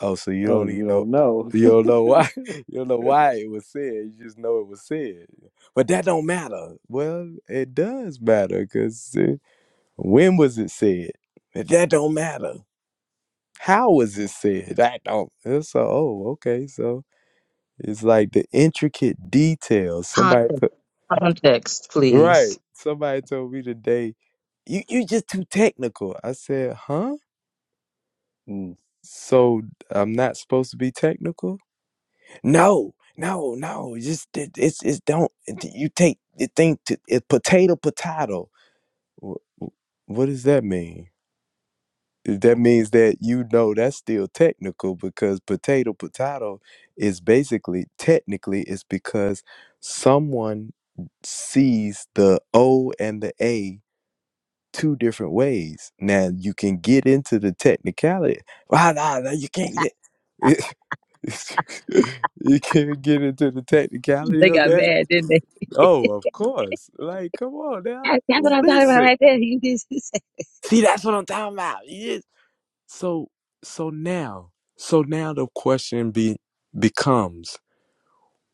Oh, so you Oh, don't you even know. don't know. You don't know why. You don't know why it was said. You just know it was said. But that don't matter. Well, it does matter because when was it said? That don't matter. How was it said? That don't. So, oh, okay. So it's like the intricate details. Somebody. Context, context Right. please. Somebody told me today, you you just too technical. I said, huh? Mm. So I'm not supposed to be technical? No, no, no. Just it, it's it's don't it- you take the thing to it, potato potato. Wh- wh- What does that mean? That means that you know that's still technical because potato potato is basically technically it's because someone sees the O and the A two different ways. Now you can get into the technicality. Ah, nah, nah, you can't get it. you can't get into the technicality They of got that. mad, didn't they? Oh, of course. Like, come on now. That's, that's what I'm talking about Listen. right there. You did. See, that's what I'm talking about. Yes. So, so now, so now the question be becomes,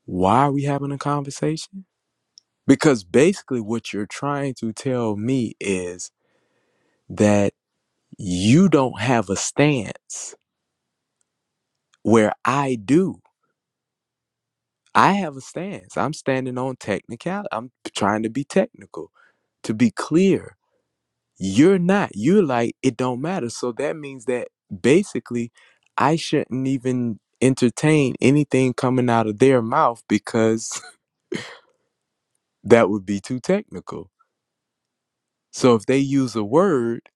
why are we having a conversation? Because basically, what you're trying to tell me is that. you don't have a stance where I do. I have a stance. I'm standing on technicality. I'm trying to be technical, to be clear. You're not. You're like, it don't matter. So that means that basically I shouldn't even entertain anything coming out of their mouth because that would be too technical. So if they use a word,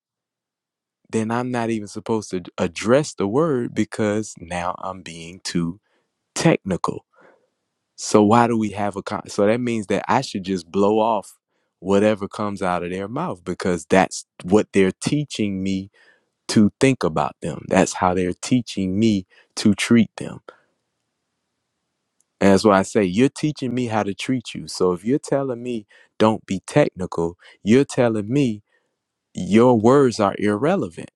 then I'm not even supposed to address the word because now I'm being too technical So why do we have a con- so that means that I should just blow off whatever comes out of their mouth because that's what they're teaching me to think about them. That's how they're teaching me to treat them. And that's why I say you're teaching me how to treat you. So if you're telling me don't be technical, you're telling me your words are irrelevant,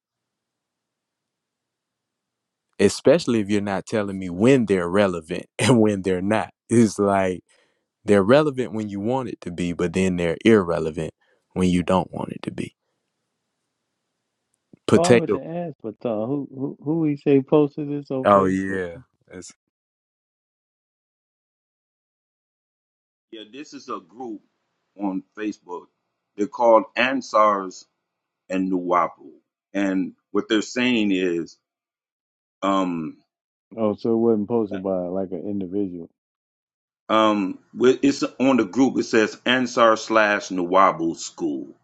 especially if you're not telling me when they're relevant and when they're not. It's like They're relevant when you want it to be, but then they're irrelevant when you don't want it to be. Oh, I meant Potato. to ask, but uh, who who who he say posted this on Oh Facebook? yeah. That's- Yeah, this is a group on Facebook. They're called Ansars and Nuwapu, and what they're saying is, um, Oh, so it wasn't posted by like an individual. um, with- it's on the group. It says Ansar slash Nuwabu School.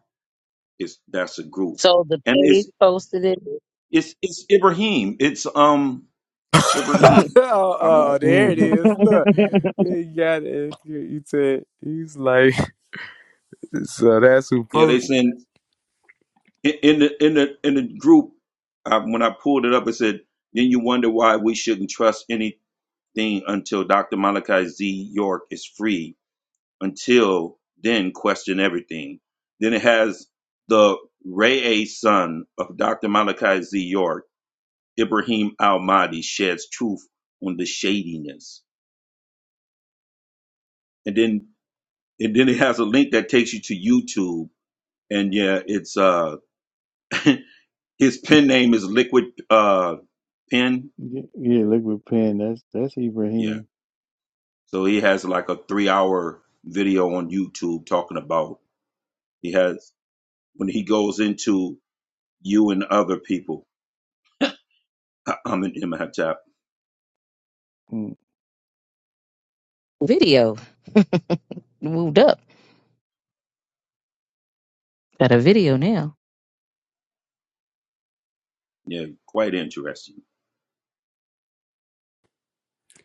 It's that's a group, So the and page it's posted it. it's it's Ibrahim. It's um oh, Ibrahim. I'm oh, there it Mm-hmm. is. Look, yeah, you got it. You you said he's like, so that's who yeah, they posted it. send. in in the in the in the group I, when I pulled it up, it said, "Then you wonder why we shouldn't trust anything until Dr. Malachi Z. York is free. Until then, question everything." Then it has the Ray A. son of Dr. Malachi Z. York, Ibrahim Al Mahdi, sheds truth on the shadiness, and then and then it has a link that takes you to YouTube, and yeah, it's uh his pen name is Liquid uh Pen, Yeah, yeah, liquid pen. That's that's yeah Ibrahim. So he has like a three hour video on YouTube talking about he has when he goes into you and other people. I'm in my MHAP. video moved up. Got a video now. Yeah, quite interesting.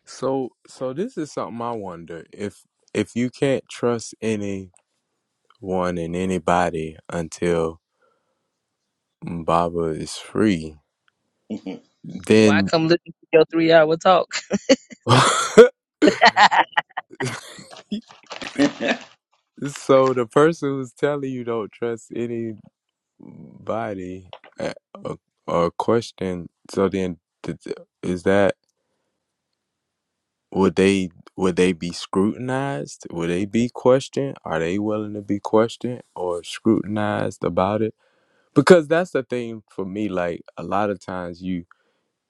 So, so this is something I wonder if if you can't trust anyone and anybody until Baba is free, it Why then come listen to your three hour talk? So the person who's telling you don't trust anybody uh, or, or question, so then th- th- is that would they would they be scrutinized? Would they be questioned? Are they willing to be questioned or scrutinized about it? Because that's the thing for me. Like a lot of times, you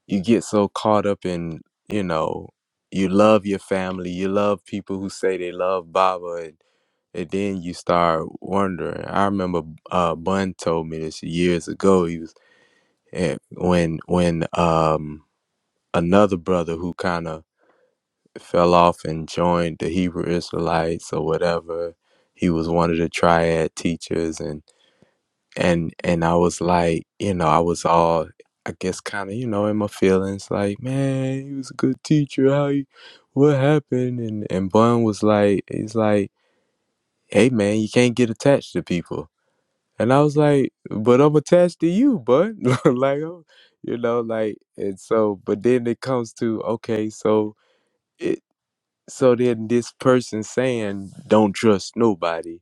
you get so caught up in you know you love your family, you love people who say they love Baba, and then you start wondering. I remember uh, Bun told me this years ago. He was eh, when when um another brother who kind of fell off and joined the Hebrew Israelites or whatever. He was one of the triad teachers, and and and I was like, you know, I was all. I guess kind of you know in my feelings like man he was a good teacher how he what happened and and Bun was like he's like hey man you can't get attached to people And I was like, but I'm attached to you, bud. like, oh, you know, like, and so, but then it comes to, okay, so it, so then this person saying, don't trust nobody.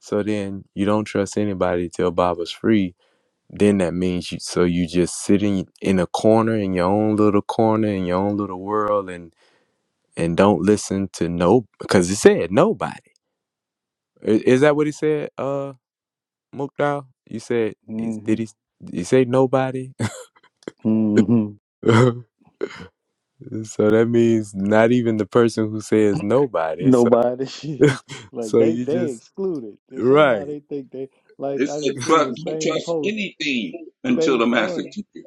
So then you don't trust anybody till Baba's free. Then that means you, so you just sitting in a corner in your own little corner in your own little world and, and don't listen to no, because it said nobody. I- Is that what he said? Uh, Mukdal? You said is- Mm-hmm. did he? You say nobody? Mm-hmm. so that means not even the person who says nobody. So Nobody. like so they you they just excluded. And Somehow right they think they like. I said just seen trust, the don't same trust post. anything until the Phase master one. teacher.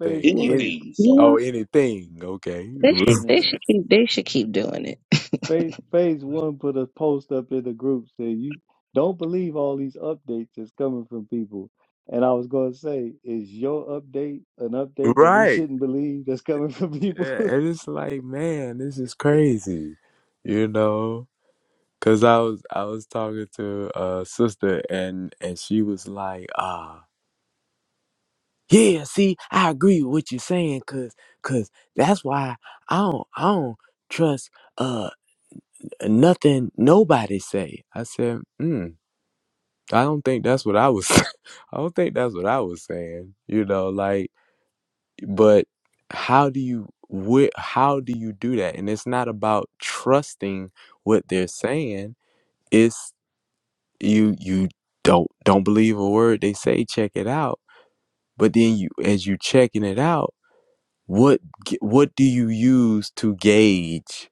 Phase one. any Anything. You So oh know, anything okay they should Yeah. they should keep they should keep doing it. Phase, phase one put a post up in the group saying, "You don't believe all these updates that's coming from people." And I was going to say, "Is your update an update that we right shouldn't believe that's coming from people?" Yeah, and it's like man this is crazy you know because i was i was talking to a sister and and she was like ah. Yeah, see, I agree with what you're saying, cause, cause that's why I don't, I don't trust uh nothing nobody say. I said, mm, I don't think that's what I was. I don't think that's what I was saying. You know, like, but how do you, wh- how do you do that? And it's not about trusting what they're saying. It's you, you don't don't believe a word they say. Check it out. But then you, as you checking it out what g- what do you use to gauge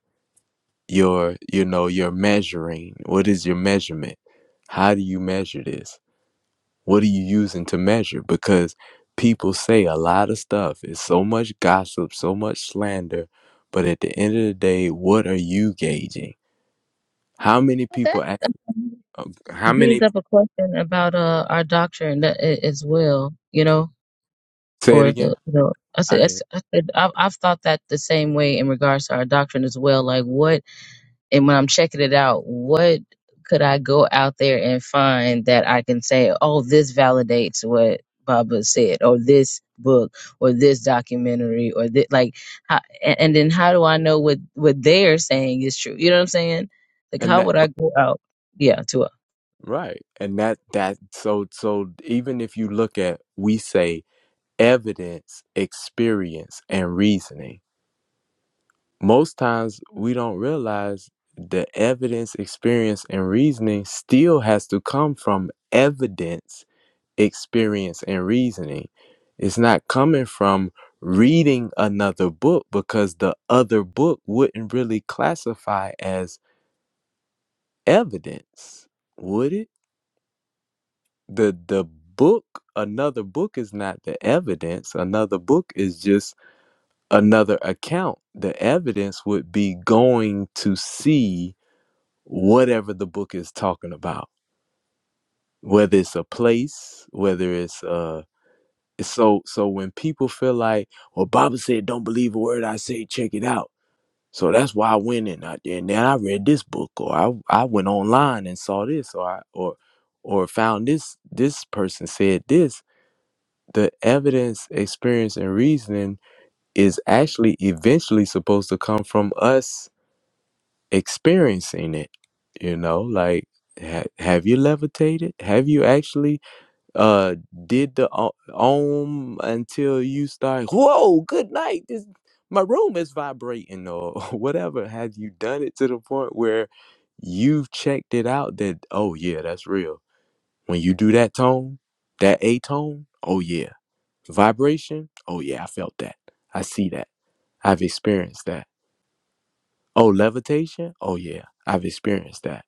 your you know your measuring what is your measurement how do you measure this what are you using to measure because people say a lot of stuff it's so much gossip so much slander but at the end of the day what are you gauging how many Well, people act, That how brings many up a question about uh our doctrine that a- as well, you know, say it or again the you know, I said i that's- didn't I said I've, I've thought that the same way in regards to our doctrine as well. Like what, and when I'm checking it out, what could I go out there and find that I can say, oh, this validates what Baba said, or this book, or this documentary, or this like, how, and, and then how do I know what what they're saying is true? You know what I'm saying? Like, and how that would I go out? Yeah, right and that that so so even if you look at we say evidence, experience, and reasoning. Most times we don't realize the evidence, experience, and reasoning still has to come from evidence, experience, and reasoning. It's not coming from reading another book because the other book wouldn't really classify as evidence, would it? The the book, another book is not the evidence. Another book is just another account, the evidence would be going to see whatever the book is talking about, whether it's a place, whether it's uh so so when people feel like, well, Baba said, don't believe a word I say, check it out. So that's why I went in out there, and then I read this book, or I I went online and saw this, or I or or found this this person said this. The evidence, experience, and reasoning is actually eventually supposed to come from us experiencing it you know like ha- have you levitated have you actually uh did the o- om until you start whoa good night this my room is vibrating or whatever have you done it to the point where you've checked it out that oh yeah that's real when you do that tone that a tone oh yeah vibration oh yeah i felt that i see that i've experienced that oh levitation oh yeah i've experienced that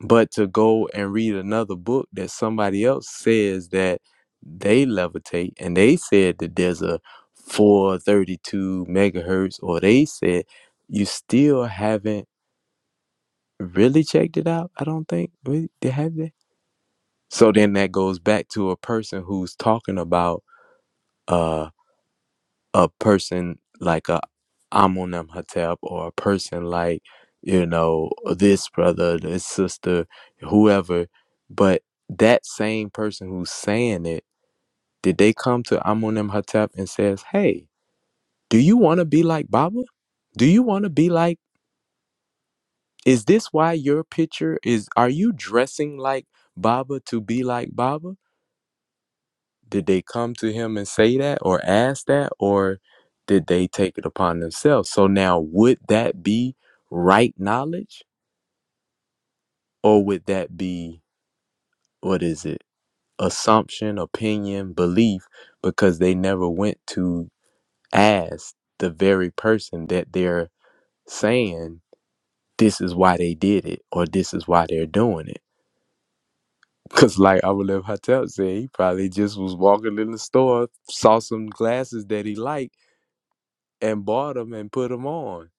But to go and read another book that somebody else says that they levitate and they said that there's a 432 megahertz, or they said you still haven't really checked it out. I don't think we they have that. So then that goes back to a person who's talking about uh. a person like a Amunem Hatep or a person like, you know, this brother, this sister, whoever. But that same person who's saying it, did they come to Amunem Hatep and says, Hey, do you want to be like Baba? Do you want to be like is this why your picture is are you dressing like Baba to be like Baba? Did they come to him and say that or ask that, or did they take it upon themselves? So now, would that be right knowledge, or would that be what is it? Assumption, opinion, belief, because they never went to ask the very person that they're saying this is why they did it or this is why they're doing it. Cause like I would let said he probably just was walking in the store, saw some glasses that he liked and bought them and put them on.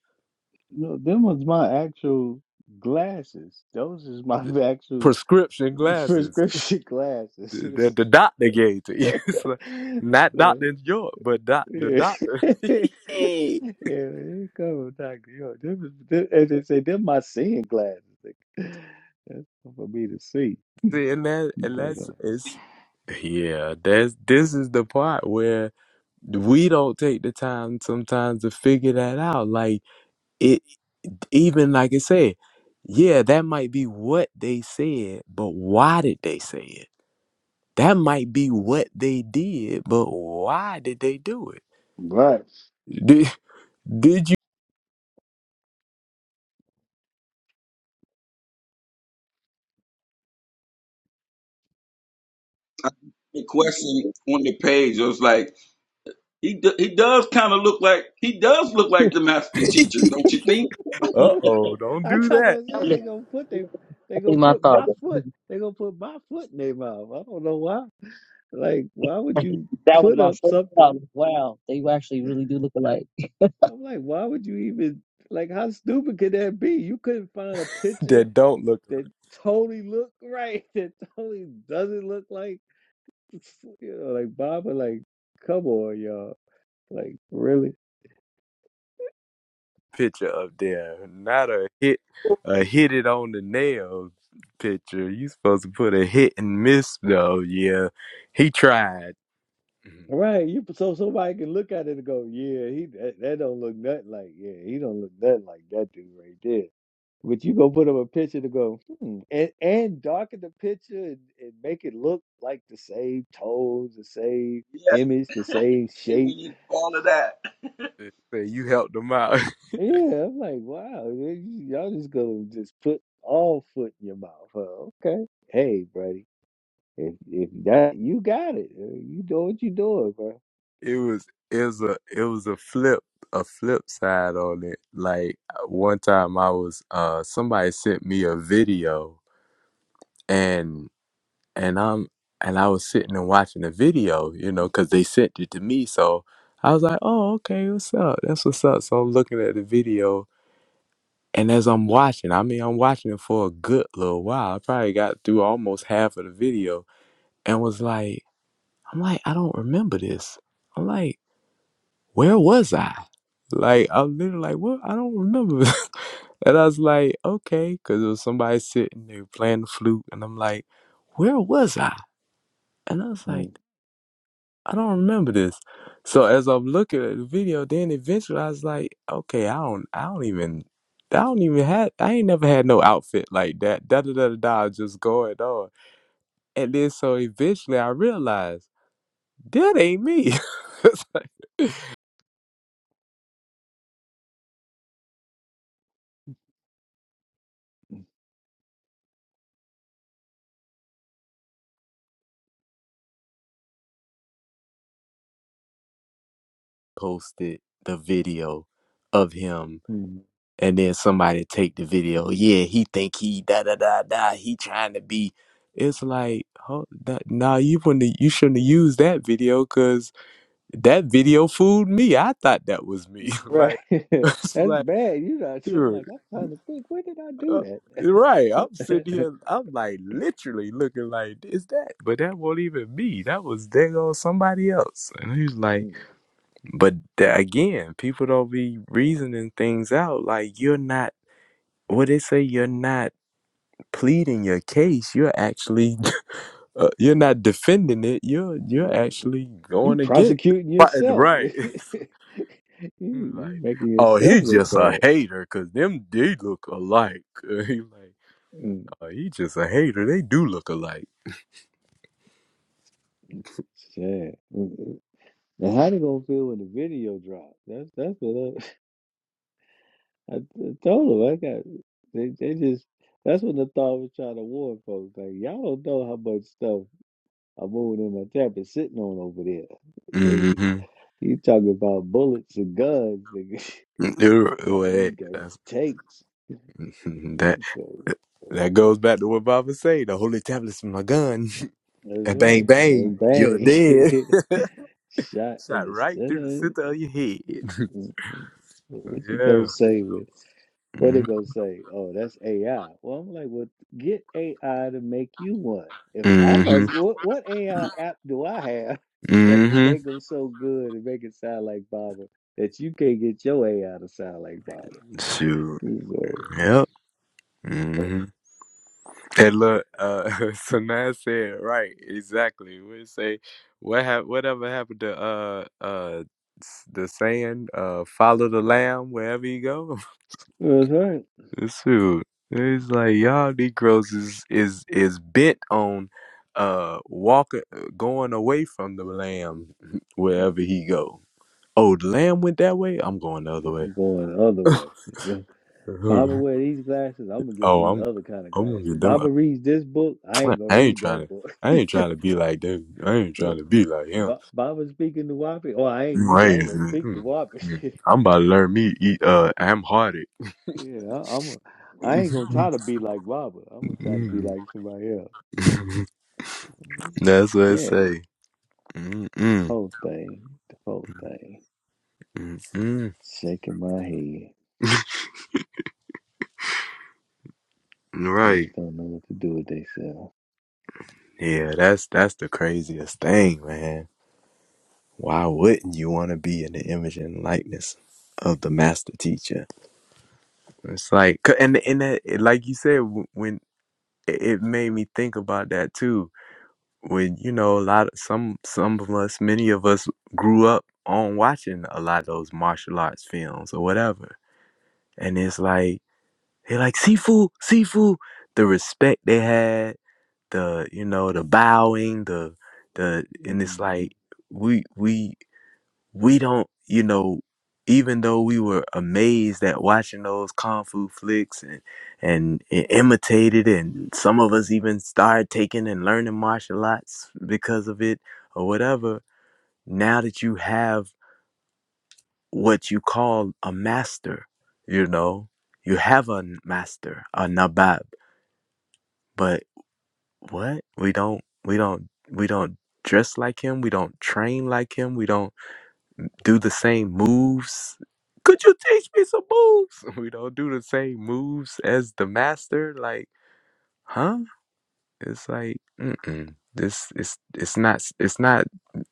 no, them was my actual glasses. Those is my actual Prescription glasses prescription glasses. that the doctor gave to you. It's like, not so, Dr. York, but doc, the Yeah, doctor. yeah, Hey. when they cover doctor. Yo, them, is- them, as they say, them my seeing glasses. Like, that's for me to see. See, and, that, and But that's, uh, it's, yeah, that's, this is the part where we don't take the time sometimes to figure that out. Like, it, even like I said, yeah, that might be what they said, but why did they say it? That might be what they did, but why did they do it? right. Do, Did you? the question on the page was like he do, he does kind of look like he does look like the master teacher, don't you think? Uh oh, don't I do thought that. I said to they gonna put they they I gonna think my put thought my foot they gonna put my foot in their mouth. I don't know why. Like, why would you that was put my up first thought. something? Wow, they actually really do look alike. I'm like, why would you even like? How stupid could that be? You couldn't find a picture That don't look like that a totally look right, that totally doesn't look like. you know, like Baba, like, come on, y'all. Like, really? picture up there. Not a hit, a hit it on the nail picture. You supposed to put a hit and miss though. Yeah, he tried. Right. You so somebody can look at it and go, yeah, he that, that don't look nothing like yeah, he don't look nothing like that dude right there. But you gonna put up a picture to go, hmm, and and darken the picture and, and make it look like the same tones, the same image, the Yeah, same they shape. went into all of that. Say You helped him out. Yeah, I'm like, wow, y- y'all just gonna just put all foot in your mouth, huh? Okay, hey, buddy. If if that you got it, Uh, you do what you doing, bro. It was it was a it was a flip a flip side on it. Like uh, one time I was uh somebody sent me a video and I'm and I was sitting and watching the video, you know, because they sent it to me. So I was like, oh, okay, what's up? That's what's up. So I'm looking at the video, and as I'm watching, I mean, I'm watching it for a good little while. I probably got through almost half of the video, and was like, I'm like, I don't remember this. I'm like, where was I? Like I'm literally like, what? I don't remember. and I was like, okay, because it was somebody sitting there playing the flute, and I'm like, where was I? And I was like. Mm, I don't remember this. So as I'm looking at the video, then eventually I was like, okay, I don't, I don't even, I don't even had, I ain't never had no outfit like that. Da da da da da, just going on. And then so eventually I realized that ain't me. It's like, Posted the video of him, mm. and then somebody take the video. Yeah, he think he da da da da. He trying to be. It's like, oh, that, nah, you wouldn't, you shouldn't have used that video because That video fooled me. I thought that was me. Right, like, it's that's like, bad. You know, I'm dude, like I'm trying to think. When did I uh, do right. I'm sitting that? here, I'm like literally looking like, is that? But that wasn't even me. That was dang on somebody else. And he's like, Mm, but tha- again, people don't be reasoning things out. Like, you're not, what they say, you're not pleading your case. You're actually, uh, you're not defending it. You're, you're mm. actually you going against. prosecuting it. yourself. Right. you, He you like, making oh, he yourself look just a bad. hater, cause them they look alike. he like, Mm, oh, he just a hater. They do look alike. sad. Mm, mm. Now, how they gonna feel when the video drops? That's that's what I, I, t- told them. I got they they just that's what the thought was trying to warn folks. Like y'all don't know how much stuff. I moved in my trap and sitting on over there. Nigga, Mm-hmm. you talking about bullets and guns, nigga. You got That's, takes. that So that goes back to what Baba say. The holy tablet's my gun. that's And bang right. bang, Bang you're bang. dead. Shot in Shot the right through the center. center of your head. Mm-hmm. What you gonna say with What they gonna say? Oh, that's AI. Well, I'm like, well, get AI to make you one. If I Mm-hmm. must, what, what AI app do I have that can Mm-hmm. make them so good and make it sound like Baba that you can't get your AI to sound like Baba? Shoot. So, Yep. but- Mm-hmm. Hey, look, uh, Sanaa said right, exactly. We say what hap- whatever happened to uh uh s- the saying uh follow the lamb wherever you go. that's right. Shoot, it's like y'all Negroes is is is bent on uh walking uh, going away from the lamb Mm, wherever he go. Oh, the lamb went that way. I'm going the other yeah, way. I'm going the other way. Baba wear these glasses. I'm gonna get oh, these I'm other kind of I'm gonna glasses. get them. Baba reads this book. I Like, ain't gonna I ain't read that trying to. book. I ain't trying to be like that. I ain't trying Look, to be like him. ba- Baba speaking to Wapi. Oh, I ain't I'm you. I ain't gonna speak to mm, Wapi. mm. I'm about to learn me eat. Uh, I'm hearted. Yeah, I, I'm. A, I ain't gonna try to be like Robert. I'm gonna try to be Mm. like somebody else. that's what I Okay, say. Mm-mm. whole thing, the whole thing. Mm-mm. Shaking my head. They Right. just don't know what to do with themselves. Yeah. That's that's the craziest thing, man. Why wouldn't you want to be in the image and likeness of the master teacher? It's like, 'cause- and and that, like you said, w- when it it made me think about that too when you know a lot of some some of us many of us grew up on watching a lot of those martial arts films or whatever and it's like they like sifu sifu the respect they had the you know the bowing the the and it's like Mhm. we we we don't, you know, even though we were amazed at watching those kung fu flicks and, and, and imitated, and some of us even started taking and learning martial arts because of it or whatever, now that you have what you call a master, you know, you have a master, a nabab, but what? We don't, we don't, we don't dress like him. We don't train like him. We don't do the same moves. Could you teach me some moves? We don't do the same moves as the master. Like, huh? It's like, mm-mm. This it's it's not it's not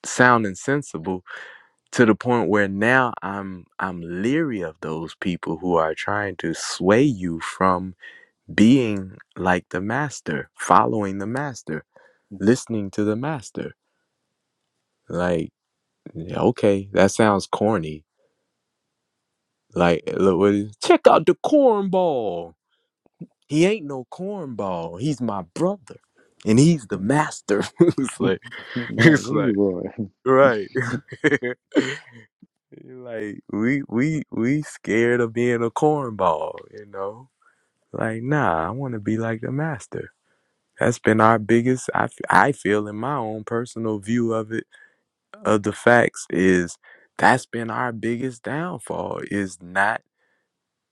sounding sensible to the point where now I'm I'm leery of those people who are trying to sway you from being like the master, following the master, listening to the master. Like, yeah, okay, that sounds corny Like, look, what is, check out the cornball. He ain't no cornball. He's my brother, and he's the master. it's like, now it's like, Leroy. right. like we we we scared of being a cornball, you know. Like, nah, I want to be like the master. That's been our biggest. I f- I feel in my own personal view of it of the facts is that's been our biggest downfall is not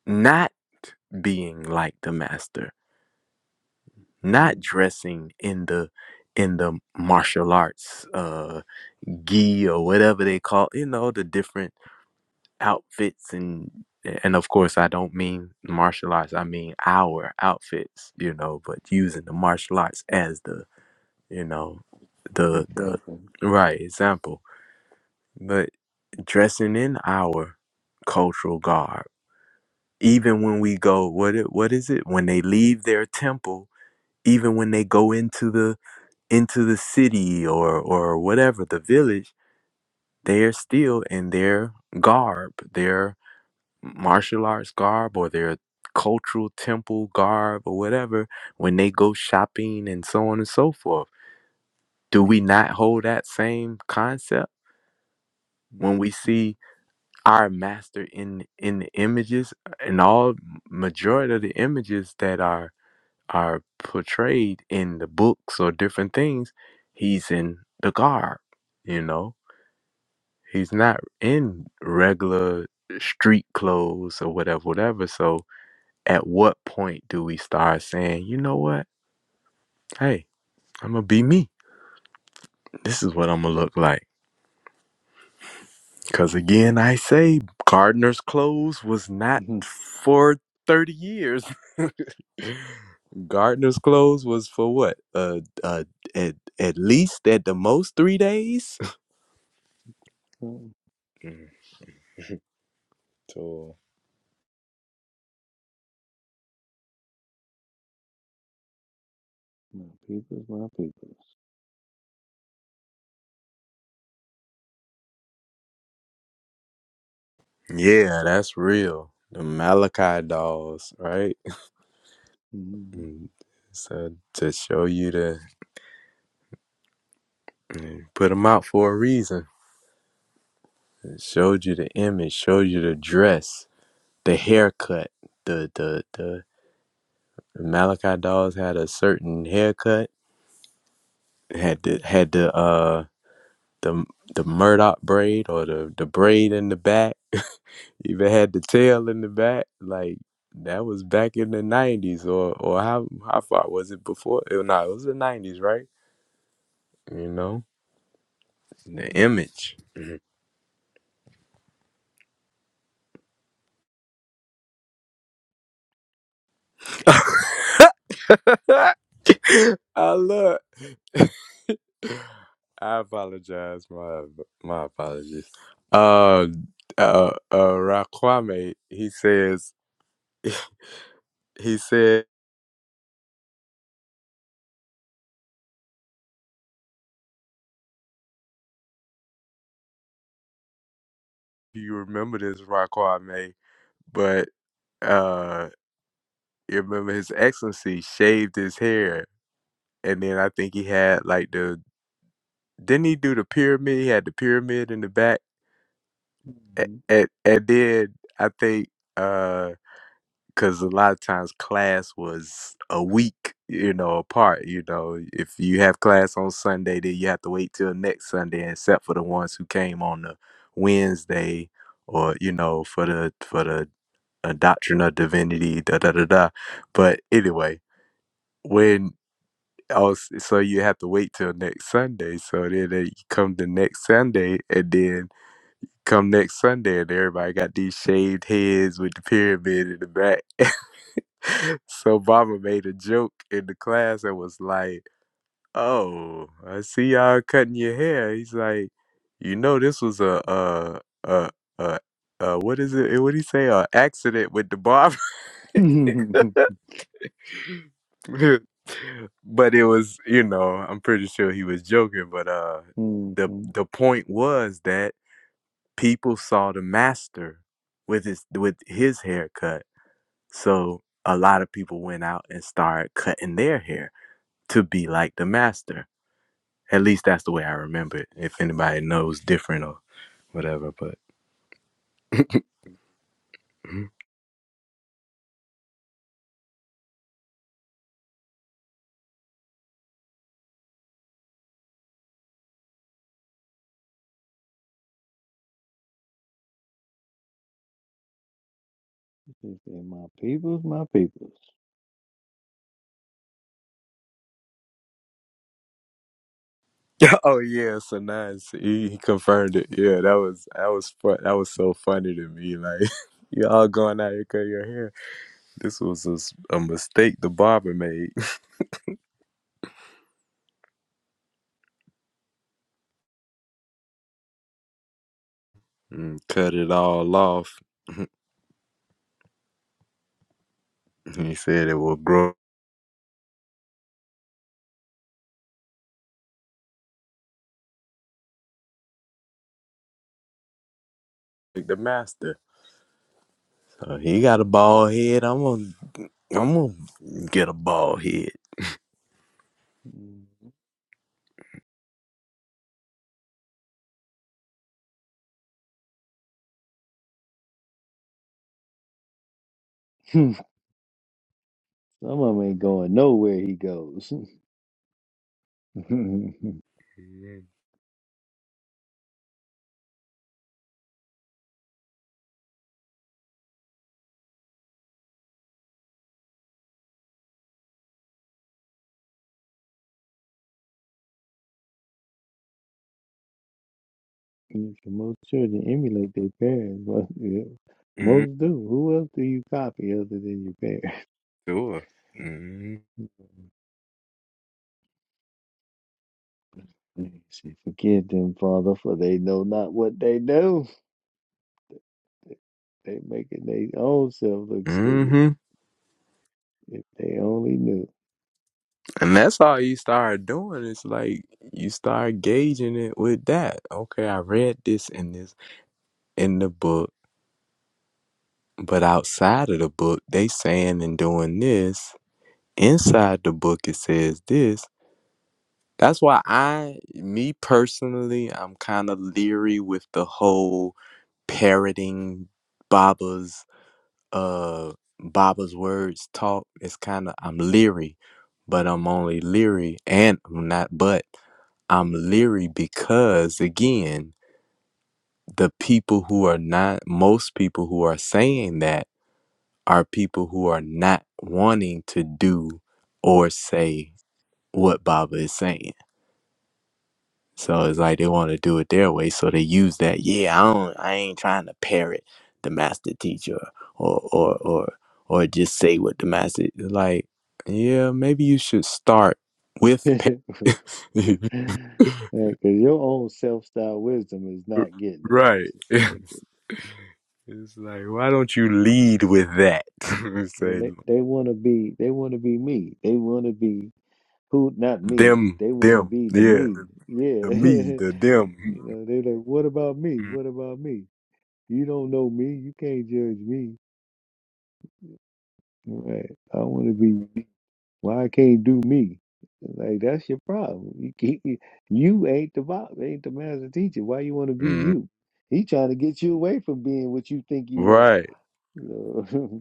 not being like the master not Mhm. dressing in the in the martial arts uh gi or whatever they call you know the different outfits and and of course i don't mean martial arts i mean our outfits you know but using the martial arts as the you know the the Example. right example but dressing in our cultural garb even when we go what it, what is it when they leave their temple even when they go into the into the city or or whatever the village they're still in their garb their martial arts garb or their cultural temple garb or whatever when they go shopping and so on and so forth do we not hold that same concept when we Mhm. see our master in in the images and all majority of the images that are are portrayed in the books or different things, he's in the garb, you know? He's not in regular street clothes or whatever, whatever. So at what point do we start saying, you know what? Hey, I'm gonna be me. This is what I'm gonna look like. Cause again, I say gardener's clothes was not Mhm. for 30 years. gardener's clothes was for what? Uh, uh, at, at least at the most three days. So my people's my people's. yeah, that's real. The Malachi dolls, right? Mhm. Mm, So to show you the mm, put them out for a reason. It showed you the image, showed you the dress, the haircut. The the the, the Malachi dolls had a certain haircut. Had the had the uh the the Murdoch braid or the the braid in the back Even had the tail in the back. Like that was back in the nineties, or or how how far was it before? No, nah, it was the nineties, right? You know the image. I look. I apologize. My my apologies. Uh, uh, uh, Raquame. He says. He said. You remember this Raquame, but uh, you remember His Excellency shaved his hair and then I think he had like the didn't he do the pyramid? He had the pyramid in the back, and, Mhm. and, and then I think uh, because a lot of times class was a week, you know, apart. You know, if you have class on Sunday, then you have to wait till next Sunday, except for the ones who came on the Wednesday, or you know, for the for the uh, doctrine of divinity, da da da da. But anyway. when. Oh, s- so you have to wait till next Sunday. So then they come the next Sunday, and then come next Sunday, and everybody got these shaved heads with the pyramid in the back. so Baba made a joke in the class and was like, "Oh, I see y'all cutting your hair." He's like, "You know, this was a uh uh uh." Uh, what is it? What do you say? A accident with the barber. but it was, you know, I'm pretty sure he was joking, but uh the Mhm. the point was that people saw the master with his with his haircut. So a lot of people went out and started cutting their hair to be like the master. At least that's the way I remember it. If anybody knows different or whatever, but They say, My people's my people's. Oh yeah, so nice. He, he confirmed it. Yeah, that was that was fun. That was so funny to me. Like y'all going out here cut your hair. This was a, s- a mistake the barber made. Mm, cut it all off. He said it will grow like the master. So he got a bald head. I'm gonna I'm gonna get a bald head. Mhm. Some of 'em ain't going nowhere he goes. most children emulate their parents. But yeah, Mm, most do. Who else do you copy other than your parents? sure. And He said, Forgive them, Father, for they know not what they do. They making their own self look stupid. Mm-hmm. If they only knew. And that's all you start doing. It's like you start gauging it with that. Okay, I read this in this in the book, but outside of the book, they saying and doing this. Inside the book, it says this. That's why I, me personally, I'm kind of leery with the whole parroting Baba's uh Baba's words talk, it's kind of I'm leery, but I'm only leery and I'm not but I'm leery because again, the people who are not most people who are saying that are people who are not wanting to do or say what Baba is saying. So it's like they want to do it their way. So they use that. Yeah, I don't. I ain't trying to parrot the master teacher or or or or just say what the master like. Yeah, maybe you should start with. Par- Because your own self-styled wisdom is not getting it. right. It's just not getting it. It's like why don't you lead with that? When Say they, they want to be, they want to be me. They want to be Who, not me. them, They want to them. be the Yeah, me. the, Yeah. the me, the you them. know, they're like, what about me? What about me? You don't know me. You can't judge me. Right. I want to be, why I can't do me? Like, that's your problem. You keep, you you ain't the boss. ain't the master teacher. Why you want to be Mm, you? He trying to get you away from being what you think you are. right. So,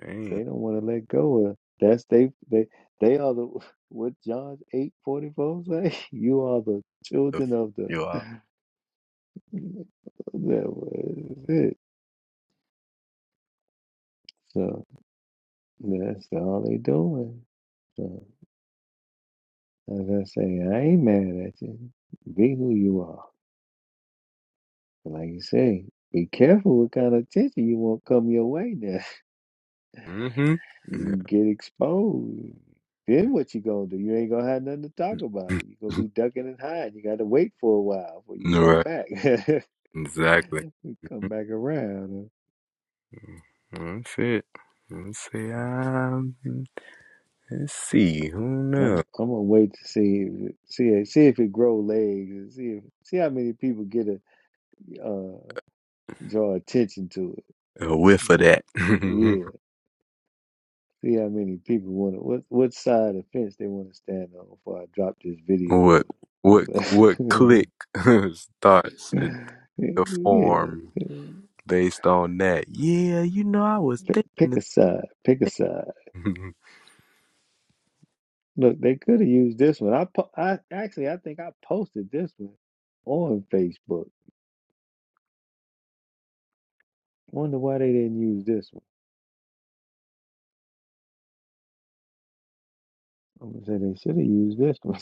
Dang. They don't want to let go of that's they they they are the what John eight forty four say. You are the The children f- of the you are. that was it. So that's all they doing. So as I say, I ain't mad at you. Be who you are. Like you say, be careful what kind of attention you want come your way now. Mm-hmm. You can get exposed. Then what you gonna do? You ain't gonna have nothing to talk about Yeah. it. you gonna be ducking and hiding. You gotta wait for a while before you come Right. back. Exactly. It come back around. That's it. Let's see. Um, let's see. Who huh? I'm I'm knows? gonna wait to see if it- see it- see if it grow legs and see if see how many people get a uh draw attention to it. A whiff you of know? that. Yeah, see how many people want to what what side of the fence they want to stand on before I drop this video on what? What? What? them? Click starts to to form yeah, based on that. Yeah, you know, I was p- thinking. pick The a side, pick a side. same. Look, they could have used this one. I po- I actually I think I posted this one on Facebook. Wonder why they didn't use this one. I'm gonna say they should have used this one.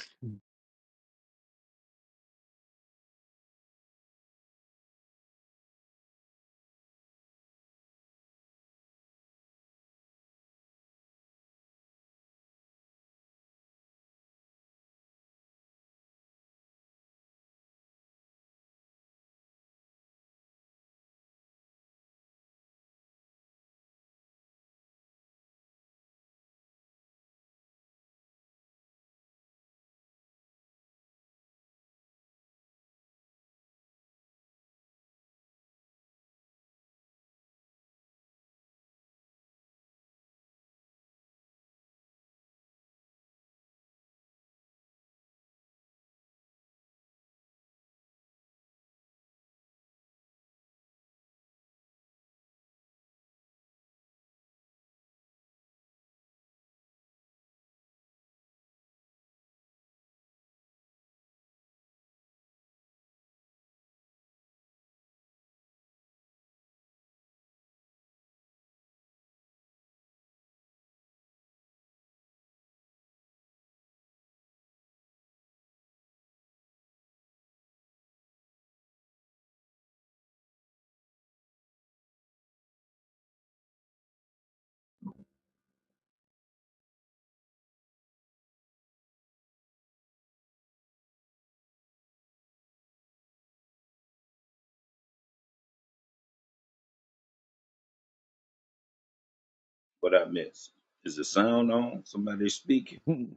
What I missed Is the sound on? Somebody speaking?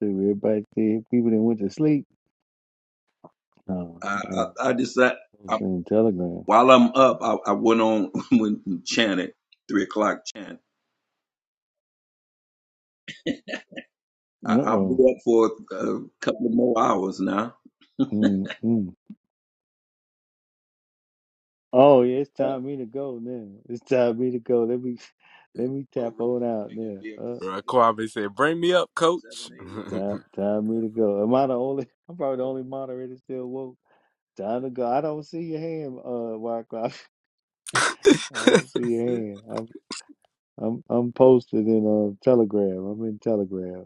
so everybody said people that went to sleep. No, I I'm I, actually I just I, posting a telegram. while I'm up, I, I went on when you chanted three o'clock chant. I, Uh I'll be oh. up for a couple more hours now. mm mm. Oh yeah, it's time Oh, for me to go now. It's time for me to go. Let me let me oh tap on right. out i gonna now. be up to Uh Right, seven Kwame said, "Bring me up, seven coach." a.m. hmm time time for me to go. Am I the only I'm probably the only moderator still woke. Time to go. I don't see your hand, uh Wyckoff. I don't see your hand. I'm I'm I'm posted in uh Telegram. I'm in Telegram.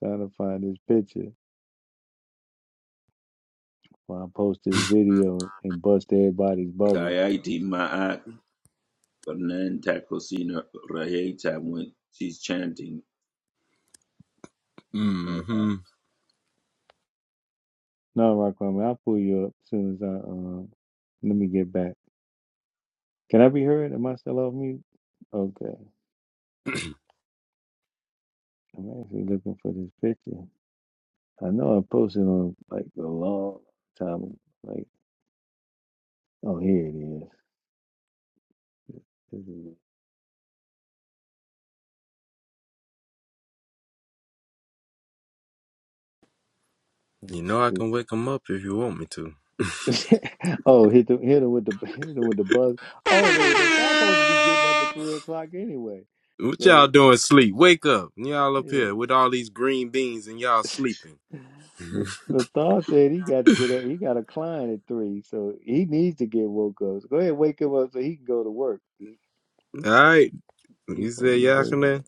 Trying to find this picture. when I post this video and bust everybody's bubble. Gayati Ma'at Banan Takosina Raheta when she's chanting. No, I- No, Rockman, I'll pull you up as soon as I um. Let me get back. Can I be heard? Am I still off mute? Okay, I'm actually looking for this picture. I know I posted on like a long time. Like, oh, here it is. This is- You know, I it. can wake him up if you want me This- oh, hit them, hit them with the hit them with the buzz. Oh, they're, they're supposed to be getting up to. at three o'clock anyway. What y'all So doing sleep? Wake up. Y'all up yeah, here with all these green beans and y'all sleeping. All The the thought said he got to get up. He got a client at three, so he needs to get woke up. So go ahead, wake him up so he can go to work. right. He You supposed said to be waking Yakuna? up.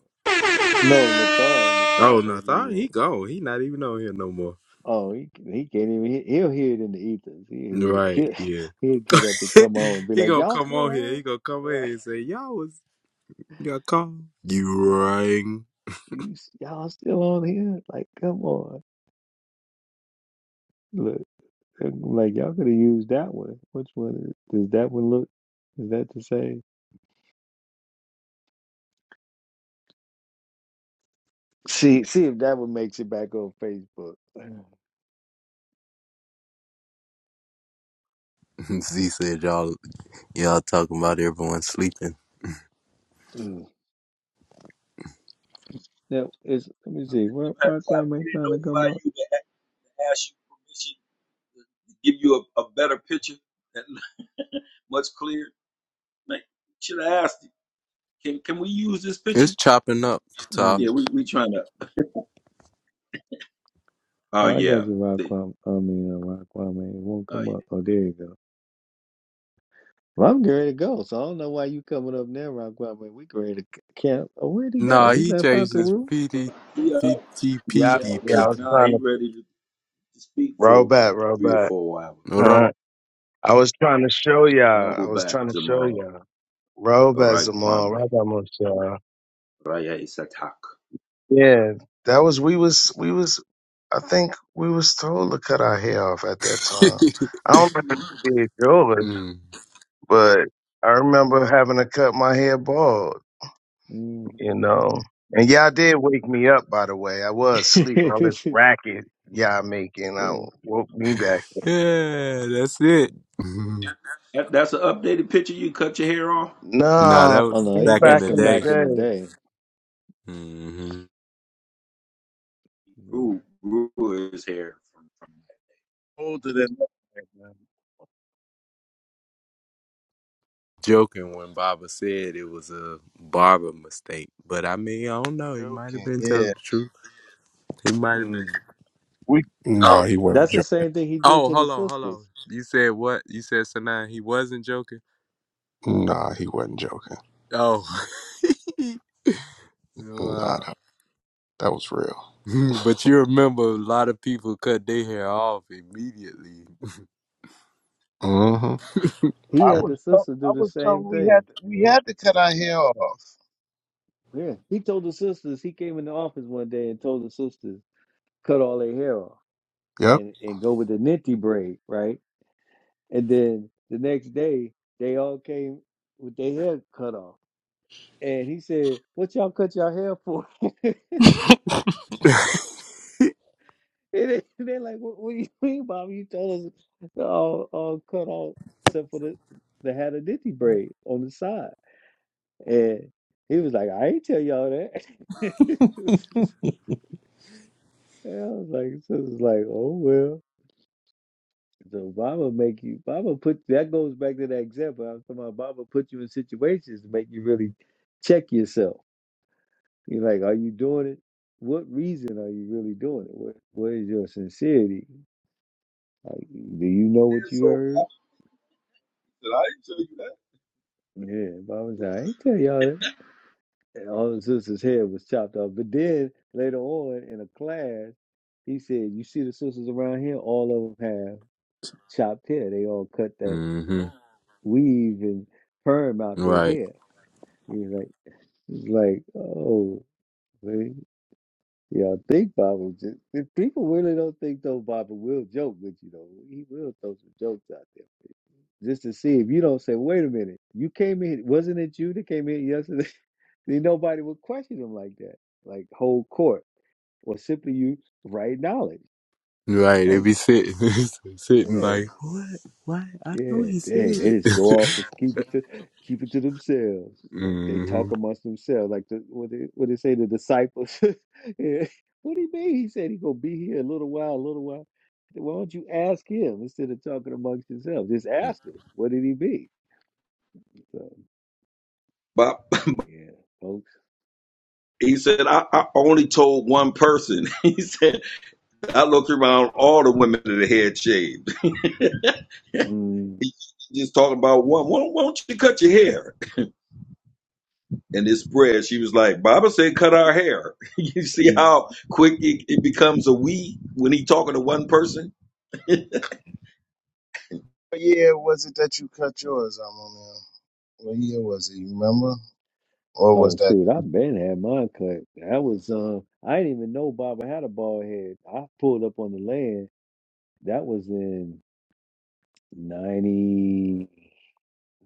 No, Nathal, Nathal Oh, no. I supposed to be thought he woke. go. He not even on here no more. Oh, he he can't even. He, he'll hear it in the ethers. He'll hear it. Right. He'll, Yeah. he'll get up and come on and be he like, gonna "Y'all come still on here. He on? gonna come in here Right? and say, y'all was, y'all call. You Y'all rang. you s- y'all still on here? Like, come on! Look, I'm like y'all could have used that one. Which one is, does that one look? Is that the same? See, see if that one makes it back on Facebook. Z said y'all y'all talking about everyone sleeping. Mm. Now, it's, let me I'm see. gonna Where give her Rock time. They didn't trying to come notify up? you, but I asked you permission give you a, a better picture that much clearer. Like, should I ask you? Can can we use this It's picture? chopping up, Ty. Mm. Yeah, we we trying to. Oh uh, Oh, I got yeah, you, Rock they, I mean, uh, Rock It won't oh uh, come up. Oh, there you go. Well, I'm ready to go, so I don't know why you coming up now, Rock We ready to c- camp. Oh, where'd he go? Nah, He he left out changed the Yep. his room? yeah. PD, He up, he Yeah, all work I was now. trying He to ready to, to speak roll for back, roll three or back. four hours. Right. Uh, I was trying to show y'all. I was Rahubat trying to show Jamal y'all. Roll back, Rai Zamal. Kwame Roll back, Moshel. Raya Isatak. Yeah, that was we was we was. I think we was told to cut our hair off at that time. I don't remember being yours, Mm. but I remember having to cut my hair bald. Mm. You know, and y'all did wake me up. By the way, I was asleep. All this racket y'all making, I See. woke me back Yeah, that's it. Mhm. That, that's an updated picture. You cut your hair off. nah, that No, Oh, was no, that's he, back in back that's the from in day. the back in the day. day. hmm Yeah. Grew grew his hair from from. Older than that, man. Joking when Baba said it was a barber mistake, but I mean, I don't know. He might have Joking. been telling Yeah. the truth. He might have been. Mm. We Oh, Nah, he wasn't That's the joking. same thing he did oh, to the hold on, hold on. sisters. You said what? You said Sanaa. He wasn't joking. Nah, he wasn't joking. Oh, Nah, wow. that, that was real. But you remember a lot of people cut their hair off immediately. Mm-hmm. He I Yeah. had the was told sisters do I the was same told we thing. had to, we had to cut our hair off. Yeah, he told the sisters. He came in the office one day and told the sisters cut all their hair off Yep. and and go with the ninty braid, right? And then the next day they all came with their hair cut off, and he said, "What y'all cut y'all hair for?" and they, they're like, what, "What do you mean, Bobby? You told us to all all cut off except for the the had a ninty braid on the side." And he was like, "I ain't tell y'all that." and I was like, "Sisters, like, oh well." So Baba make you Baba put that goes back to that example. I was talking about Baba put you in situations to make you really check yourself. You're like, are you doing it? What reason are you really doing it? What what is your sincerity? Like, do you know what you so heard? popular. I didn't show you that. Yeah, Baba said, I ain't tell y'all that. And all the sister's head was chopped off. But then later on in a class, he said, You see the sisters around here, all of them have chopped hair. They all cut that hmm weave and perm out their Right. hair. He was like. It's like, oh, they, y'all think Baba just, if people really don't think though, Baba will joke with you though. He will throw some jokes out there just to see if you don't say, wait a minute, you came in, wasn't it you that came in yesterday? then nobody would question him like that, like whole court, or simply you right knowledge. Right, they Like, be sitting, sitting yeah, like, what? Why? I know Yeah, he they, said they it. just go off and keep it to keep it to themselves. Like they hmm talk amongst themselves. Like the, what they what they say the disciples. yeah. What do you mean? He said he gonna be here a little while, a little while. Why don't you ask him instead of talking amongst yourself? Just ask him. What did he be? So, Bop. like, yeah, folks. He said, I, I only told one person. He said, I looked around all the women that had shaved. mm He just talking about one. Why, don't- why don't you cut your hair? And this spread, she was like, Baba said, cut our hair. you see mm. how quick it, it becomes a we when he talking to one person? What year was it that you cut yours, I'm on now? What year was it, you remember? Or was Oh that shoot, I been had mine cut. That was um, I didn't even know Baba had a bald head. I pulled up on the land. That was in ninety.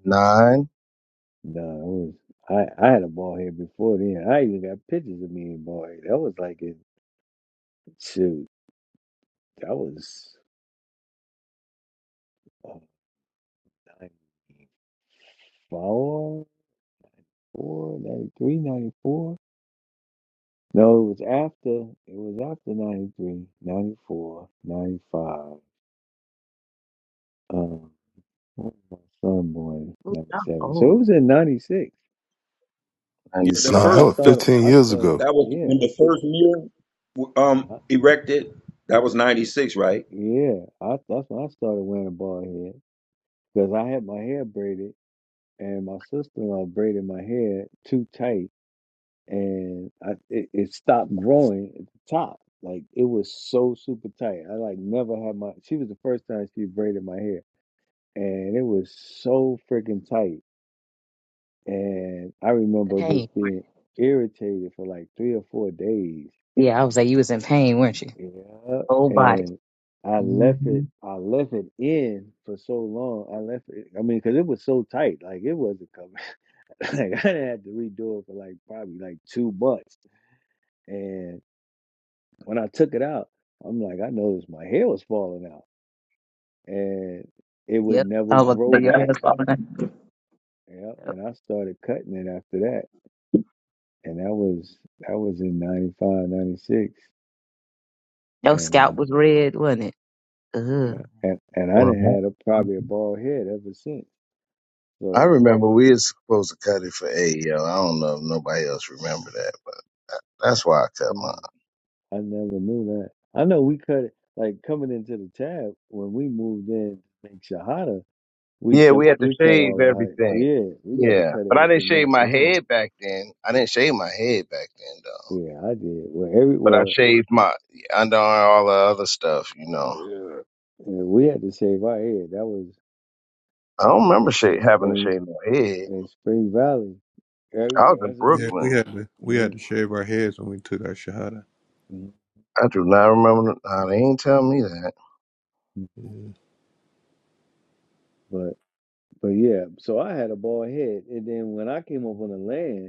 nine? No, it was I. I had a bald head before then. I even got pictures of me in bald head. That was like in shoot. That was oh, 94, 4, ninety-three, ninety-four. No, it was after. It was after 93, 94, 95. Um, when was my son born Ooh, I'm 97. So it old. was in 96. Ninety Yeah, the six? Nah, that I first, was the started. 15 I years started. ago. that was when Yeah. the first mirror um I, erected. That was 96, right? yeah. I, that's when I started wearing a bald head because I had my hair braided. and my sister-in-law braided my hair too tight, and I, it, it stopped growing at the top. Like it was so super tight. I like never had my. She was the first time she braided my hair, and it was so freaking tight. And I The remember just Pain. being irritated for like three or four days. Yeah, I was like, you was in pain, weren't you? Yeah, Whole body. and I left it. hmm I left it in for so long. I left it. I mean, because it was so tight. Like it wasn't coming. Like I had to redo it for like probably like two months. And when I took it out, I'm like, I noticed my hair was falling out, and it would Yep. never I was grow like, yeah, back. that's all right. Yeah, Yep. and I started cutting it after that, and that was that was in 95, 96, Your scalp and was red, wasn't it? uh, Ugh. and and I didn't Uh-huh. had a, probably a bald head ever since. I So remember we were supposed to cut it for eight, yo. I don't know if nobody else remember that, but that- that's why I cut mine. mm, I never knew that. I know we cut it like coming into the tab when we moved in in Shahada We Yeah, took we had to we cut shave all the hype. everything. Yeah, we had to Yeah, cut but I didn't everything shave off my then. head back then. I didn't shave my head back then though. Yeah, I did. Well, every But I well, shaved my under all the other stuff. You know, yeah, we had to shave our head. That was I don't remember in, sha- in having to spring shave my head. in Spring Valley. I Every- was in That's what we Yeah, we Brooklyn. did. had to Yeah. we had to shave our heads when we took our shahada. Mhm. I do not remember. Nah, they ain't tell me that. Mm. But but yeah, so I had a bald head, and then when I came up on the land.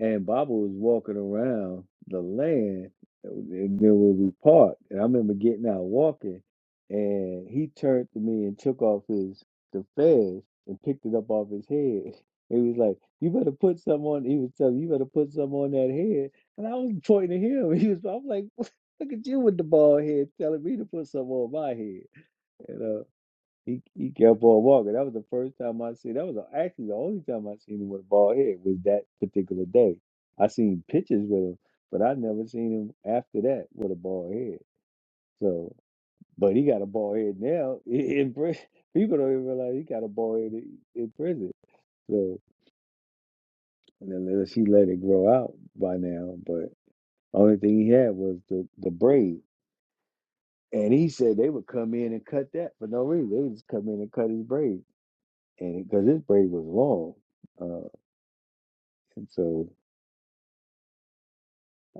and Baba was walking around the land, uh, and then when we parked, and I remember getting out walking, and he turned to me and took off his the fez and picked it up off his head. He was like, "You better put some on." He was telling me, you better put some on that head, and I was pointing at him. He was, I'm like, "Look at you with the bald head, telling me to put some on my head," you know. He he kept on walking. That was the first time I seen. That was the- actually the only time I seen him with a bald head was that particular day. I seen pictures with him, but I never seen him after that with a bald head. So, but he got a bald head now i- in prison. People don't even realize he got a bald head in, in prison. So, and then unless he let it grow out by now, but only thing he had was the the braid. And he said they would come in and cut that for no reason. They would just come in and cut his braid, and because his braid was long. Uh, And so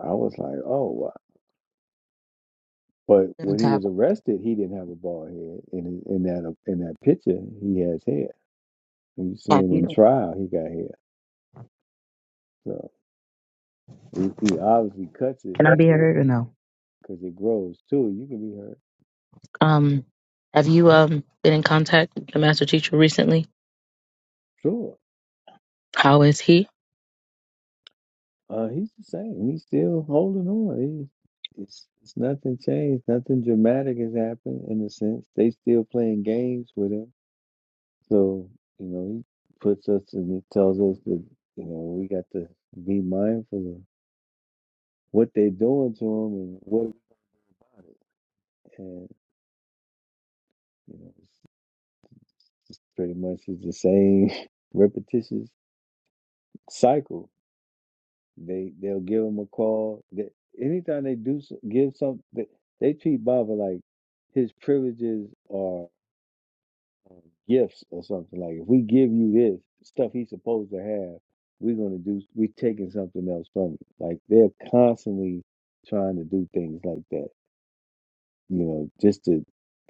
I was like, oh, wow. But Seven when he Top. was arrested, he didn't have a bald head. In in that uh, in that picture, he has hair. When you see Have him in you? trial, he got hair. So he, he obviously cuts it Can I be heard or no? because it grows too. You can be hurt. Um, have you um been in contact with the master teacher recently? Sure. How is he? Uh, he's the same. He's still holding on. He, it's, it's nothing changed. Nothing dramatic has happened in a sense. They still playing games with him. So you know, he puts us and he tells us that you know we got to be mindful of." what they're doing to them and what we gonna do about it. And you know, it's pretty much it's the same repetitious cycle. They they'll give them a call. They, anytime they do s- give something, they, they treat Baba like his privileges are um, gifts or something. Like if we give you this stuff, he's supposed to have. We're gonna do. We're taking something else from you. Like they're constantly trying to do things like that you know, just to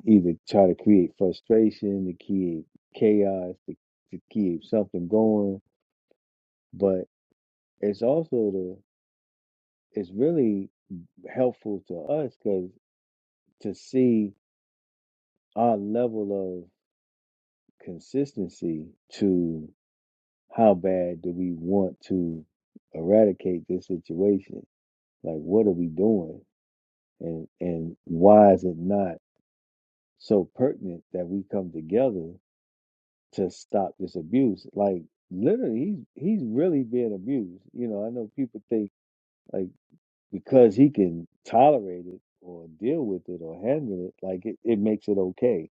either try to create frustration, to create chaos, to, to keep something going. But it's also the it's really helpful to us because to see our level of consistency to how bad do we want to eradicate this situation? Like, what are we doing? And and why is it not so pertinent that we come together to stop this abuse. Like literally, he's he's really being abused. You know, I know people think like because he can tolerate it or deal with it or handle it, like it, it makes it okay.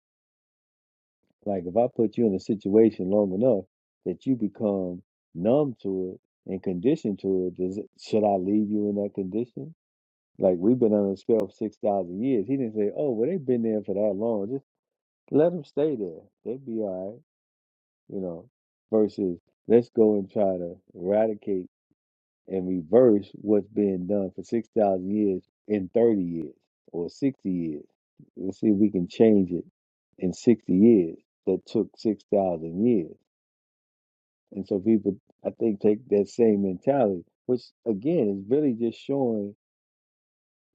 Like if I put you in a situation long enough that you become numb to it and conditioned to it, does it, should I leave you in that condition? Like we've been under a spell for six thousand years. He didn't say, "Oh, well, they've been there for that long. Just let them stay there. They'll be all right." you know, versus let's go and try to eradicate and reverse what's being done for 6,000 years in 30 years or 60 years. Let's see if we can change it in 60 years that took 6,000 years. And so people, I think, take that same mentality, which again is really just showing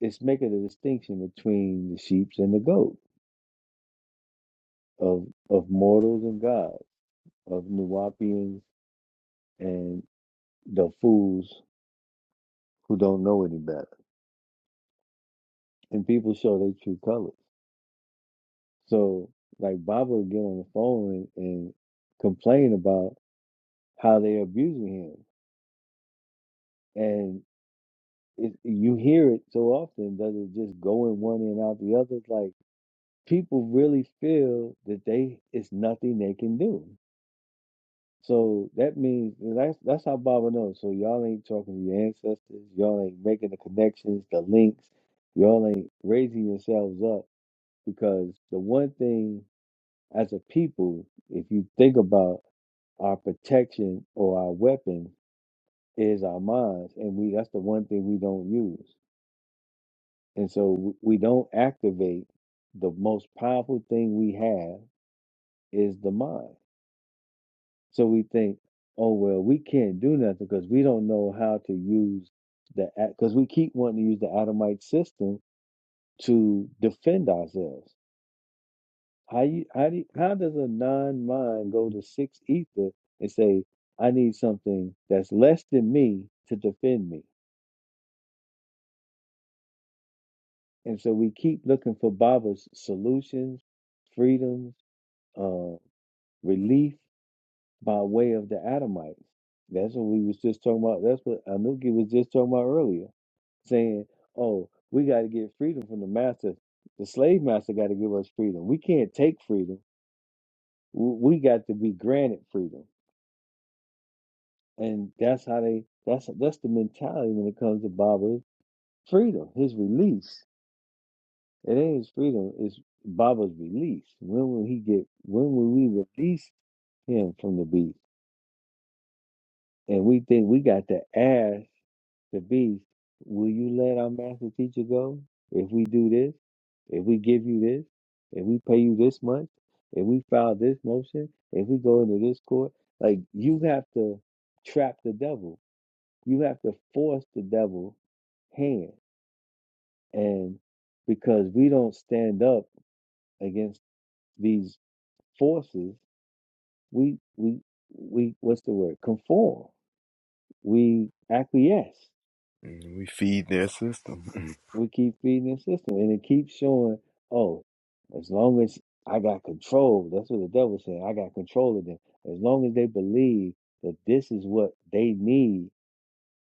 it's making a distinction between the sheep and the goat of of mortals and gods, of Nuwapians and the fools who don't know any better. And people show their true colors. So, like, Baba would get on the phone and, and complain about how they're abusing him. And it, you hear it so often, does it just go in one ear and out the other? Like, people really feel that they it's nothing they can do. So that means and that's that's how Baba knows. So y'all ain't talking to your ancestors, y'all ain't making the connections, the links, y'all ain't raising yourselves up because the one thing as a people, if you think about our protection or our weapon is our minds, and we that's the one thing we don't use, and so w- we don't activate the most powerful thing we have is the mind. So we think, oh well, we can't do nothing because we don't know how to use the because we keep wanting to use the Adamite system to defend ourselves How you how do you, how does a non mind go to six ether and say, I need something that's less than me to defend me? And so we keep looking for Baba's solutions, freedoms, uh, relief by way of the Adamites. That's what we was just talking about. That's what Anuki was just talking about earlier, saying, "Oh, we got to get freedom from the master. The slave master got to give us freedom. We can't take freedom. W- We got to be granted freedom." And that's how they that's that's the mentality when it comes to Baba's freedom, his release. It ain't his freedom, it's Baba's release. When will he get when will we release him from the beast? And we think we got to ask the beast, will you let our master teacher go? If we do this, if we give you this, if we pay you this much, if we file this motion, if we go into this court, like you have to trap the devil You have to force the devil hand. And because we don't stand up against these forces, we we we what's the word? Conform. We acquiesce. We feed their system. We keep feeding the system, and it keeps showing. Oh, as long as I got control, that's what the devil's saying. I got control of them. As long as they believe that this is what they need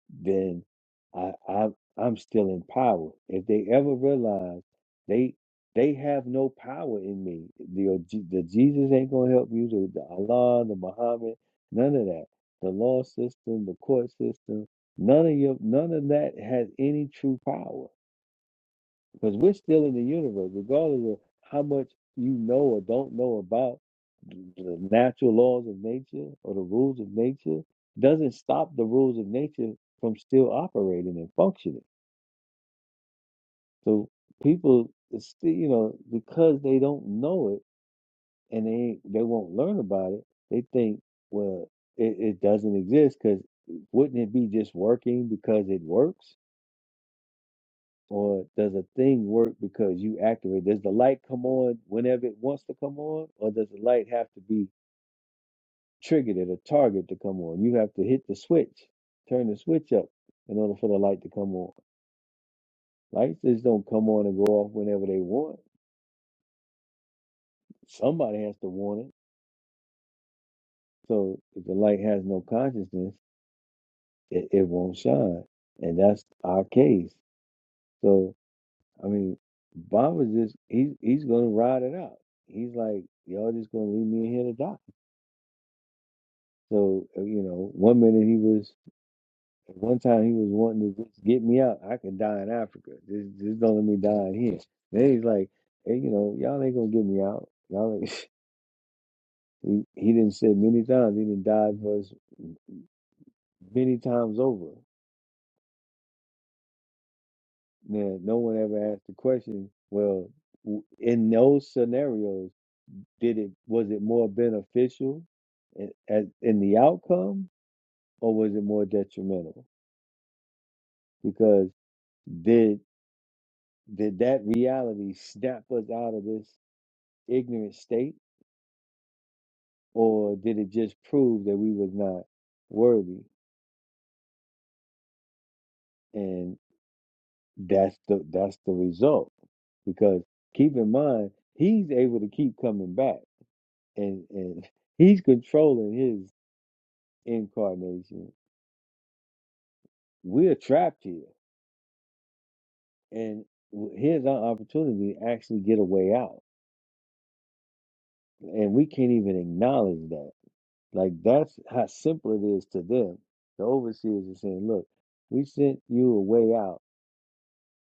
then I, I I'm still in power. If they ever realize they they have no power in me, the the Jesus ain't gonna help you, the, the Allah, the Muhammad, none of that. The law system, the court system, none of your none of that has any true power. Because we're still in the universe, regardless of how much you know or don't know about the natural laws of nature or the rules of nature, doesn't stop the rules of nature from still operating and functioning. So people, still, you know, because they don't know it and they ain't- they won't learn about it, they think, well, it, it doesn't exist because wouldn't it be just working because it works? Or does a thing work because you activate? Does the light come on whenever it wants to come on, or does the light have to be triggered at a target to come on? You have to hit the switch, turn the switch up in order for the light to come on. Lights just don't come on and go off whenever they want. Somebody has to want it. So if the light has no consciousness, it, it won't shine. And that's our case. So I mean, Bob is just he's he's gonna ride it out. He's like, Y'all just gonna leave me in here to die. So uh, you know, one minute he was, one time he was wanting to just get me out. I could die in Africa. Just, just don't let me die in here. Then he's like, hey, you know, y'all ain't gonna get me out. Y'all ain't. He, he didn't say many times. He didn't die for us many times over. Now, no one ever asked the question. Well, w- in those scenarios, did it was it more beneficial in, as, in the outcome, or was it more detrimental? Because did did that reality snap us out of this ignorant state or did it just prove that we was not worthy and that's the that's the result because keep in mind he's able to keep coming back and and he's controlling his incarnation we're trapped here and w- here's our opportunity to actually get a way out and we can't even acknowledge that Like that's how simple it is to them. The overseers are saying, "Look, we sent you a way out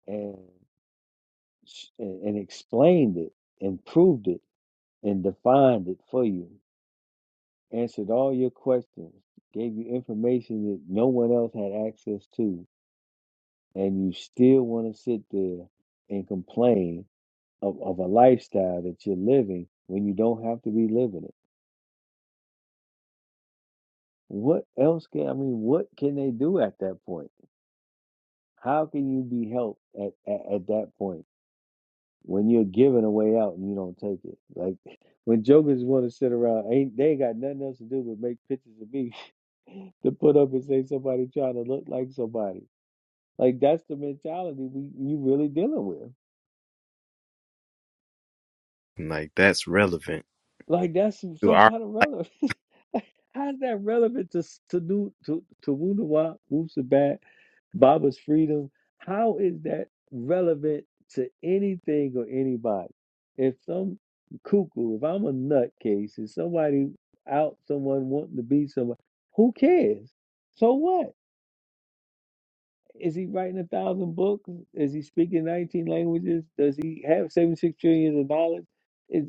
and sh- and and explained it, and proved it, and defined it for you. Answered all your questions, gave you information that no one else had access to, and you still want to sit there and complain of, of a lifestyle that you're living when you don't have to be living it. What else can I mean? What can they do at that point?" How can you be helped at, at, at that point when you're giving a way out and you don't take it? Like when jokers want to sit around, ain't they ain't got nothing else to do but make pictures of me to put up and say somebody trying to look like somebody. Like that's the mentality we you really dealing with. Mm. like, that's relevant Like that's some, to some our, kind of like, relevant. How's that relevant to s- to do to to Wunawa, Baba's freedom. How is that relevant to anything or anybody? If some cuckoo, if I'm a nutcase, if somebody out, someone wanting to be someone, who cares? So what? Is he writing a thousand books? Is he speaking 19 languages? Does he have 76 trillion of dollars? Is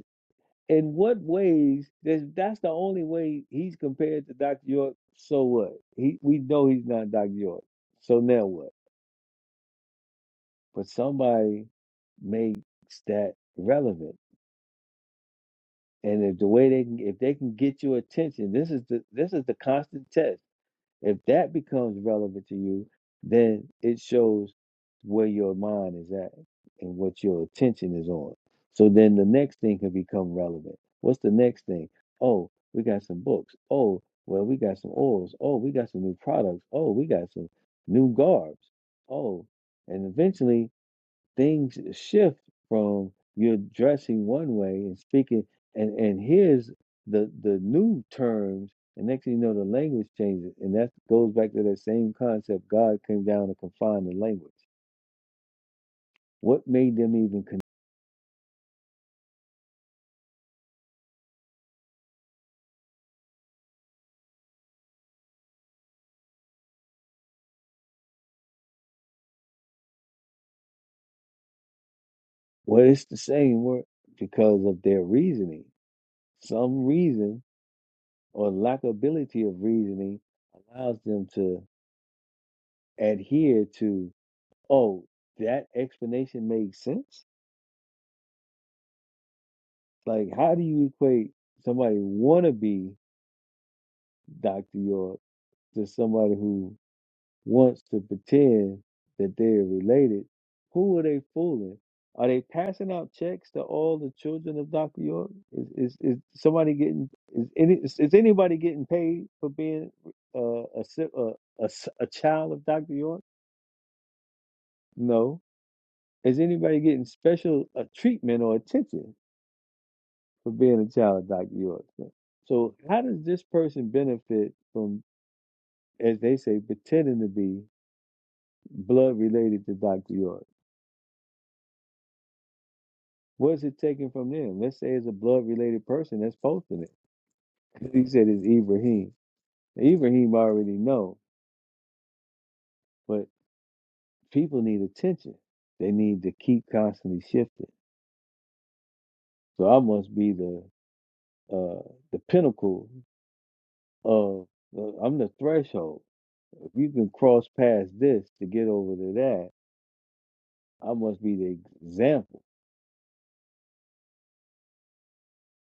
in what ways? That's, that's the only way he's compared to Dr. York. So what? He we know he's not Dr. York. So now what? but somebody makes that relevant. And if the way they can, if they can get your attention, this is the this is the constant test. If that becomes relevant to you, then it shows where your mind is at and what your attention is on. So then the next thing can become relevant. What's the next thing? Oh, we got some books. Oh, well, we got some oils. Oh, we got some new products. Oh, we got some new garbs. Oh, and eventually things shift from you're dressing one way and speaking and and here's the the new terms and next thing you know the language changes and that goes back to that same concept god came down to confine the language what made them even con- well it's the same word because of their reasoning some reason or lack ability of reasoning allows them to adhere to oh that explanation makes sense Like, how do you equate somebody wanna be Dr. York to somebody who wants to pretend that they're related? Who are they fooling? Are they passing out checks to all the children of Dr. York? Is is, is somebody getting is any is, is anybody getting paid for being uh, a, si- uh, a s- a child of Dr. York? No. Is anybody getting special uh, treatment or attention? for being a child of Dr. York. So, so how does this person benefit from, as they say, pretending to be blood related to Dr. York? What's it taken from them? Let's say it's a blood related person that's posting it. He said it's Ibrahim. Ibrahim already know, but people need attention. They need to keep constantly shifting. So I must be the uh, the pinnacle of uh, I'm the threshold. If you can cross past this to get over to that, I must be the example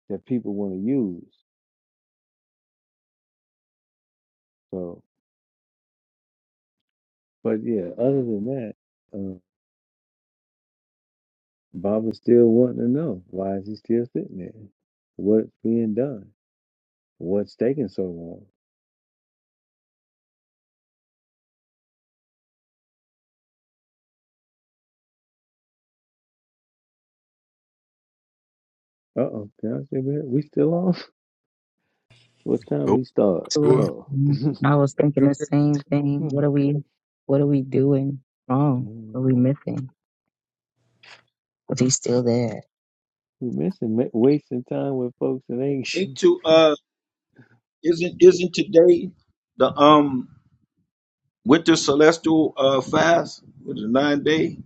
that people want to use. So, but yeah, other than that, uh, Bob is still wanting to know why is he still sitting there? What's being done? What's taking so long? Uh oh, can I say back? We still on? What time oh, we start? So, Well, Oh, mm, I was thinking the same thing. What are we? What are we doing wrong? What Mm, are we missing? Is he still there? we missing ma- wasting time with folks that ain't Ain't to, uh, isn't, isn't today the, um, with the celestial uh, fast, with the nine day,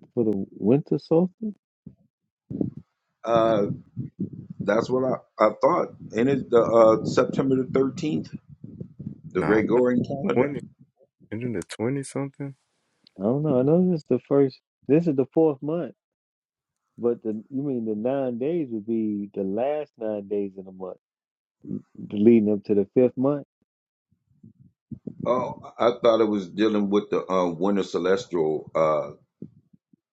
for the winter solstice. mm, uh, that's what I, I thought. And it's the uh, September the thirteenth, the nah, I thought Gregorian calendar. 20, isn't it 20 something? I don't know. I know this is the first. This is the fourth month But the you mean the nine days would be the last nine days in the month, leading up to the fifth month, Oh, I thought it was dealing with the uh winter celestial uh,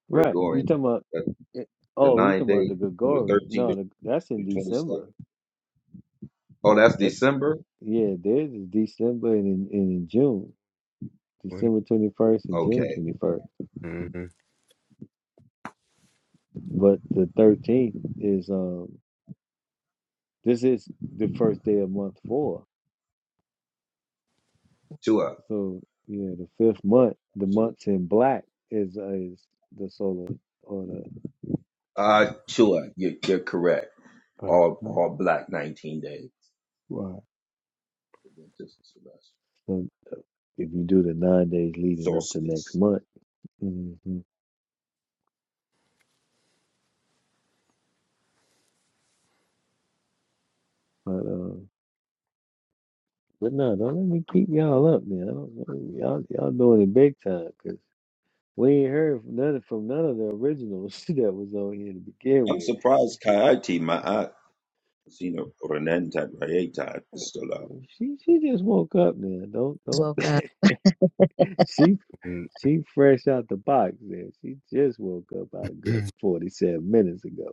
right? You Gregorian, talking about? the, it- the Oh, you nine talking about day the from the Gregorian? thirteenth No, to the, that's in the twenty second. December. Oh, that's That December. yeah, theirs is December and in, and in June, 20. December twenty first and June Okay, twenty first. Mm-hmm. But the thirteenth is um this is the first day of month four. Tua, So yeah, the fifth month, the absolutely. months in black is is the solar or the Uh, Tua, you're, you're correct. uh, All uh, all black nineteen days. right. Winter celestial if you do the nine days leading up to solstice. next month. hmm But uh, but no, don't let me keep y'all up, man. I don't, y'all y'all doing it big time because we ain't heard from none from none of the originals that was on here to begin I'm with. surprised Kayati Ma'at, you know, Renantat Rayetat is Oh, still out. Well, she she just woke up now. Don't don't Woke up. she she fresh out the box man. She just woke up about a good forty seven minutes ago.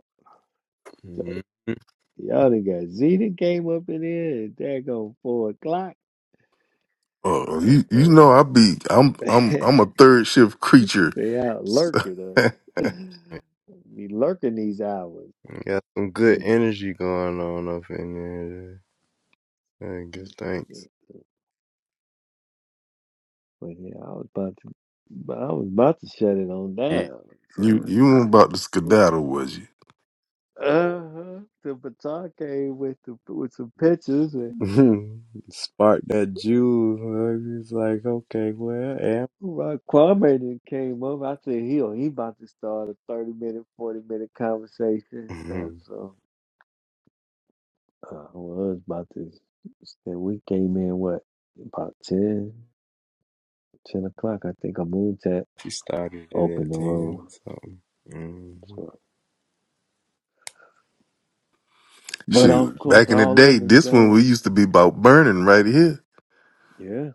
So Mm-hmm. y'all done got Zeta came up in here at daggone four o'clock. Uh, you you Uh-oh. know I be I'm I'm I'm a third shift creature. Stay out lurking. Uh, be lurking these hours. Got some good Mm, energy going on up in there. yeah. I mm, guess yeah. thanks. But yeah, I was about to, but I was about to shut it on Yeah. down. you So you weren't about to skedaddle, was you? uh-huh. the baton came with the with some pictures and. Spark that jewel. huh? It's like, okay, well, Right, Kwame then came up. I said, "He'll he about to start a thirty minute, forty minute conversation." And Mhm. so uh, I was about to. Then we came in what about 10 10 o'clock? I think a moon tap She started it at opened the 10, room. so. mhm. So But of Shoot, course, back in the all day, them is this one we gone. used to be about burning right here. Yeah.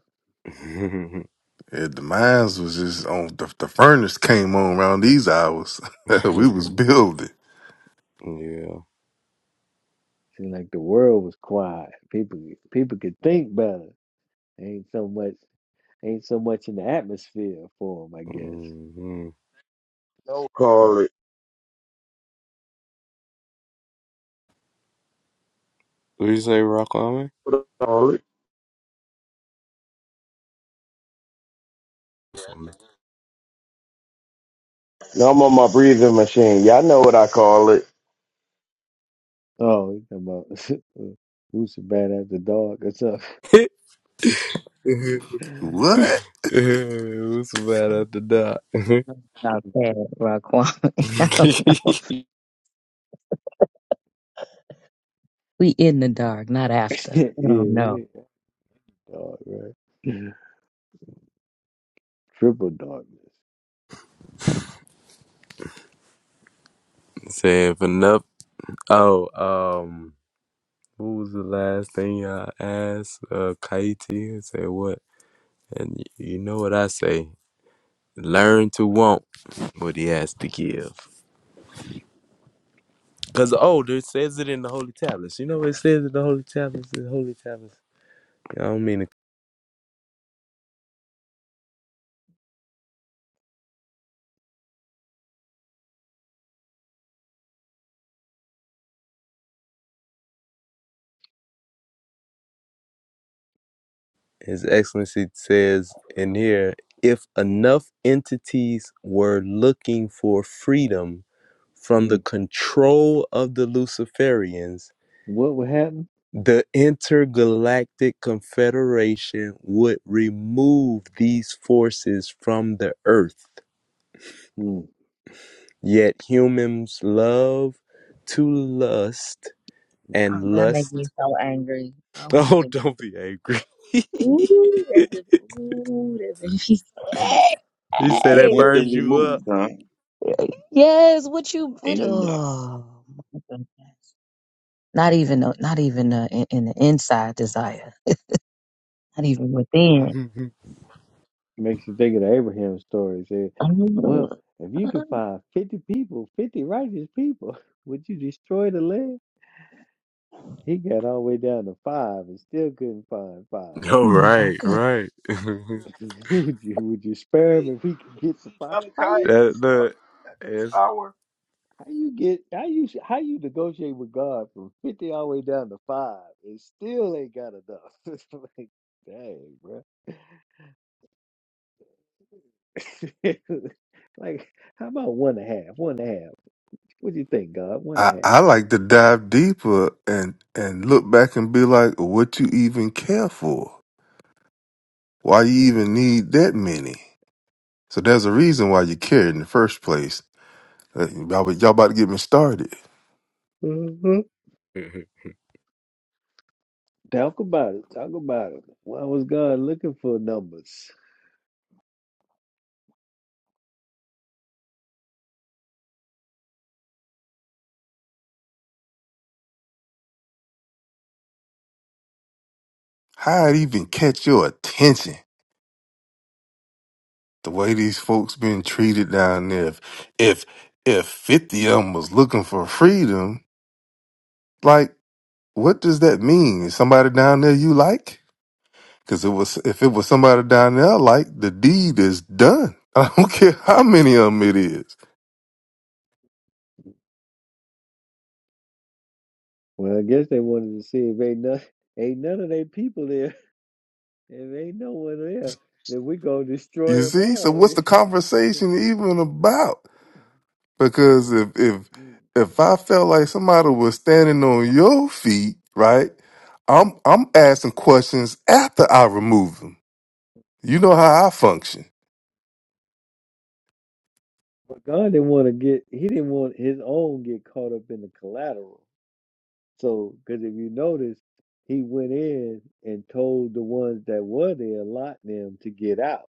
Yeah, the mines was just on the, the furnace came on around these hours. we was building. yeah. Seems like the world was quiet. People people could think better. Ain't so much ain't so much in the atmosphere for them, I guess. hmm No call it. What you say, Rock Army? What I call it? What's No, I'm on my breathing machine. Y'all know what I call it. Oh, you talking about who's the bad at the dog or something? What? bad at the dot? Not bad, Raquan. I don't know. We in the dark, not after. yeah, I don't know. yeah, dog, right? Triple darkness. Say if enough. Oh, um, what was the last thing y'all asked? Uh, Katie say what? And y- you know what I say? Learn to want what he has to give. Cause oh, it says it in the holy tablets. You know what it says in the holy tablets. The holy tablets. I don't mean it. His Excellency says in here, if enough entities were looking for freedom from the Mm. control of the Luciferians, What would happen? the intergalactic confederation would remove these forces from the earth. Mm. Yet humans love to lust Oh, and that makes lust. me so angry. Oh my Oh, goodness. don't be angry. Ooh, that just ooh, that makes me Who, so He who, said who that want angry. them burns you up. removed, huh? Yes, what you what Ain't enough. oh my goodness. not even a, not even a, in, in the inside desire. Not even within. oh, makes you think of the Abraham story. Say, Ooh. well, if you could Oh find 50 people, 50 righteous people, would you destroy the land? He got all the way down to five and still couldn't find five. my right, goodness. right. would you would you Wait, spare him if we could wait, get to see, five? How Malachi you that is stuck look, at this it's, hour. how you get how you how you negotiate with God from fifty all the way down to five and still ain't got enough? It's like, dang, bro. like, how about one and a half? One and a half. What do you think, God? One I, and I like to dive deeper and and look back and be like, what you even care for? Why you even need that many? So there's a reason why you care in the first place. Uh, Y'all, but y'all about to get me started. a half. Talk about it. Talk about it. Why was God looking for numbers? How it even catch your attention? The way these folks been treated down there. If if if fifty of them was looking for freedom, like what does that mean? Is somebody down there you like? Because it was if it was somebody down there I like, the deed is done. I don't care how many of them it is. Well, I guess they wanted to see if ain't none, ain't none of their people there. If ain't no one there, then we gonna You destroy them see? So all. what's the then. conversation even about? Because if if Mm. if I felt like somebody was standing on your feet, right? I'm I'm asking questions after I remove them. You know how I function. but God didn't want to get. He didn't want his own get caught up in the collateral. So, because if you notice, he went in and told the ones that were there, lot them to get out,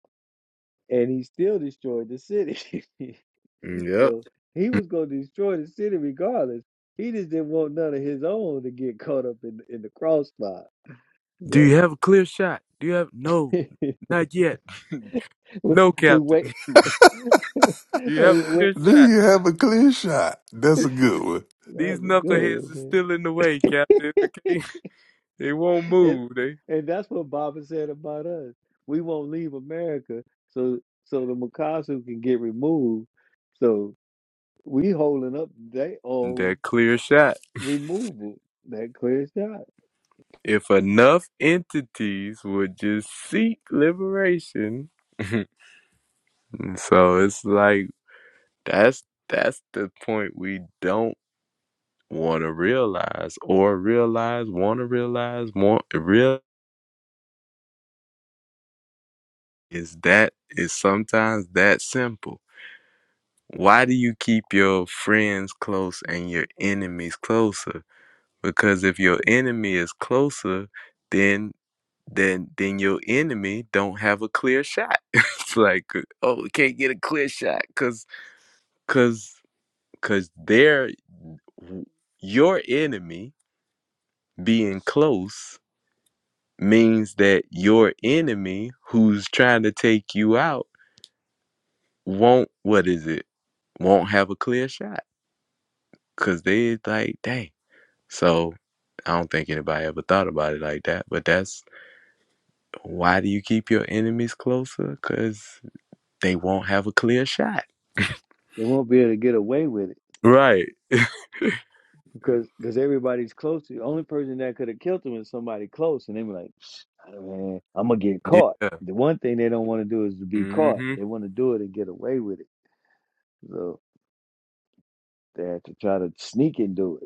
and he still destroyed the city. yep. So he was going to destroy the city regardless. He just didn't want none of his own to get caught up in in the crossfire. Do you So have a clear shot? Do you have no? we, Not yet. we No, Captain. wait. Do you have a we clear wait. Do shot? you have a clear shot? That's Th- a good one. These That's a good one knuckleheads right are still in the way, Captain. Okay, they won't there. And move. They and that's what Baba said about us. We won't leave America, so so the Makasu can get removed. So we holding up their own that clear shot. removal. That clear shot. If enough entities would just seek liberation, so it's like. That's that's the point we don't want to realize or realize, want to realize, want real is that is sometimes that simple. Why do you keep your friends close and your enemies closer? Because if your enemy is closer, then then then your enemy don't have a clear shot. it's like, oh, we can't get a clear shot cuz cuz cuz they're your enemy being close means that your enemy who's trying to take you out won't what is it won't have a clear shot because they like dang so i don't think anybody ever thought about it like that but that's why do you keep your enemies closer because they won't have a clear shot They won't be able to get away with it. right because because everybody's close to you. The Only person that could have killed him is somebody close, and they were like, "Man, I'm gonna get caught." yeah The one thing they don't want to do is to be caught. mm-hmm They want to do it and get away with it, so they have to try to sneak and do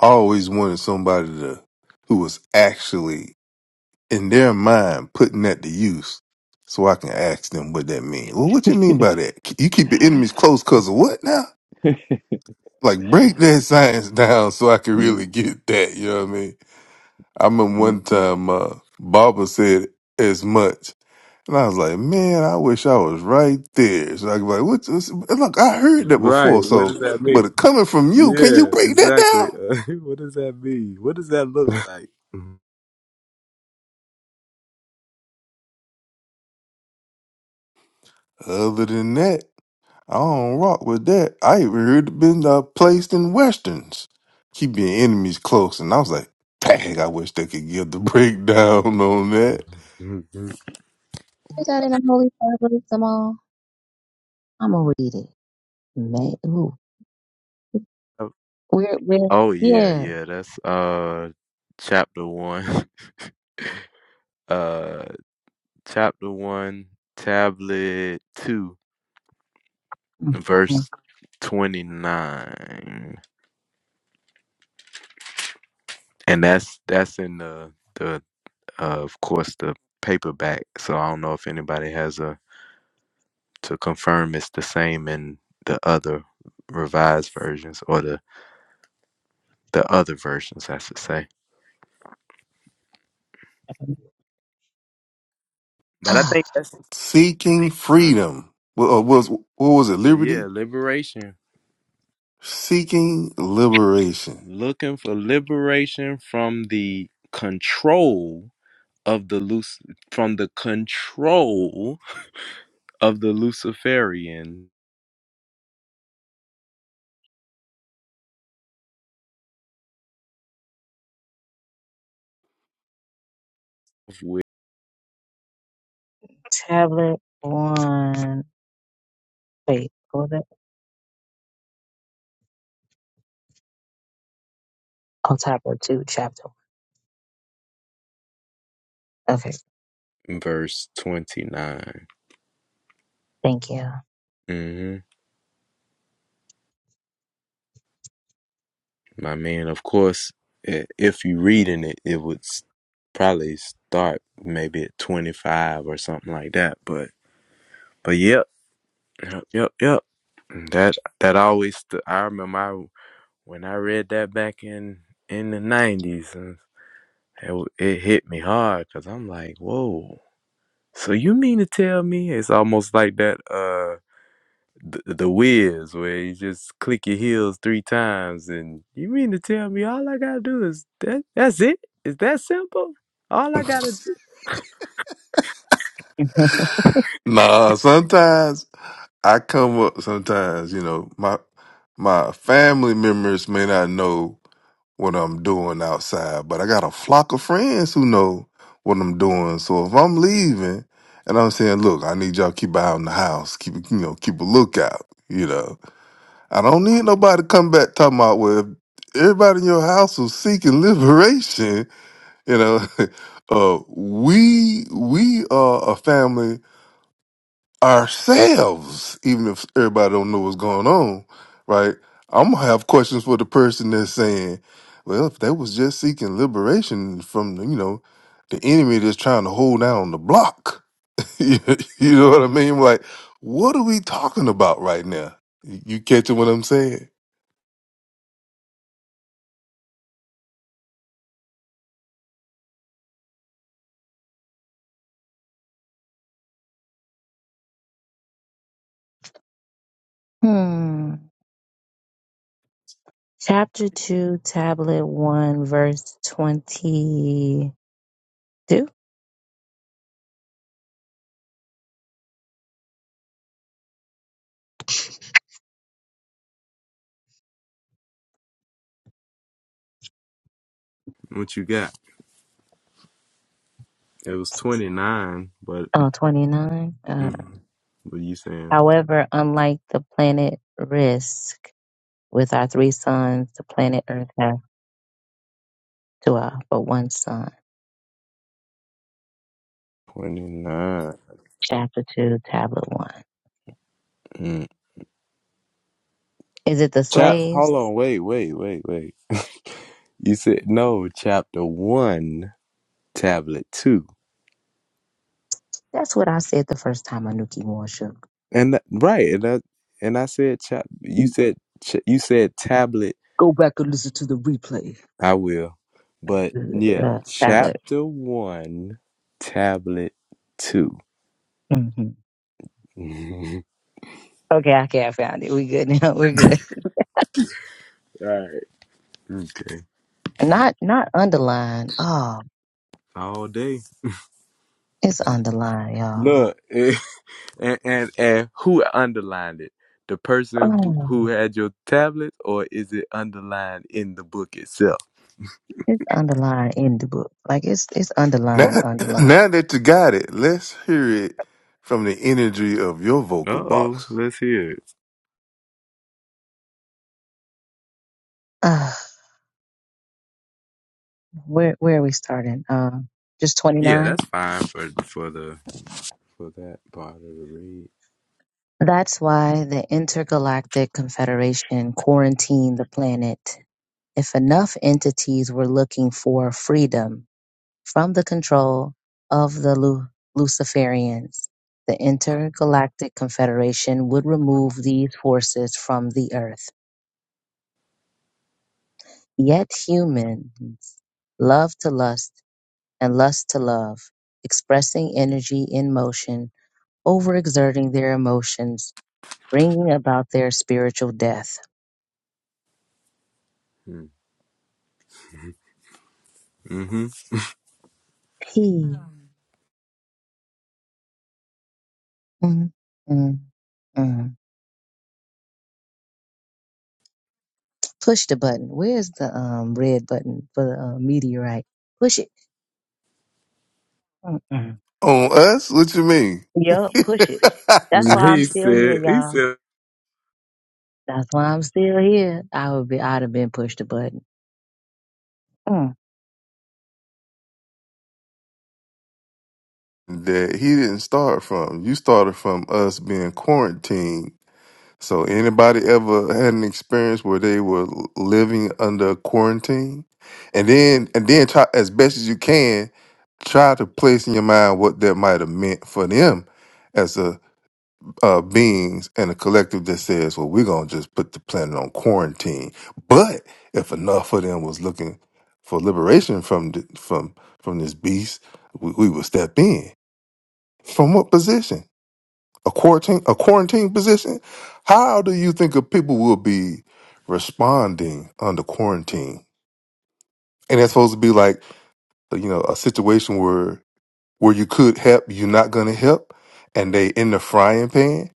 I always wanted somebody to who was actually in their mind putting that to use, so I can ask them what that means. Well, what you mean by that? You keep your it. enemies close because of what now? Like break that science down so I can really Mm, get that. You know what I mean? I remember mm. one time uh, Barbara said as much. And I was like, man, I wish I was right there. So I could be like, what's this? And Look, I heard that right before. what So, does that mean but it coming from you, can you break that down? what does that mean what does that look Other than that, I don't rock with that. I even heard it been uh, placed in westerns. Keep your enemies close. And I was like, dang, I wish they could give the breakdown on that. Is that in the holy Bible, Jamal? I'm gonna read it. Man, ooh. like we're we're oh yeah yeah. yeah that's uh chapter one Uh. chapter 1, tablet 2, Mm, mm. verse 29. And that's that's in the the uh, of course the paperback. So I don't know if anybody has a to confirm it's the same in the other revised versions or the the other versions, I should say. But I Ah, think that's Seeking uh, freedom. What, uh, was, what was it? yeah, Liberty? liberation. Seeking liberation. Looking for liberation from the control of the loose from the control of the Luciferian, with tablet on faith. Oh, chapter two, chapter one. Okay, verse 29. thank you. hmm My man, of course, if you are reading it, it would probably start maybe at 25 or something like that. But, but yep, yep, yep, yep. Mm, That, that always, stu- I remember I, when I read that back in, in the 90s, and it, it hit me hard because I'm like, whoa. So you mean to tell me it's almost like that, uh? the, the Wiz, where you just click your heels three times, and you mean to tell me all I gotta do is that? That's it? Is that simple? All I gotta do? Nah, sometimes I come up. Sometimes you know my my family members may not know what I'm doing outside, but I got a flock of friends who know what I'm doing. So if I'm leaving and I'm saying, "Look, I need y'all to keep an eye on the house. Keep you know keep a lookout." You know, I don't need nobody to come back talking about well. if Everybody in your house was seeking liberation. You know, uh, we we are a family ourselves, even if everybody don't know what's going on, right? I'm gonna have questions for the person that's saying, "Well, if they was just seeking liberation from the, you know the enemy that's trying to hold down the block," you you know what I mean? Like, what are we talking about right now? You you catching what I'm saying? Mhm. Hmm. Chapter two, tablet one, verse twenty-two. What you got? It was twenty nine, but Oh, twenty-nine. Uh, mm, what are you saying? however, unlike the planet Risk, with our three suns, the planet Earth has two, uh, but one sun. Twenty nine. Chapter two, tablet one. Mm. Is it the Chap, slaves? hold on, wait, wait, wait, wait. you said no. Chapter one, tablet two, That's what I said the first time Anuki Moore shook and that, right, and that, and I said chap. You said ch- you said tablet Go back and listen to the replay. I will. But yeah, uh, tablet. chapter one, tablet two. Mhm. All Okay, okay, I found it. We good now. We're good. right. okay. Not not underlined. Oh, All day. it's underlined, y'all. Look, eh, and, and and who underlined it? The person who, Oh, who had your tablet, or is it underlined in the book itself? it's underlined in the book. Like it's it's Now, underlined, underlined. now that you got it, let's hear it from the energy of your Uh vocal oh, box let's hear it. Uh, where where are we starting? Um, just twenty Yeah, nine. that's fine for for the for that part of the That's why the Intergalactic Confederation quarantined the planet. If enough entities were looking for freedom, from the control of the Lu- Luciferians. The Intergalactic Confederation would remove these forces from the Earth. Yet humans love to lust and lust to love, expressing energy in motion, overexerting their emotions, bringing about their spiritual death. read. Mm-hmm. P. Mm, mm, mm. Push the button. Where's the um, red button for the uh, meteorite? Push it. Mm-mm. on us. What you mean? Yup, push it. That's why I'm He still said. here, He y'all. said. That's why I'm still here. I would be, I'd have been pushed a button. Mm, that he didn't start from. You started from us being quarantined. So anybody ever had an experience where they were living under quarantine? And then and then try as best as you can try to place in your mind what that might have meant for them as a uh, beings and a collective that says, well, we're gonna just put the planet on quarantine. But if enough of them was looking for liberation from the, from from this beast, we, we would step in. From what position? A quarantine, a quarantine position? How do you think of people will be responding under quarantine? And that's supposed to be like, you know, a situation where where you could help, you're not going to help, and they in the frying pan.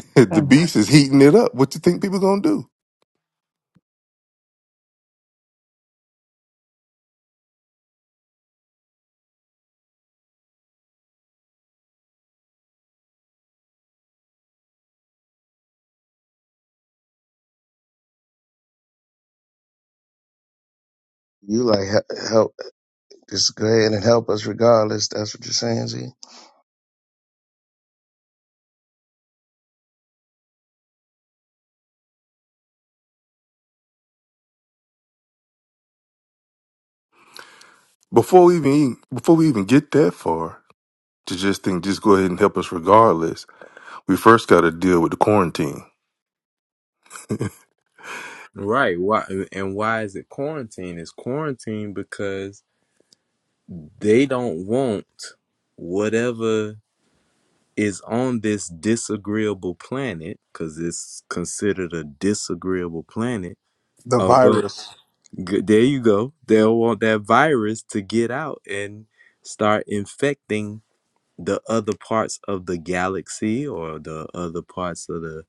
the mm. beast is heating it up. What you think people going to do? You like he- help? Just go ahead and help us regardless. That's what you're saying, Z. Before we even before we even get that far, to just think, just go ahead and help us regardless. We first got to deal with the quarantine, Right. Why and why is it quarantine? It's quarantine because they don't want whatever is on this disagreeable planet, because it's considered a disagreeable planet. The Oh, good. virus. good. There you go. They'll want that virus to get out and start infecting the other parts of the galaxy or the other parts of the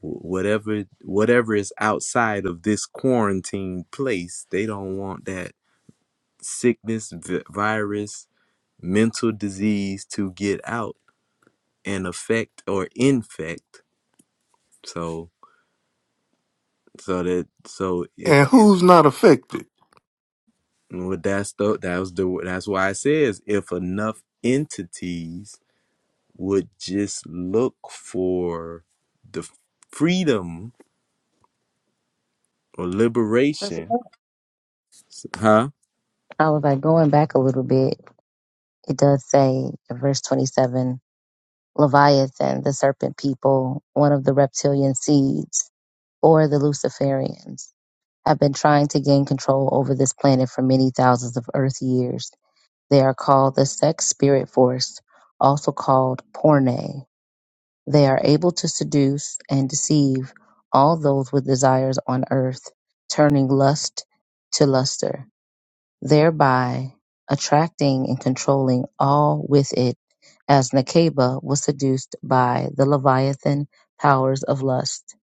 whatever whatever is outside of this quarantine place. They don't want that sickness, vi- virus, mental disease to get out and affect or infect. So so that so if and who's not affected? well, that's the that was the that's why it says if enough entities would just look for the freedom or But for liberation, that, huh? I was like going back a little bit. It does say in verse 27, Leviathan, the serpent people, one of the reptilian seeds, or the Luciferians, have been trying to gain control over this planet for many thousands of Earth years. They are called the sex spirit force, also called Porne. They are able to seduce and deceive all those with desires on earth, turning lust to luster, thereby attracting and controlling all with it, as Nakeba was seduced by the Leviathan powers of lust.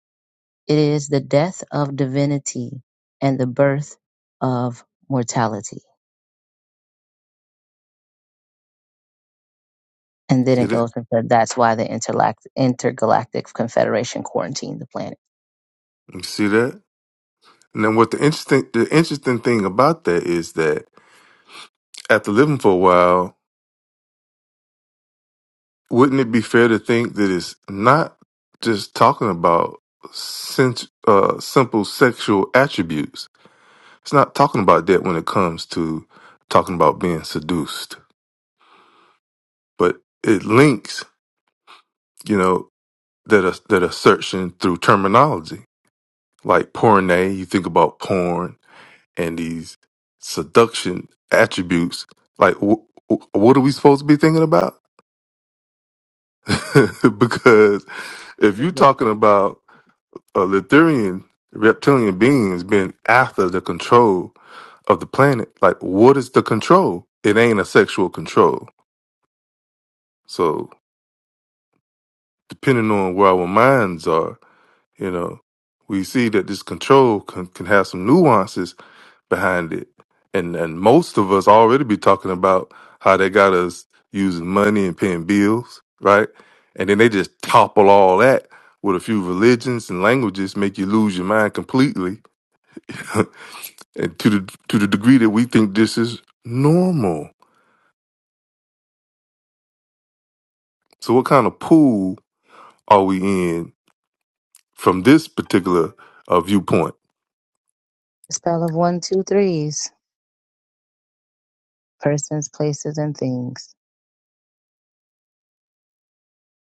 It is the death of divinity and the birth of mortality. And then See it that? goes and said that's why the interlac- intergalactic confederation quarantined the planet. You see that? And then, what the interesting the interesting thing about that is that after living for a while, wouldn't it be fair to think that it's not just talking about sens- uh, simple sexual attributes? It's not talking about that when it comes to talking about being seduced, but it links, you know, that as- that assertion through terminology like porne. You think about porn and these seduction attributes. Like, wh- wh- what are we supposed to be thinking about? because if you're Freedom. talking about a Lithurian reptilian beings being after the control of the planet, like what is the control? It ain't a sexual control. So depending on where our minds are, you know, we see that this control can, can have some nuances behind it. And and most of us already be talking about how they got us using money and paying bills, right? And then they just topple all that with a few religions and languages, make you lose your mind completely. and to the to the degree that we think this is normal. So what kind of pool are we in from this particular uh, viewpoint? A spell of one, two, threes. Persons, places, and things.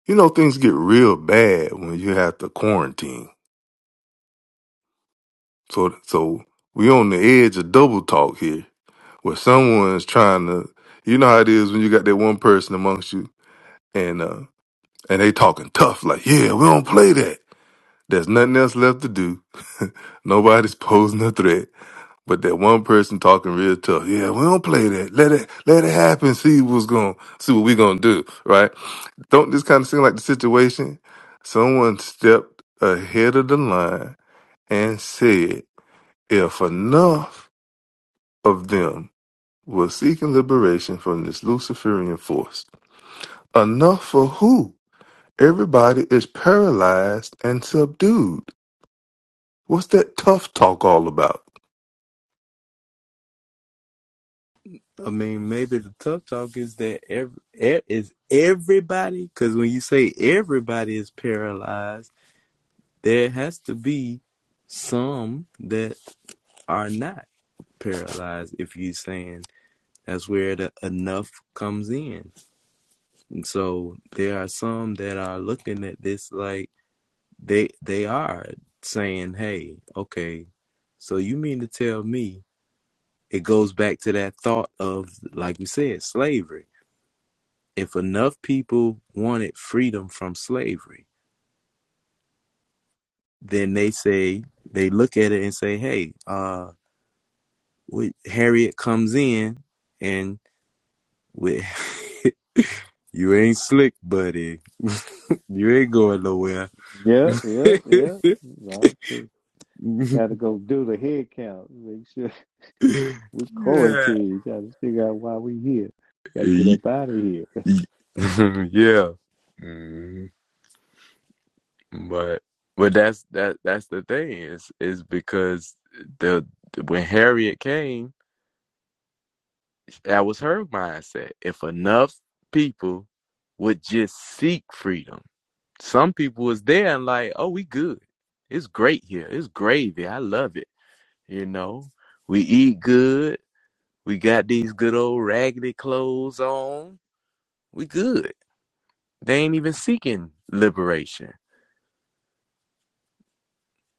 You know, things get real bad when you have to quarantine. So so we on the edge of double talk here where someone's trying to you know how it is when you got that one person amongst you and uh and they talking tough like yeah we don't play that there's nothing else left to do nobody's posing a threat but that one person talking real tough yeah we don't play that let it let it happen see what's going see what we gonna do right don't this kind of seem like the situation someone stepped ahead of the line and said if enough of them was seeking liberation from this Luciferian force. Enough for who? Everybody is paralyzed and subdued. What's that tough talk all about? I mean, maybe the tough talk is that every, e- is everybody because when you say everybody is paralyzed there has to be some that are not paralyzed if you're saying that's where the enough comes in and so there are some that are looking at this like they they are saying hey okay so you mean to tell me it goes back to that thought of like we said slavery if enough people wanted freedom from slavery then they say they look at it and say hey uh, with Harriet comes in and with you ain't slick, buddy. you ain't going nowhere. yeah, yeah, yeah. Well, Got yeah. to go do the head count. Make sure we quarantine. Got to figure out why we here. Got to get up out of here. yeah. Mm, But but that's that that's the thing is is because the when Harriet came, that was her mindset. If enough people would just seek freedom Some people was there and like, oh, we good. It's great here. It's gravy. I love it. You know, we eat good. We got these good old raggedy clothes on. We good. They ain't even seeking liberation.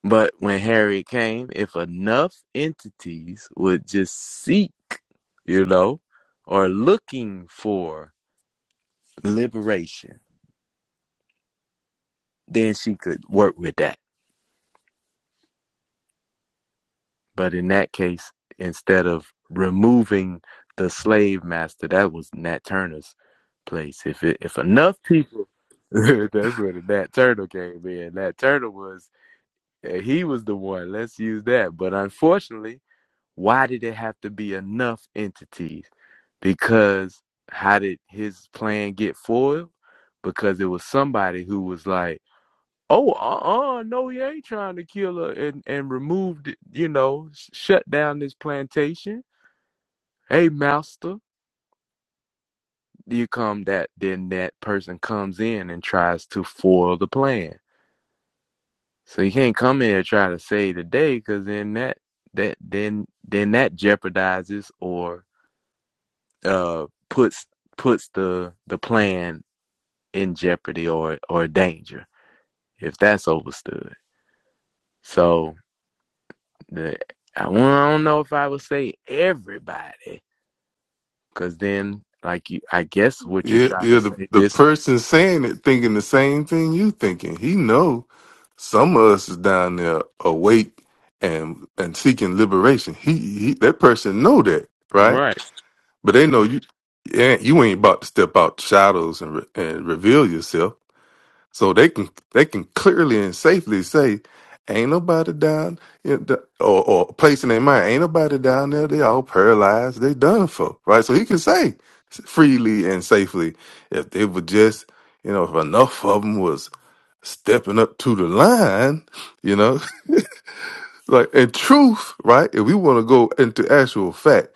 But when Harriet came, if enough entities would just seek, you know, or looking for liberation, then she could work with that. But in that case, instead of removing the slave master, that was Nat Turner's place. If it, if enough people, that's where Nat Turner came in. Nat Turner was eh, he was the one. Let's use that. But unfortunately, why did it have to be enough entities? Because how did his plan get foiled? Because it was somebody who was like Oh, uh, uh no, he ain't trying to kill her and and remove, the, you know, sh- shut down this plantation. Hey, master, you come that then that person comes in and tries to foil the plan. So you can't come in and try to save the day, because then that that then then that jeopardizes or uh puts puts the the plan in jeopardy or or danger if that's overstood. So. the I won't- I don't know if I would say everybody, because then like you, I guess what you're Yeah, trying to yeah. The, say the this person saying it thinking the same thing you thinking. He know some of us is down there awake and and seeking liberation. He, he that person know that, right? right. But they know you. Yeah, you ain't about to step out the shadows and re, and reveal yourself So they can they can clearly and safely say, ain't nobody down in the, or or place in their mind, ain't nobody down there. They all paralyzed. They done for right. So he can say freely and safely if they were just you know if enough of them was stepping up to the line, you know like in truth, right? If we want to go into actual fact,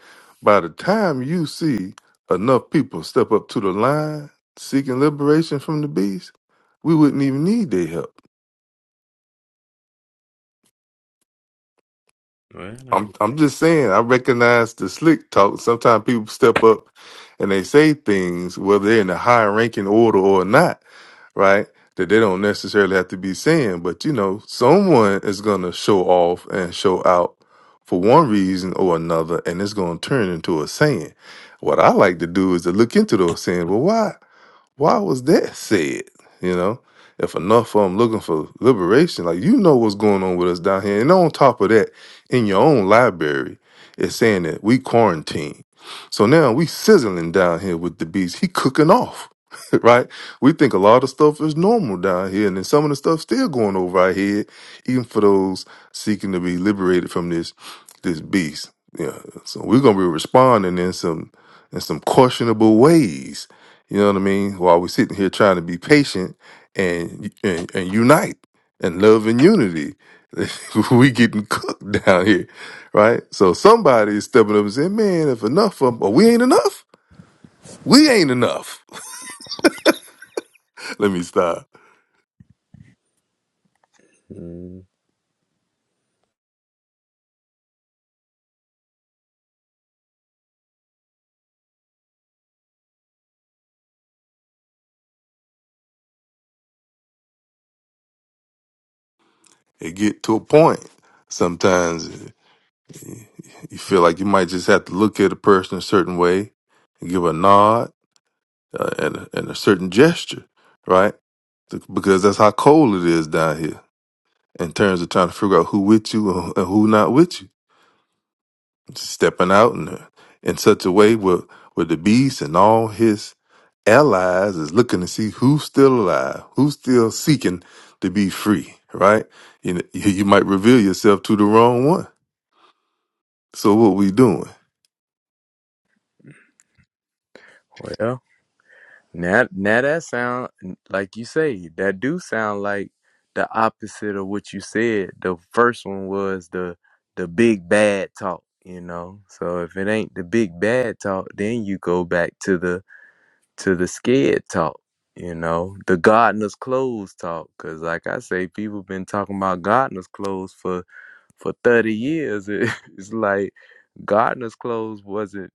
by the time you see enough people step up to the line seeking liberation from the beast, we wouldn't even need their help. Well, I'm I- I'm just saying I recognize the slick talk. Sometimes people step up and they say things, whether they're in a high ranking order or not. right? That they don't necessarily have to be saying, but you know, someone is going to show off and show out for one reason or another, and it's going to turn into a saying. What I like to do is to look into those saying. Well, why? why was that said? You know, if enough of them looking for liberation, like you know what's going on with us down here. And on top of that, in your own library, it's saying that we quarantine. So now we sizzling down here with the beast. He cooking off, right? We think a lot of stuff is normal down here, and then some of the stuff still going over our head, even for those seeking to be liberated from this this beast. Yeah. So we're gonna be responding in some in some questionable ways you know what I mean? While we're sitting here trying to be patient and and, and unite and love and unity, we getting cooked down here, right? So somebody is stepping up and saying, "Man, if enough of 'em- but we ain't enough. We ain't enough." Let me stop mm, and get to a point. Sometimes eh, you feel like you might just have to look at a person a certain way and give a nod uh, and, a, and a certain gesture, right? Because that's how cold it is down here in terms of trying to figure out who with you and and who not with you. Stepping out in, a- in such a way where, where the beast and all his allies is looking to see who's still alive, who's still seeking to be free, right? You, know, you you might reveal yourself to the wrong one. So what we doing? well, now now that sound like you say that do sound like the opposite of what you said. The first one was the the big bad talk, you know. So if it ain't the big bad talk, then you go back to the to the scared talk, you know, the gardener's clothes talk. Cause like I say, people been talking about gardener's clothes for for thirty years. it's like gardener's clothes wasn't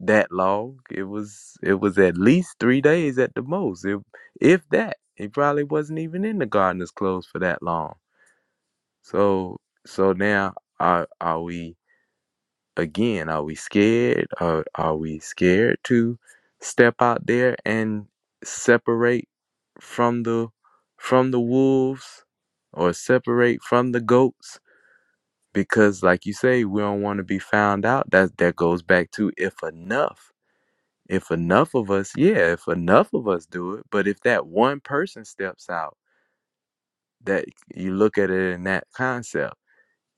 that long. It was it was at least three days at the most, if if that. it probably wasn't even in the gardener's clothes for that long. So so now are are we? again, are we scared? Are are we scared to step out there and separate from the from the wolves or separate from the goats? Because like you say, we don't want to be found out. That that goes back to if enough. If enough of us, yeah, if enough of us do it, but if that one person steps out, that you look at it in that concept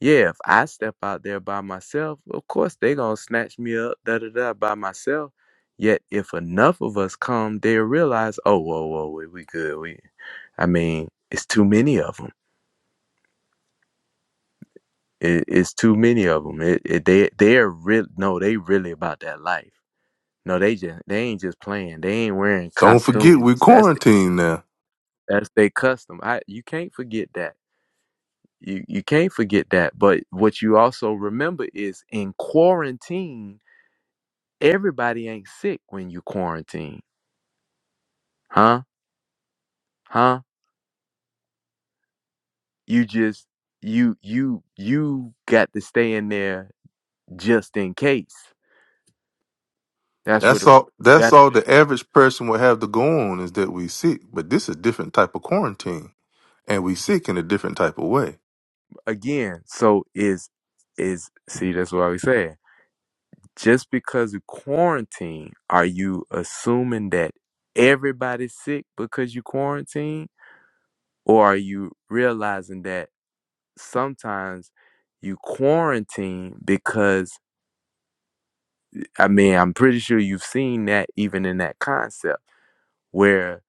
yeah, if I step out there by myself, of course they gonna snatch me up, da da da, by myself. Yet if enough of us come, they realize, oh, whoa, whoa, we, we good. We, I mean, it's too many of them. It, it's too many of them. It, it, they, they're real. No, they really about that life. No, they just, they ain't just playing. They ain't wearing Don't forget we costumes. That's the, quarantined now. that's their custom. I, you can't forget that. You, you can't forget that. But what you also remember is in quarantine everybody ain't sick when you quarantine huh huh you just you you you got to stay in there just in case that's what That's the all that's that all the average person will have to go on is that we sick, but this is a different type of quarantine. And we sick in a different type of way. again so is is see that's what i was saying just because of quarantine are you assuming that everybody's sick because you quarantine or are you realizing that sometimes you quarantine because I mean, I'm pretty sure you've seen that even in that concept where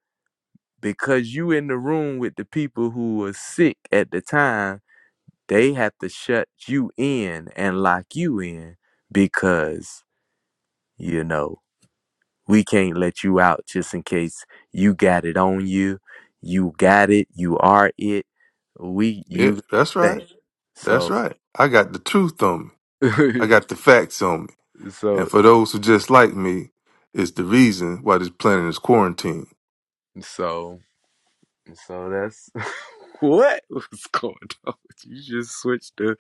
because you in the room with the people who were sick at the time, they have to shut you in and lock you in because, you know, we can't let you out just in case you got it on you. You got it, you are it. We Yeah, you that's right. thing. That's So right. I got the truth on me. I got the facts on me. And so for those who just like me, it's the reason why this planet is quarantined. so So that's what was going on. You just switched the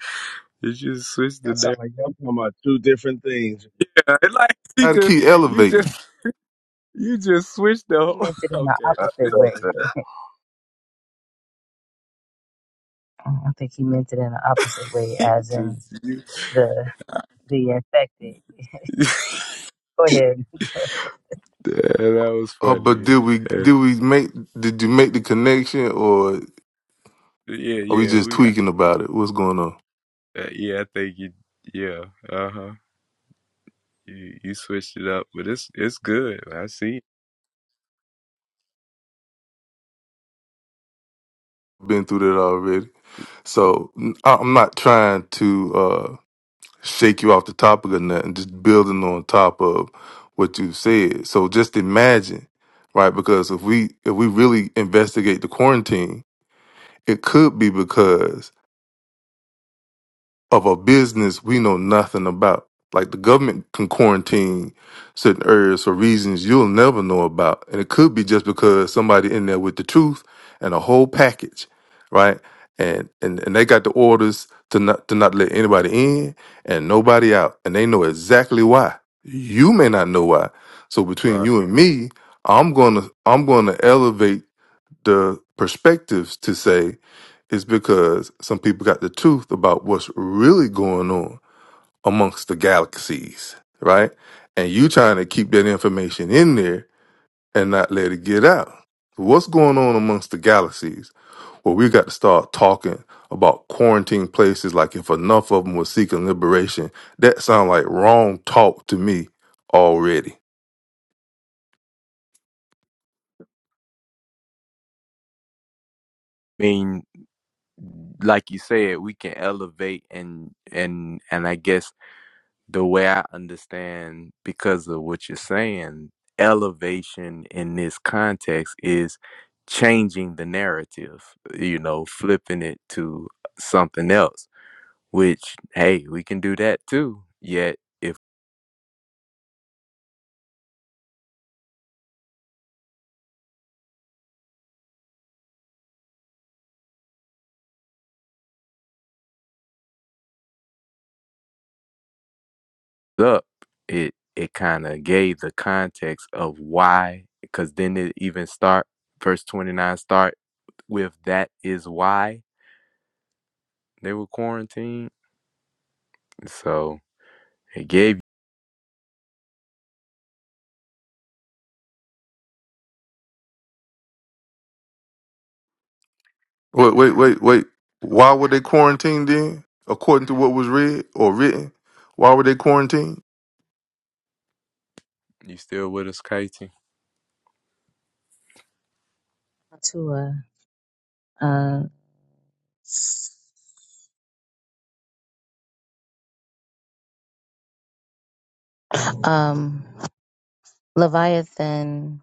you just switched the That sounds name. like y'all talking about two different things. Yeah, like he Gotta just keep you elevating. just you just switched the He whole meant it in the okay. I opposite felt way. that. Uh, I think he meant it in the opposite way, he as in just you, the the infected. Go ahead. that was Oh, but funny. did we did And, we make did you make the connection or yeah, are we yeah, just we tweaking about it? What's going on? uh, yeah, I think you yeah, uh huh. You you switched it up, but it's it's good. I see. Been through that already. So n- I- I'm not trying to uh shake you off the topic or nothing, just building on top of what you said. So just imagine, right? Because if we if we really investigate the quarantine It could be because of a business we know nothing about. Like the government can quarantine certain areas for reasons you'll never know about. And it could be just because somebody in there with the truth and a whole package, right? And and, and they got the orders to not to not let anybody in and nobody out. And they know exactly why. You may not know why. So between Right. you and me, I'm gonna I'm gonna elevate the perspectives to say is because some people got the truth about what's really going on amongst the galaxies, right? And you trying to keep that information in there and not let it get out. What's going on amongst the galaxies? Well, we got to start talking about quarantine places. Like if enough of them were seeking liberation, that sound like wrong talk to me already. I mean, like you said, we can elevate and and and I guess the way I understand, because of what you're saying, elevation in this context is changing the narrative, you know, flipping it to something else, which, hey, we can do that too. Yet, if it's up, it, it kind of gave the context of why, because then it even start, verse 29 start with that is why they were quarantined. So it gave you Wait, wait, wait, wait. Why were they quarantined then? According to what was read or written, why were they quarantined? you still with us, Katie? To uh, uh, um, Leviathan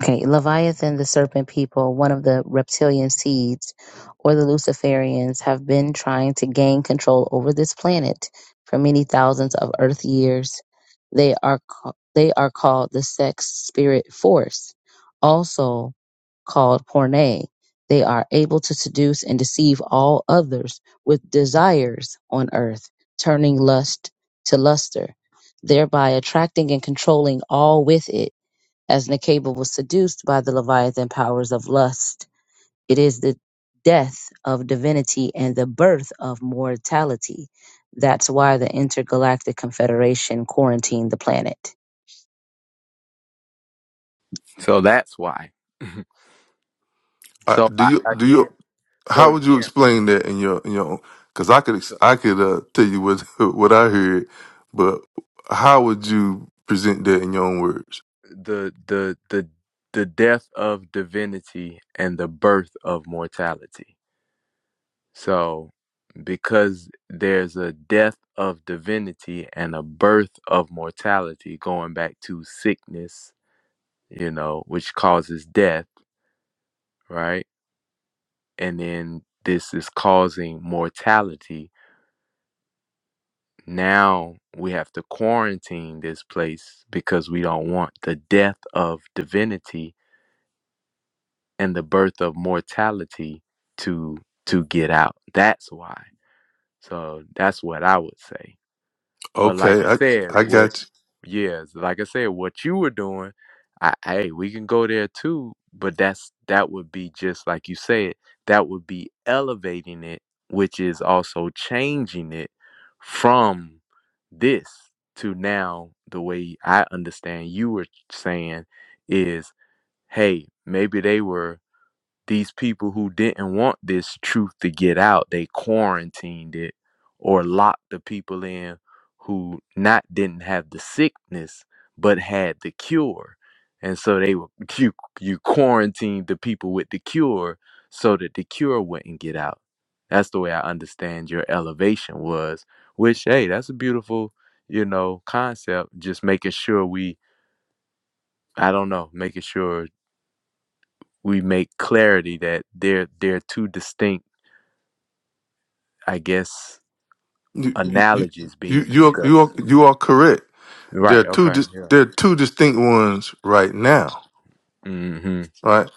Okay, Leviathan, the serpent people, one of the reptilian seeds, or the Luciferians, have been trying to gain control over this planet for many thousands of Earth years. They are ca- they are called the sex spirit force, also called porne. They are able to seduce and deceive all others with desires on Earth, turning lust to luster, thereby attracting and controlling all with it as Nekeba was seduced by the Leviathan powers of lust, it is the death of divinity and the birth of mortality. That's why the Intergalactic Confederation quarantined the planet. So that's why. Uh, so do I, you do again, you so how would you again, explain that in your in your because I could ex- so I could uh, tell you what what I heard, but how would you present that in your own words? the the the the death of divinity and the birth of mortality. So because there's a death of divinity and a birth of mortality going back to sickness, you know, which causes death, right? And then this is causing mortality Now we have to quarantine this place because we don't want the death of divinity and the birth of mortality to to get out. That's why. So that's what I would say. But like Okay, I I said, I what got yes, like I said, what you were doing, I hey, we can go there too, but that's that would be just like you said, that would be elevating it, which is also changing it from this to now the way I understand you were saying is, hey, maybe they were these people who didn't want this truth to get out, they quarantined it or locked the people in who not didn't have the sickness but had the cure. And so they were you you quarantined the people with the cure so that the cure wouldn't get out. That's the way I understand your elevation was, which hey, that's a beautiful, you know, concept. Just making sure we I don't know, making sure we make clarity that they're they're two distinct I guess you. You you analogies you being you are, you are, discussed. you are correct. There are Right. two Okay. dis- Yeah. there are two distinct ones right now, hmm right?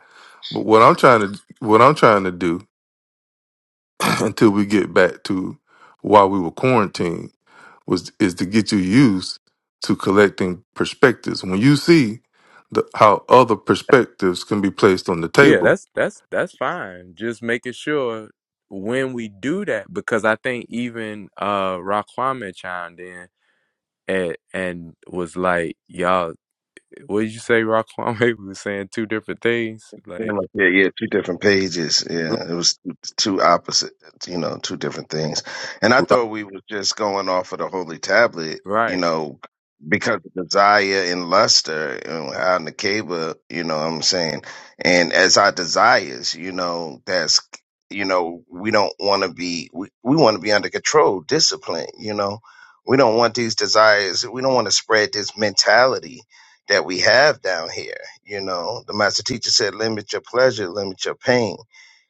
But what I'm trying to what I'm trying to do until we get back to why we were quarantined was is to get you used to collecting perspectives. When you see the, how other perspectives can be placed on the Yeah. table, That's that's that's fine. Just making sure when we do that, because I think even uh Raquame chimed in and and was like, "Y'all, what did you say, Raquame? We were saying two different things." Yeah, Like, like, yeah, yeah, two different pages. Yeah, it was two opposite, you know, two different things. And I right, thought we was just going off of the holy tablet, you right, know, because of desire and luster and how Nakeba, you know what I'm saying? And as our desires, you know, that's, you know, we don't want to be, we, we want to be under control, discipline, you know? We don't want these desires, we don't want to spread this mentality that we have down here. You know, the master teacher said, limit your pleasure, limit your pain.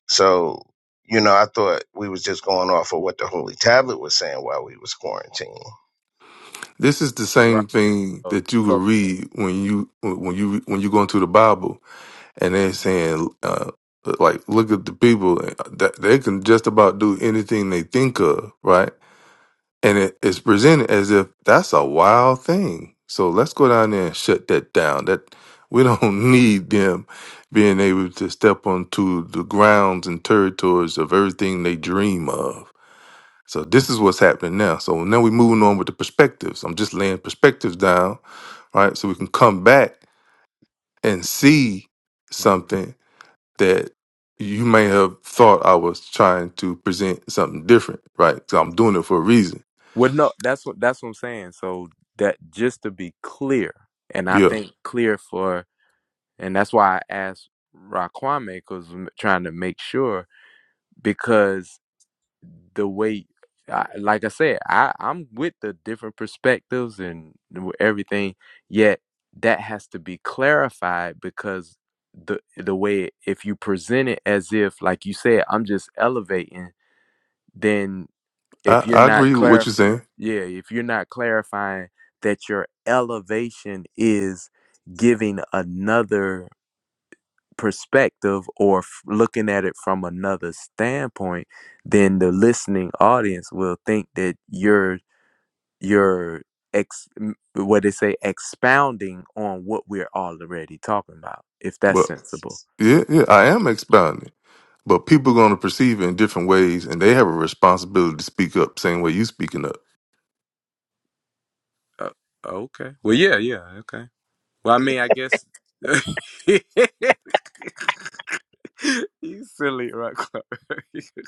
So, you know, I thought we was just going off of what the Holy Tablet was saying while we was quarantining. this is the right. same thing So, that you will so read when you when you when you go into the Bible and they're saying uh, like look at the people uh, that they can just about do anything they think of, right? And it is presented as if that's a wild thing. So let's go down there and shut that down. That we don't need them being able to step onto the grounds and territories of everything they dream of. So this is what's happening now. So now we're moving on with the perspectives. I'm just laying perspectives down, right? So we can come back and see mhm. something that you may have thought I was trying to present something different, right? So I'm doing it for a reason. well, no, that's what that's what I'm saying. So that just to be clear, and I Yeah. think clear for And that's why I asked Raquame because I'm trying to make sure because the way, I, like I said, I, I'm with the different perspectives and everything, yet that has to be clarified because the the way if you present it as if like you said I'm just elevating then if I, you're I not agree with what clarifying you're saying, yeah if you're not clarifying that your elevation is giving another perspective or f- looking at it from another standpoint, then the listening audience will think that you're you're ex m- what they say expounding on what we're already talking about. If that's but sensible, yeah, yeah, I am expounding. But people are going to perceive it in different ways, and they have a responsibility to speak up, same way you speaking up. Uh, okay. Well, yeah, yeah. Okay. Well, I mean, I guess. you silly rock.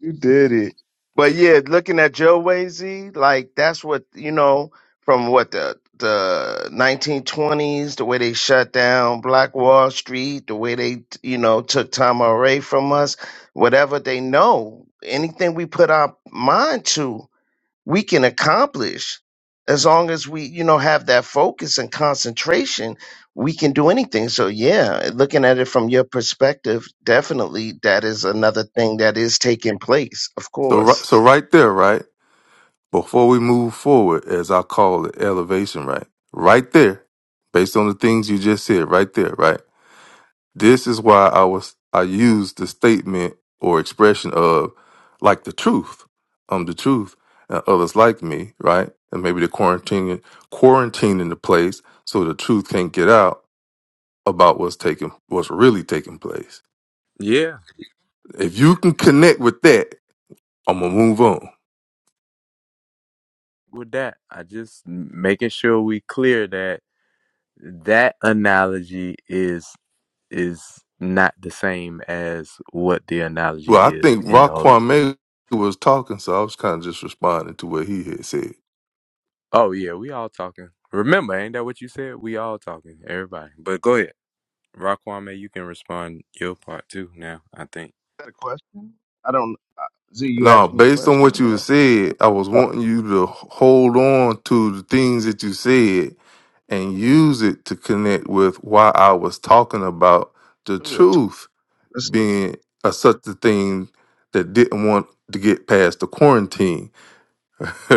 You did it. But yeah, looking at Joe Wazy, like that's what you know from what the the 1920s, the way they shut down Black Wall Street, the way they you know took Tom away from us, whatever they know, anything we put our mind to we can accomplish as long as we you know have that focus and concentration we can do anything so yeah looking at it from your perspective definitely that is another thing that is taking place of So, course right, Is so right there, right before we move forward, as I call it, elevation, right, right there, based on the things you just said, right there, right. This is why I was I used the statement or expression of like the truth. I'm the truth and others like me, right? And maybe they're quarantining quarantining the place so the truth can't get out about what's taking what's really taking place. yeah. If you can connect with that, I'm gonna move on. With that, I just m- making sure we clear that that analogy is is not the same as what the analogy Well, I is think in the Holy. Raquan May was talking, so I was kind of just responding to what he had said. Oh yeah, we all talking. Remember, ain't that what you said? We all talking, everybody. But go ahead, Raquame, you can respond your part too. Now I think that a question i don't z you Now, asked me a based on what question you or said, I was wanting you to hold on to the things that you said and use it to connect with why I was talking about the 2 it's- truth it's- being a, such a thing that didn't want to get past the quarantine.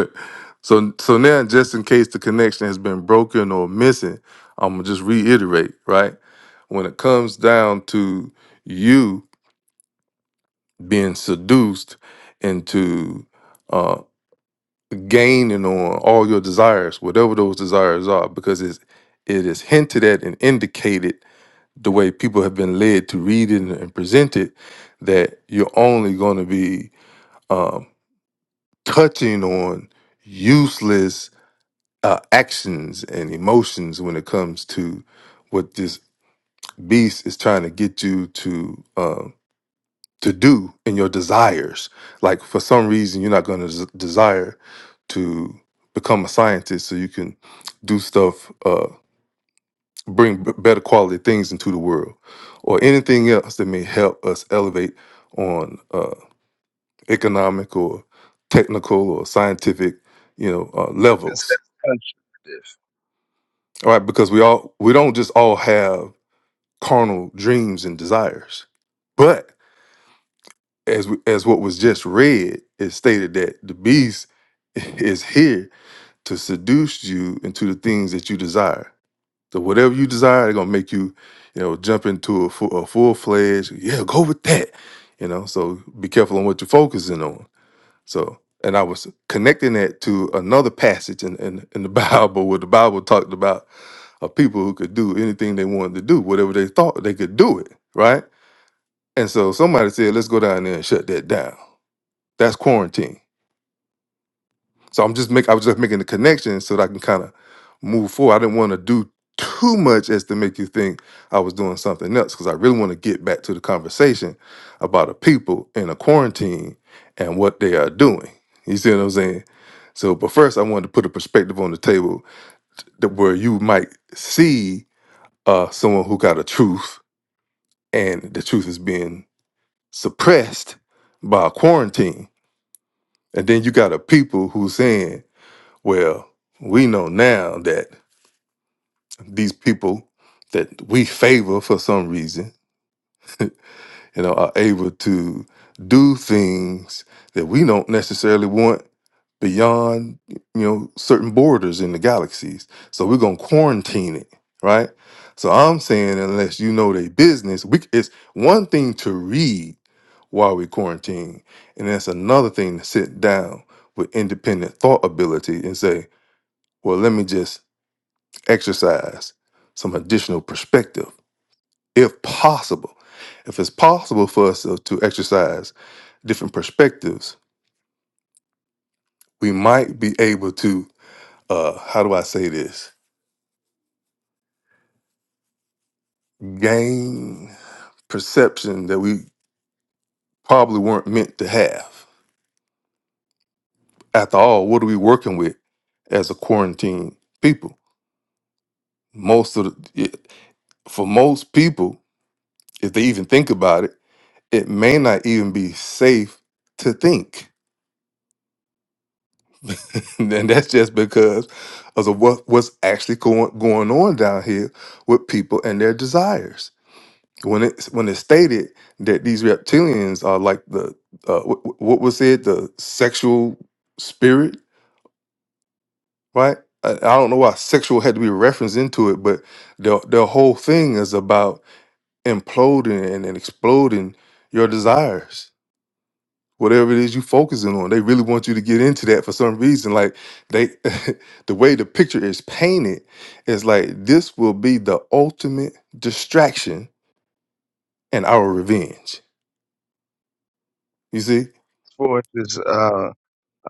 so so now just in case the connection has been broken or missing, I'm gonna just reiterate, right? When it comes down to you being seduced into uh, gaining on all your desires, whatever those desires are, because it's, it is hinted at and indicated the way people have been led to read it and present it that you're only going to be um, touching on useless uh, actions and emotions when it comes to what this beast is trying to get you to uh, to do in your desires. Like for some reason, you're not going to z- desire to become a scientist so you can do stuff. Uh, bring b- better quality things into the world or anything else that may help us elevate on uh, economic or technical or scientific you know uh, it's instead levels of punch. all right because we all we don't just all have carnal dreams and desires but as we, as what was just read it stated that the beast is here to seduce you into the things that you desire So whatever you desire, they're gonna make you, you know, jump into a full, a full fledged. Yeah, go with that. You know, so be careful on what you're focusing on. So, and I was connecting that to another passage in, in, in the Bible where the Bible talked about a people who could do anything they wanted to do, whatever they thought they could do it, right? And so somebody said, let's go down there and shut that down. That's quarantine. So I'm just make I was just making the connection so that I can kind of move forward. I didn't want to do too much as to make you think I was doing something else because I really want to get back to the conversation about the people in a quarantine and what they are doing. You see what I'm saying? So, but first, I wanted to put a perspective on the table that where you might see uh, someone who got a truth and the truth is being suppressed by a quarantine, and then you got a people who's saying Well, we know now that these people that we favor for some reason, you know, are able to do things that we don't necessarily want beyond, you know, certain borders in the galaxies. So we're gonna quarantine it, right? So I'm saying unless you know their business, we it's one thing to read while we quarantine, and that's another thing to sit down with independent thought ability and say, well, let me just exercise some additional perspective, if possible. If it's possible for us to, to exercise different perspectives, we might be able to, uh, how do I say this, gain perception that we probably weren't meant to have. After all, what are we working with as a quarantine people? Most of the, it- for most people, if they even think about it, it may not even be safe to think And that's just because of the, what what's actually going going on down here with people and their desires. When it's when it's stated that these reptilians are like the uh, what, what was it the sexual spirit, right? I, I don't know why sexual had to be referenced into it, but the the whole thing is about imploding and, and exploding your desires whatever it is you focusing on. They really want you to get into that for some reason. Like they the way the picture is painted is like this will be the ultimate distraction and our revenge. You see? force is uh,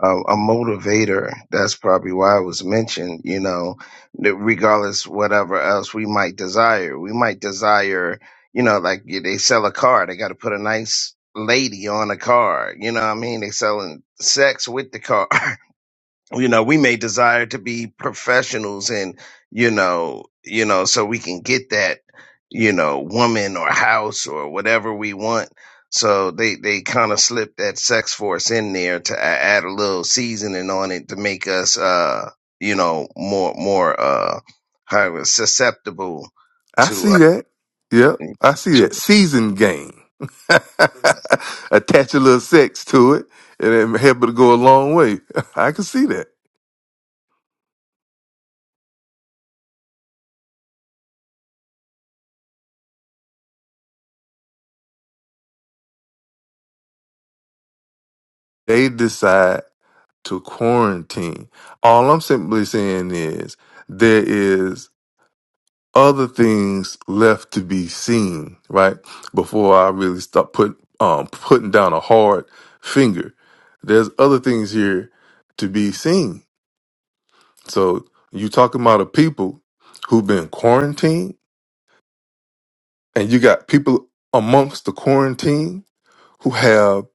um, a motivator. That's probably why it was mentioned, you know, that regardless whatever else we might desire. We might desire, you know, like yeah, they sell a car, they got to put a nice lady on a car. You know what I mean? They selling sex with the car. you know we may desire to be professionals and you know you know so we can get that you know woman or house or whatever we want so they they kind of slip that sex force in there to a- add a little seasoning on it to make us uh you know more more uh how it was susceptible I to see uh, that. Yep. I see to that. Season game. Attach a little sex to it and it help it go a long way. I can see that. They decide to quarantine. All I'm simply saying is there is other things left to be seen, right? Before I really start put um putting down a hard finger. There's other things here to be seen. So you talking about a people who've been quarantined and you got people amongst the quarantine who have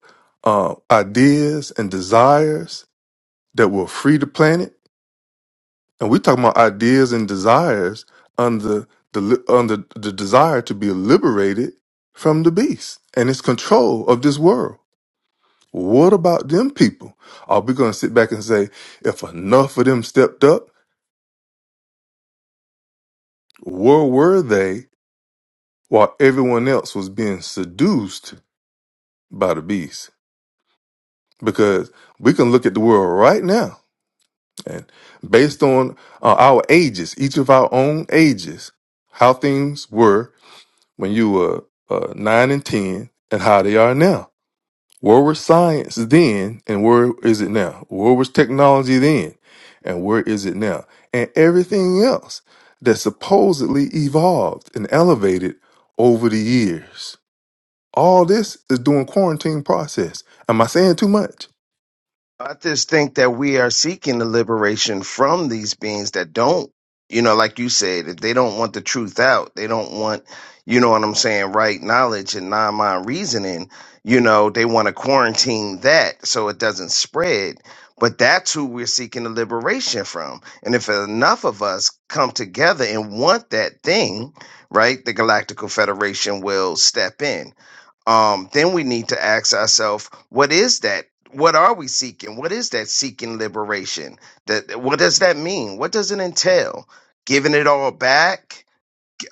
uh, ideas and desires that will free the planet And we talking about ideas and desires under the li- under the desire to be liberated from the beast and its control of this world. What about them people? Are we going to sit back and say, if enough of them stepped up, where were they while everyone else was being seduced by the beast? Because we can look at the world right now and based on uh, our ages, each of our own ages, how things were when you were uh, nine and ten and how they are now. Where was science then and where is it now? Where was technology then and where is it now? And everything else that supposedly evolved and elevated over the years. All this is doing quarantine process. Am I saying too much? I just think that we are seeking the liberation from these beings that don't, you know, like you said, if they don't want the truth out, they don't want, you know what I'm saying, right knowledge and non mind reasoning, you know, they want to quarantine that so it doesn't spread. But that's who we're seeking the liberation from. And if enough of us come together and want that thing, right, the Galactical Federation will step in um, then we need to ask ourselves, what is that? What are we seeking? What is that seeking liberation? That what does that mean? What does it entail? Giving it all back,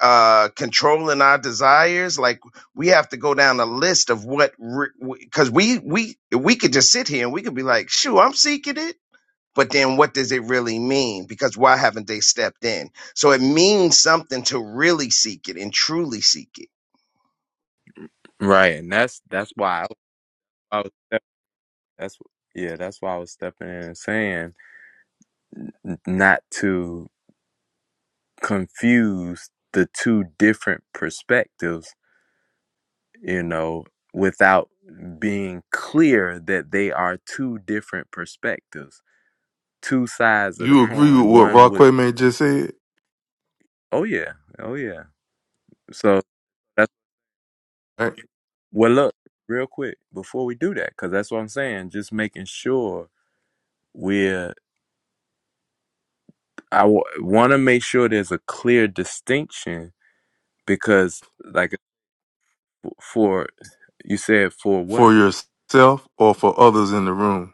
uh, controlling our desires. Like we have to go down a list of what, because we we we could just sit here and we could be like, "Shoo, I'm seeking it," but then what does it really mean? Because why haven't they stepped in? So it means something to really seek it and truly seek it. right, and that's that's why I, I was step- that's yeah, that's why I was stepping in and saying not to confuse the two different perspectives you know, without being clear that they are two different perspectives, two sides of the You agree with coin. what One would, Rockaway just said, oh yeah, oh yeah. So that's right? well, look, real quick before we do that, because that's what I'm saying. Just making sure we're. I w- want to make sure there's a clear distinction because, like, for you said for what For yourself or for others in the room.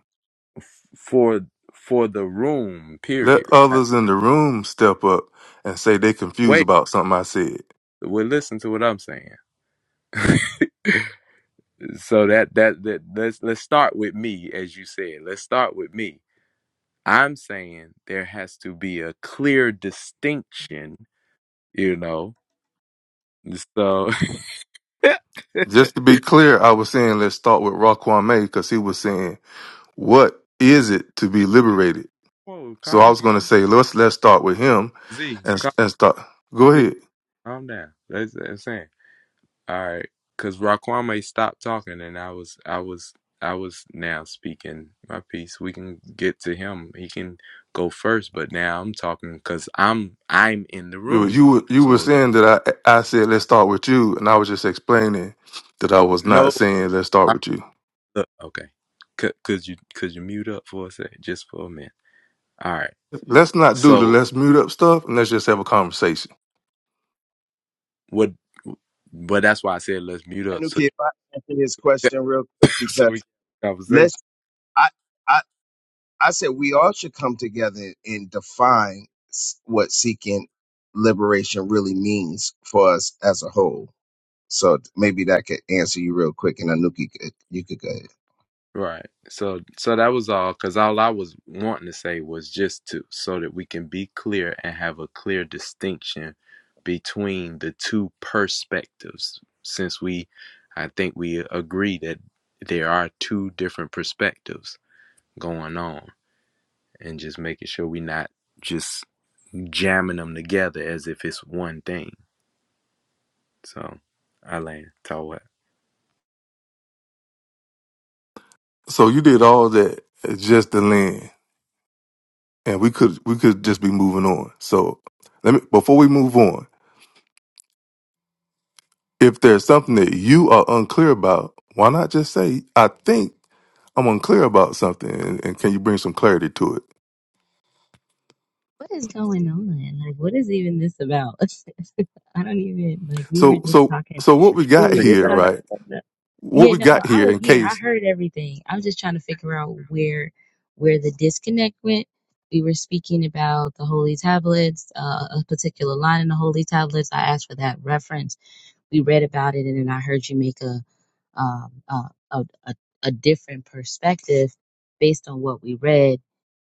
for for the room Let period. I- others in the room step up and say they confused Wait, about something I said. well, listen to what I'm saying. so that that that let's let's start with me as you said let's start with me i'm saying there has to be a clear distinction you know so Just to be clear, I was saying let's start with Raquan May because he was saying, what is it to be liberated? Whoa, So I calm was going to say, let's let's start with him z and, calm and start. Go z ahead. calm down that's what i'm saying all right because raquame stopped talking and i was i was i was now speaking my piece we can get to him he can go first but now i'm talking because i'm i'm in the You were, you room were you were so saying that I, I said, let's start with you. And I was just explaining that I was No. not saying, let's start All right, with you. look, okay. Could could you could you mute up for a sec, just for a minute? All right. Let's not do the So let's mute up stuff and let's just have a conversation. what? But that's why I said let's mute up so Anuki, if I answer his question real quick, so because we can have a let's, conversation. I, I, I said we all should come together and define s- what seeking liberation really means for us as a whole. So maybe that could answer you real quick, and Anuki, could, you could go ahead. If Right. So so that was all because all I was wanting to say was just to so that we can be clear and have a clear distinction between the two perspectives. Since we, I think we agree that there are two different perspectives going on. and just making sure we not just jamming them together as if it's one thing. So I land. Tell what? So you did all that just to land. and we could we could just be moving on. So let me before we move on, if there's something that you are unclear about, why not just say, I think I'm unclear about something and, and can you bring some clarity to it? what is going on? Like, what is even this about? I don't even like. We were So just so talking. so what we We got were just here, talking. right? What Yeah, we no, no. got I here was in here. I case heard everything. I'm just trying to figure out where where the disconnect went. We were speaking about the holy tablets, uh, a particular line in the holy tablets. I asked for that reference we read about it and then I heard you make a um, a, a a a different perspective based on what we read,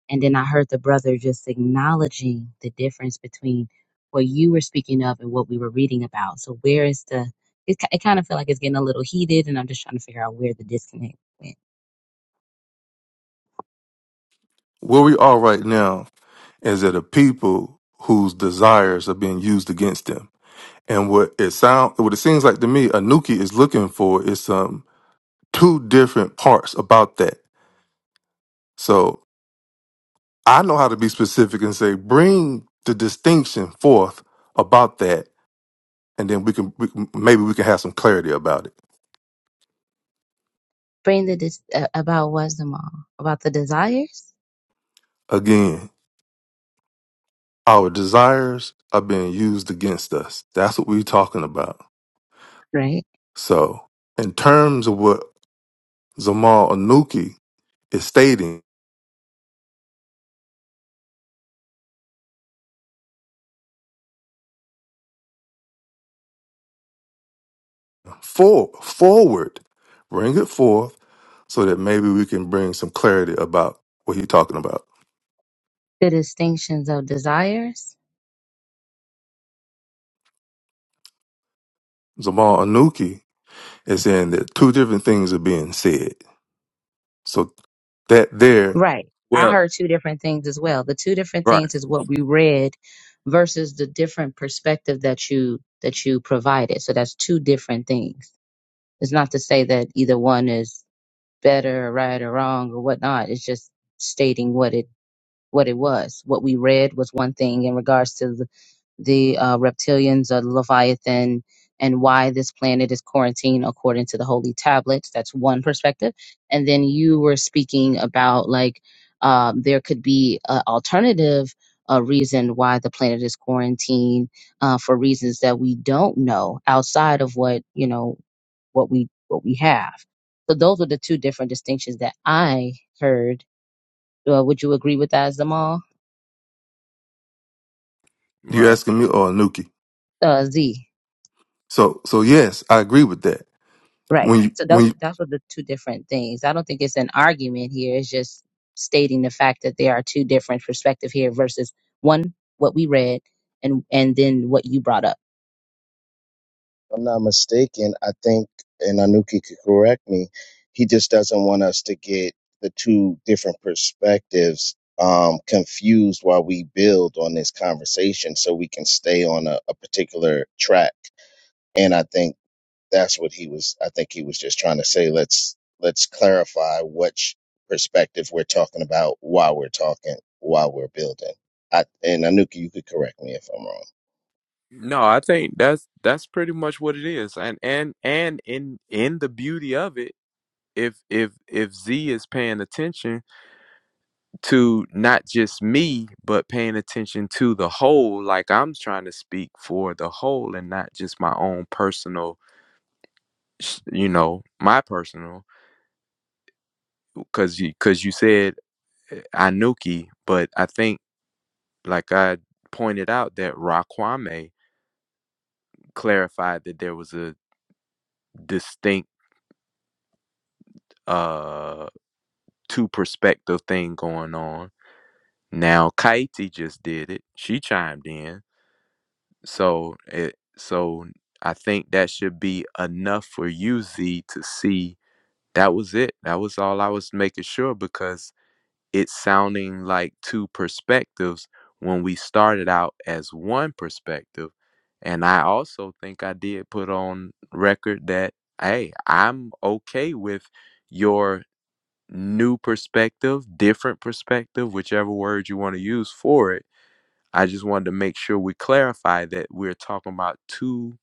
and then I heard the brother just acknowledging the difference between what you were speaking of and what we were reading about. So where is the? It, ki- it kind of feel like it's getting a little heated, and I'm just trying to figure out where the disconnect went. where we are right now is that a people whose desires are being used against them. And what it sound what it seems like to me, Anuki is looking for is some two different parts about that. So I know how to be specific and say, bring the distinction forth about that, and then we can, we can maybe we can have some clarity about it. Bring the dis- uh, about wisdom all about the desires, Again, our desires are being used against us. That's what we're talking about. right? So, in terms of what Zamal Anuki is stating, for forward, bring it forth so that maybe we can bring some clarity about what he's talking about. The distinctions of desires Zamal Anuki is saying that two different things are being said. So that there Right. I Well, heard two different things as well. The two different right, things is what we read versus the different perspective that you that you provided. So that's two different things. It's not to say that either one is better or right or wrong or whatnot. It's just stating what it what it was. What we read was one thing in regards to the uh, reptilians or the Leviathan and why this planet is quarantined according to the holy tablets. That's one perspective. And then you were speaking about like um, there could be an alternative uh, reason why the planet is quarantined uh, for reasons that we don't know outside of what you know what we what we have. So those are the two different distinctions that I heard. Uh, would you agree with that, Zamal? You right. asking me or Anuki? Uh, Z. So, so yes, I agree with that. Right. When you So those when you those are the two different things. I don't think it's an argument here. It's just stating the fact that there are two different perspectives here versus one what we read and and then what you brought up. I'm not mistaken, I think, and Anuki could correct me, he just doesn't want us to get the two different perspectives um, confused while we build on this conversation so we can stay on a, a particular track. And I think that's what he was i think he was just trying to say let's let's clarify which perspective we're talking about while we're talking while we're building I, and anuki you could correct me if i'm wrong No, I think that's that's pretty much what it is, and and and in in the beauty of it, if if if Z is paying attention to not just me, but paying attention to the whole, like I'm trying to speak for the whole and not just my own personal, s- you know, my personal, because you because you said Anuki, but I think, like I pointed out, that Raquame clarified that there was a distinct uh two perspective thing going on. Now Kaiti just did it; she chimed in, so it so I think that should be enough for you, Z, to see that was it. That was all I was making sure because it's sounding like two perspectives when we started out as one perspective. And I also think I did put on record that, hey, I'm okay with your new perspective, different perspective, whichever word you want to use for it. I just wanted to make sure we clarify that we're talking about two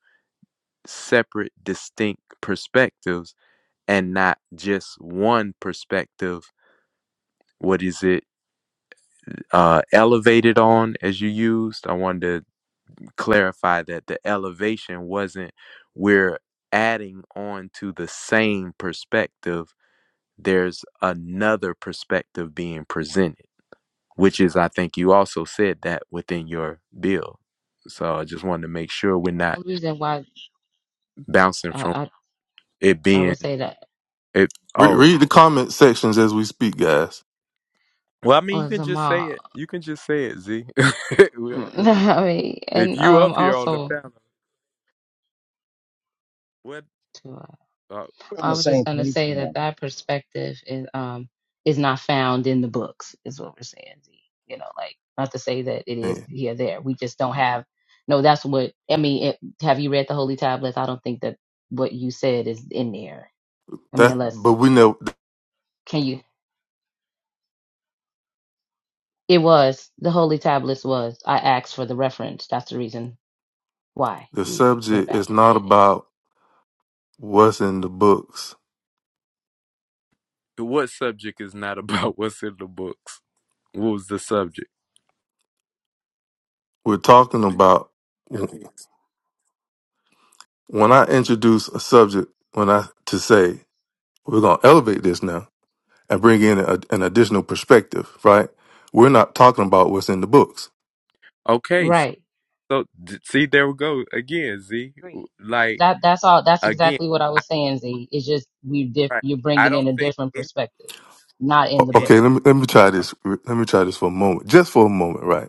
separate, distinct perspectives and not just one perspective. What is it? uh, elevated on as you used. I wanted to clarify that the elevation wasn't we're adding on to the same perspective. There's another perspective being presented, which is I think you also said that within your bill. So I just wanted to make sure we're The not only reason why bouncing I, from I, it I being would say that it. re- Oh, read the comment sections as we speak, guys, well, I mean, you was can a just say mom. it. You can just say it, Z. Well, you- I mean, if and you um, up here on the also, panel, what? we're on I the Oh, was just same going to page say that now that perspective is um is not found in the books, is what we're saying. Z. You know, like not to say that it is man, here there. We just don't have. No, that's what I mean. It, have you read the Holy Tablets? I don't think that what you said is in there. I mean, that unless but we know can you? It was the Holy Tablets was. I asked for the reference. That's the reason why the we went subject back is and not read it. about what's in the books. What subject is not about what's in the books? What was the subject? We're talking about when I introduce a subject, when I to say we're gonna elevate this now and bring in a, an additional perspective, right? We're not talking about what's in the books. Okay, so, Right. so d- see, there we go again. Z, Agreed. like That that's all. That's again, exactly what I I, was saying. Z. It's just we diff, right? you're I bringing don't in a think different any. perspective, not in O- the any book. Okay, let me let me try oh, this. Let me try this for a oh, moment, just for a moment, right?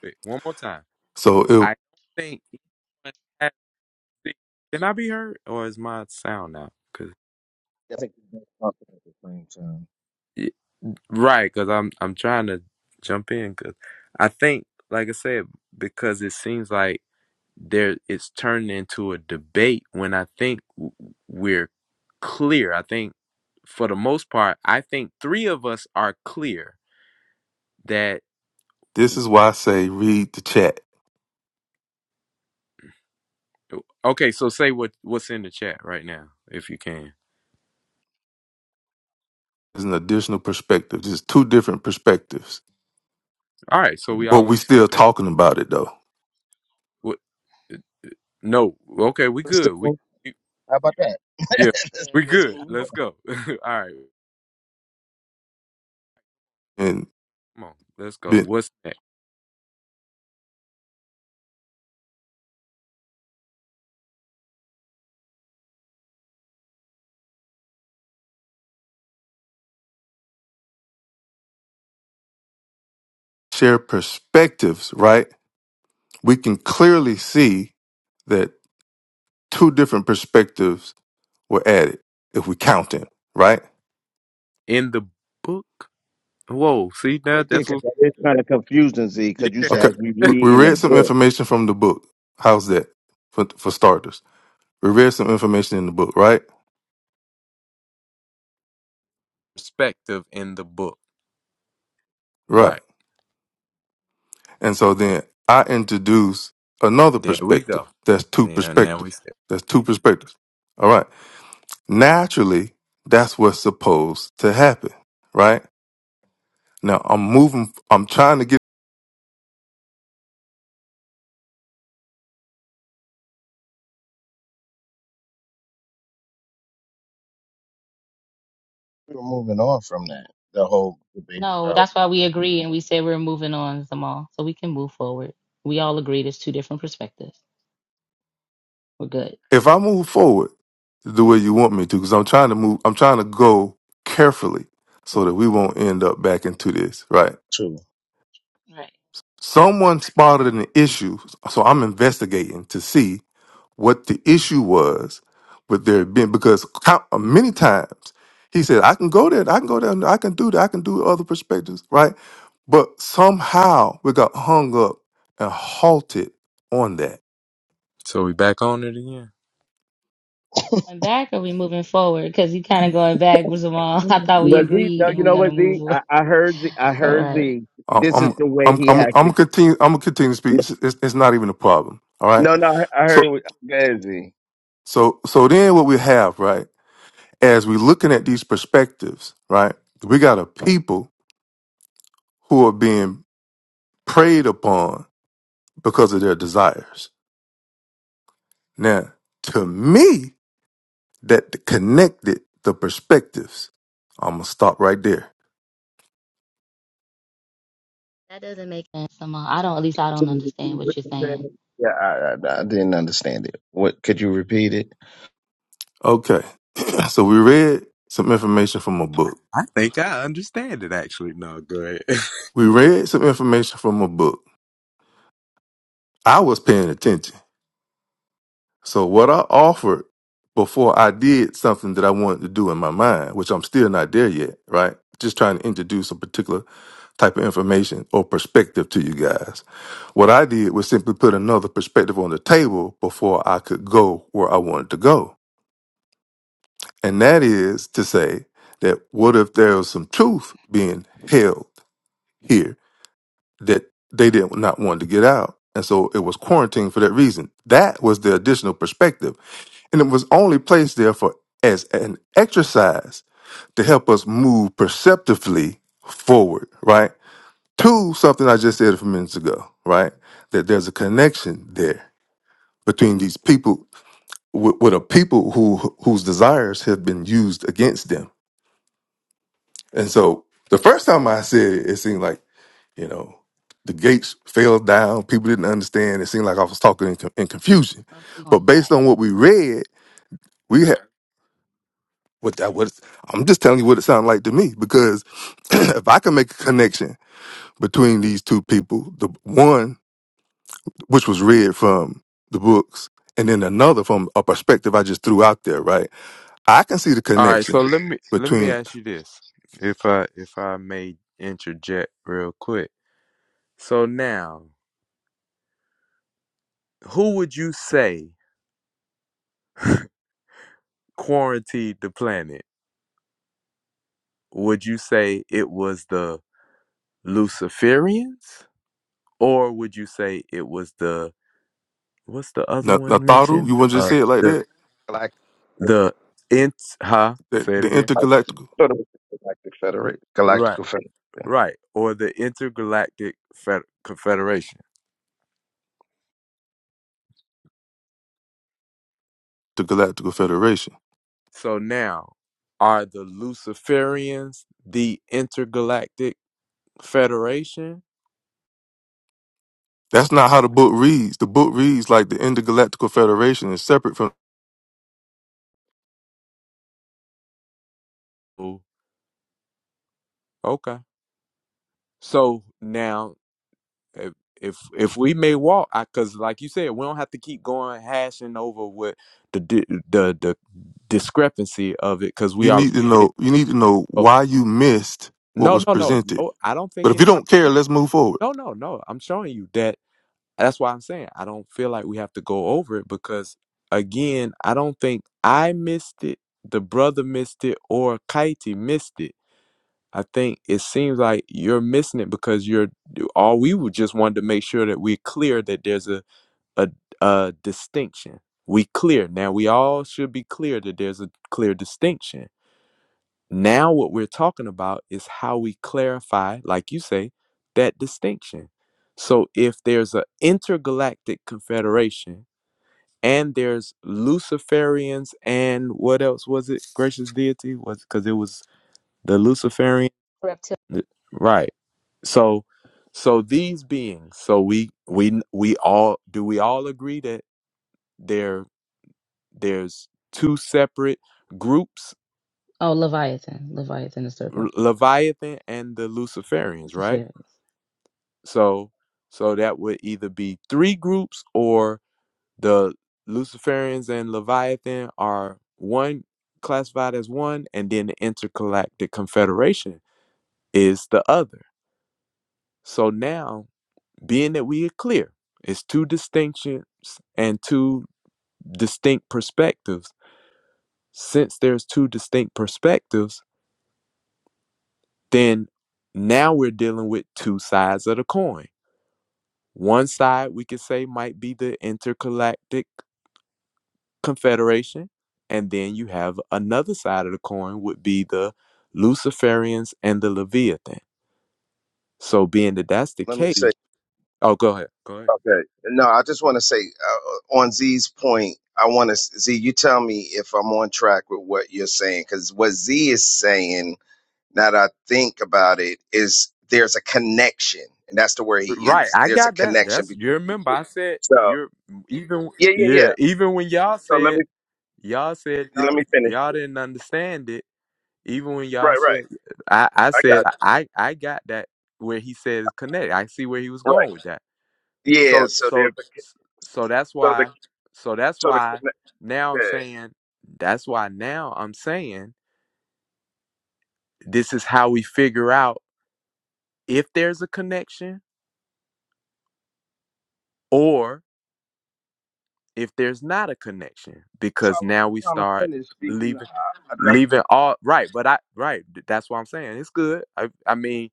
wait, one more time. So I don't think anyone has the- Can I be heard, or is my sound out? Cause i think we're talking at the same time y- right, cause I'm I'm trying to jump in. Cause I think, like I said, because it seems like there it's turned into a debate when I think w- we're clear. I think for the most part, I think three of us are clear that This is why I say read the chat. okay, so say what what's in the chat right now if you can. There's an additional perspective. There's two different perspectives, All right, so we but all on we the same still page. talking about it though, What no, okay, we let's just good. We we- how about that yeah, let's, we Good. let's good. move on Let's go. all right, and come on. Let's go. be- What's that? share perspectives. Right? We can clearly see that two different perspectives were added if we count it. Right? In the book? Whoa, see that right there that's because what that is kind of confusing z because you yeah, Okay. said as we We, read we in the read some book information from the book. How's that for, for starters? We read some information in the book. Right? perspective in the book. Right. Right. And so then I introduce another There we perspective. go. That's two Yeah, now we perspectives. see. That's two perspectives. All right. Naturally, that's what's supposed to happen, right? Now I'm moving, I'm trying to get, we were moving on from that the whole debate No, about that's why we agree and we said we're moving on, Zamal, so we can move forward. We all agreed it's two different perspectives. We're good. if I move forward the way you want me to, because I'm trying to move, I'm trying to go carefully so that we won't end up back into this, right? two. Right. Someone spotted an issue, so I'm investigating to see what the issue was with there being because count, many times he said, "I can go there, I can go there, I can do that, I can do other perspectives, right?" But somehow we got hung up and halted on that. So we back on it again. Going back or we moving forward? Because you kind of going back, with Zamal. I thought we But Z, no, agreed and you we're know going to what move Z? forward. I, I heard Z. I All heard right. Z. I'm This is I'm the way I'm he I'm, I'm has to. gonna continue. I'm gonna continue to speak. It's, it's, it's not even a problem. All right. No, no, I I So heard. what- Go ahead, Z. so so then what we have right as we are looking at these perspectives, right? We got a people who are being preyed upon because of their desires. Now, to me, that connected the perspectives. I'm gonna stop right there. That doesn't make sense, Zamal. I don't, at least I don't Can you understand repeat what what you're you said? saying. Yeah, I, I, I didn't understand it. What could you repeat it? Okay, so we read some information from a book. I think I understand it actually. No, go ahead. We read some information from a book. I was paying attention. So what I offered before I did something that I wanted to do in my mind, which I'm still not there yet, right? Just trying to introduce a particular type of information or perspective to you guys. What I did was simply put another perspective on the table before I could go where I wanted to go. And that is to say that what if there was some truth being held here that they did not want to get out? And so it was quarantined for that reason. That was the additional perspective. And it was only placed there for as an exercise to help us move perceptively forward, right? to something I just said a few minutes ago, right? That there's a connection there between these people with, with a people who whose desires have been used against them. And so the first time I said it, it seemed like you know the gates fell down. People didn't understand. It seemed like I was talking in, con- in confusion. Uh, we But going based back. on what we read, we had what that was. I'm just telling you what it sounded like to me because if I can make a connection between these two people, the one which was read from the books, and then another from a perspective I just threw out there, right? I can see the All right, so connection let me let me between ask you this. If I if I may interject real quick. So now, who would you say quarantined the planet? Would you say it was the Luciferians? Or would you say it was the what's the other Na- one Nataru, mentioned? you want to just Uh say it like the that? Galactic, the int huh? The, Say it the again. Intergalactical, Sort of Galactic Federation. Right. Galactical Federation. Right, or the Intergalactic Fed- Confederation. the Galactical Federation. So now, are the Luciferians the Intergalactic Federation? That's not how the book reads. The book reads like the Intergalactical Federation is separate from. Ooh. Okay. So now if if if we may walk because like you said we don't have to keep going hashing over what the di- the the discrepancy of it because we You already need to clear. know. You need to know so why you missed what no was no no presented. no i don't But think if you anybody don't care, is- let's move forward. no no no i'm showing you that that's why i'm saying i don't feel like we have to go over it because again i don't think i missed it the brother missed it or kaiti missed it i think it seems like you're missing it because you're all we would just wanted to make sure that we're clear that there's a a, a distinction. We clear. Now we all should be clear that there's a clear distinction. Now what we're talking about is how we clarify, like you say, that distinction. So if there's an intergalactic confederation and there's Luciferians and what else was it? Gracious deity was because it was the Luciferian, Reptilian. right? So, so these beings. So we we we all do we all agree that? they're. There's two separate groups, Oh, Leviathan. Leviathan, the R- serpent people. Leviathan and the Luciferians, right? Safaris. So so that would either be three groups or the Luciferians and Leviathan are one classified as one and then the intergalactic confederation is the other. So now, being that we are clear, it's two distinctions and two distinct perspectives. Since there's two distinct perspectives, then now we're dealing with two sides of the coin. One side we could say might be the intergalactic confederation, and then you have another side of the coin would be the Luciferians and the Leviathan. So being that that's the Let me case, say. oh, go ahead, go ahead. Okay. No, I just want to say uh, on Z's point. I want to Z. You tell me if I'm on track with what you're saying, because what Z is saying now that I think about it, is there's a connection, and that's the word he Right, used. I There's a got that. connection. That's you Between, remember I said so you're even yeah, yeah, yeah yeah. even when y'all So let said me y'all said y'all let me finish y'all it. didn't understand it Even when y'all Right, right. said, I, I I said got I, I got that where he says connect. I see where he was you. Right. going with that. Yeah. So So so there's a co- so that's so the why so that's so the why conne- now I'm yeah. saying that's why now I'm saying this is how we figure out if there's a connection or if there's not a connection So I because was now we trying to start finish speaking. leaving I, I leaving all right but i right that's what i'm saying it's good i i mean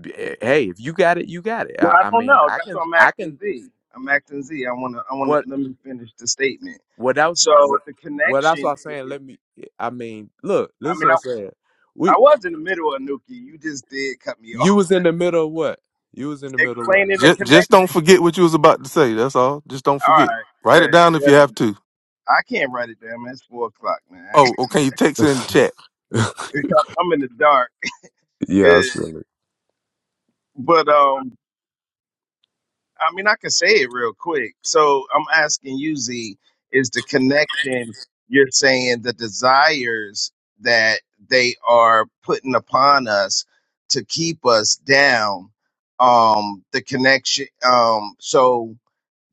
B- eh, Hey, if you got it, you got it. no, I, I I don't mean, know. I That's can, what I'm I asking can. Z. I'm asking Z. I want to. I want to. What, Let me finish the statement. what else? So What, the what else? connection I'm saying. is. Let me. eh, I mean, look. I This is what mean, I'm I saying. I We, was in the middle of Nuki. You just did cut me off. you was in the middle of what? You was in the middle of explaining the Just, just connection. don't forget what you was about to say. That's all. Just don't All forget. right, Write it good, down if you have good. to. I can't write it down, man. It's four o'clock, man. Oh, or can you text it in the what? chat? I'm in the dark. yeah, I Good, feel it. but um, I mean, I can say it real quick. So I'm asking you, Z, is the connection you're saying the desires that they are putting upon us to keep us down? Um, the connection. Um, so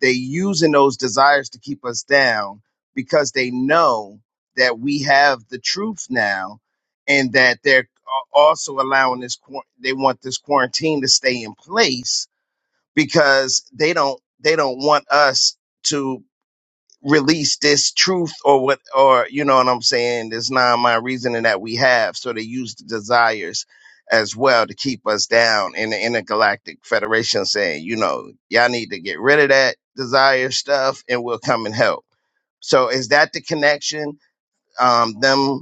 they using those desires to keep us down because they know that we have the truth now and that they're a- also allowing this quar- they want this quarantine to stay in place because they don't they don't want us to release this truth or what or you know what I'm saying, this non mind reasoning that we have. So they use the desires as well to keep us down in the intergalactic federation saying, you know, y'all need to get rid of that desire stuff and we'll come and help. So is that the connection? Um them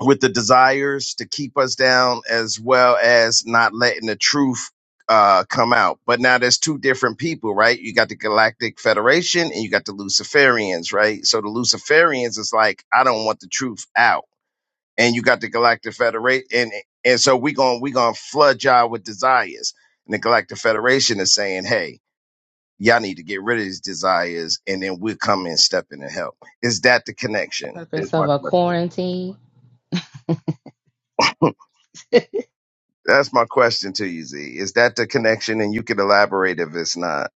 with the desires to keep us down as well as not letting the truth uh, come out. But now there's two different people, right? You got the Galactic Federation and you got the Luciferians, right? So the Luciferians is like, I don't want the truth out. And you got the Galactic Federation and and so we going we going to flood y'all with desires. And the Galactic Federation is saying, "Hey, y'all need to get rid of these desires and then we'll come in step in and help." Is that the connection? Is Purpose of my a question. quarantine. That's my question to you, Z. Is that the connection? And you could elaborate if it's not.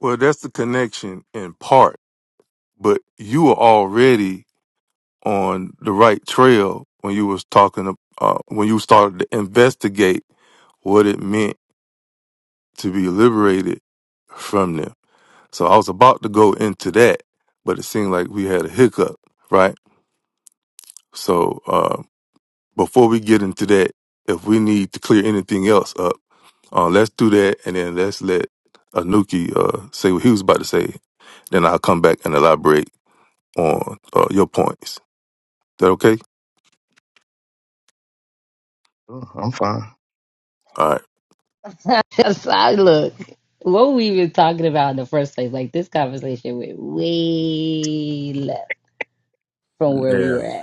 Well, that's the connection in part, but you were already on the right trail when you was talking uh, when you started to investigate what it meant to be liberated from them. So I was about to go into that, but it seemed like we had a hiccup, right? So uh, before we get into that, if we need to clear anything else up, uh, let's do that, and then let's let Anuki uh, say what he was about to say. Then I'll come back and elaborate on uh, your points. Is that okay? Oh, I'm fine. All right. so I look, what were we even talking about in the first place? Like this conversation went way left from where we yeah. were at.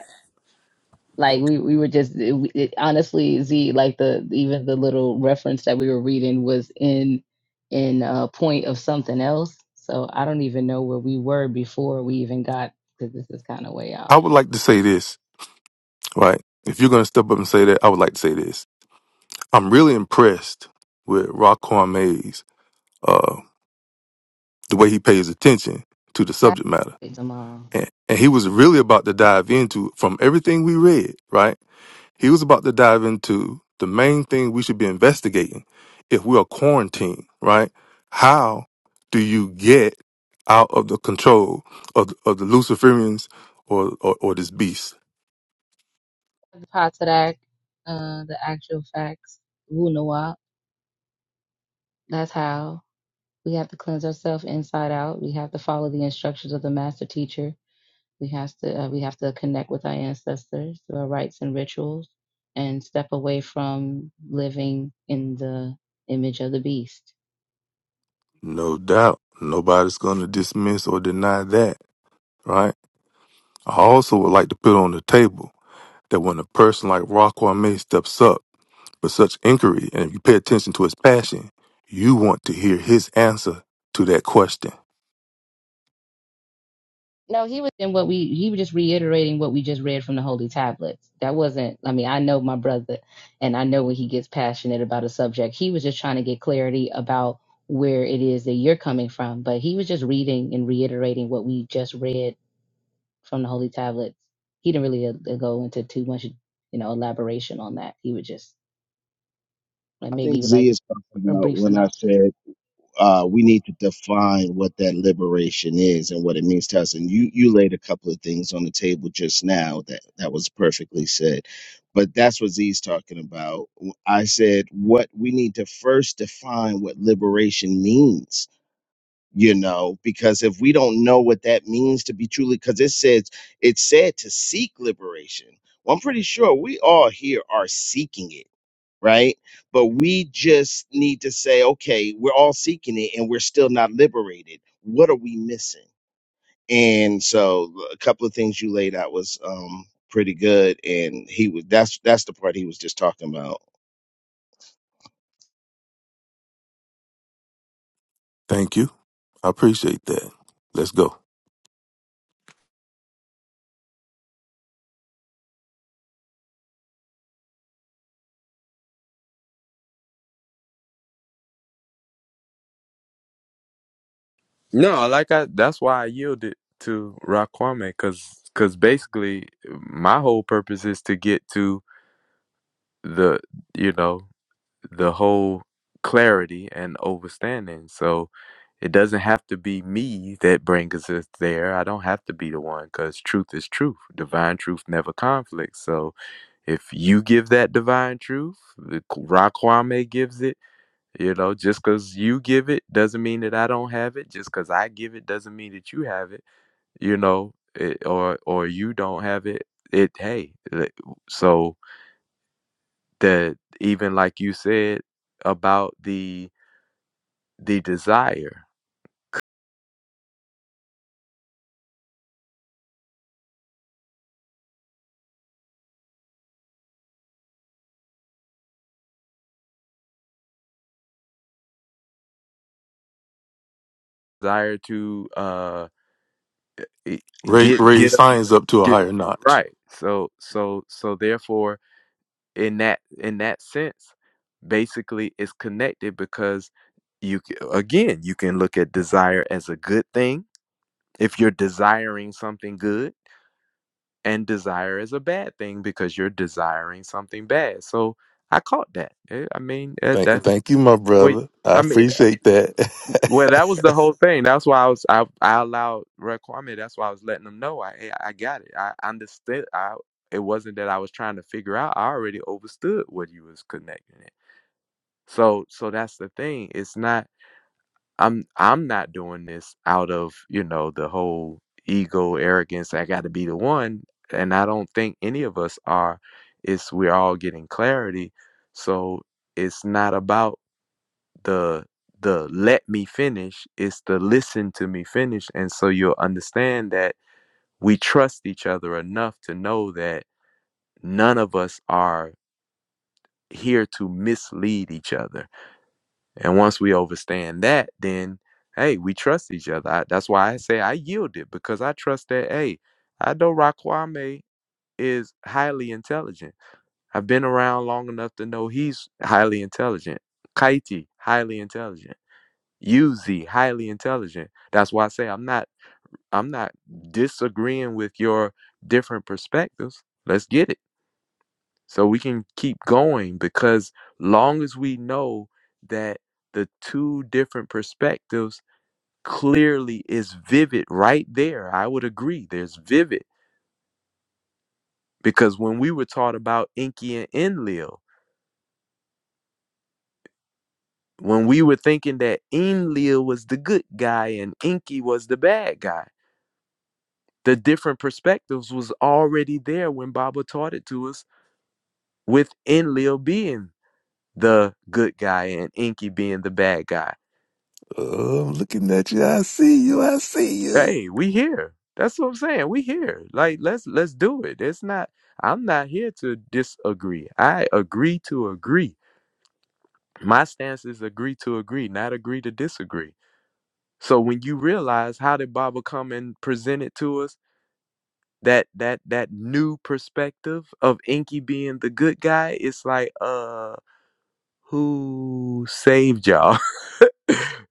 Like we we were just it, we- it, honestly Z like the even the little reference that we were reading was in in a point of something else. So I don't even know where we were before we even got because this is kind of way I off would the. like to say this, right? If you're going to step up and say that, I would like to say this. I'm really impressed with Raquan Mays, uh, the way he pays attention to the That subject matter. it's And, and he was really about to dive into, from everything we read, right? He was about to dive into the main thing we should be investigating if we are quarantined, right? How do you get out of the control of, of the Luciferians or, or, or this beast? The Potsdam, uh, the actual facts, Wunawap. That's how we have to cleanse ourselves inside out. We have to follow the instructions of the master teacher. We have to uh, we have to connect with our ancestors through our rites and rituals, and step away from living in the image of the beast. No doubt. Nobody's going to dismiss or deny that, right? I also would like to put on the table that when a person like Rockwell May steps up for such inquiry, and if you pay attention to his passion, you want to hear his answer to that question. No, he was in what we he was just reiterating what we just read from the holy tablets. That wasn't I mean, I know my brother and I know when he gets passionate about a subject. He was just trying to get clarity about where it is that you're coming from, but he was just reading and reiterating what we just read from the holy tablets. He didn't really uh, go into too much, you know, elaboration on that. He would just like I think maybe Z like is talking a about brief when I synopsis. said uh, we need to define what that liberation is and what it means to us. And you you laid a couple of things on the table just now that that was perfectly said, but that's what Z's talking about. I said what we need to first define what liberation means you know because if we don't know what that means to be truly because it says it said to seek liberation well i'm pretty sure we all here are seeking it right but we just need to say okay we're all seeking it and we're still not liberated what are we missing and so a couple of things you laid out was um pretty good and he was that's that's the part he was just talking about Thank you. I appreciate that. Let's go. No, like I. That's why I yielded to Raquame, cause, cause basically, my whole purpose is to get to the, you know, the whole clarity and overstanding. So it doesn't have to be me that brings us there. I don't have to be the one because truth is truth. Divine truth never conflicts. So if you give that divine truth, the K- Raquame gives it. You know, just because you give it doesn't mean that I don't have it. Just because I give it doesn't mean that you have it. You know, it, or or you don't have it. It hey, uh, so that even like you said about the the desire desire to uh e- Raise, get raise get a- science up to a get higher notch. right so so so therefore in that in that sense basically it's connected because you c- again you can look at desire as a good thing if you're desiring something good and desire as a bad thing because you're desiring something bad so i caught that Eh, i mean eh, Thank you, that's thank you, my wait brother. I i mean appreciate that. Well, that was the whole thing. That's why I was I, I allowed Red Kwame. That's why I was letting them know. I hey, I got it. I understood. I it wasn't that I was trying to figure out. I already understood what you was connecting it. So so that's the thing. It's not. I'm I'm not doing this out of you know the whole ego arrogance. I got to be the one, and I don't think any of us are. It's we're all getting clarity. So it's not about the the let me finish is to listen to me finish and so you'll understand that we trust each other enough to know that none of us are here to mislead each other and once we overstand that then hey we trust each other I, that's why i say i yielded because i trust that hey i know Raquame is highly intelligent i've been around long enough to know he's highly intelligent kaiti highly intelligent Uzi, highly intelligent. That's why I say I'm not I'm not disagreeing with your different perspectives. Let's get it. So we can keep going because long as we know that the two different perspectives clearly is vivid right there. I would agree. There's vivid because when we were taught about Inky and Enlil, when we were thinking that Enlil was the good guy and Inky was the bad guy, the different perspectives was already there when Baba taught it to us With Lil being the good guy and Inky being the bad guy. oh, I'm looking at you. I see you. I see you. Hey, we here. That's what I'm saying. We here. Like let's let's do it. It's not I'm not here to disagree. I agree to agree. My stance is agree to agree, not agree to disagree. So when you realize how did Baba come and present it to us, that that that new perspective of Inky being the good guy, it's like uh. Who saved y'all?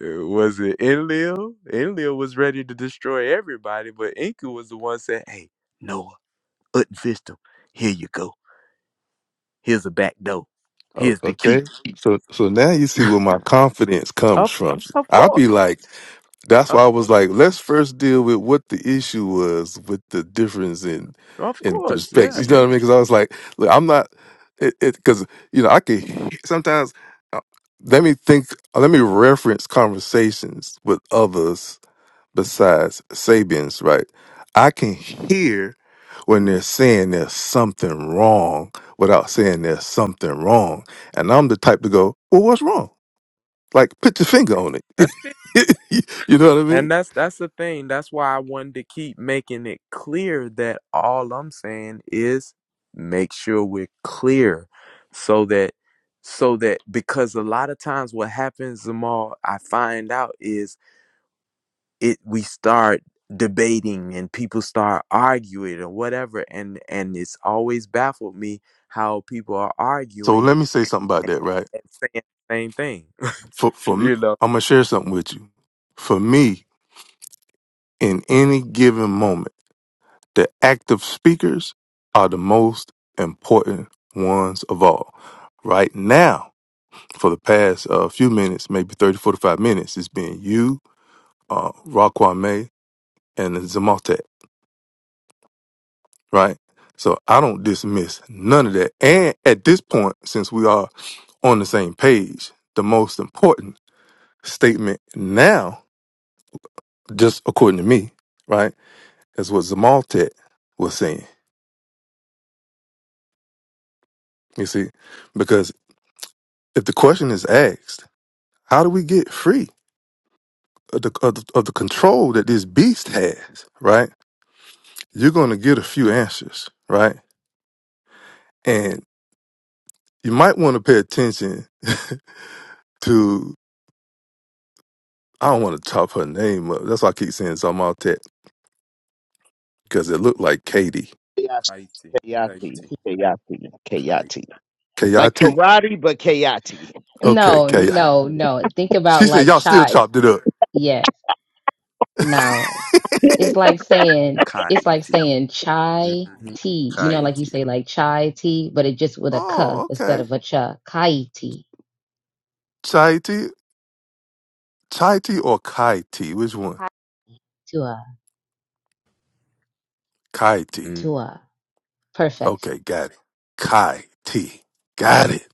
was it Enlil? Enlil was ready to destroy everybody, but Enku was the one saying, Hey, Noah, unfist him. Here you go. Here's a back door. Oh, Here's the key. okay. So, so now you see where my confidence comes Of from. of I'll be course. like, that's why I Of was like, course. let's first deal with what the issue was with the difference in Of in course. Yeah. perspective. You know what I mean? Because I was like, look, I'm not it because you know I could he- sometimes uh, let me think, uh, let me reference conversations with others besides Sabians, right? I can hear when they're saying there's something wrong without saying there's something wrong, and I'm the type to go, well, what's wrong? Like, put your finger Right. on it. That's you know what I mean? And that's that's the thing. That's why I wanted to keep making it clear that all I'm saying is make sure we're clear so that so that because a lot of times what happens the I find out is it we start debating and people start arguing or whatever and and it's always baffled me how people are So arguing let me say something about that, right? and saying the same thing. For for me, you know. I'm gonna share something with you. For me, in any given moment, the active speakers are the most important ones of all. Right now, for the past uh, few minutes, maybe thirty, forty, five minutes, it's been you, uh, Raquan and Zamaltek, right? So I don't dismiss none of that. And at this point, since we are on the same page, the most important statement now just according to me, right? That's what Zamaltet was saying. You see, because if the question is asked, how do we get free of the, of the, of the control that this beast has, right? You're going to get a few answers, right? And you might want to pay attention to, I don't want to chop her name up. That's why I keep saying Zamaltet, because it looked like Katie. Kayati, Clarity, Kayati, clarity, Kayati, clarity. Kayati. Like K-I-T? karate, but Kayati. Okay, No, K I. no, no. Think She about said, like y'all still child. chopped it up. Yes. no. I It's like saying it's like Kaiti. saying chai Mhm. tea. You know, like you Kaiti. say like chai tea, but it just with a ka oh, instead okay. of a cha. Kai tea. Chaiti. Chai tea or Kai tea? Which one? Tua. Kai tea. Mm. Tua. Perfection. Okay, got it. Kai tea. Got it.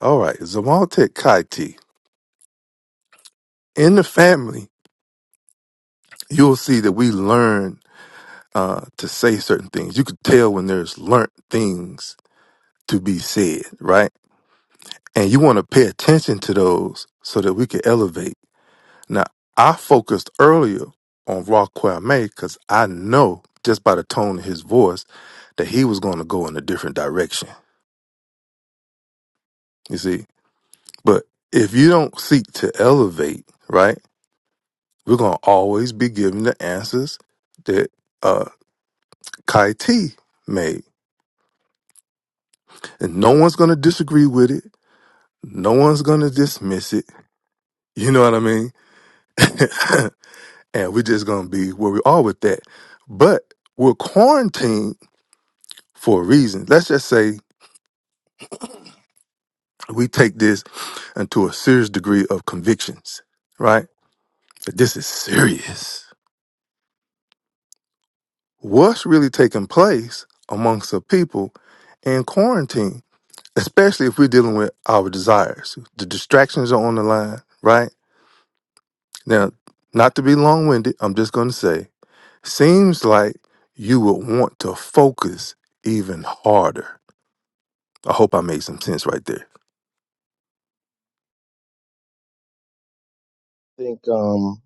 All right, Zamaltic Kai tea. In the family, you'll see that we learn uh, to say certain things. You could tell when there's learnt things to be said, right? And you want to pay attention to those so that we can elevate. Now, I focused earlier on Rock Kwame because I know just by the tone of his voice that he was going to go in a different direction. You see, But if you don't seek to elevate, right, we're going to always be given the answers that uh, Kai T made. And no one's going to disagree with it. No one's going to dismiss it. You know what I mean? and we're just going to be where we are with that. But we're quarantined for a reason. Let's just say we take this into a serious degree of convictions, right? This is serious. what's really taking place amongst the people in quarantine, especially if we're dealing with our desires. The distractions are on the line, right? Now, not to be long winded, I'm just going to say, seems like you would want to focus even harder. I hope I made some sense right there. think um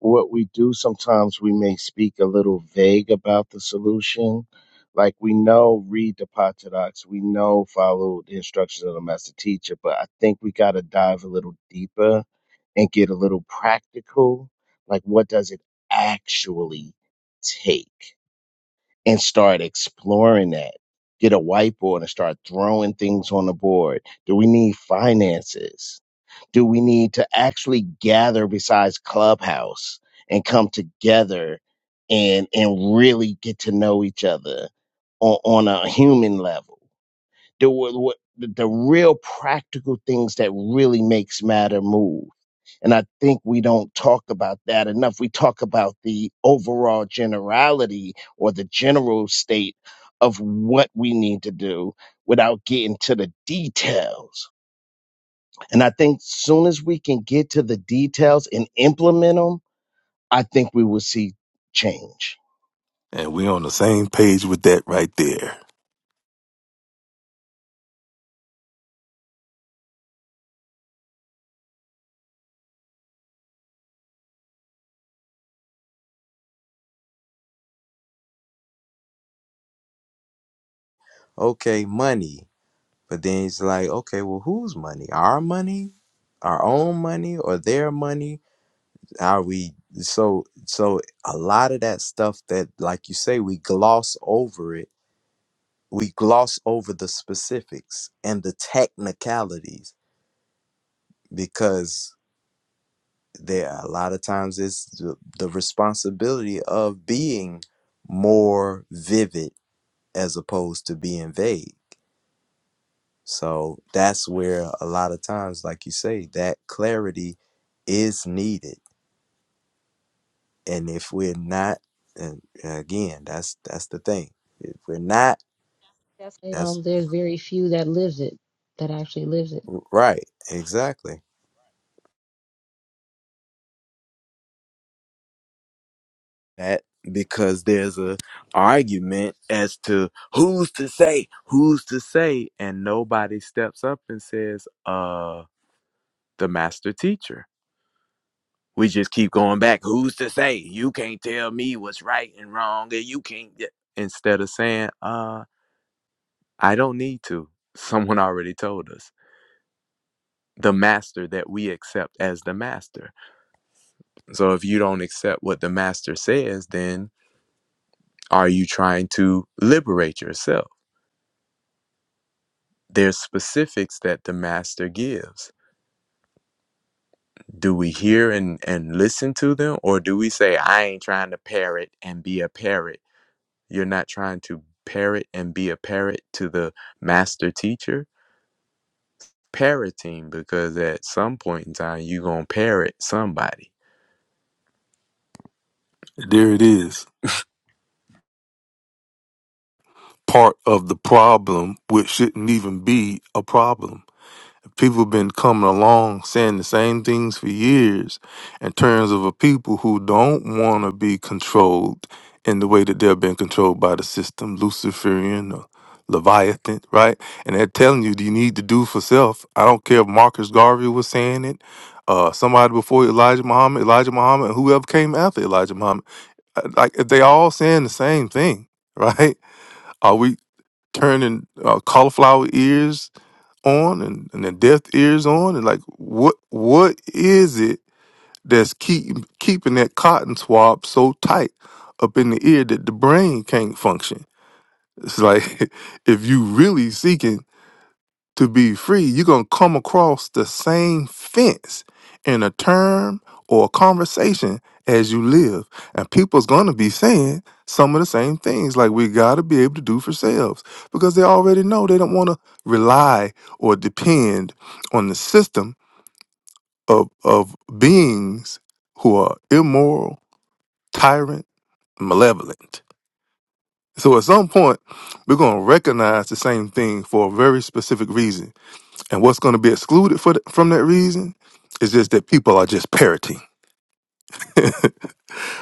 what we do sometimes we may speak a little vague about the solution like we know read the Patadox, we know follow the instructions of the master teacher but i think we got to dive a little deeper and get a little practical like what does it actually take and start exploring that get a whiteboard and start throwing things on the board do we need finances do we need to actually gather besides clubhouse and come together and and really get to know each other on, on a human level the, what, what- the the real practical things that really makes matter move and i think we don't talk about that enough we talk about the overall generality or the general state of what we need to do without getting to the details and I think soon as we can get to the details and implement them, I think we will see change. And we're on the same page with that right there. Okay, money. But then it's like, okay, well, whose money? Our money? Our own money or their money? Are we so so a lot of that stuff that like you say, we gloss over it. We gloss over the specifics and the technicalities because there a lot of times it's the, the responsibility of being more vivid as opposed to being vague so that's where a lot of times like you say that clarity is needed and if we're not and again that's that's the thing if we're not That's that's Um, there's very few that lives it, that actually lives it. right exactly that because there's a argument as to who's to say who's to say and nobody steps up and says uh the master teacher we just keep going back who's to say you can't tell me what's right and wrong and you can't get-" instead of saying uh i don't need to someone already told us the master that we accept as the master so if you don't accept what the master says then are you trying to liberate yourself there's specifics that the master gives. Do we hear and, and listen to them, or do we say, I ain't trying to parrot and be a parrot? You're not trying to parrot and be a parrot to the master teacher? Parroting, because at some point in time, you're going to parrot somebody. There it is. Part of the problem, which shouldn't even be a problem. people have been coming along saying the same things for years in terms of a people who don't want to be controlled in the way that they're being controlled by the system, Luciferian or Leviathan, right? And they're telling you, you need to do for self. I don't care if Marcus Garvey was saying it, uh, somebody before Elijah Muhammad, Elijah Muhammad, and whoever came after Elijah Muhammad. Uh, Like, they all saying the same thing, right? Are we turning uh, cauliflower ears on and, and the deaf ears on and like what what is it that's keep, keeping that cotton swab so tight up in the ear that the brain can't function it's like if you really seeking to be free, you're going to come across the same fence in a term or a conversation as you live. And people's going to be saying some of the same things like we got to be able to do for selves because they already know they don't want to rely or depend on the system of, of beings who are immoral, tyrant, malevolent. So at some point, we're going to recognize the same thing for a very specific reason and what's going to be excluded for the, from that reason is just that people are just parroting.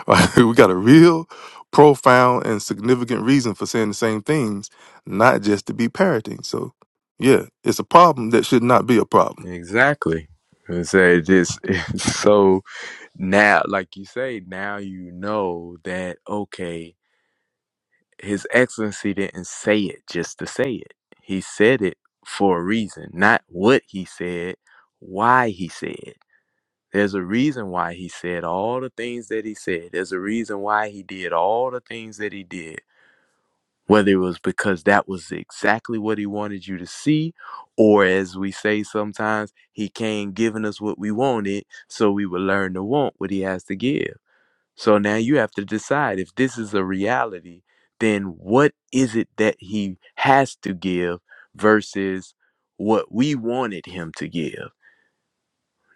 Right? we got a real profound and significant reason for saying the same things, not just to be parroting. So, yeah, it's a problem that should not be a problem. Exactly. And say this. so now, like you say, now you know that, okay, His Excellency didn't say it just to say it. He said it for a reason, not what he said, why he said. it. There's a reason why he said all the things that he said. There's a reason why he did all the things that he did. Whether it was because that was exactly what he wanted you to see, or as we say sometimes, he came giving us what we wanted so we would learn to want what he has to give. So now you have to decide if this is a reality, then what is it that he has to give versus what we wanted him to give?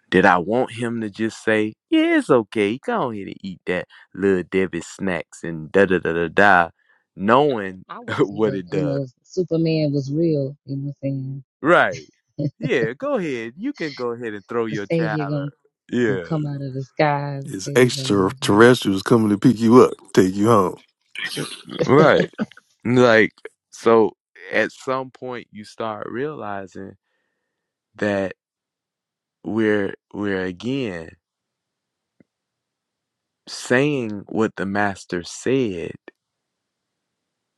Did I want him to just say, yeah, it's okay, go ahead and eat that little Debbie snacks and da da da da da, knowing I was what That, it you does? know, Superman was real, you know what I'm Right. saying? Yeah, go ahead. You can go ahead and throw the your child. savior gonna, a- gonna Yeah, come out of the sky and It's save us all. extraterrestrials coming to pick you up, take you home. right. Like, so at some point you start realizing. that we're we're again saying what the master said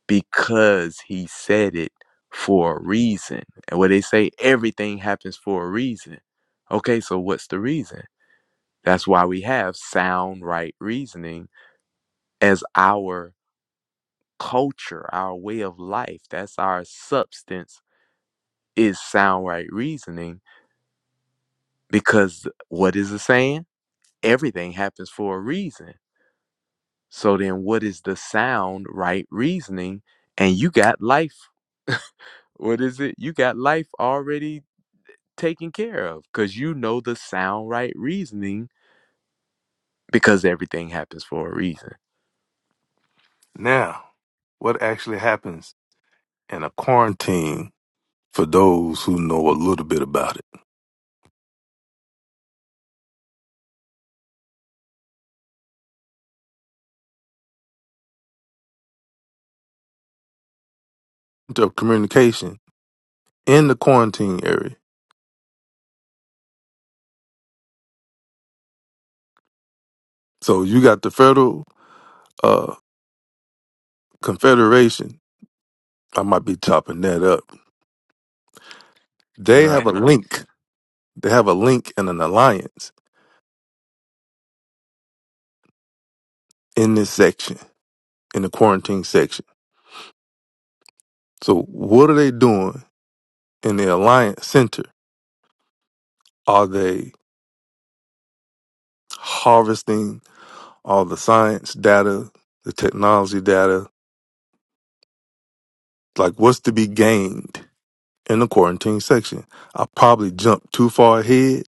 because he said it for a reason. And what they say everything happens for a reason. Okay, so what's the reason? That's why we have sound right reasoning as our culture, our way of life. That's our substance is sound right reasoning because what is it saying? Everything happens for a reason So then, what is the sound right reasoning? And you got life. What is it? You got life already taken care of because you know the sound right reasoning because everything happens for a reason. Now, what actually happens in a quarantine for those who know a little bit about it? The communication in the quarantine area. So you got the federal uh, Confederation, I might be chopping that up. They No, have a link. They have a link and an alliance in this section, in the quarantine section. So what are they doing in the alliance center? Are they harvesting all the science data, the technology data? Like what's to be gained in the quarantine section? I probably jumped too far ahead.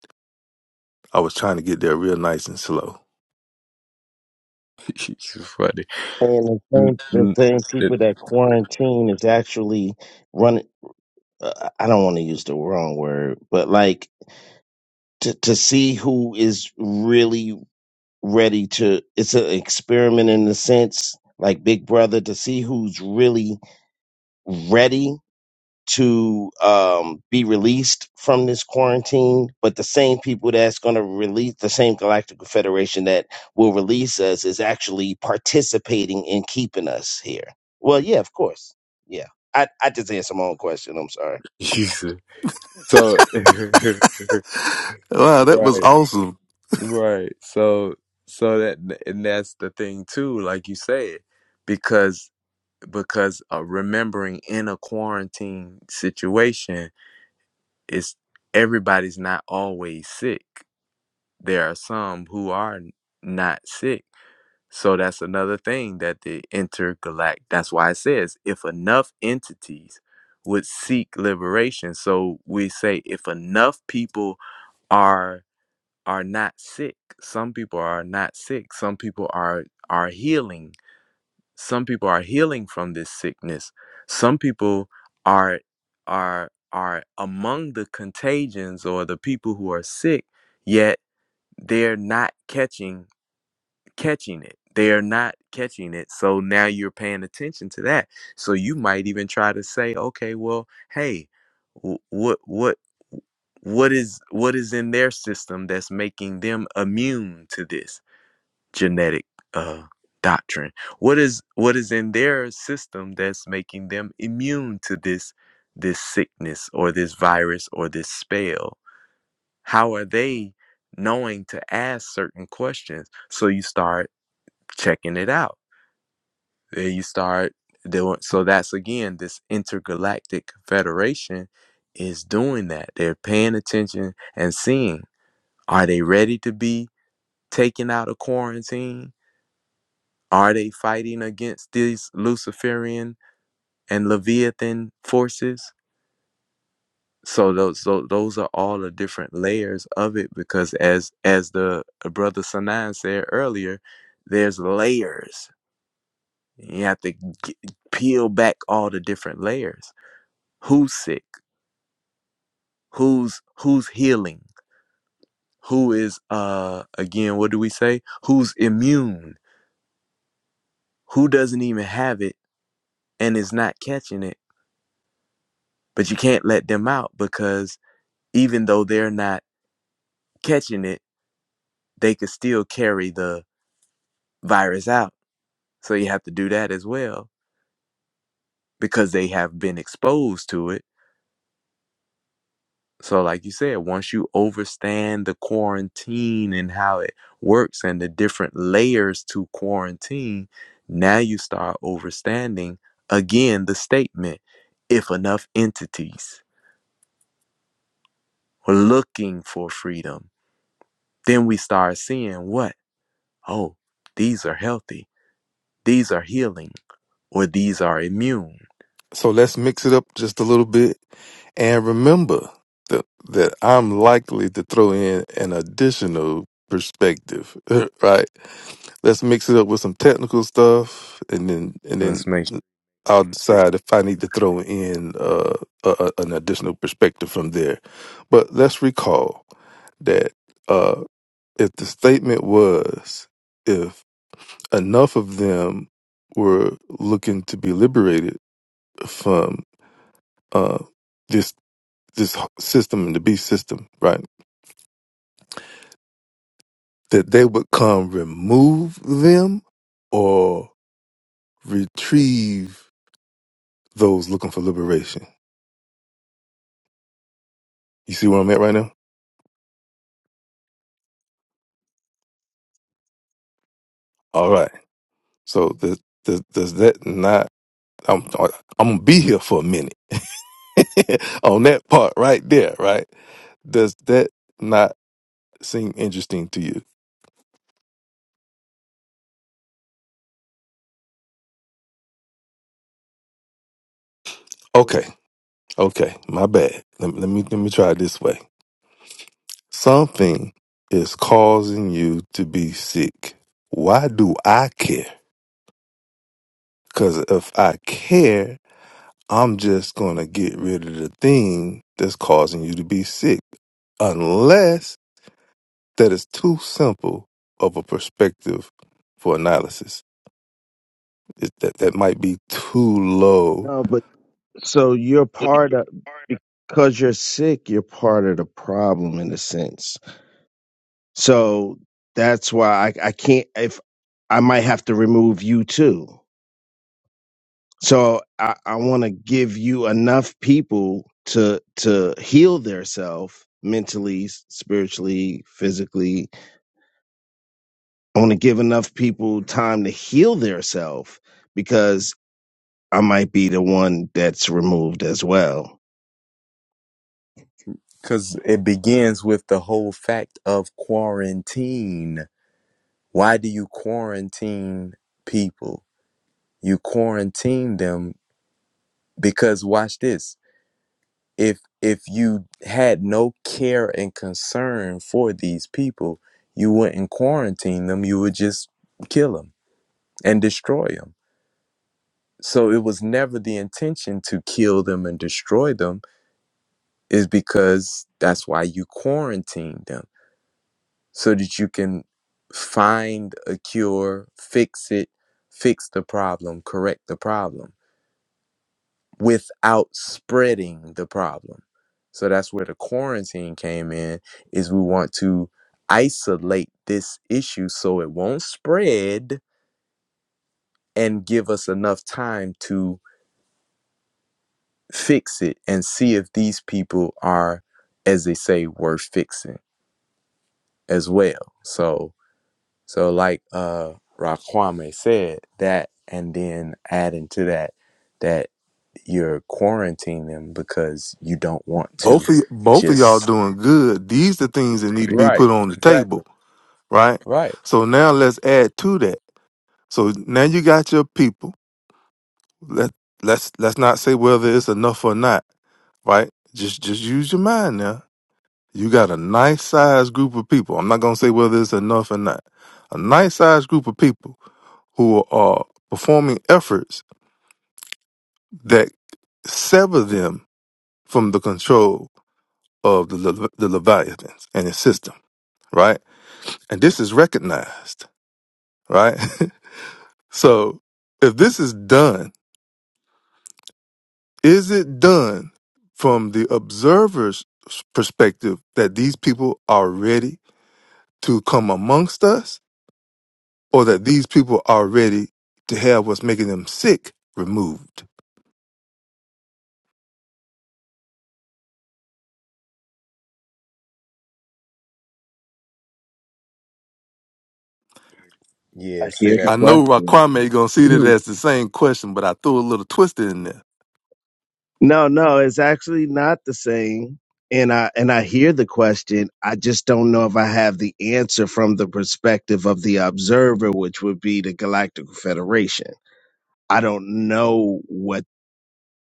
I was trying to get there real nice and slow. it's funny. And the N- same, the n- same it- people that quarantine is actually running. Uh, I don't want to use the wrong word, but like to to see who is really ready to. It's an experiment in the sense like Big Brother to see who's really ready to um, be released from this quarantine, but the same people that's going to release the same Galactic Federation that will release us is actually participating in keeping us here. Well, yeah, of course. Yeah. I, I just answered my own question. I'm sorry. Jesus. so right, Wow, that was awesome. right. So so that and that's the thing too, like you said, because because uh, remembering in a quarantine situation it's everybody's not always sick. There are some who are not sick. So that's another thing that the intergalactic, that's why it says if enough entities would seek liberation. So we say if enough people are are not sick, some people are not sick, some people are are healing some people are healing from this sickness some people are are are among the contagions or the people who are sick yet they're not catching catching it they're not catching it so now you're paying attention to that so you might even try to say okay well hey wh- what what what is what is in their system that's making them immune to this genetic uh, doctrine. What is what is in their system that's making them immune to this this sickness or this virus or this spell? How are they knowing to ask certain questions? So you start checking it out. Then you start doing. So that's again this intergalactic federation is doing that. They're paying attention and seeing. Are they ready to be taken out of quarantine? Are they fighting against these Luciferian and Leviathan forces? So those so those are all the different layers of it because as as the brother Sanan said earlier, there's layers. You have to g- peel back all the different layers. Who's sick? Who's who's healing? Who is uh again? What do we say? Who's immune? Who doesn't even have it and is not catching it? But you can't let them out because even though they're not catching it, they could still carry the virus out. So you have to do that as well because they have been exposed to it. So, like you said, once you understand the quarantine and how it works and the different layers to quarantine, now you start understanding again the statement if enough entities were looking for freedom, then we start seeing what? Oh, these are healthy, these are healing or these are immune. So let's mix it up just a little bit. And remember that, that I'm likely to throw in an additional perspective, right? Let's mix it up with some technical stuff, and then and Let's make sure. then I'll decide if I need to throw in uh, a, a- an additional perspective from there. But let's recall that uh, if the statement was if enough of them were looking to be liberated uh, this this system, the beast system, right? That they would come remove them or retrieve those looking for liberation. You see where I'm at right now? All right. So does does, does that not? I'm I'm gonna be here for a minute on that part right there, right? Does that not seem interesting to you? Okay, okay, my bad. Let, me- let me let me try it this way. Something is causing you to be sick. Why do I care? Because if I care, I'm just going to get rid of the thing that's causing you to be sick. Unless that is too simple of a perspective for analysis. It, that, that might be too low. No, but so you're part of because you're sick, you're part of the problem in a sense. So that's why I, I can't if I might have to remove you too. So I, I want to give you enough people to to heal themselves mentally, s- spiritually, physically. I want to give enough people time to heal themselves because I might be the one that's removed as well. because it begins with the whole fact of quarantine. Why do you quarantine people? You quarantine them because watch this. If if you had no care and concern for these people, you wouldn't quarantine them. You would just kill them and destroy them. So it was never the intention to kill them and destroy them. Is because that's why you quarantine them so that you can find a cure, fix it, fix the problem, correct the problem without spreading the problem. So that's where the quarantine came in is we want to isolate this issue so it won't spread and give us enough time to fix it and see if these people are as they say worth fixing as well. So So, like uh, Raquame said, that and then adding to that, that you're quarantining them because you don't want to Both of, y- both of y'all just. doing good. These are things that need to be Right. put on the Exactly. table, right? Right. So now let's add to that. So now you got your people. Let let's let's not say whether it's enough or not, right? Just just use your mind now. You got a nice sized group of people. I'm not gonna say whether it's enough or not. A nice sized group of people who are performing efforts that sever them from the control of the Le- the Leviathans and its system, right? And this is recognized, right? so if this is done Is it done from the observer's perspective that these people are ready to come amongst us or that these people are ready to have what's making them sick removed? Yeah. I Say hear the that. I one. know question. Raquame gonna see that Mhm. as the same question, but I threw a little twist in there. No, no, it's actually not the same. And I and I hear the question. I just don't know if I have the answer from the perspective of the observer, which would be the Galactic Federation. I don't know what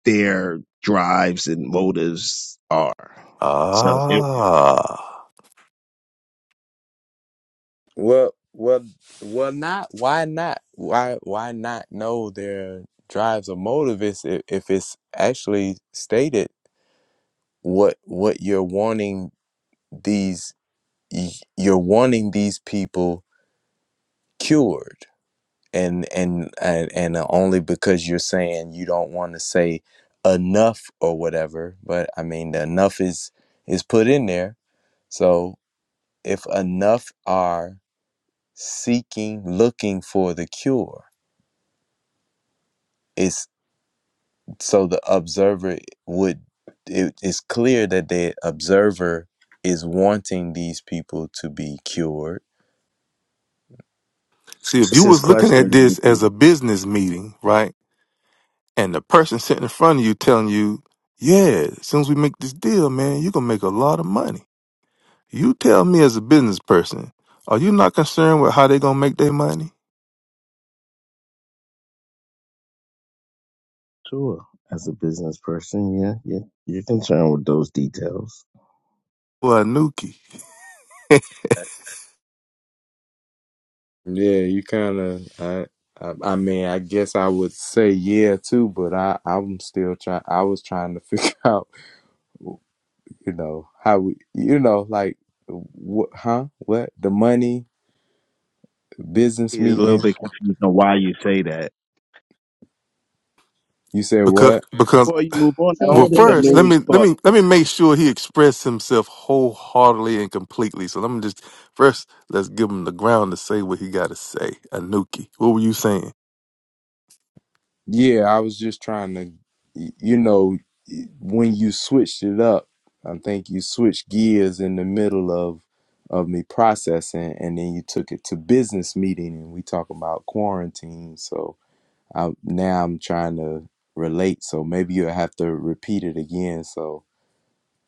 their drives and motives are. So it, Ah. Well, well, well. Not. Why not? Why? Why not know their drives or motives if, if it's actually stated what what you're wanting these y- you're wanting these people cured and and and, and only because you're saying you don't want to say enough or whatever but i mean the enough is is put in there so if enough are seeking looking for the cure it's so the observer would it, it's clear that the observer is wanting these people to be cured See, if it's you his was looking question. at this would as a be, business meeting, right? And the person sitting in front of you telling you, yeah, as soon as we make this deal, man, you're gonna make a lot of money. You tell me as a business person, are you not concerned with how they gonna make their money? Sure, as a business person, yeah, yeah, you're concerned with those details. Well, Nuki, Yeah, you kind of. I, I, I mean, I guess I would say yeah too, but I, I'm still trying. I was trying to figure out, you know, how we, you know, like, what, huh? What the money business He's a little meeting? bit confused on why you say that. You said because what? because Before Like, you move on, I saying well, don't that think they I knew first let just we me let caught me the. let me make sure he expressed himself wholeheartedly and completely. So let me just first let's give him the ground to say what he got to say. Anuki, what were you saying? Yeah, I was just trying to, y- you know, y- when you switched it up, I think you switched gears in the middle of of me processing, and then you took it to business meeting, and we talk about quarantine, so. I now I'm trying to relate, so maybe you'll have to repeat it again. So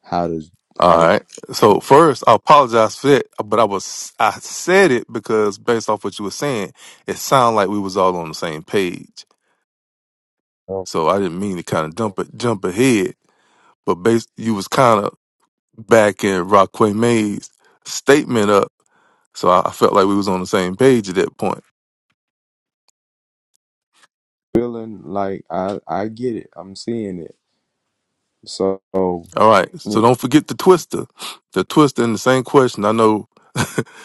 how does how All does right. yeah. So first, I apologize for that, but I was I said it because based off what you were saying, it sounded like we was all on the same page. i So I didn't mean to kind of dump it, jump ahead. but bas you was kind of backing Rockaway May's statement up, so I, I felt like we was on the same page at that point. feeling like I I get it. I'm seeing it. So All right, yeah. so don't forget the twister, the twister in the same question. I know,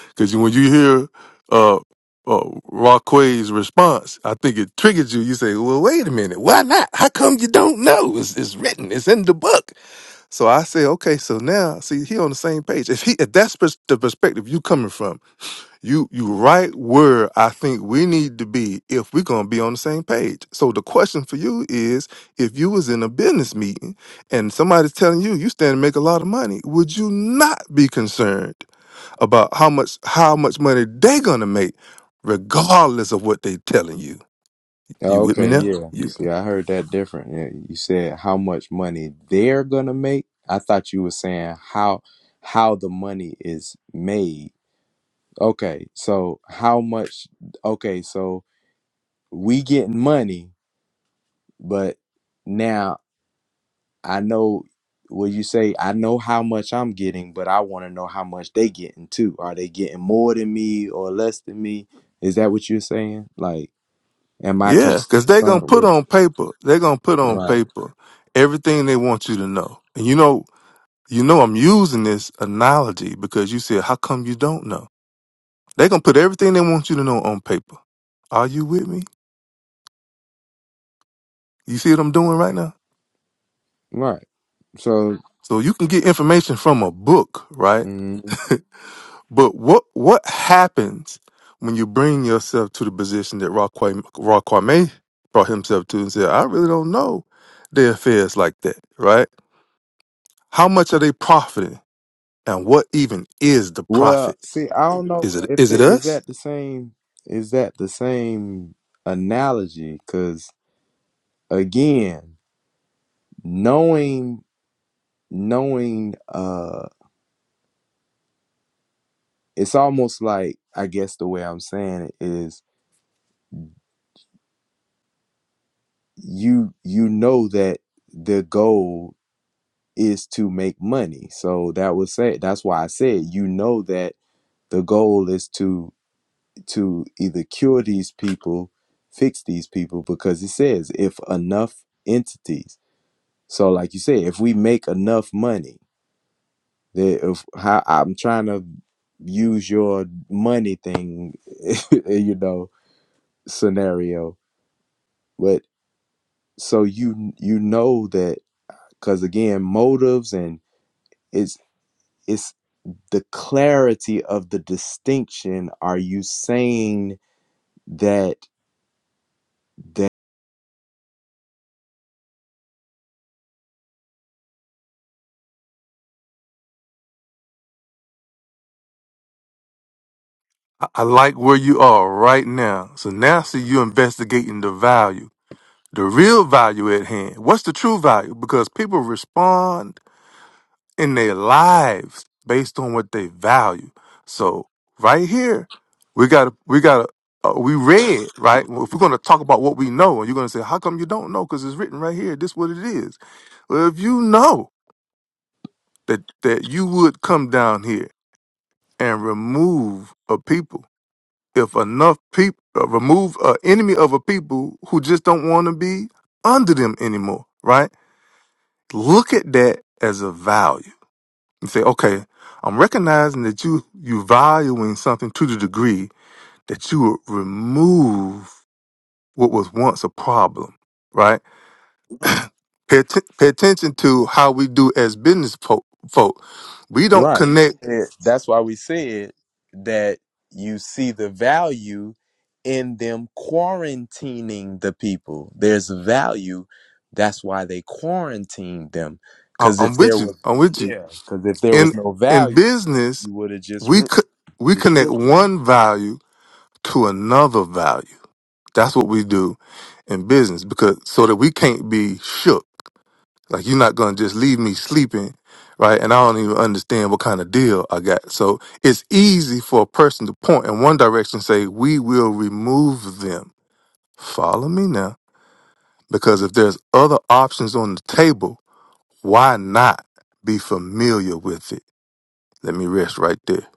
because when you hear uh, uh Rockway's response, I think it triggers you. You say, "Well, wait a minute, why not? How come you don't know? It's, it's written, it's in the book." So I say, "Okay, so now see, he on the same page. If he, if that's pers- the perspective you coming from." You you right where I think we need to be if we're gonna be on the same page. So the question for you is if you was in a business meeting and somebody's telling you you stand to make a lot of money, would you not be concerned about how much how much money they gonna make, regardless of what they telling you? You with me okay, now? yeah. You See, I heard that different. Yeah, You said how much money they're gonna make. I thought you were saying how how the money is made. Okay, so how much? Okay, so we getting money, but now I know what you say. I know how much I'm getting, but I want to know how much they getting too. Are they getting more than me or less than me? Is that what you're saying? Like, am I Yeah, because they concerned gonna put with on paper, they gonna put on right, paper everything they want you to know. And you know, you know I'm using this analogy because you said, How come you don't know? They gonna put everything they want you to know on paper. Are you with me? You see what I'm doing right now? right? So, So you can get information from a book, right? mm, But what what happens when you bring yourself to the position that Raquame, Raquame brought himself to and said, I really don't know their affairs like that, right? How much are they profiting? And what even is the well, profit? see, I don't know Is it if is it the, is us? that the same. Is that the same analogy? Because again, knowing, knowing, uh, it's almost like I guess the way I'm saying it is you you know that the goal is to make money so that was said that's why i said you know that the goal is to to either cure these people fix these people because it says if enough entities so like you said if we make enough money that if how i'm trying to use your money thing you know scenario but so you you know that because again motives and. It's it's the clarity of the distinction. Are you saying that I I like where you are right now. So now see you investigating the value. the real value at hand. What's the true value? Because people respond in their lives based on what they value. So right here, we got we got uh, we read right. Well, if we're gonna talk about what we know, and you're gonna say, "How come you don't know?" Because it's written right here. This what it is. Well, if you know that that you would come down here and remove a people, if enough people uh, remove an enemy of a people who just don't want to be under them anymore, right? Look at that as a value and say, okay, I'm recognizing that you you valuing something to the degree that you would remove what was once a problem, right? Pay, atten- pay attention to how we do as business po- folk. We don't Right. connect. it- that's why we said that you see the value in them quarantining the people. There's value. That's why they quarantined them. I- Because I'm if there with you. was, I'm with you. yeah, because if there was In no in value, business, you would have just we ru- could we connect destroyed them. one value to another value. That's what we do in business because so that we can't be shook. Like you're not gonna just leave me sleeping, right? And I don't even understand what kind of deal I got. So it's easy for a person to point in one direction and say, We will remove them. Follow me now. Because if there's other options on the table, why not be familiar with it? Let me rest right there.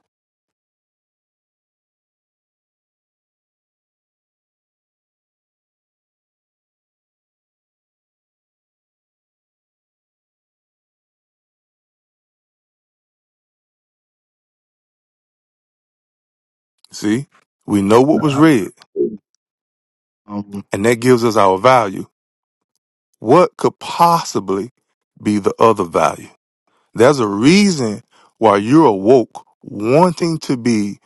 See? We know what No, was I- read, um, and that gives us our value. What could possibly be the other value? There's a reason why you're awoke wanting to be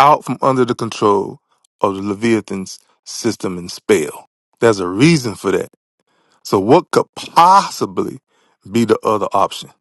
out from under the control of the Leviathan's system and spell. There's a reason for that. So what could possibly be the other option?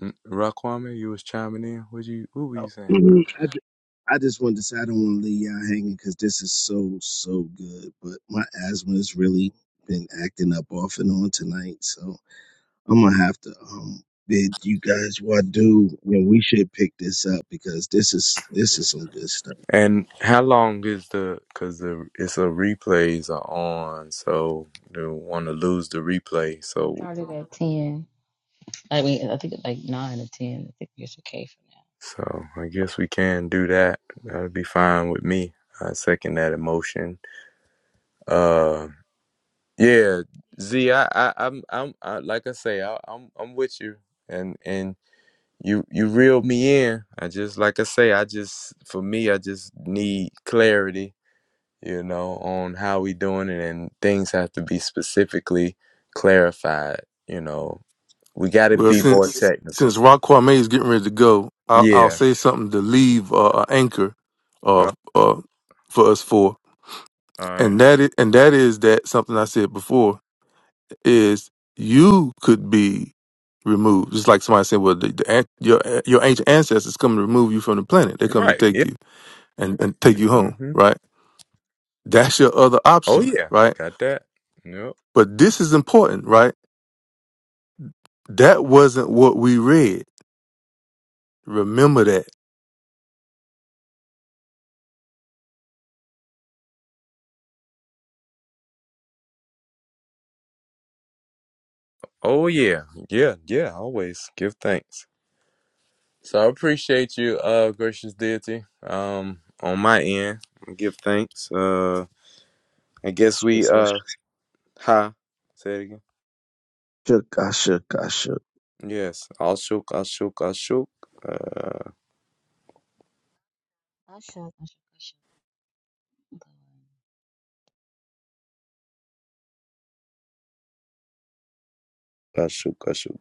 Mm, Raquame, you was chiming in. What you? What were oh, you saying, brother? I, ju- I just wanted to say I don't want to leave y'all hanging because this is so so good, but my asthma has really been acting up off and on tonight, so. I'm gonna have to um bid you guys what do and we should pick this up because this is this is some good stuff. And how long is the? Because the it's a replays are on, so they want to lose the replay. So started at 10. I mean, I think it's like 9 or 10. I think it's okay. so I guess we can do that. That'd be fine with me. I second that emotion. Uh, yeah, Z, I, I I'm I'm I, like I say, I, I'm I'm with you, and and you you reeled me in. I just like I say, I just for me, I just need clarity you know, on how we doing it and things have to be specifically clarified, you know. We got to Well, be more since technical. since Rock Kwame is getting ready to go, I'll, I'll Yeah. say something to leave uh, a anchor Oh, uh, uh, for us for, All right. and that is, and that is that something I said before is you could be removed. Just like somebody said, well, the, the, an- your your ancient ancestors come to remove you from the planet. They come to Right. take Yeah. you and, and take you home, Mm-hmm. right? That's your other Oh option, yeah. right? Got that. Yep. But this is important, right? That wasn't what we read. Remember that. Oh yeah. Yeah. Yeah. Always give thanks. So I appreciate you, uh, gracious deity. Um, on my end, give thanks. Uh, I I guess shook, we I uh, ha. Say it again. shook, I shook, I shook. Yes. Ashuk. Ashuk. Ashuk. Uh, Asha Ashakasha Ashuk. Ashuk.